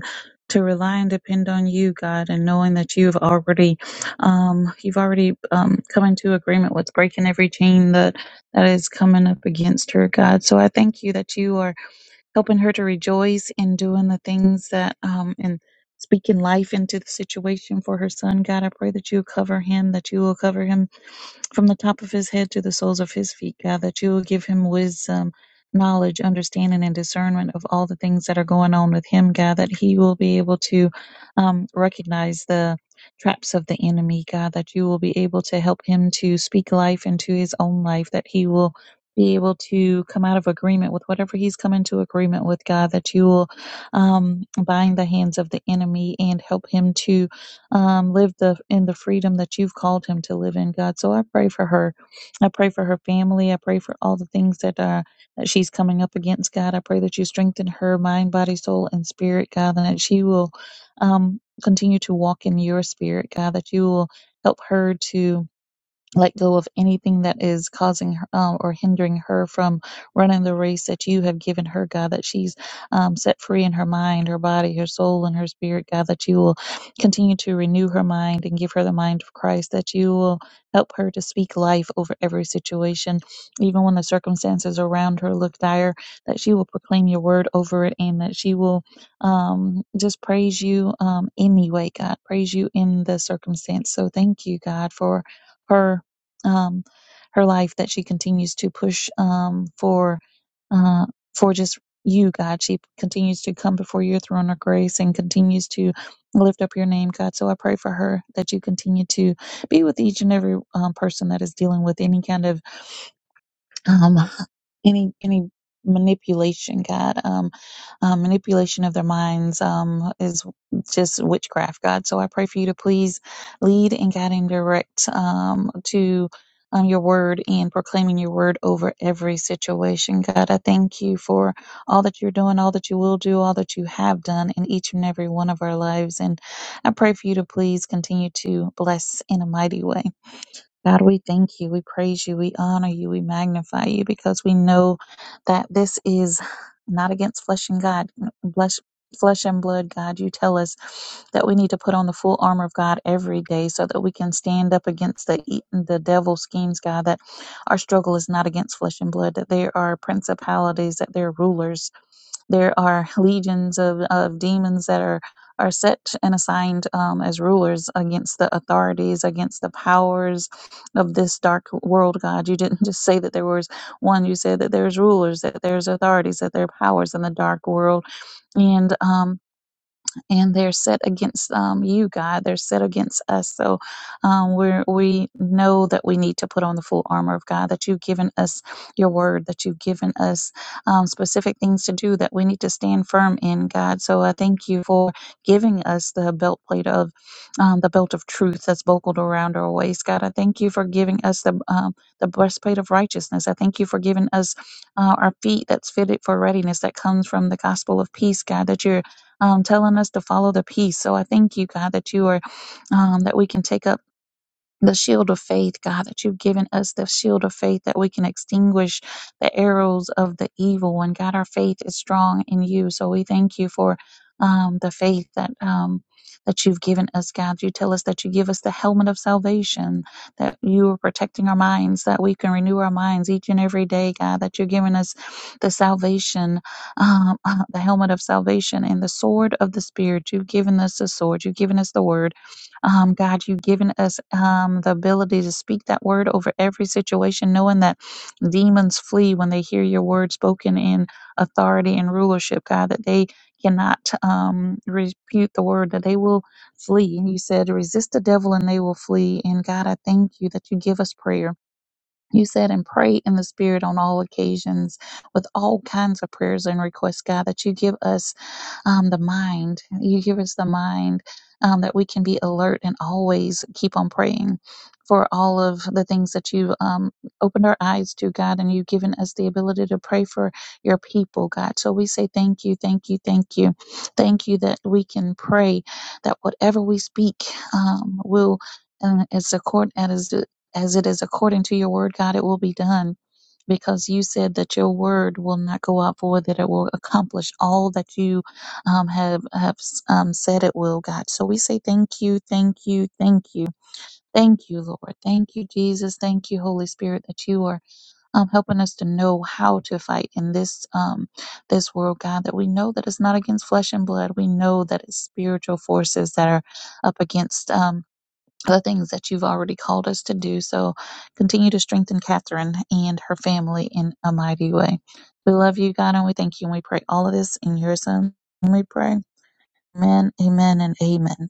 to rely and depend on you, God, and knowing that you've already um, you've already um, come into agreement with breaking every chain that that is coming up against her, God. So I thank you that you are helping her to rejoice in doing the things that um and speaking life into the situation for her son. God, I pray that you cover him, that you will cover him from the top of his head to the soles of his feet, God, that you will give him wisdom, knowledge, understanding, and discernment of all the things that are going on with him, God, that he will be able to um, recognize the traps of the enemy, God, that you will be able to help him to speak life into his own life, that he will be able to come out of agreement with whatever he's come into agreement with, God, that you will um, bind the hands of the enemy and help him to um, live the in the freedom that you've called him to live in, God. So I pray for her. I pray for her family. I pray for all the things that uh, that she's coming up against, God. I pray that you strengthen her mind, body, soul, and spirit, God, and that she will um, continue to walk in your spirit, God. That you will help her to let go of anything that is causing her um, or hindering her from running the race that you have given her, God, that she's um, set free in her mind, her body, her soul, and her spirit, God, that you will continue to renew her mind and give her the mind of Christ, that you will help her to speak life over every situation, even when the circumstances around her look dire, that she will proclaim your word over it and that she will um, just praise you um, anyway, God, praise you in the circumstance. So thank you, God, for her um, her life that she continues to push um, for uh, for just you, God. She continues to come before your throne of grace and continues to lift up your name, God. So I pray for her that you continue to be with each and every um, person that is dealing with any kind of um any any manipulation god um, um manipulation of their minds um is just witchcraft god so i pray for you to please lead and guide and direct um to um, your word and proclaiming your word over every situation god i thank you for all that you're doing all that you will do all that you have done in each and every one of our lives and i pray for you to please continue to bless in a mighty way God, we thank you, we praise you, we honor you, we magnify you because we know that this is not against flesh and God, flesh, flesh and blood, God. You tell us that we need to put on the full armor of God every day so that we can stand up against the e- the devil schemes, God, that our struggle is not against flesh and blood, that there are principalities, that there are rulers there are legions of, of demons that are, are set and assigned um, as rulers against the authorities, against the powers of this dark world, God. You didn't just say that there was one, you said that there's rulers, that there's authorities, that there are powers in the dark world. And um, and they're set against um, you, God. They're set against us. So um, we're, we know that we need to put on the full armor of God, that you've given us your word, that you've given us um, specific things to do that we need to stand firm in, God. So I thank you for giving us the belt plate of um, the belt of truth that's buckled around our waist, God. I thank you for giving us the, um, the breastplate of righteousness. I thank you for giving us uh, our feet that's fitted for readiness that comes from the gospel of peace, God, that you're um, telling us to follow the peace. So I thank you, God, that you are um, that we can take up the shield of faith, God, that you've given us the shield of faith that we can extinguish the arrows of the evil one. God, our faith is strong in you. So we thank you for um, the faith that um, that you've given us, God. You tell us that you give us the helmet of salvation, that you are protecting our minds, that we can renew our minds each and every day, God, that you're giving us the salvation, um, uh, the helmet of salvation and the sword of the Spirit. You've given us the sword. You've given us the word um, God, you've given us um, the ability to speak that word over every situation, knowing that demons flee when they hear your word spoken in authority and rulership, God, that they cannot um, refute the word, that they will flee. And you said, resist the devil and they will flee. And God, I thank you that you give us prayer. You said, and pray in the Spirit on all occasions with all kinds of prayers and requests, God, that you give us um, the mind. You give us the mind um, that we can be alert and always keep on praying for all of the things that you um, opened our eyes to, God, and you've given us the ability to pray for your people, God. So we say thank you, thank you, thank you. Thank you that we can pray that whatever we speak um, will, um, as, accord, as, as it is according to your word, God, it will be done because you said that your word will not go out void, that it will accomplish all that you um, have have um, said it will, God. So we say thank you, thank you, thank you, thank you, Lord, thank you, Jesus, thank you, Holy Spirit, that you are um, helping us to know how to fight in this um, this world, God. That we know that it's not against flesh and blood. We know that it's spiritual forces that are up against. Um, the things that you've already called us to do. So continue to strengthen Catherine and her family in a mighty way. We love you, God, and we thank you. And we pray all of this in your son. And we pray, Amen, Amen, and Amen.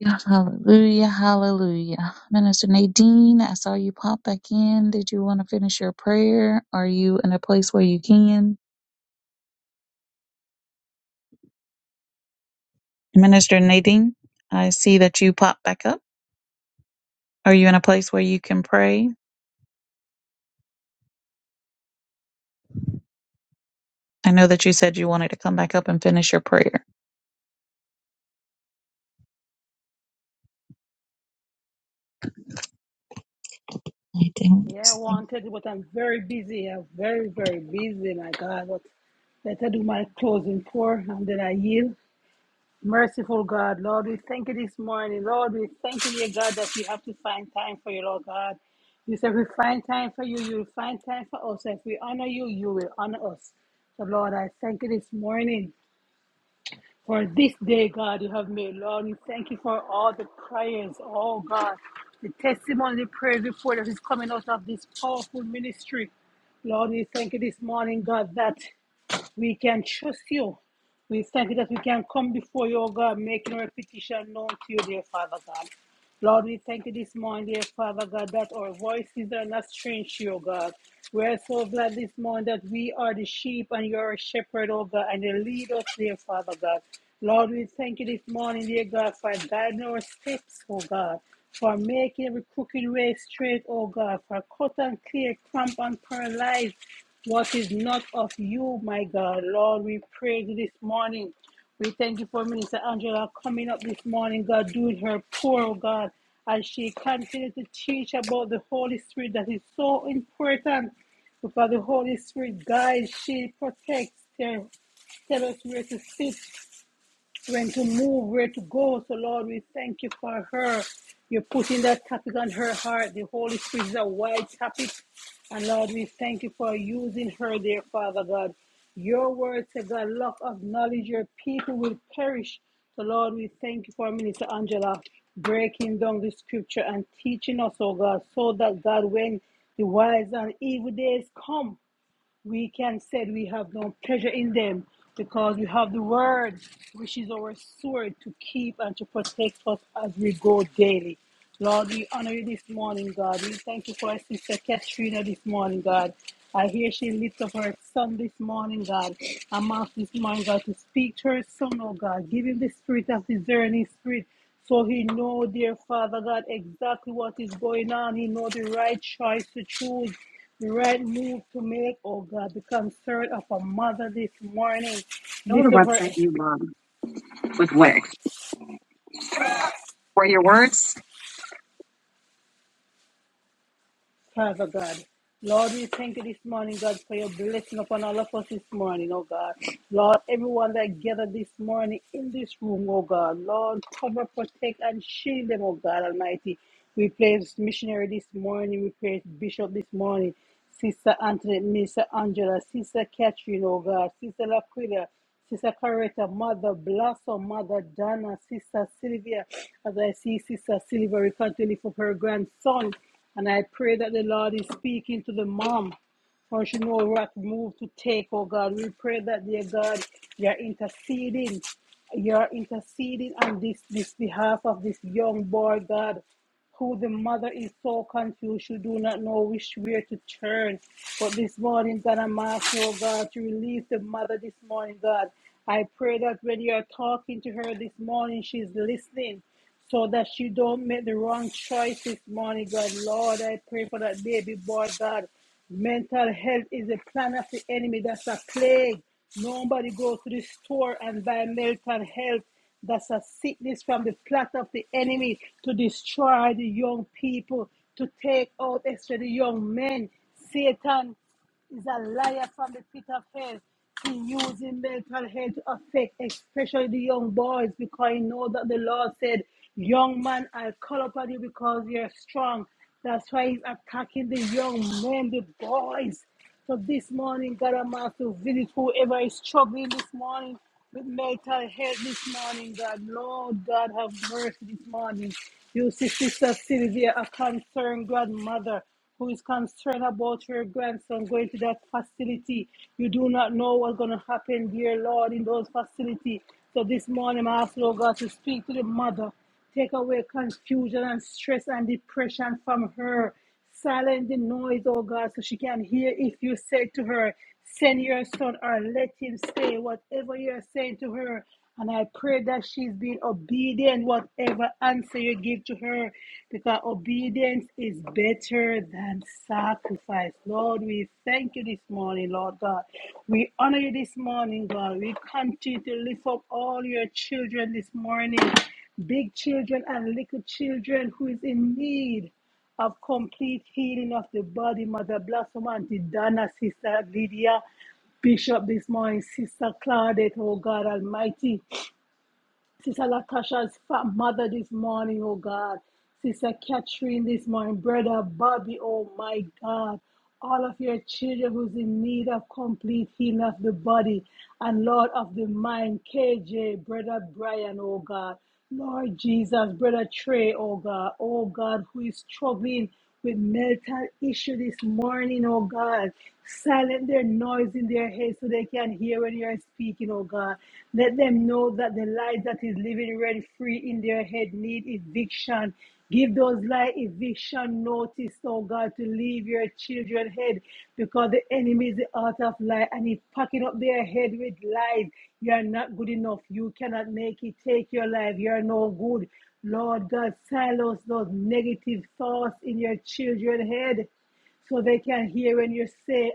Yeah, Hallelujah, hallelujah. Minister Nadine, I saw you pop back in. Did you want to finish your prayer? Are you in a place where you can? Minister Nadine, I see that you popped back up. Are you in a place where you can pray? I know that you said you wanted to come back up and finish your prayer. I don't Yeah, I think wanted to, but I'm very busy. I'm very, very busy, my God. But let I do my closing prayer and then I yield. Merciful God, Lord, we thank you this morning. Lord, we thank you, dear God, that we have to find time for you, Lord God. You said we find time for you, you'll find time for us. If we honor you, you will honor us. So, Lord, I thank you this morning. For this day, God, you have made, Lord. We thank you for all the prayers, oh God, the testimony, the praise report that is coming out of this powerful ministry. Lord, we thank you this morning, God, that we can trust you. We thank you that we can come before you, oh God, making our petition known to you, dear Father God. Lord, we thank you this morning, dear Father God, that our voices are not strange to you, oh God. We are so glad this morning that we are the sheep and you are a shepherd, oh God, and you lead us, dear Father God. Lord, we thank you this morning, dear God, for guiding our steps, oh God, for making every crooked way straight, oh God, for cut and clear, cramp and paralyze what is not of you, my God. Lord, we praise you this morning. We thank you for Minister Angela coming up this morning, God, doing her poor, oh God, as she continues to teach about the Holy Spirit that is so important because the Holy Spirit guides, she protects, her tell us where to sit, when to move, where to go. So, Lord, we thank you for her. You're putting that topic on her heart. The Holy Spirit is a wide topic. And, Lord, we thank you for using her there, Father God. Your word says the lack of knowledge, your people will perish. So, Lord, we thank you for Minister Angela breaking down the scripture and teaching us, oh God, so that, God, when the wise and evil days come, we can say we have no pleasure in them because we have the word which is our sword to keep and to protect us as we go daily. Lord, we honor you this morning, God. We thank you for our sister Katrina this morning, God. I hear she lifts up her son this morning, God. I'm asked this morning, God, to speak to her son, oh God. Give him the spirit of discerning spirit. So he know, dear Father God, exactly what is going on. He know the right choice to choose. The right move to make, oh God, the concern of a mother this morning. Go to Lift up her, website you love with Wix. Where your words? Father God. Lord, we thank you this morning, God, for your blessing upon all of us this morning, oh God. Lord, everyone that gathered this morning in this room, oh God. Lord, cover, protect, and shield them, oh God Almighty. We praise missionary this morning. We praise bishop this morning. Sister Antoinette, Minister Angela, Sister Catherine, oh God. Sister Laquila. Sister Coretta, Mother Blossom, Mother Donna, Sister Sylvia. As I see Sister Sylvia, we can't lift up her grandson. And I pray that the Lord is speaking to the mom. For she knows what move to take, oh God. We pray that, dear God, you are interceding. You are interceding on this, this behalf of this young boy, God who the mother is so confused she do not know which way to turn. But this morning, God, I'm asking, oh God, to release the mother this morning, God. I pray that when you are talking to her this morning, she's listening so that she don't make the wrong choice this morning, God. Lord, I pray for that baby boy, God. Mental health is a plan of the enemy. That's a plague. Nobody goes to the store and buy mental health. That's a sickness from the plot of the enemy to destroy the young people, to take out, especially the young men. Satan is a liar from the pit of hell. He using mental health to affect, especially the young boys, because he know that the Lord said, "Young man, I call upon you because you're strong." That's why he's attacking the young men, the boys. So this morning, God Almighty, to visit whoever is struggling this morning with mental health this morning, God. Lord God, have mercy this morning. You see, Sister Sylvia, a concerned grandmother who is concerned about your grandson going to that facility. You do not know what's going to happen, dear Lord, in those facilities. So this morning, I ask, Lord God, to speak to the mother. Take away confusion and stress and depression from her. Silence the noise, oh God, so she can hear if you say to her, Send your son or let him stay. Whatever you're saying to her, and I pray that she's being obedient, whatever answer you give to her, because obedience is better than sacrifice. Lord, we thank you this morning, Lord God. We honor you this morning, God. We continue to lift up all your children this morning, big children and little children who is in need of complete healing of the body, Mother Blossom, Auntie Donna, Sister Lydia, Bishop this morning, Sister Claudette, oh God Almighty, Sister Latasha's fat mother this morning, oh God, Sister Catherine this morning, Brother Bobby, oh my God, all of your children who's in need of complete healing of the body and Lord of the mind, KJ, Brother Brian, oh God. Lord Jesus, Brother Trey, oh God, oh God, who is struggling with mental issue this morning, oh God. Silent their noise in their head so they can hear when you're speaking, oh God. Let them know that the light that is living rent free in their head need eviction Give those like eviction notice, oh God, to leave your children head because the enemy is the author of lie and he's packing up their head with lies. You are not good enough. You cannot make it. Take your life. You are no good. Lord God, silence those negative thoughts in your children head so they can hear when you say,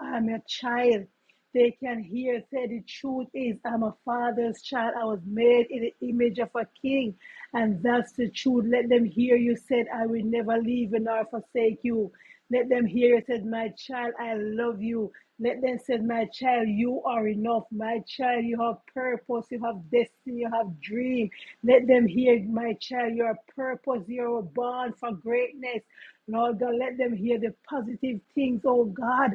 I'm your child. They can hear, say, the truth is, I'm a father's child. I was made in the image of a king. And that's the truth. Let them hear you said, I will never leave you nor forsake you. Let them hear you said, my child, I love you. Let them say, My child, you are enough. My child, you have purpose, you have destiny, you have dream. Let them hear, My child, your purpose, you are born for greatness. Lord God, let them hear the positive things, oh God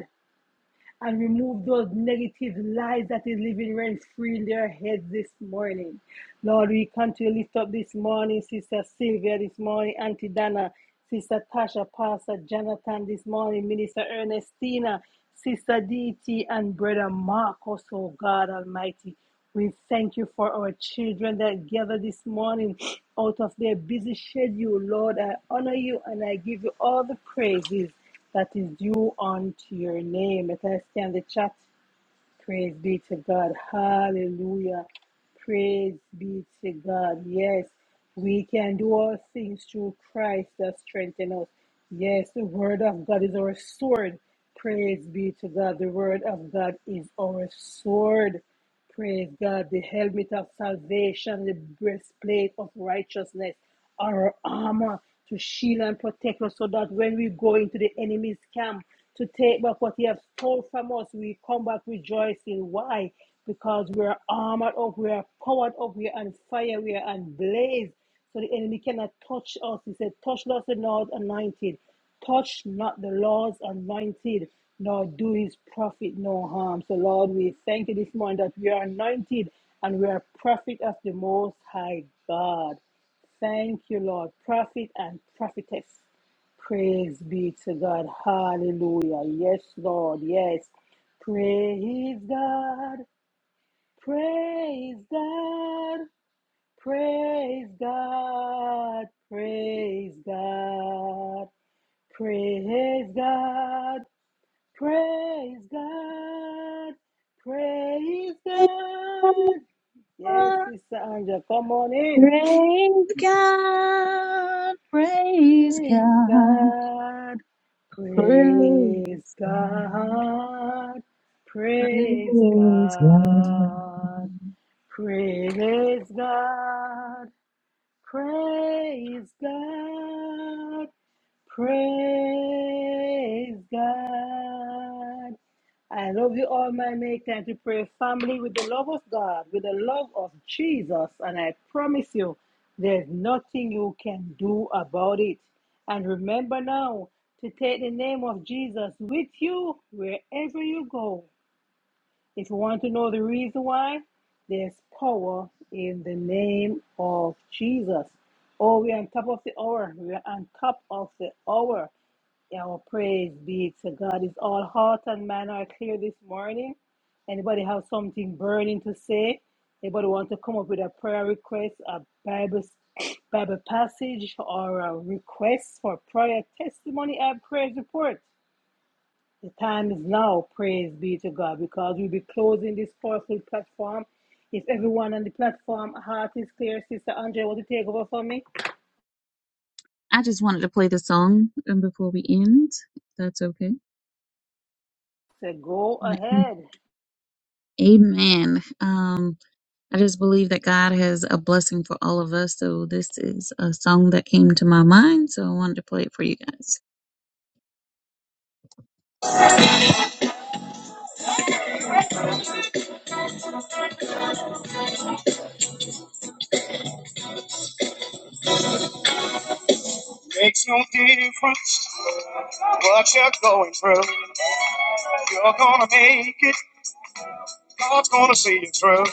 and remove those negative lies that is living rent free in their heads this morning. Lord, we come to lift up this morning, Sister Sylvia this morning, Auntie Dana, Sister Tasha, Pastor Jonathan this morning, Minister Ernestina, Sister DT, and Brother Marcos, oh God Almighty. We thank you for our children that gather this morning out of their busy schedule. Lord, I honor you and I give you all the praises that is due unto your name. Let us scan the chat. Praise be to God. Hallelujah. Praise be to God. Yes, we can do all things through Christ that strengthens us. Yes, the word of God is our sword. Praise be to God. The word of God is our sword. Praise God, the helmet of salvation, the breastplate of righteousness, our armor to shield and protect us so that when we go into the enemy's camp to take back what he has stole from us, we come back rejoicing. Why? Because we are armored up, we are powered up, we are on fire, we are on blaze. So the enemy cannot touch us. He said, Touch us the Lord anointed touch not the Lord's anointed, nor do his prophet no harm. So, Lord, we thank you this morning that we are anointed and we are prophet of the Most High God. Thank you, Lord, prophet and prophetess. Praise be to God. Hallelujah. Yes, Lord. Yes. Praise God. Praise God. Praise God. Praise God. Praise God. Praise God. Praise God. Yes, Sister Angela, come on in. Praise God, praise Praise God, God. Praise praise God. God. Praise Praise God. God. Praise God. Praise God. Praise God. I love you all, my make time to pray family with the love of God, with the love of Jesus. And I promise you, there's nothing you can do about it. And remember now to take the name of Jesus with you wherever you go. If you want to know the reason why, there's power in the name of Jesus. Oh, we're on top of the hour. We're on top of the hour. Our praise be to God. Is all heart and mind are clear this morning? Anybody have something burning to say? Anybody want to come up with a prayer request, a Bible Bible passage, or a request for prayer, testimony, and praise report? The time is now, praise be to God, because we'll be closing this powerful platform. If everyone on the platform heart is clear, Sister Andrea, want to take over for me? I just wanted to play the song um, before we end. if That's okay. So go Wanna- ahead. Amen. Um, I just believe that God has a blessing for all of us. So this is a song that came to my mind. So I wanted to play it for you guys. Makes no difference what you're going through. You're gonna make it. God's gonna see you through.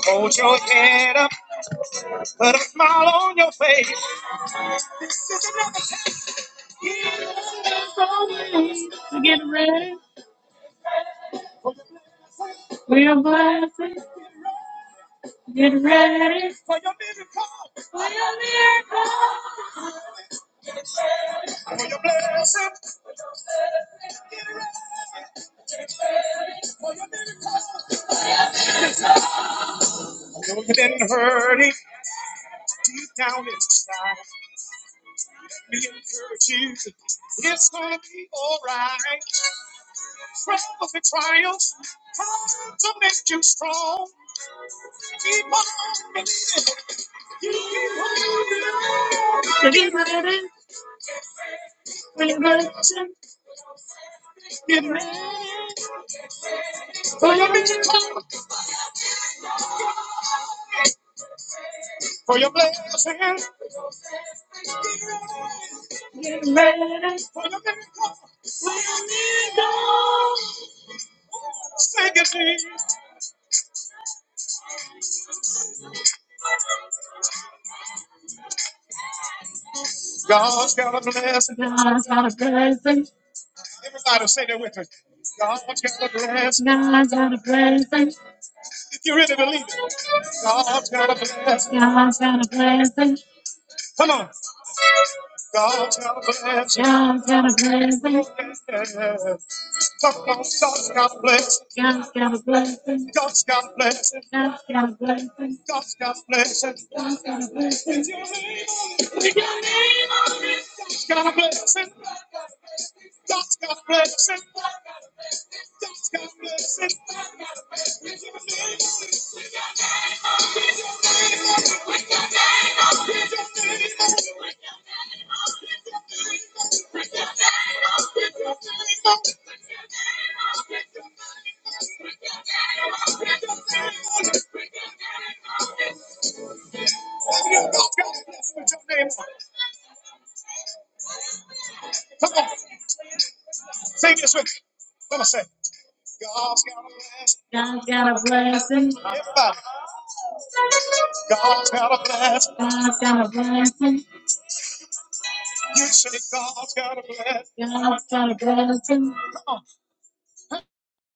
Hold your head up, put a smile on your face. We're blessed. Get ready. For your miracle. For your blessing. I know You've been hurting deep down inside. We encourage you. It's gonna be alright. Trials and trials come to make you strong. Keep on believing. Keep on believing. Get ready for your blessing. Get ready for your miracle. For your blessing. Praise for the miracle. Sing it, Jesus. God's got a blessing. God's got a blessing. Everybody say that with me. God's got a blessing. God's got a blessing. If you really believe it, God's got a blessing. God's got a blessing. Come on. God's got a blessing. God's got a blessing. Yeah. Come on, God's got a blessing. God's got a blessing. God's got a blessing. God's got a blessing. God's got a blessing. God's got a blessing. God's got a blessing. That's the first thing. That's the first thing. You got God's best for your name. Come on, say this with me. Come on, say. God's got a blessing. God's got a blessing. Everybody. God's got a blessing. God's got a blessing. You say God's got a blessing. God's got a blessing. Come on.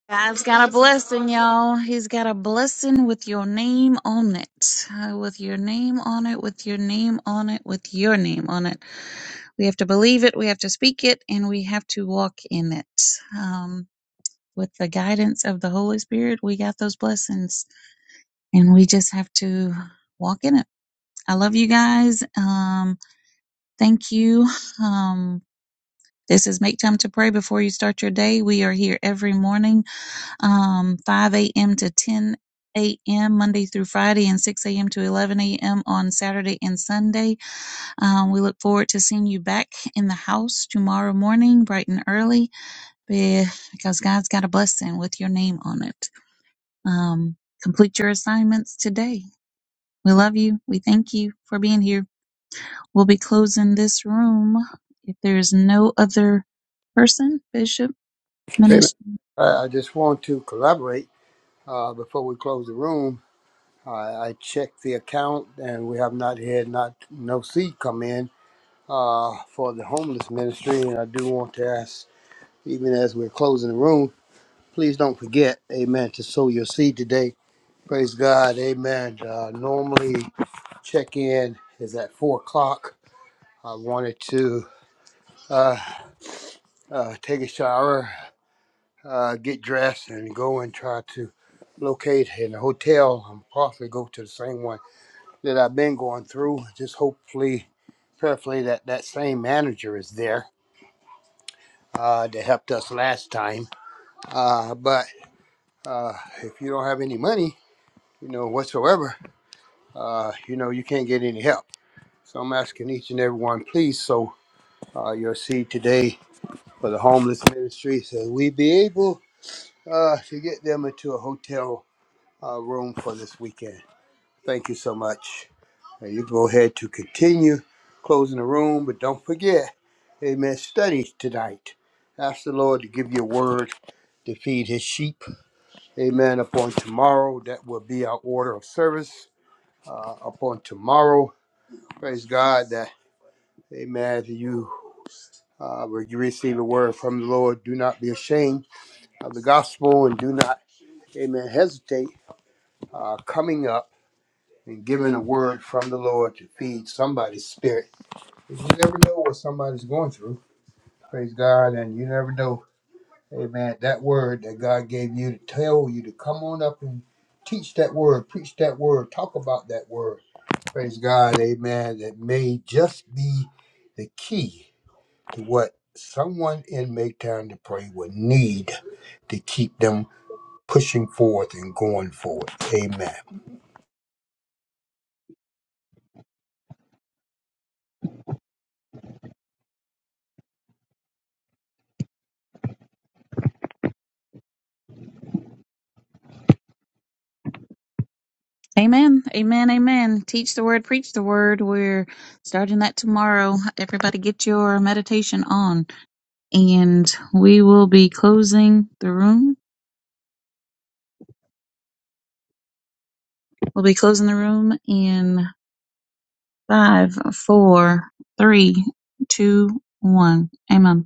God's got a blessing, y'all. He's got a blessing with your name on it. Uh, with your name on it, with your name on it, with your name on it. We have to believe it, we have to speak it, and we have to walk in it. Um, with the guidance of the Holy Spirit, we got those blessings, and we just have to walk in it. I love you guys. Um, thank you. Um, this is Make Time to Pray Before You Start Your Day. We are here every morning, um, 5 a.m. to 10 a.m. Monday through Friday, and 6 a.m. to 11 a.m. on Saturday and Sunday. Um, we look forward to seeing you back in the house tomorrow morning, bright and early. Yeah, because God's got a blessing with your name on it. Um, complete your assignments today. We love you. We thank you for being here. We'll be closing this room if there is no other person, Bishop, David, Minister. I I just want to collaborate uh, before we close the room. I, I checked the account, and we have not had not no seed come in uh, for the homeless ministry. And I do want to ask, even as we're closing the room, please don't forget, Amen, to sow your seed today. Praise God, Amen. Uh, normally, check in is at four o'clock. I wanted to uh, uh, take a shower uh, get dressed and go and try to locate in a hotel and possibly go to the same one that I've been going through. Just hopefully, prayerfully, that that same manager is there uh, that helped us last time. Uh, but uh, if you don't have any money, you know, whatsoever, uh, you know, you can't get any help. So I'm asking each and every one, please, so uh, your seed today for the homeless ministry, so we be able uh, to get them into a hotel uh, room for this weekend. Thank you so much. And you go ahead to continue closing the room, but don't forget, amen, study tonight. Ask the Lord to give you a word to feed his sheep. Amen. Upon tomorrow, that will be our order of service. Uh, upon tomorrow, praise God that, amen, you uh, will you receive a word from the Lord. Do not be ashamed of the gospel and do not, amen, hesitate uh, coming up and giving a word from the Lord to feed somebody's spirit 'Cause You never know what somebody's going through. Praise God. And you never know, amen, that word that God gave you to tell you to come on up and teach that word, preach that word, talk about that word. Praise God. Amen. That may just be the key to what someone in Make Time to Pray would need to keep them pushing forth and going forward. Amen. Amen. Amen. Amen. Teach the word, preach the word. We're starting that tomorrow. Everybody get your meditation on. And we will be closing the room. We'll be closing the room in Five, four, three, two, one. Amen.